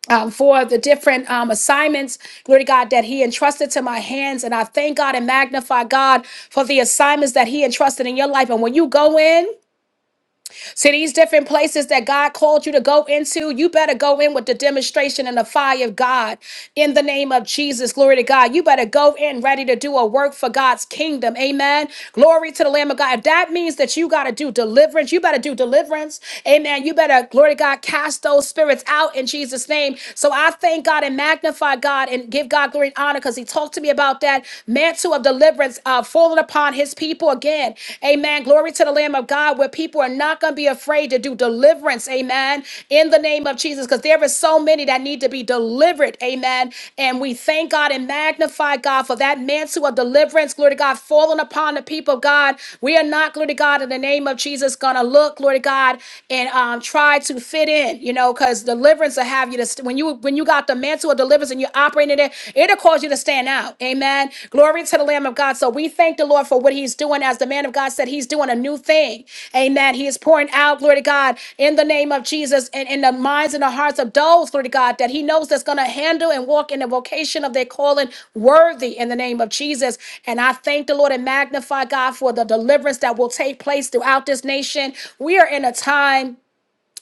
S1: um, for the different um, assignments, glory to God, that He entrusted to my hands. And I thank God and magnify God for the assignments that He entrusted in your life. And when you go in, to these different places that God called you to go into, you better go in with the demonstration and the fire of God in the name of Jesus. Glory to God. You better go in ready to do a work for God's kingdom. Amen. Glory to the Lamb of God. If that means that you got to do deliverance, you better do deliverance. Amen. You better, glory to God, cast those spirits out in Jesus' name. So I thank God and magnify God and give God glory and honor because He talked to me about that mantle of deliverance uh, uh, falling upon his people again. Amen. Glory to the Lamb of God, where people are not going to be afraid to do deliverance. Amen. In the name of Jesus, because there is so many that need to be delivered. Amen. And we thank God and magnify God for that mantle of deliverance. Glory to God, falling upon the people of God. We are not, glory to God, in the name of Jesus, going to look, glory to God, and um, try to fit in, you know, because deliverance will have you to, st- when you when you got the mantle of or deliverance and you're operating in it, it'll cause you to stand out. Amen. Glory to the Lamb of God. So we thank the Lord for what He's doing. As the man of God said, He's doing a new thing. Amen. He is pouring out, glory to God, in the name of Jesus and in the minds and the hearts of those, glory to God, that He knows that's going to handle and walk in the vocation of their calling worthy in the name of Jesus. And I thank the Lord and magnify God for the deliverance that will take place throughout this nation. We are in a time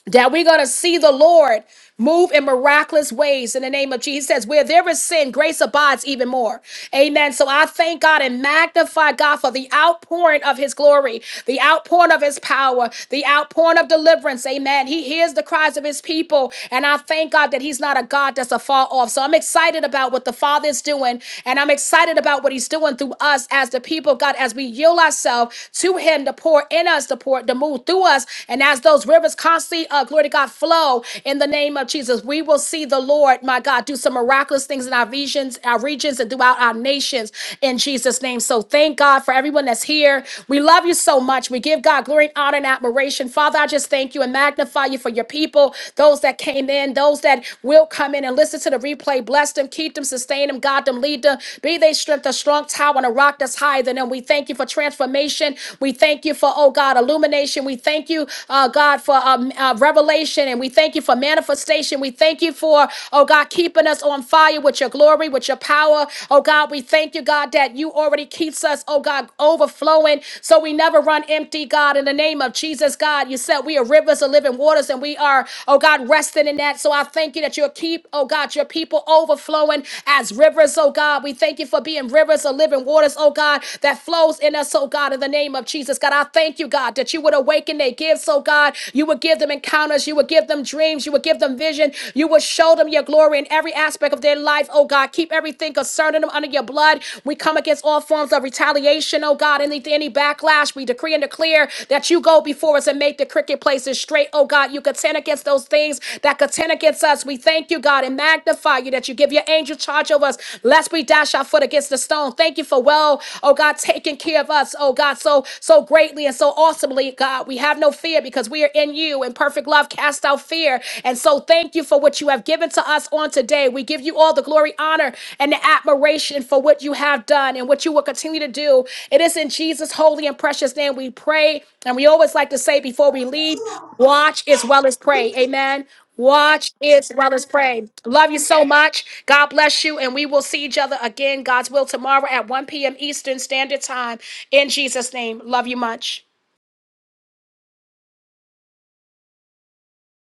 S1: that we're going to see the Lord move in miraculous ways in the name of Jesus. He says, Where there is sin, grace abides even more. Amen. So I thank God and magnify God for the outpouring of his glory, the outpouring of his power, the outpouring of deliverance. Amen. He hears the cries of his people. And I thank God that he's not a God that's afar off. So I'm excited about what the Father is doing. And I'm excited about what he's doing through us as the people of God, as we yield ourselves to him to pour in us, to pour, to move through us. And as those rivers rivers constantly, uh, glory to God, flow in the name of Jesus. We will see the Lord, my God, do some miraculous things in our visions, our regions, and throughout our nations in Jesus' name. So thank God for everyone that's here. We love you so much. We give God glory and honor and admiration. Father, I just thank you and magnify you for your people, those that came in, those that will come in and listen to the replay. Bless them, keep them, sustain them, God them, lead them. Be they strength, a strong tower, and a rock that's higher than them. We thank you for transformation. We thank you for, oh God, illumination. We thank you uh, uh, God, for um, uh, revelation. And we thank you for manifestation. We thank you for, oh God, keeping us on fire with your glory, with your power. Oh God, we thank you, God, that you already keeps us, oh God, overflowing. So we never run empty, God, in the name of Jesus, God. You said we are rivers of living waters and we are, oh God, resting in that. So I thank you that you'll keep, oh God, your people overflowing as rivers, oh God. We thank you for being rivers of living waters, oh God, that flows in us, oh God, in the name of Jesus. God, I thank you, God, that you would awaken taking their gifts, oh God. You would give them encounters. You would give them dreams. You would give them vision. You would show them your glory in every aspect of their life, oh God. Keep everything concerning them under your blood. We come against all forms of retaliation, oh God. Any, any backlash, we decree and declare that you go before us and make the cricket places straight, oh God. You contend against those things that contend against us. We thank you, God, and magnify you that you give your angel charge over us, lest we dash our foot against the stone. Thank you for well, oh God, taking care of us, oh God, so so greatly and so awesomely. Secondly, God, we have no fear because we are in you and perfect love cast out fear. And so thank you for what you have given to us on today. We give you all the glory, honor, and the admiration for what you have done and what you will continue to do. It is in Jesus' holy and precious name we pray. And we always like to say before we leave, watch as well as pray. Amen. Watch as well as pray. Love you so much. God bless you. And we will see each other again, God's will, tomorrow at 1 p.m. Eastern Standard Time. In Jesus' name. Love you much.